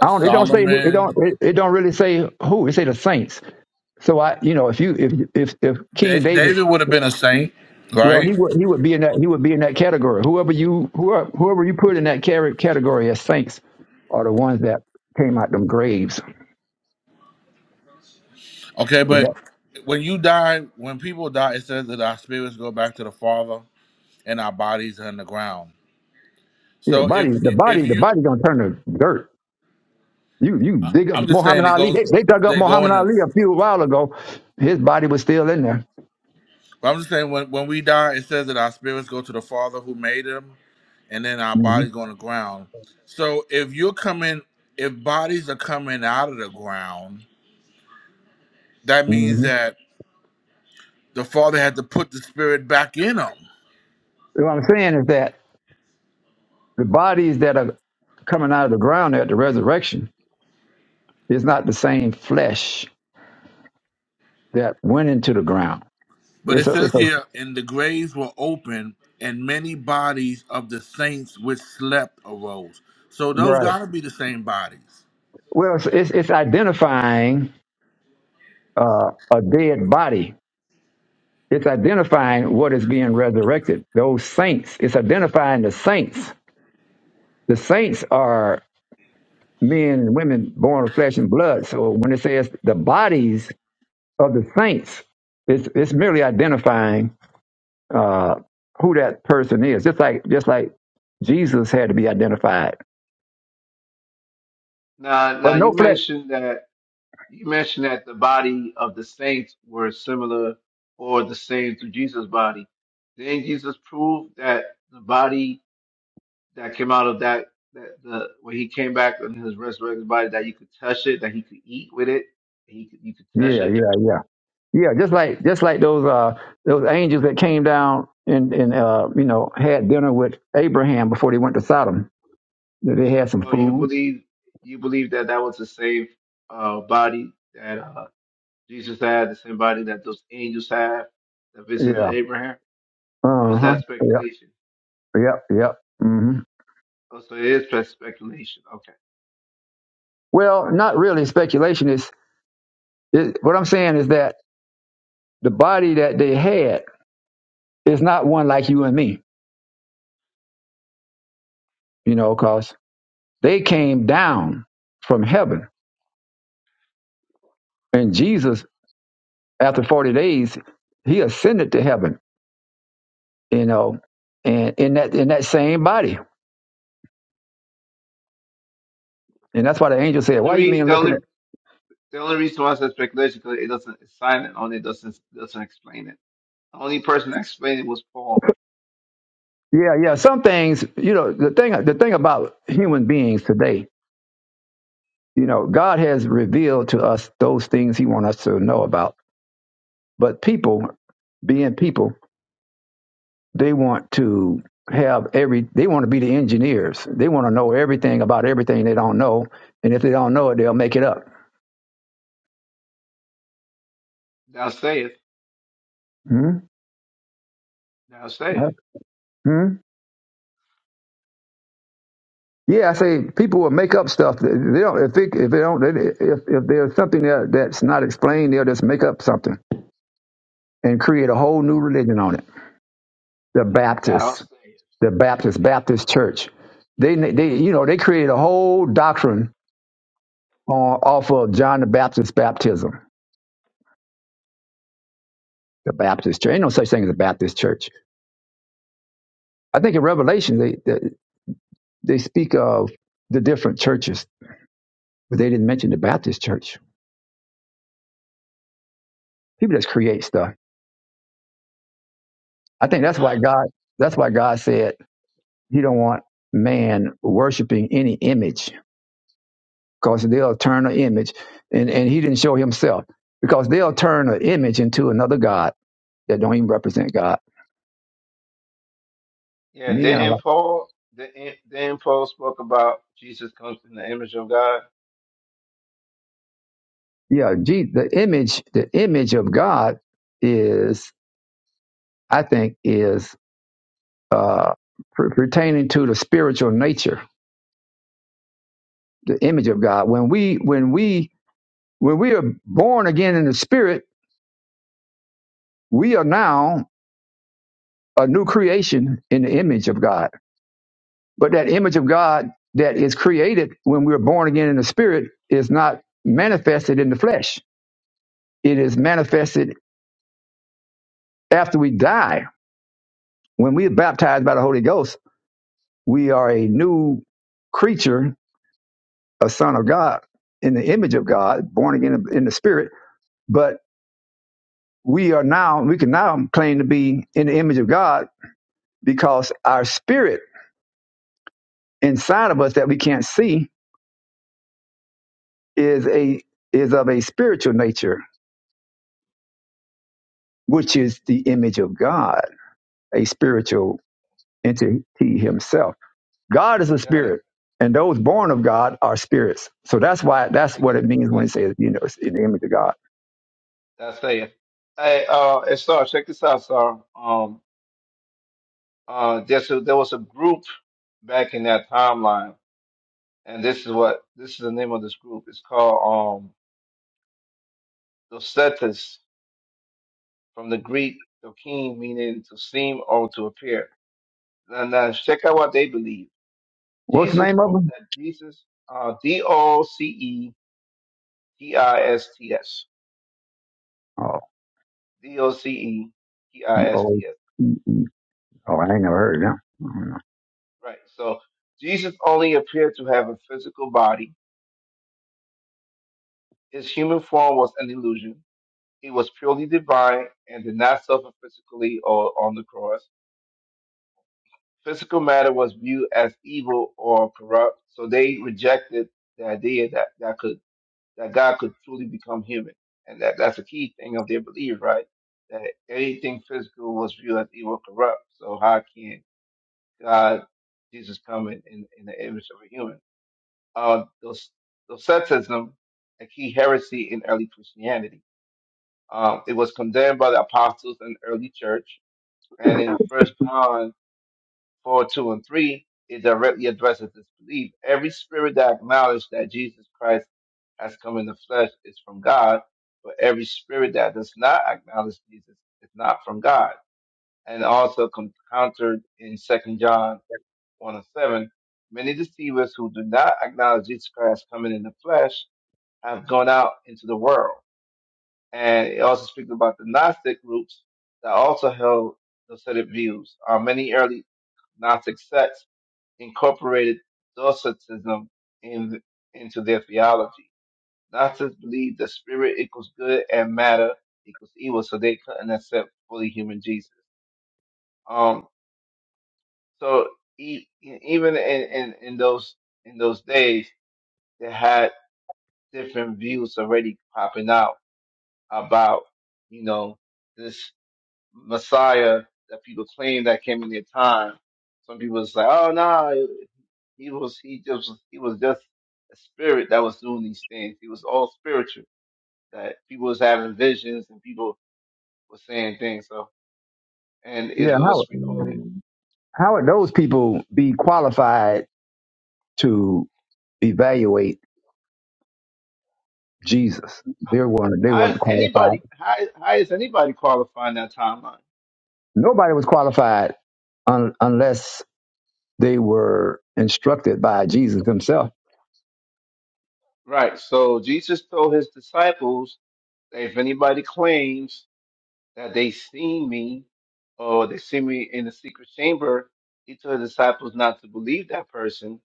[SPEAKER 9] I don't. It don't say. It
[SPEAKER 1] Solomon?
[SPEAKER 9] don't. It, it don't really say who. It say the saints. So I, you know, if you if if if
[SPEAKER 1] Da-
[SPEAKER 9] King David,
[SPEAKER 1] David would have been a saint,
[SPEAKER 9] well, he
[SPEAKER 1] right?
[SPEAKER 9] would he would be in that he would be in that category. Whoever you whoever whoever you put in that cate- category as saints are the ones that came out them graves.
[SPEAKER 1] Okay,
[SPEAKER 9] With
[SPEAKER 1] but
[SPEAKER 9] that,
[SPEAKER 1] when you die, when people die, it says that our spirits go back to the Father and our bodies are in the ground.
[SPEAKER 9] yeah, the
[SPEAKER 1] So,
[SPEAKER 9] body,
[SPEAKER 1] if
[SPEAKER 9] the body,
[SPEAKER 1] if
[SPEAKER 9] the
[SPEAKER 1] you
[SPEAKER 9] body gonna turn to dirt. You you
[SPEAKER 1] I,
[SPEAKER 9] dig up
[SPEAKER 1] I'm just
[SPEAKER 9] Muhammad
[SPEAKER 1] saying it
[SPEAKER 9] Ali.
[SPEAKER 1] goes.
[SPEAKER 9] They, they dug up
[SPEAKER 1] They go
[SPEAKER 9] Muhammad
[SPEAKER 1] in the.
[SPEAKER 9] Ali a few while ago. His body was still in there.
[SPEAKER 1] But I'm just saying when when we die, it says that our spirits go to the Father who made them, and then our
[SPEAKER 9] hmm
[SPEAKER 1] bodies go on the ground. So if you're coming, if bodies are coming out of the ground, that means
[SPEAKER 9] hmm
[SPEAKER 1] that the Father had to put the spirit back in them.
[SPEAKER 9] What I'm saying is that the bodies that are coming out of the ground at the resurrection is not the same flesh that went into the ground.
[SPEAKER 1] But
[SPEAKER 9] It's
[SPEAKER 1] it
[SPEAKER 9] a, it's
[SPEAKER 1] says here,
[SPEAKER 9] a
[SPEAKER 1] and the graves were open, and many bodies of the saints which slept arose. So those
[SPEAKER 9] right.
[SPEAKER 1] gotta be the same bodies.
[SPEAKER 9] Well, it's it's, it's identifying uh, a dead body. It's identifying what is being resurrected. Those saints. It's identifying the saints. The saints are men and women born of flesh and blood. So when it says the bodies of the saints, it's it's merely identifying uh, who that person is. Just like just like Jesus had to be identified,
[SPEAKER 8] Now,
[SPEAKER 9] but
[SPEAKER 8] now you
[SPEAKER 9] no flesh.
[SPEAKER 8] mentioned that. You mentioned that the body of the saints were similar or the same to Jesus' body. Then Jesus proved that the body that came out of that, that the when he came back in his resurrected body, that you could touch it, that he could eat with it, he could you could touch
[SPEAKER 9] Yeah,
[SPEAKER 8] it?
[SPEAKER 9] yeah, yeah, yeah. Just like just like those uh, those angels that came down and and uh, you know had dinner with Abraham before they went to Sodom. They had some
[SPEAKER 8] Oh, you
[SPEAKER 9] food.
[SPEAKER 8] believe you believe that that was the same uh, body that uh, Jesus had, the same body that those angels had that
[SPEAKER 9] Yeah.
[SPEAKER 8] visited Abraham? Or
[SPEAKER 9] Uh
[SPEAKER 8] is
[SPEAKER 9] huh.
[SPEAKER 8] that
[SPEAKER 9] Yep.
[SPEAKER 8] speculation?
[SPEAKER 9] Yep. Yep. hmm
[SPEAKER 8] Oh, so it is just speculation. Okay.
[SPEAKER 9] Well, not really speculation. Is It, what I'm saying is that the body that they had is not one like you and me, you know, because they came down from heaven. And Jesus, after 40 days, he ascended to heaven, you know, and in that in that same body. And that's why the angel
[SPEAKER 8] The
[SPEAKER 9] said,
[SPEAKER 8] only
[SPEAKER 9] Why you mean
[SPEAKER 8] reason,
[SPEAKER 9] looking at
[SPEAKER 8] The only reason why I said speculation because it doesn't it's silent on it doesn't doesn't explain it. The only person that explained it was Paul.
[SPEAKER 9] Yeah, yeah. Some things, you know, the thing the thing about human beings today, you know, God has revealed to us those things he wants us to know about. But people being people They want to have every, they want to be the engineers. They want to know everything about everything they don't know. And if they don't know it, they'll make it up.
[SPEAKER 8] Thou sayest,
[SPEAKER 9] Hmm?
[SPEAKER 8] thou sayest,
[SPEAKER 9] Hmm? Yeah, I say people will make up stuff. They don't, if, it, if they don't, if, if there's something that, that's not explained, they'll just make up something and create a whole new religion on it. The
[SPEAKER 8] thou
[SPEAKER 9] Baptists,
[SPEAKER 8] sayest.
[SPEAKER 9] the Baptist,
[SPEAKER 8] Yeah,
[SPEAKER 9] Baptist church. They, they, you know, they create a whole doctrine on, off of John the Baptist's baptism. The Baptist church. Ain't no such thing as a Baptist church. I think in Revelation they they, they speak of the different churches, but they didn't mention the Baptist church. People just create stuff. I think that's why God that's why God said He don't want man worshiping any image because they'll turn an image, and and He didn't show Himself because they'll turn an image into another god that don't even represent God.
[SPEAKER 8] yeah.
[SPEAKER 9] Me and I,
[SPEAKER 8] Didn't
[SPEAKER 9] like-
[SPEAKER 8] Paul? Didn't, didn't Paul spoke about Jesus comes in the image of God?
[SPEAKER 9] yeah, gee, the image the image of God is I think is uh, per- pertaining to the spiritual nature the image of God. When we when we when we are born again in the spirit, we are now a new creation in the image of God. But that image of God that is created when we're born again in the spirit is not manifested in the flesh. It is manifested after we die. When we are baptized by the Holy Ghost, we are a new creature, a son of God, in the image of God, born again in the spirit. But we are now, we can now claim to be in the image of God because our spirit inside of us that we can't see is a is of a spiritual nature, which is the image of God, a spiritual entity himself. God is a
[SPEAKER 8] Got it.
[SPEAKER 9] spirit, and those born of God are spirits. So that's why that's
[SPEAKER 8] Okay,
[SPEAKER 9] what
[SPEAKER 8] get
[SPEAKER 9] it means
[SPEAKER 8] that.
[SPEAKER 9] when it says, you know, it's in the image of God.
[SPEAKER 8] Thou sayest. Hey, uh, and Star, check this out, Star. Um, uh, there's a, there was a group back in that timeline, and this is what this is the name of this group. It's called um the Cetus. from the Greek dokein, meaning to seem or to appear. Now, now check out what they believe.
[SPEAKER 9] What's the
[SPEAKER 8] Jesus,
[SPEAKER 9] name
[SPEAKER 8] uh,
[SPEAKER 9] of them?
[SPEAKER 8] that Jesus, uh, D O C E T I S T S,
[SPEAKER 9] Oh,
[SPEAKER 8] D O C E T I
[SPEAKER 9] oh,
[SPEAKER 8] S T S.
[SPEAKER 9] oh, I ain't never heard of them. I don't know.
[SPEAKER 8] Right. So Jesus only appeared to have a physical body. His human form was an illusion. He was purely divine and did not suffer physically or on the cross. Physical matter was viewed as evil or corrupt, so they rejected the idea that that could that God could truly become human. And that, that's a key thing of their belief, right? That anything physical was viewed as evil, corrupt. So how can God, Jesus come in, in, in the image of a human? Uh, those, Docetism, a key heresy in early Christianity. Um, it was condemned by the apostles and early church. And in First John 4, 2, and 3, it directly addresses this belief. Every spirit that acknowledges that Jesus Christ has come in the flesh is from God, but every spirit that does not acknowledge Jesus is not from God. And also com- countered in Second John 1 and 7, many deceivers who do not acknowledge Jesus Christ coming in the flesh have gone out into the world. And it also speaks about the Gnostic groups that also held those set of views. Uh, many early Gnostic sects incorporated Docetism in, into their theology. Gnostics believed that spirit equals good and matter equals evil, so they couldn't accept fully human Jesus. Um, so e- even in, in, in those in those days, they had different views already popping out about you know this Messiah that people claim that came in their time. Some people was like, oh no, He was he just he was just a spirit that was doing these things. He was all spiritual. That people was having visions and people were saying things. So and it
[SPEAKER 9] Yeah,
[SPEAKER 8] was
[SPEAKER 9] how
[SPEAKER 8] recorded.
[SPEAKER 9] how would those people be qualified to evaluate? Jesus. They weren't they
[SPEAKER 8] how is
[SPEAKER 9] weren't qualified.
[SPEAKER 8] anybody how how is anybody qualifying that timeline?
[SPEAKER 9] Nobody was qualified un, unless they were instructed by Jesus himself.
[SPEAKER 8] Right. So Jesus told his disciples that if anybody claims that they seen me or they see me in the secret chamber, he told the disciples not to believe that person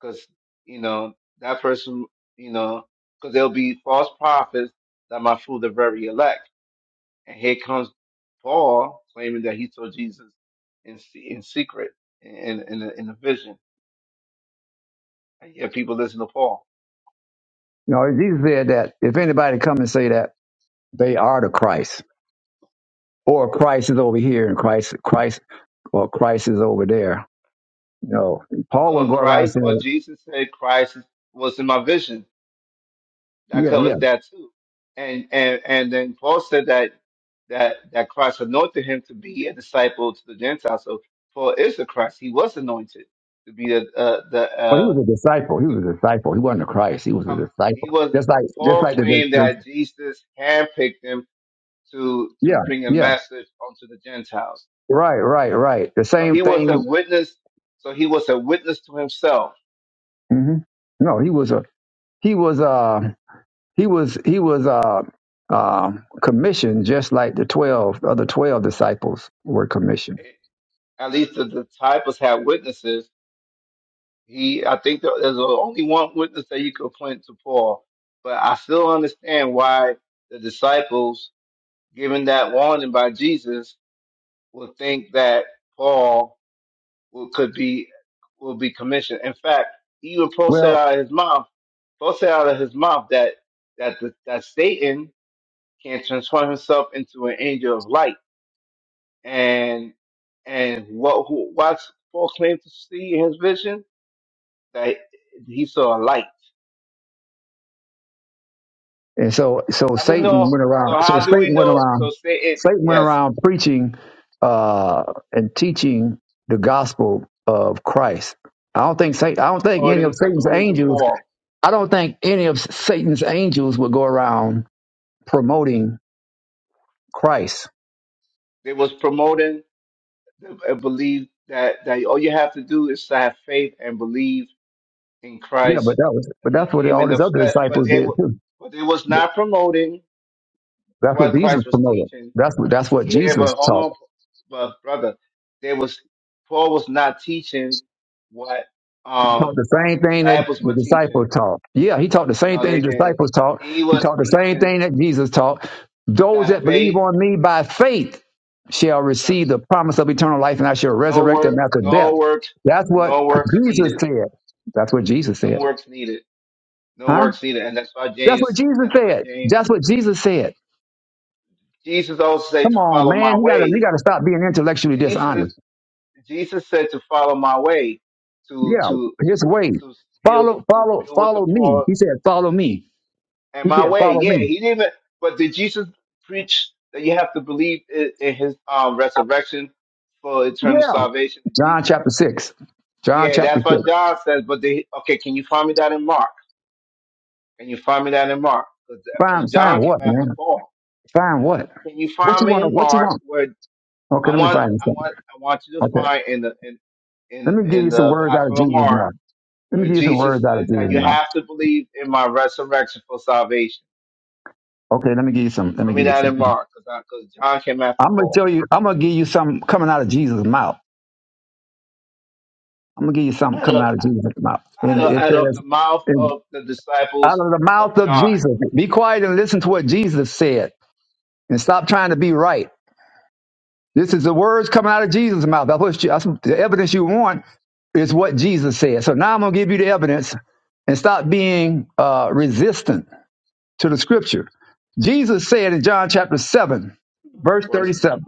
[SPEAKER 8] because you know that person, you know, because there'll be false prophets that might fool the very elect. And here comes Paul claiming that he saw Jesus in se- in secret in in a, in a vision, and yet people listen to Paul.
[SPEAKER 9] You know, Jesus said that if anybody come and say that they are the Christ, or Christ is over here and Christ Christ or Christ is over there. No. Paul
[SPEAKER 8] Well,
[SPEAKER 9] wouldn't go around
[SPEAKER 8] Christ, well
[SPEAKER 9] saying,
[SPEAKER 8] Jesus said Christ was in my vision. that
[SPEAKER 9] Yeah, yeah.
[SPEAKER 8] covers that too. And and and then Paul said that that that Christ anointed him to be a disciple to the Gentiles. So Paul is the Christ. He was anointed to be the uh, the
[SPEAKER 9] But he
[SPEAKER 8] uh,
[SPEAKER 9] was a disciple. He
[SPEAKER 8] the,
[SPEAKER 9] was a disciple. He wasn't a Christ. He was a
[SPEAKER 8] um, he
[SPEAKER 9] disciple.
[SPEAKER 8] was.
[SPEAKER 9] Just like just
[SPEAKER 8] Paul
[SPEAKER 9] like the, the,
[SPEAKER 8] claimed
[SPEAKER 9] the-
[SPEAKER 8] that Jesus handpicked him to to
[SPEAKER 9] yeah,
[SPEAKER 8] bring a
[SPEAKER 9] yeah.
[SPEAKER 8] message onto the Gentiles.
[SPEAKER 9] Right, right, right. The
[SPEAKER 8] So
[SPEAKER 9] same
[SPEAKER 8] he was a
[SPEAKER 9] thing.
[SPEAKER 8] witness. So he was a witness to himself.
[SPEAKER 9] hmm No, he was a he was uh he was he was uh uh commissioned just like the twelve the other twelve disciples were commissioned.
[SPEAKER 8] At least the disciples had witnesses He, I think there- there's only one witness that you could point to Paul, but I still understand why the disciples, given that warning by Jesus, would think that Paul will, could be will be commissioned. In fact, even Paul said
[SPEAKER 9] Well,
[SPEAKER 8] out of his mouth, Paul said out of his mouth that that the, that Satan can transform himself into an angel of light. And and what who, what's Paul claimed to see in his vision that he saw a light
[SPEAKER 9] and so so
[SPEAKER 8] How we
[SPEAKER 9] Satan
[SPEAKER 8] know?
[SPEAKER 9] went
[SPEAKER 8] So
[SPEAKER 9] around. So
[SPEAKER 8] how do we
[SPEAKER 9] Satan went
[SPEAKER 8] know? So
[SPEAKER 9] around.
[SPEAKER 8] say it.
[SPEAKER 9] Satan went
[SPEAKER 8] Yes,
[SPEAKER 9] around preaching uh and teaching the gospel of Christ. I don't think Satan, I don't think any of
[SPEAKER 8] according
[SPEAKER 9] Satan's
[SPEAKER 8] according to
[SPEAKER 9] angels.
[SPEAKER 8] Paul,
[SPEAKER 9] I don't think any of Satan's angels would go around promoting Christ.
[SPEAKER 8] they was promoting the a belief that that all you have to do is to have faith and believe in
[SPEAKER 9] Yeah, but
[SPEAKER 8] Christ.
[SPEAKER 9] that was but
[SPEAKER 8] He
[SPEAKER 9] that's what
[SPEAKER 8] came
[SPEAKER 9] all
[SPEAKER 8] in the
[SPEAKER 9] his other
[SPEAKER 8] flesh, but
[SPEAKER 9] disciples
[SPEAKER 8] they
[SPEAKER 9] did
[SPEAKER 8] were
[SPEAKER 9] too.
[SPEAKER 8] but they was not promoting
[SPEAKER 9] That's what
[SPEAKER 8] what
[SPEAKER 9] Jesus
[SPEAKER 8] Christ was
[SPEAKER 9] promoted.
[SPEAKER 8] teaching.
[SPEAKER 9] That's what that's what
[SPEAKER 8] Yeah, but
[SPEAKER 9] Jesus
[SPEAKER 8] hold
[SPEAKER 9] taught.
[SPEAKER 8] on, but brother, there was Paul was not teaching what
[SPEAKER 9] He taught
[SPEAKER 8] um
[SPEAKER 9] the
[SPEAKER 8] the
[SPEAKER 9] same thing that
[SPEAKER 8] disciples
[SPEAKER 9] the
[SPEAKER 8] were teaching.
[SPEAKER 9] disciples taught. Yeah, he taught the same
[SPEAKER 8] No,
[SPEAKER 9] thing
[SPEAKER 8] they
[SPEAKER 9] the
[SPEAKER 8] didn't.
[SPEAKER 9] disciples taught.
[SPEAKER 8] He
[SPEAKER 9] He
[SPEAKER 8] was
[SPEAKER 9] taught the same
[SPEAKER 8] teaching
[SPEAKER 9] thing that Jesus taught. Those
[SPEAKER 8] That
[SPEAKER 9] that believe
[SPEAKER 8] faith,
[SPEAKER 9] on me by faith shall
[SPEAKER 8] that
[SPEAKER 9] receive the promise of eternal life, and I shall
[SPEAKER 8] no
[SPEAKER 9] resurrect them
[SPEAKER 8] work,
[SPEAKER 9] after death.
[SPEAKER 8] no works,
[SPEAKER 9] That's what
[SPEAKER 8] no works
[SPEAKER 9] Jesus
[SPEAKER 8] needed.
[SPEAKER 9] said. That's what Jesus
[SPEAKER 8] No
[SPEAKER 9] said.
[SPEAKER 8] works needed. No
[SPEAKER 9] Huh?
[SPEAKER 8] works needed. And that's why
[SPEAKER 9] That's what
[SPEAKER 8] James,
[SPEAKER 9] Jesus
[SPEAKER 8] that's why
[SPEAKER 9] said.
[SPEAKER 8] James,
[SPEAKER 9] That's what Jesus said.
[SPEAKER 8] Jesus also said
[SPEAKER 9] Come
[SPEAKER 8] to
[SPEAKER 9] on,
[SPEAKER 8] follow my
[SPEAKER 9] man. You gotta you
[SPEAKER 8] way.
[SPEAKER 9] gotta stop being intellectually dishonest.
[SPEAKER 8] Jesus, Jesus said to follow my way, to,
[SPEAKER 9] Yeah,
[SPEAKER 8] to, to,
[SPEAKER 9] his way.
[SPEAKER 8] to heal,
[SPEAKER 9] Follow,
[SPEAKER 8] to
[SPEAKER 9] follow,
[SPEAKER 8] deal with the
[SPEAKER 9] follow me.
[SPEAKER 8] poor
[SPEAKER 9] He said, follow me.
[SPEAKER 8] and
[SPEAKER 9] He
[SPEAKER 8] my
[SPEAKER 9] said,
[SPEAKER 8] way.
[SPEAKER 9] follow
[SPEAKER 8] Yeah,
[SPEAKER 9] me.
[SPEAKER 8] he didn't even, but did Jesus preach that you have to believe in, in his um, resurrection for eternal
[SPEAKER 9] Yeah.
[SPEAKER 8] salvation?
[SPEAKER 9] John chapter six. John
[SPEAKER 8] Yeah,
[SPEAKER 9] chapter
[SPEAKER 8] that's
[SPEAKER 9] six.
[SPEAKER 8] what John says. But they, okay, can you find me that in Mark? Can you find me that in Mark?
[SPEAKER 9] Find,
[SPEAKER 8] Because John
[SPEAKER 9] find what,
[SPEAKER 8] came after
[SPEAKER 9] man?
[SPEAKER 8] Paul.
[SPEAKER 9] Find what?
[SPEAKER 8] Can you
[SPEAKER 9] What
[SPEAKER 8] find
[SPEAKER 9] you
[SPEAKER 8] me
[SPEAKER 9] want?
[SPEAKER 8] in
[SPEAKER 9] What you
[SPEAKER 8] Mark
[SPEAKER 9] want?
[SPEAKER 8] where
[SPEAKER 9] Okay,
[SPEAKER 8] I
[SPEAKER 9] let me
[SPEAKER 8] want
[SPEAKER 9] find you
[SPEAKER 8] I
[SPEAKER 9] something.
[SPEAKER 8] want I want you to
[SPEAKER 9] Okay,
[SPEAKER 8] find in the in in
[SPEAKER 9] let me give
[SPEAKER 8] in
[SPEAKER 9] you some
[SPEAKER 8] the
[SPEAKER 9] words out of
[SPEAKER 8] Gospel of
[SPEAKER 9] Jesus
[SPEAKER 8] Mark
[SPEAKER 9] now. Let me
[SPEAKER 8] where
[SPEAKER 9] give you some
[SPEAKER 8] Jesus
[SPEAKER 9] words out of
[SPEAKER 8] said
[SPEAKER 9] Jesus
[SPEAKER 8] that you
[SPEAKER 9] now.
[SPEAKER 8] have to believe in my resurrection for salvation.
[SPEAKER 9] Okay, let me give you some. Let me
[SPEAKER 8] Find me
[SPEAKER 9] give you
[SPEAKER 8] that in
[SPEAKER 9] something.
[SPEAKER 8] Mark because because John came after
[SPEAKER 9] I'm gonna
[SPEAKER 8] Paul.
[SPEAKER 9] tell you. I'm gonna give you something coming out of Jesus' mouth. I'm gonna give you something
[SPEAKER 8] Out
[SPEAKER 9] coming
[SPEAKER 8] of
[SPEAKER 9] out of Jesus' mouth.
[SPEAKER 8] out
[SPEAKER 9] And
[SPEAKER 8] of
[SPEAKER 9] it
[SPEAKER 8] out of the mouth
[SPEAKER 9] says,
[SPEAKER 8] of the
[SPEAKER 9] out
[SPEAKER 8] disciples
[SPEAKER 9] of the mouth
[SPEAKER 8] of
[SPEAKER 9] of
[SPEAKER 8] John,
[SPEAKER 9] Jesus. Be quiet and listen to what Jesus said and stop trying to be right. This is the words coming out of Jesus' mouth. That's what you, that's the evidence you want is what Jesus said. So now I'm going to give you the evidence and stop being uh, resistant to the scripture. Jesus said in John chapter 7,
[SPEAKER 8] of
[SPEAKER 9] verse
[SPEAKER 8] course, and John.
[SPEAKER 9] 37,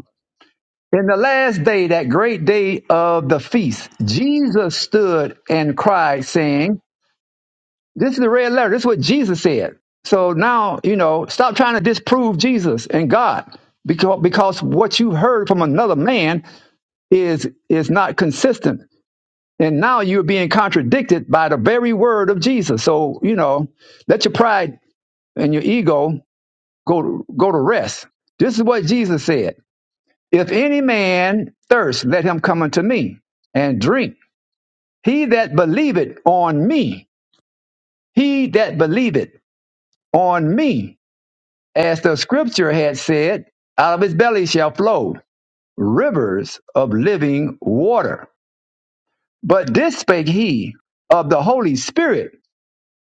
[SPEAKER 9] In the last day, that great day of the feast, Jesus stood and cried, saying, This is the red letter. This is what Jesus said. So now, you know, stop trying to disprove Jesus and God because because what you heard from another man is is not consistent. And now you're being contradicted by the very word of Jesus. So, you know, let your pride and your ego go to, go to rest. This is what Jesus said. If any man thirst, let him come unto me and drink. He that believeth on me, he that believeth on me As the scripture had said, out of his belly shall flow rivers of living water. But this spake he of the Holy Spirit,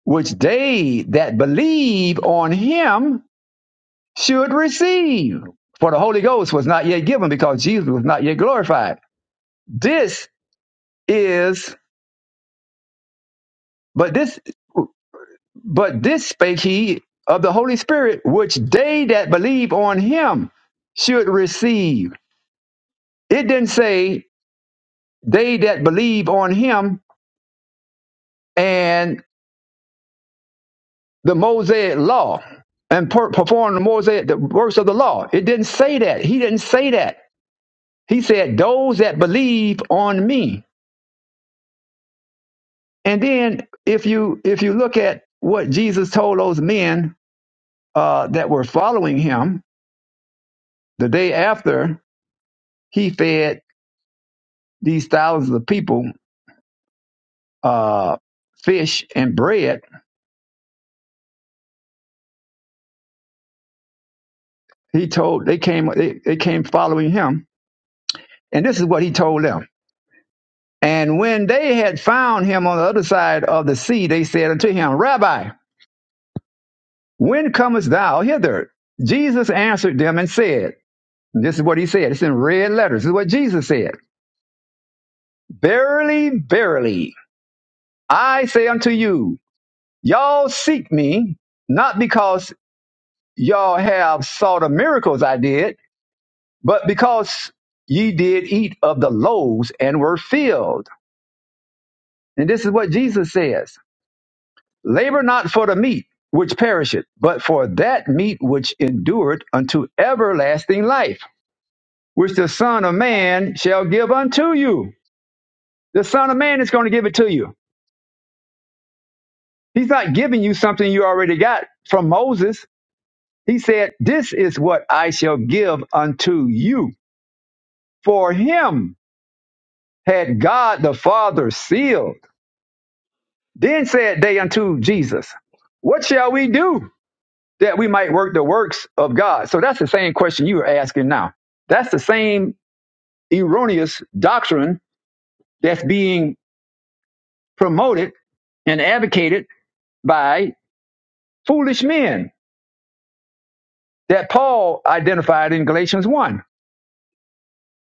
[SPEAKER 9] which they that believe on him should receive. For the Holy Ghost was not yet given because Jesus was not yet glorified. This is, but this, but this spake he of the Holy Spirit, which they that believe on him should receive. It didn't say they that believe on him and the Mosaic law and per- perform the Mosaic, the works of the law. It didn't say that. He didn't say that. He said those that believe on me. And then if you if you look at what Jesus told those men uh, that were following him the day after he fed these thousands of people uh, fish and bread, he told they came they, they came following him, and this is what he told them. And when they had found him on the other side of the sea, they said unto him, Rabbi, when comest thou hither? Jesus answered them and said, and This is what he said. It's in red letters. This is what Jesus said. Verily, verily, I say unto you, y'all seek me, not because y'all have saw the miracles I did, but because ye did eat of the loaves and were filled. And this is what Jesus says. Labor not for the meat which perisheth, but for that meat which endureth unto everlasting life, which the Son of Man shall give unto you. The Son of Man is going to give it to you. He's not giving you something you already got from Moses. He said, This is what I shall give unto you. For him had God the Father sealed. Then said they unto Jesus, What shall we do? that we might work the works of God. So that's the same question you are asking now. That's the same erroneous doctrine that's being promoted and advocated by foolish men that Paul identified in Galatians 1.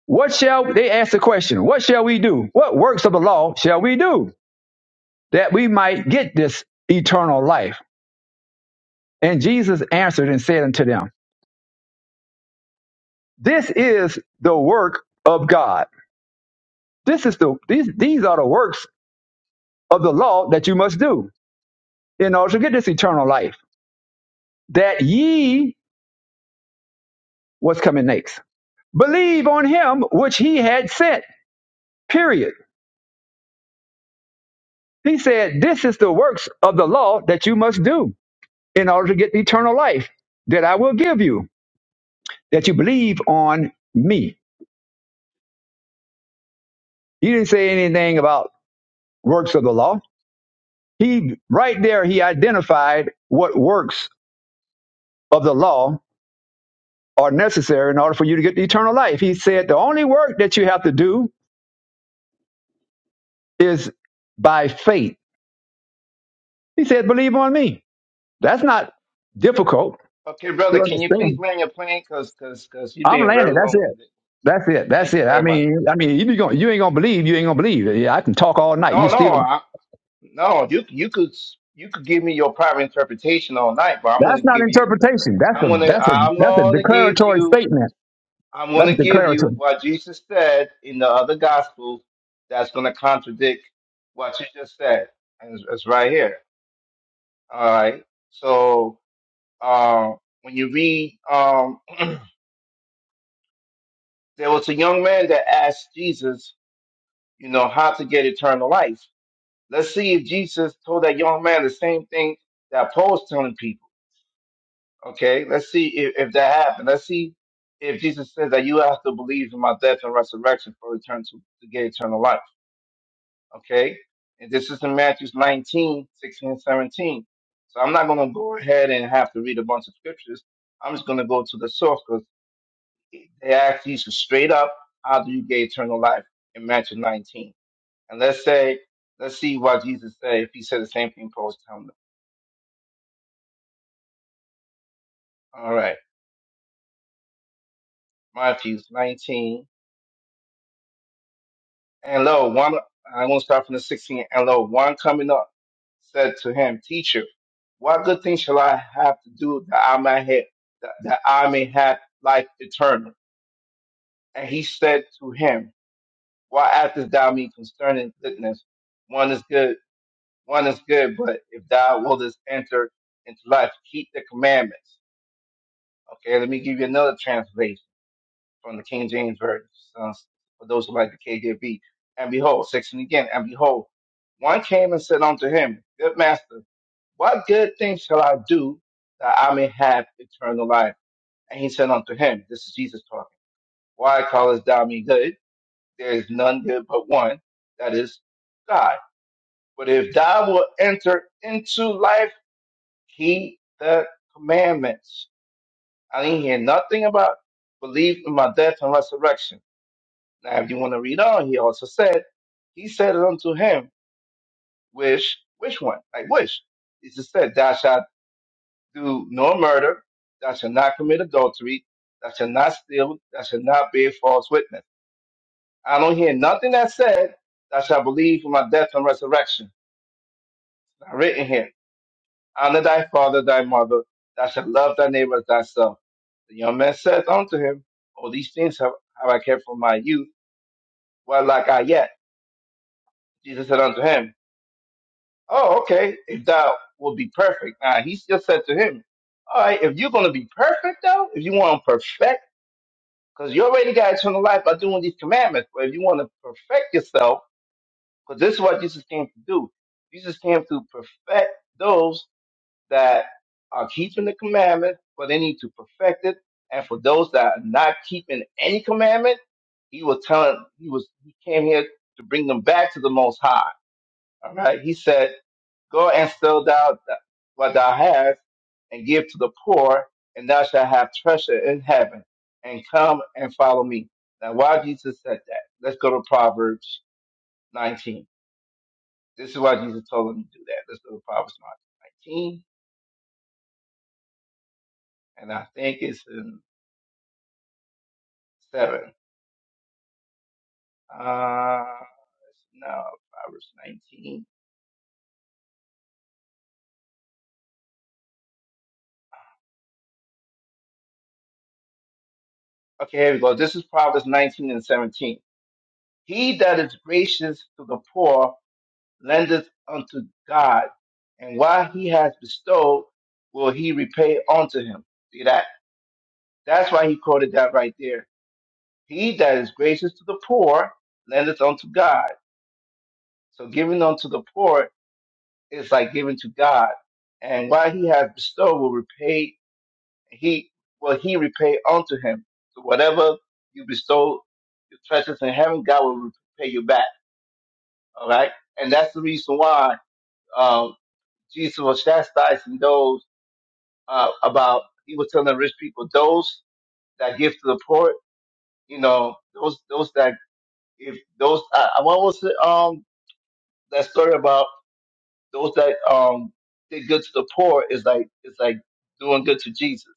[SPEAKER 9] What shall they ask the question? What shall we do? What works of the law shall we do that we might get this eternal life? And Jesus answered and said unto them, This is the work of God. This is the these these are the works of the law that you must do in order to get this eternal life. That ye, what's coming next, believe on him which he had sent, period. He said, This is the works of the law that you must do in order to get the eternal life that I will give you, that you believe on me. He didn't say anything about works of the law. He, right there, he identified what works of the law are necessary in order for you to get the eternal life. He said, The only work that you have to do is by faith. He said, believe on me. That's not difficult
[SPEAKER 8] Okay, brother,
[SPEAKER 9] to
[SPEAKER 8] can you please
[SPEAKER 9] understand.
[SPEAKER 8] land your plane? Cause, cause, cause you're
[SPEAKER 9] I'm
[SPEAKER 8] being
[SPEAKER 9] landed.
[SPEAKER 8] very
[SPEAKER 9] That's it.
[SPEAKER 8] long-winded.
[SPEAKER 9] That's it. That's
[SPEAKER 8] Thank you
[SPEAKER 9] it. I
[SPEAKER 8] very much.
[SPEAKER 9] mean, I mean, you be going, you ain't gonna believe. You ain't gonna believe. Yeah, I can talk all night. You
[SPEAKER 8] No, no,
[SPEAKER 9] still.
[SPEAKER 8] I, no. You, you could, you could give me your private interpretation all night, but I'm
[SPEAKER 9] That's
[SPEAKER 8] gonna
[SPEAKER 9] not
[SPEAKER 8] give you.
[SPEAKER 9] interpretation. That's
[SPEAKER 8] I'm
[SPEAKER 9] a
[SPEAKER 8] gonna,
[SPEAKER 9] that's a
[SPEAKER 8] I'm
[SPEAKER 9] that's a
[SPEAKER 8] gonna give
[SPEAKER 9] declaratory
[SPEAKER 8] you.
[SPEAKER 9] statement.
[SPEAKER 8] I'm
[SPEAKER 9] That's
[SPEAKER 8] gonna
[SPEAKER 9] a
[SPEAKER 8] give
[SPEAKER 9] declaratory.
[SPEAKER 8] you what Jesus said in the other gospels. That's gonna contradict what you just said, and it's, it's right here. All right. So, uh, when you read, um, there was a young man that asked Jesus you know, how to get eternal life. Let's see if Jesus told that young man the same thing that Paul's telling people. Okay, let's see if, if that happened. Let's see if Jesus says that you have to believe in my death and resurrection for return to, to get eternal life. Okay, and this is in Matthew 19, 16 and 17. So I'm not going to go ahead and have to read a bunch of scriptures. I'm just going to go to the source because they asked Jesus straight up, how do you get eternal life in Matthew 19? And let's say, let's see what Jesus said. If he said the same thing Paul's telling them. All right. Matthew 19. And lo, one, I'm going to start from the 16. And lo, one coming up said to him, teacher, what good thing shall I have to do that I may have, that, that I may have life eternal? And he said to him, "Why askest thou me concerning goodness? One is good, one is good, but if thou wouldest enter into life, keep the commandments. Okay, let me give you another translation. from the King James Version, uh, for those who like the KJV. And behold, 16 again, and behold, one came and said unto him, Good master, what good thing shall I do that I may have eternal life? And he said unto him, This is Jesus talking, Why callest thou me good? There is none good but one, that is God. But if thou wilt enter into life, keep the commandments. I didn't hear nothing about belief in my death and resurrection Now, if you want to read on, he also said, He said it unto him, Which, which one? Like, which? He just said, Thou shalt do no murder, thou shalt not commit adultery, thou shalt not steal, thou shalt not bear false witness. I don't hear nothing that said, Thou shalt believe for my death and resurrection. Not written here. Honor thy father, thy mother, thou shalt love thy neighbor as thyself. The young man said unto him, All these things have, have I kept from my youth. What lack I yet? Jesus said unto him, Oh, okay. If thou will be perfect. Now he still said to him, All right, if you're gonna be perfect though, if you want to perfect, because you already got eternal life by doing these commandments, but if you want to perfect yourself, because this is what Jesus came to do. Jesus came to perfect those that are keeping the commandment, but they need to perfect it. And for those that are not keeping any commandment, he was telling he was he came here to bring them back to the most high. All right. He said Go and sell thou th- what thou hast, and give to the poor, and thou shalt have treasure in heaven. And come and follow me. Now, why Jesus said that? Let's go to Proverbs 19. This is why Jesus told him to do that. Let's go to Proverbs 19, and I think it's in 7. Uh, no, Proverbs 19. Okay, here we go. This is Proverbs 19 and 17. He that is gracious to the poor lendeth unto God, and what he has bestowed will he repay unto him. See that? That's why he quoted that right there. He that is gracious to the poor lendeth unto God. So giving unto the poor is like giving to God, and what he has bestowed will repay he will he repay unto him. So whatever you bestow your treasures in heaven, God will repay you back. All right, and that's the reason why um, Jesus was chastising those. uh, about he was telling the rich people, those that give to the poor, you know, those those that if those uh, what was it, um that story about those that um did good to the poor is like is like doing good to Jesus.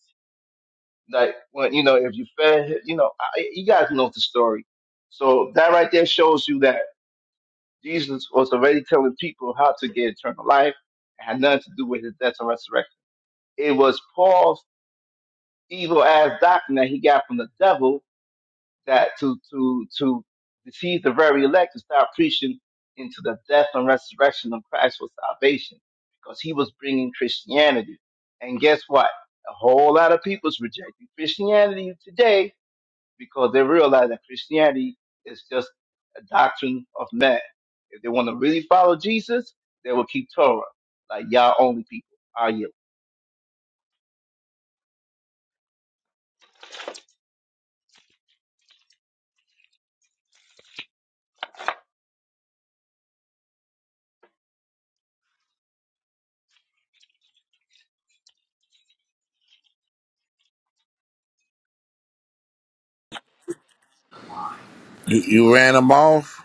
[SPEAKER 8] Like when you know if you fed him- you know I, you guys know the story. So that right there shows you that Jesus was already telling people how to get eternal life. It had nothing to do with his death and resurrection. It was Paul's evil ass doctrine that he got from the devil that to to to deceive the very elect to start preaching into the death and resurrection of Christ for salvation, because he was bringing Christianity. And guess what? A whole lot of people's rejecting Christianity today because they realize that Christianity is just a doctrine of man. If they want to really follow Jesus, they will keep Torah, like y'all only people. Are you?
[SPEAKER 1] You, you ran them off.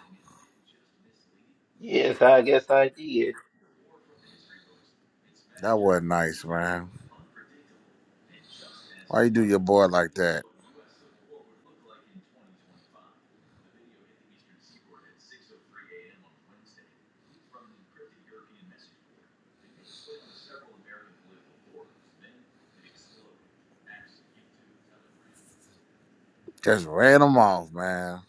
[SPEAKER 8] Yes, I guess I did.
[SPEAKER 1] That wasn't nice, man. Why you do your boy like that? Just ran him off, man.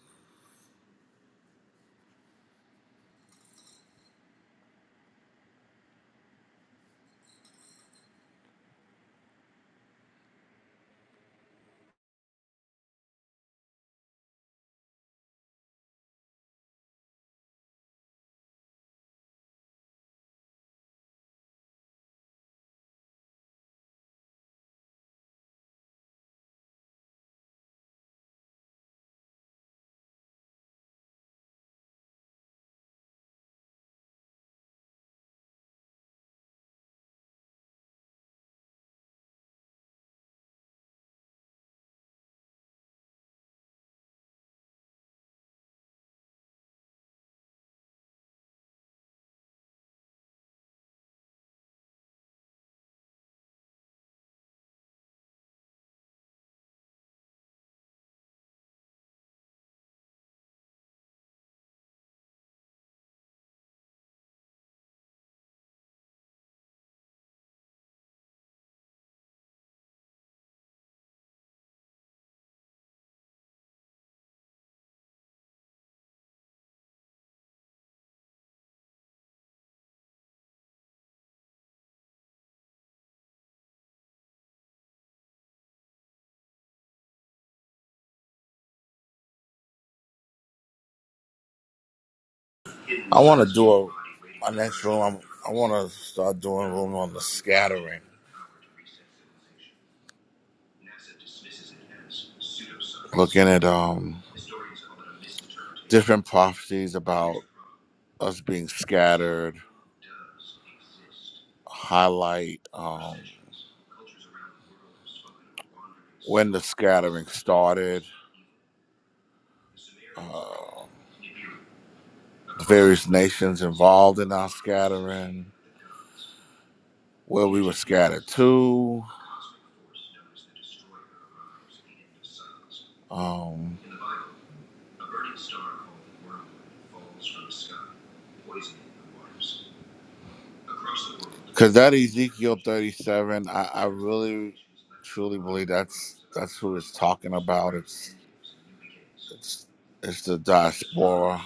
[SPEAKER 1] I want to do a my next room. I'm, I want to start doing a room on the scattering, looking at um different prophecies about us being scattered. Highlight um, when the scattering started, uh, various nations involved in our scattering, where we were scattered to. Um, Cause that Ezekiel thirty seven, I, I really truly believe that's that's who it's talking about. It's it's it's the diaspora,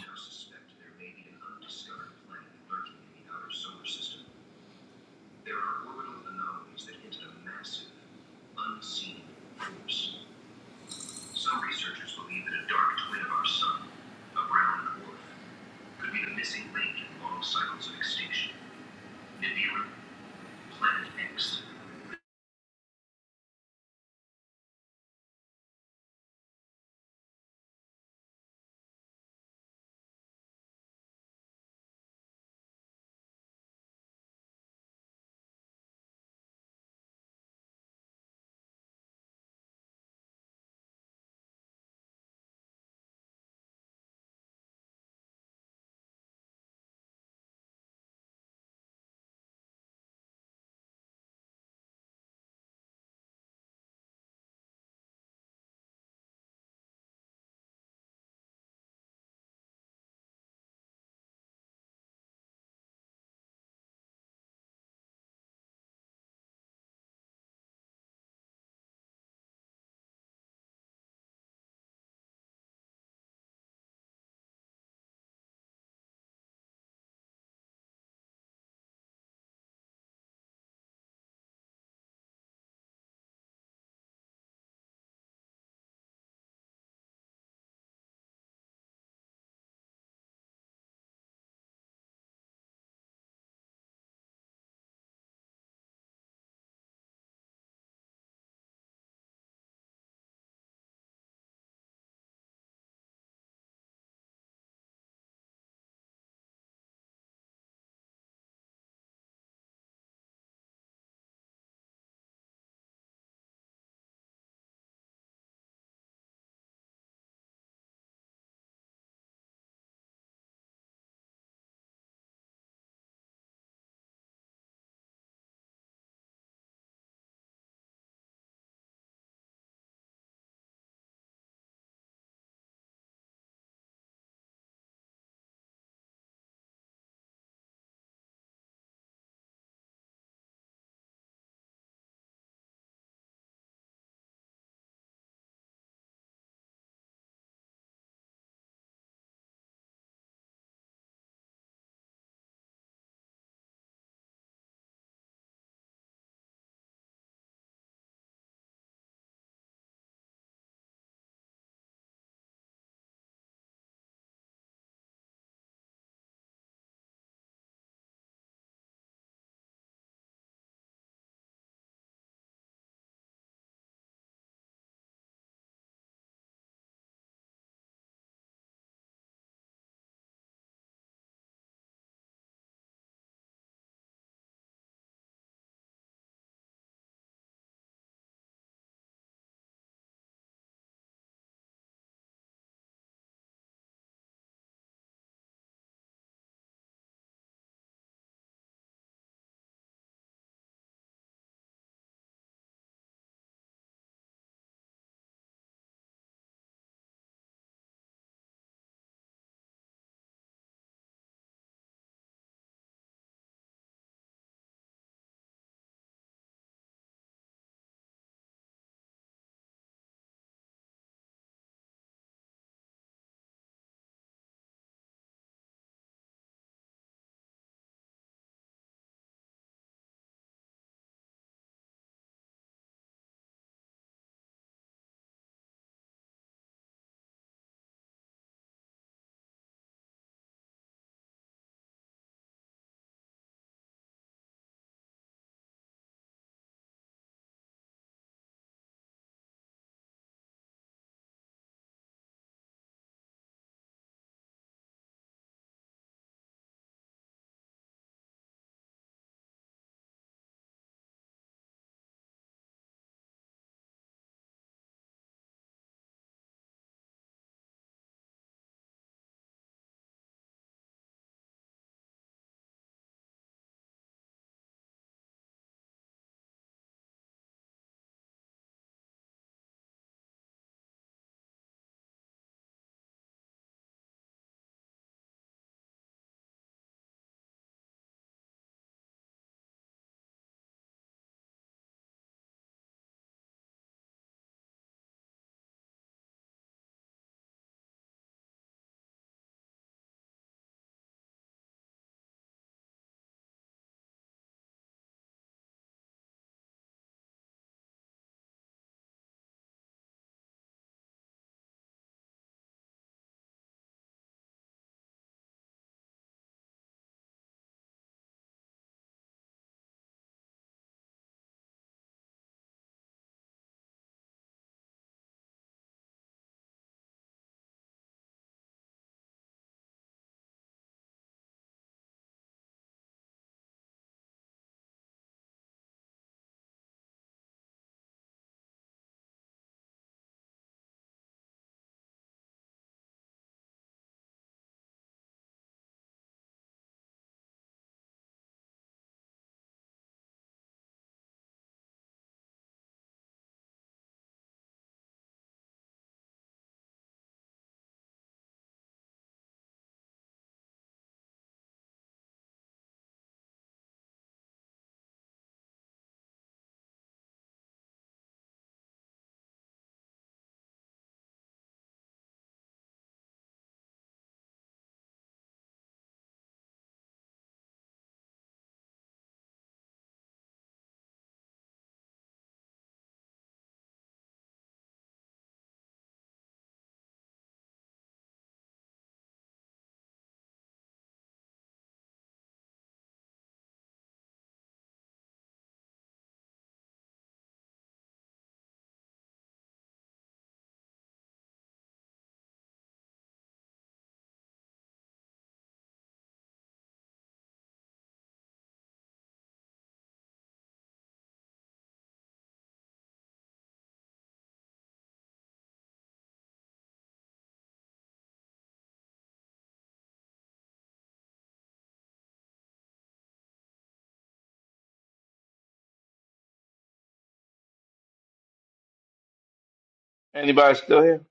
[SPEAKER 8] Anybody still here?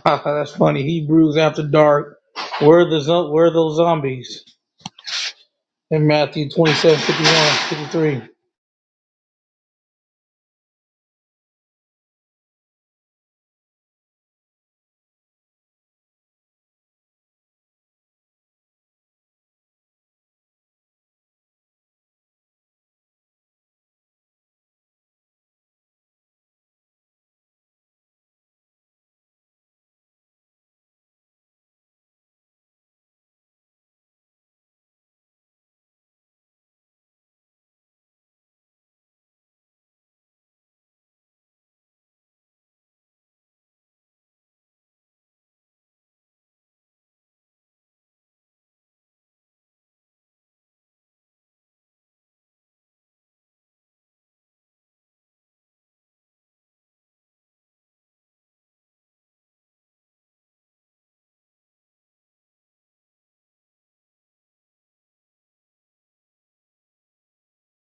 [SPEAKER 10] That's funny. Hebrews after dark. Where are the zo- where are those zombies in Matthew 27 51 fifty three.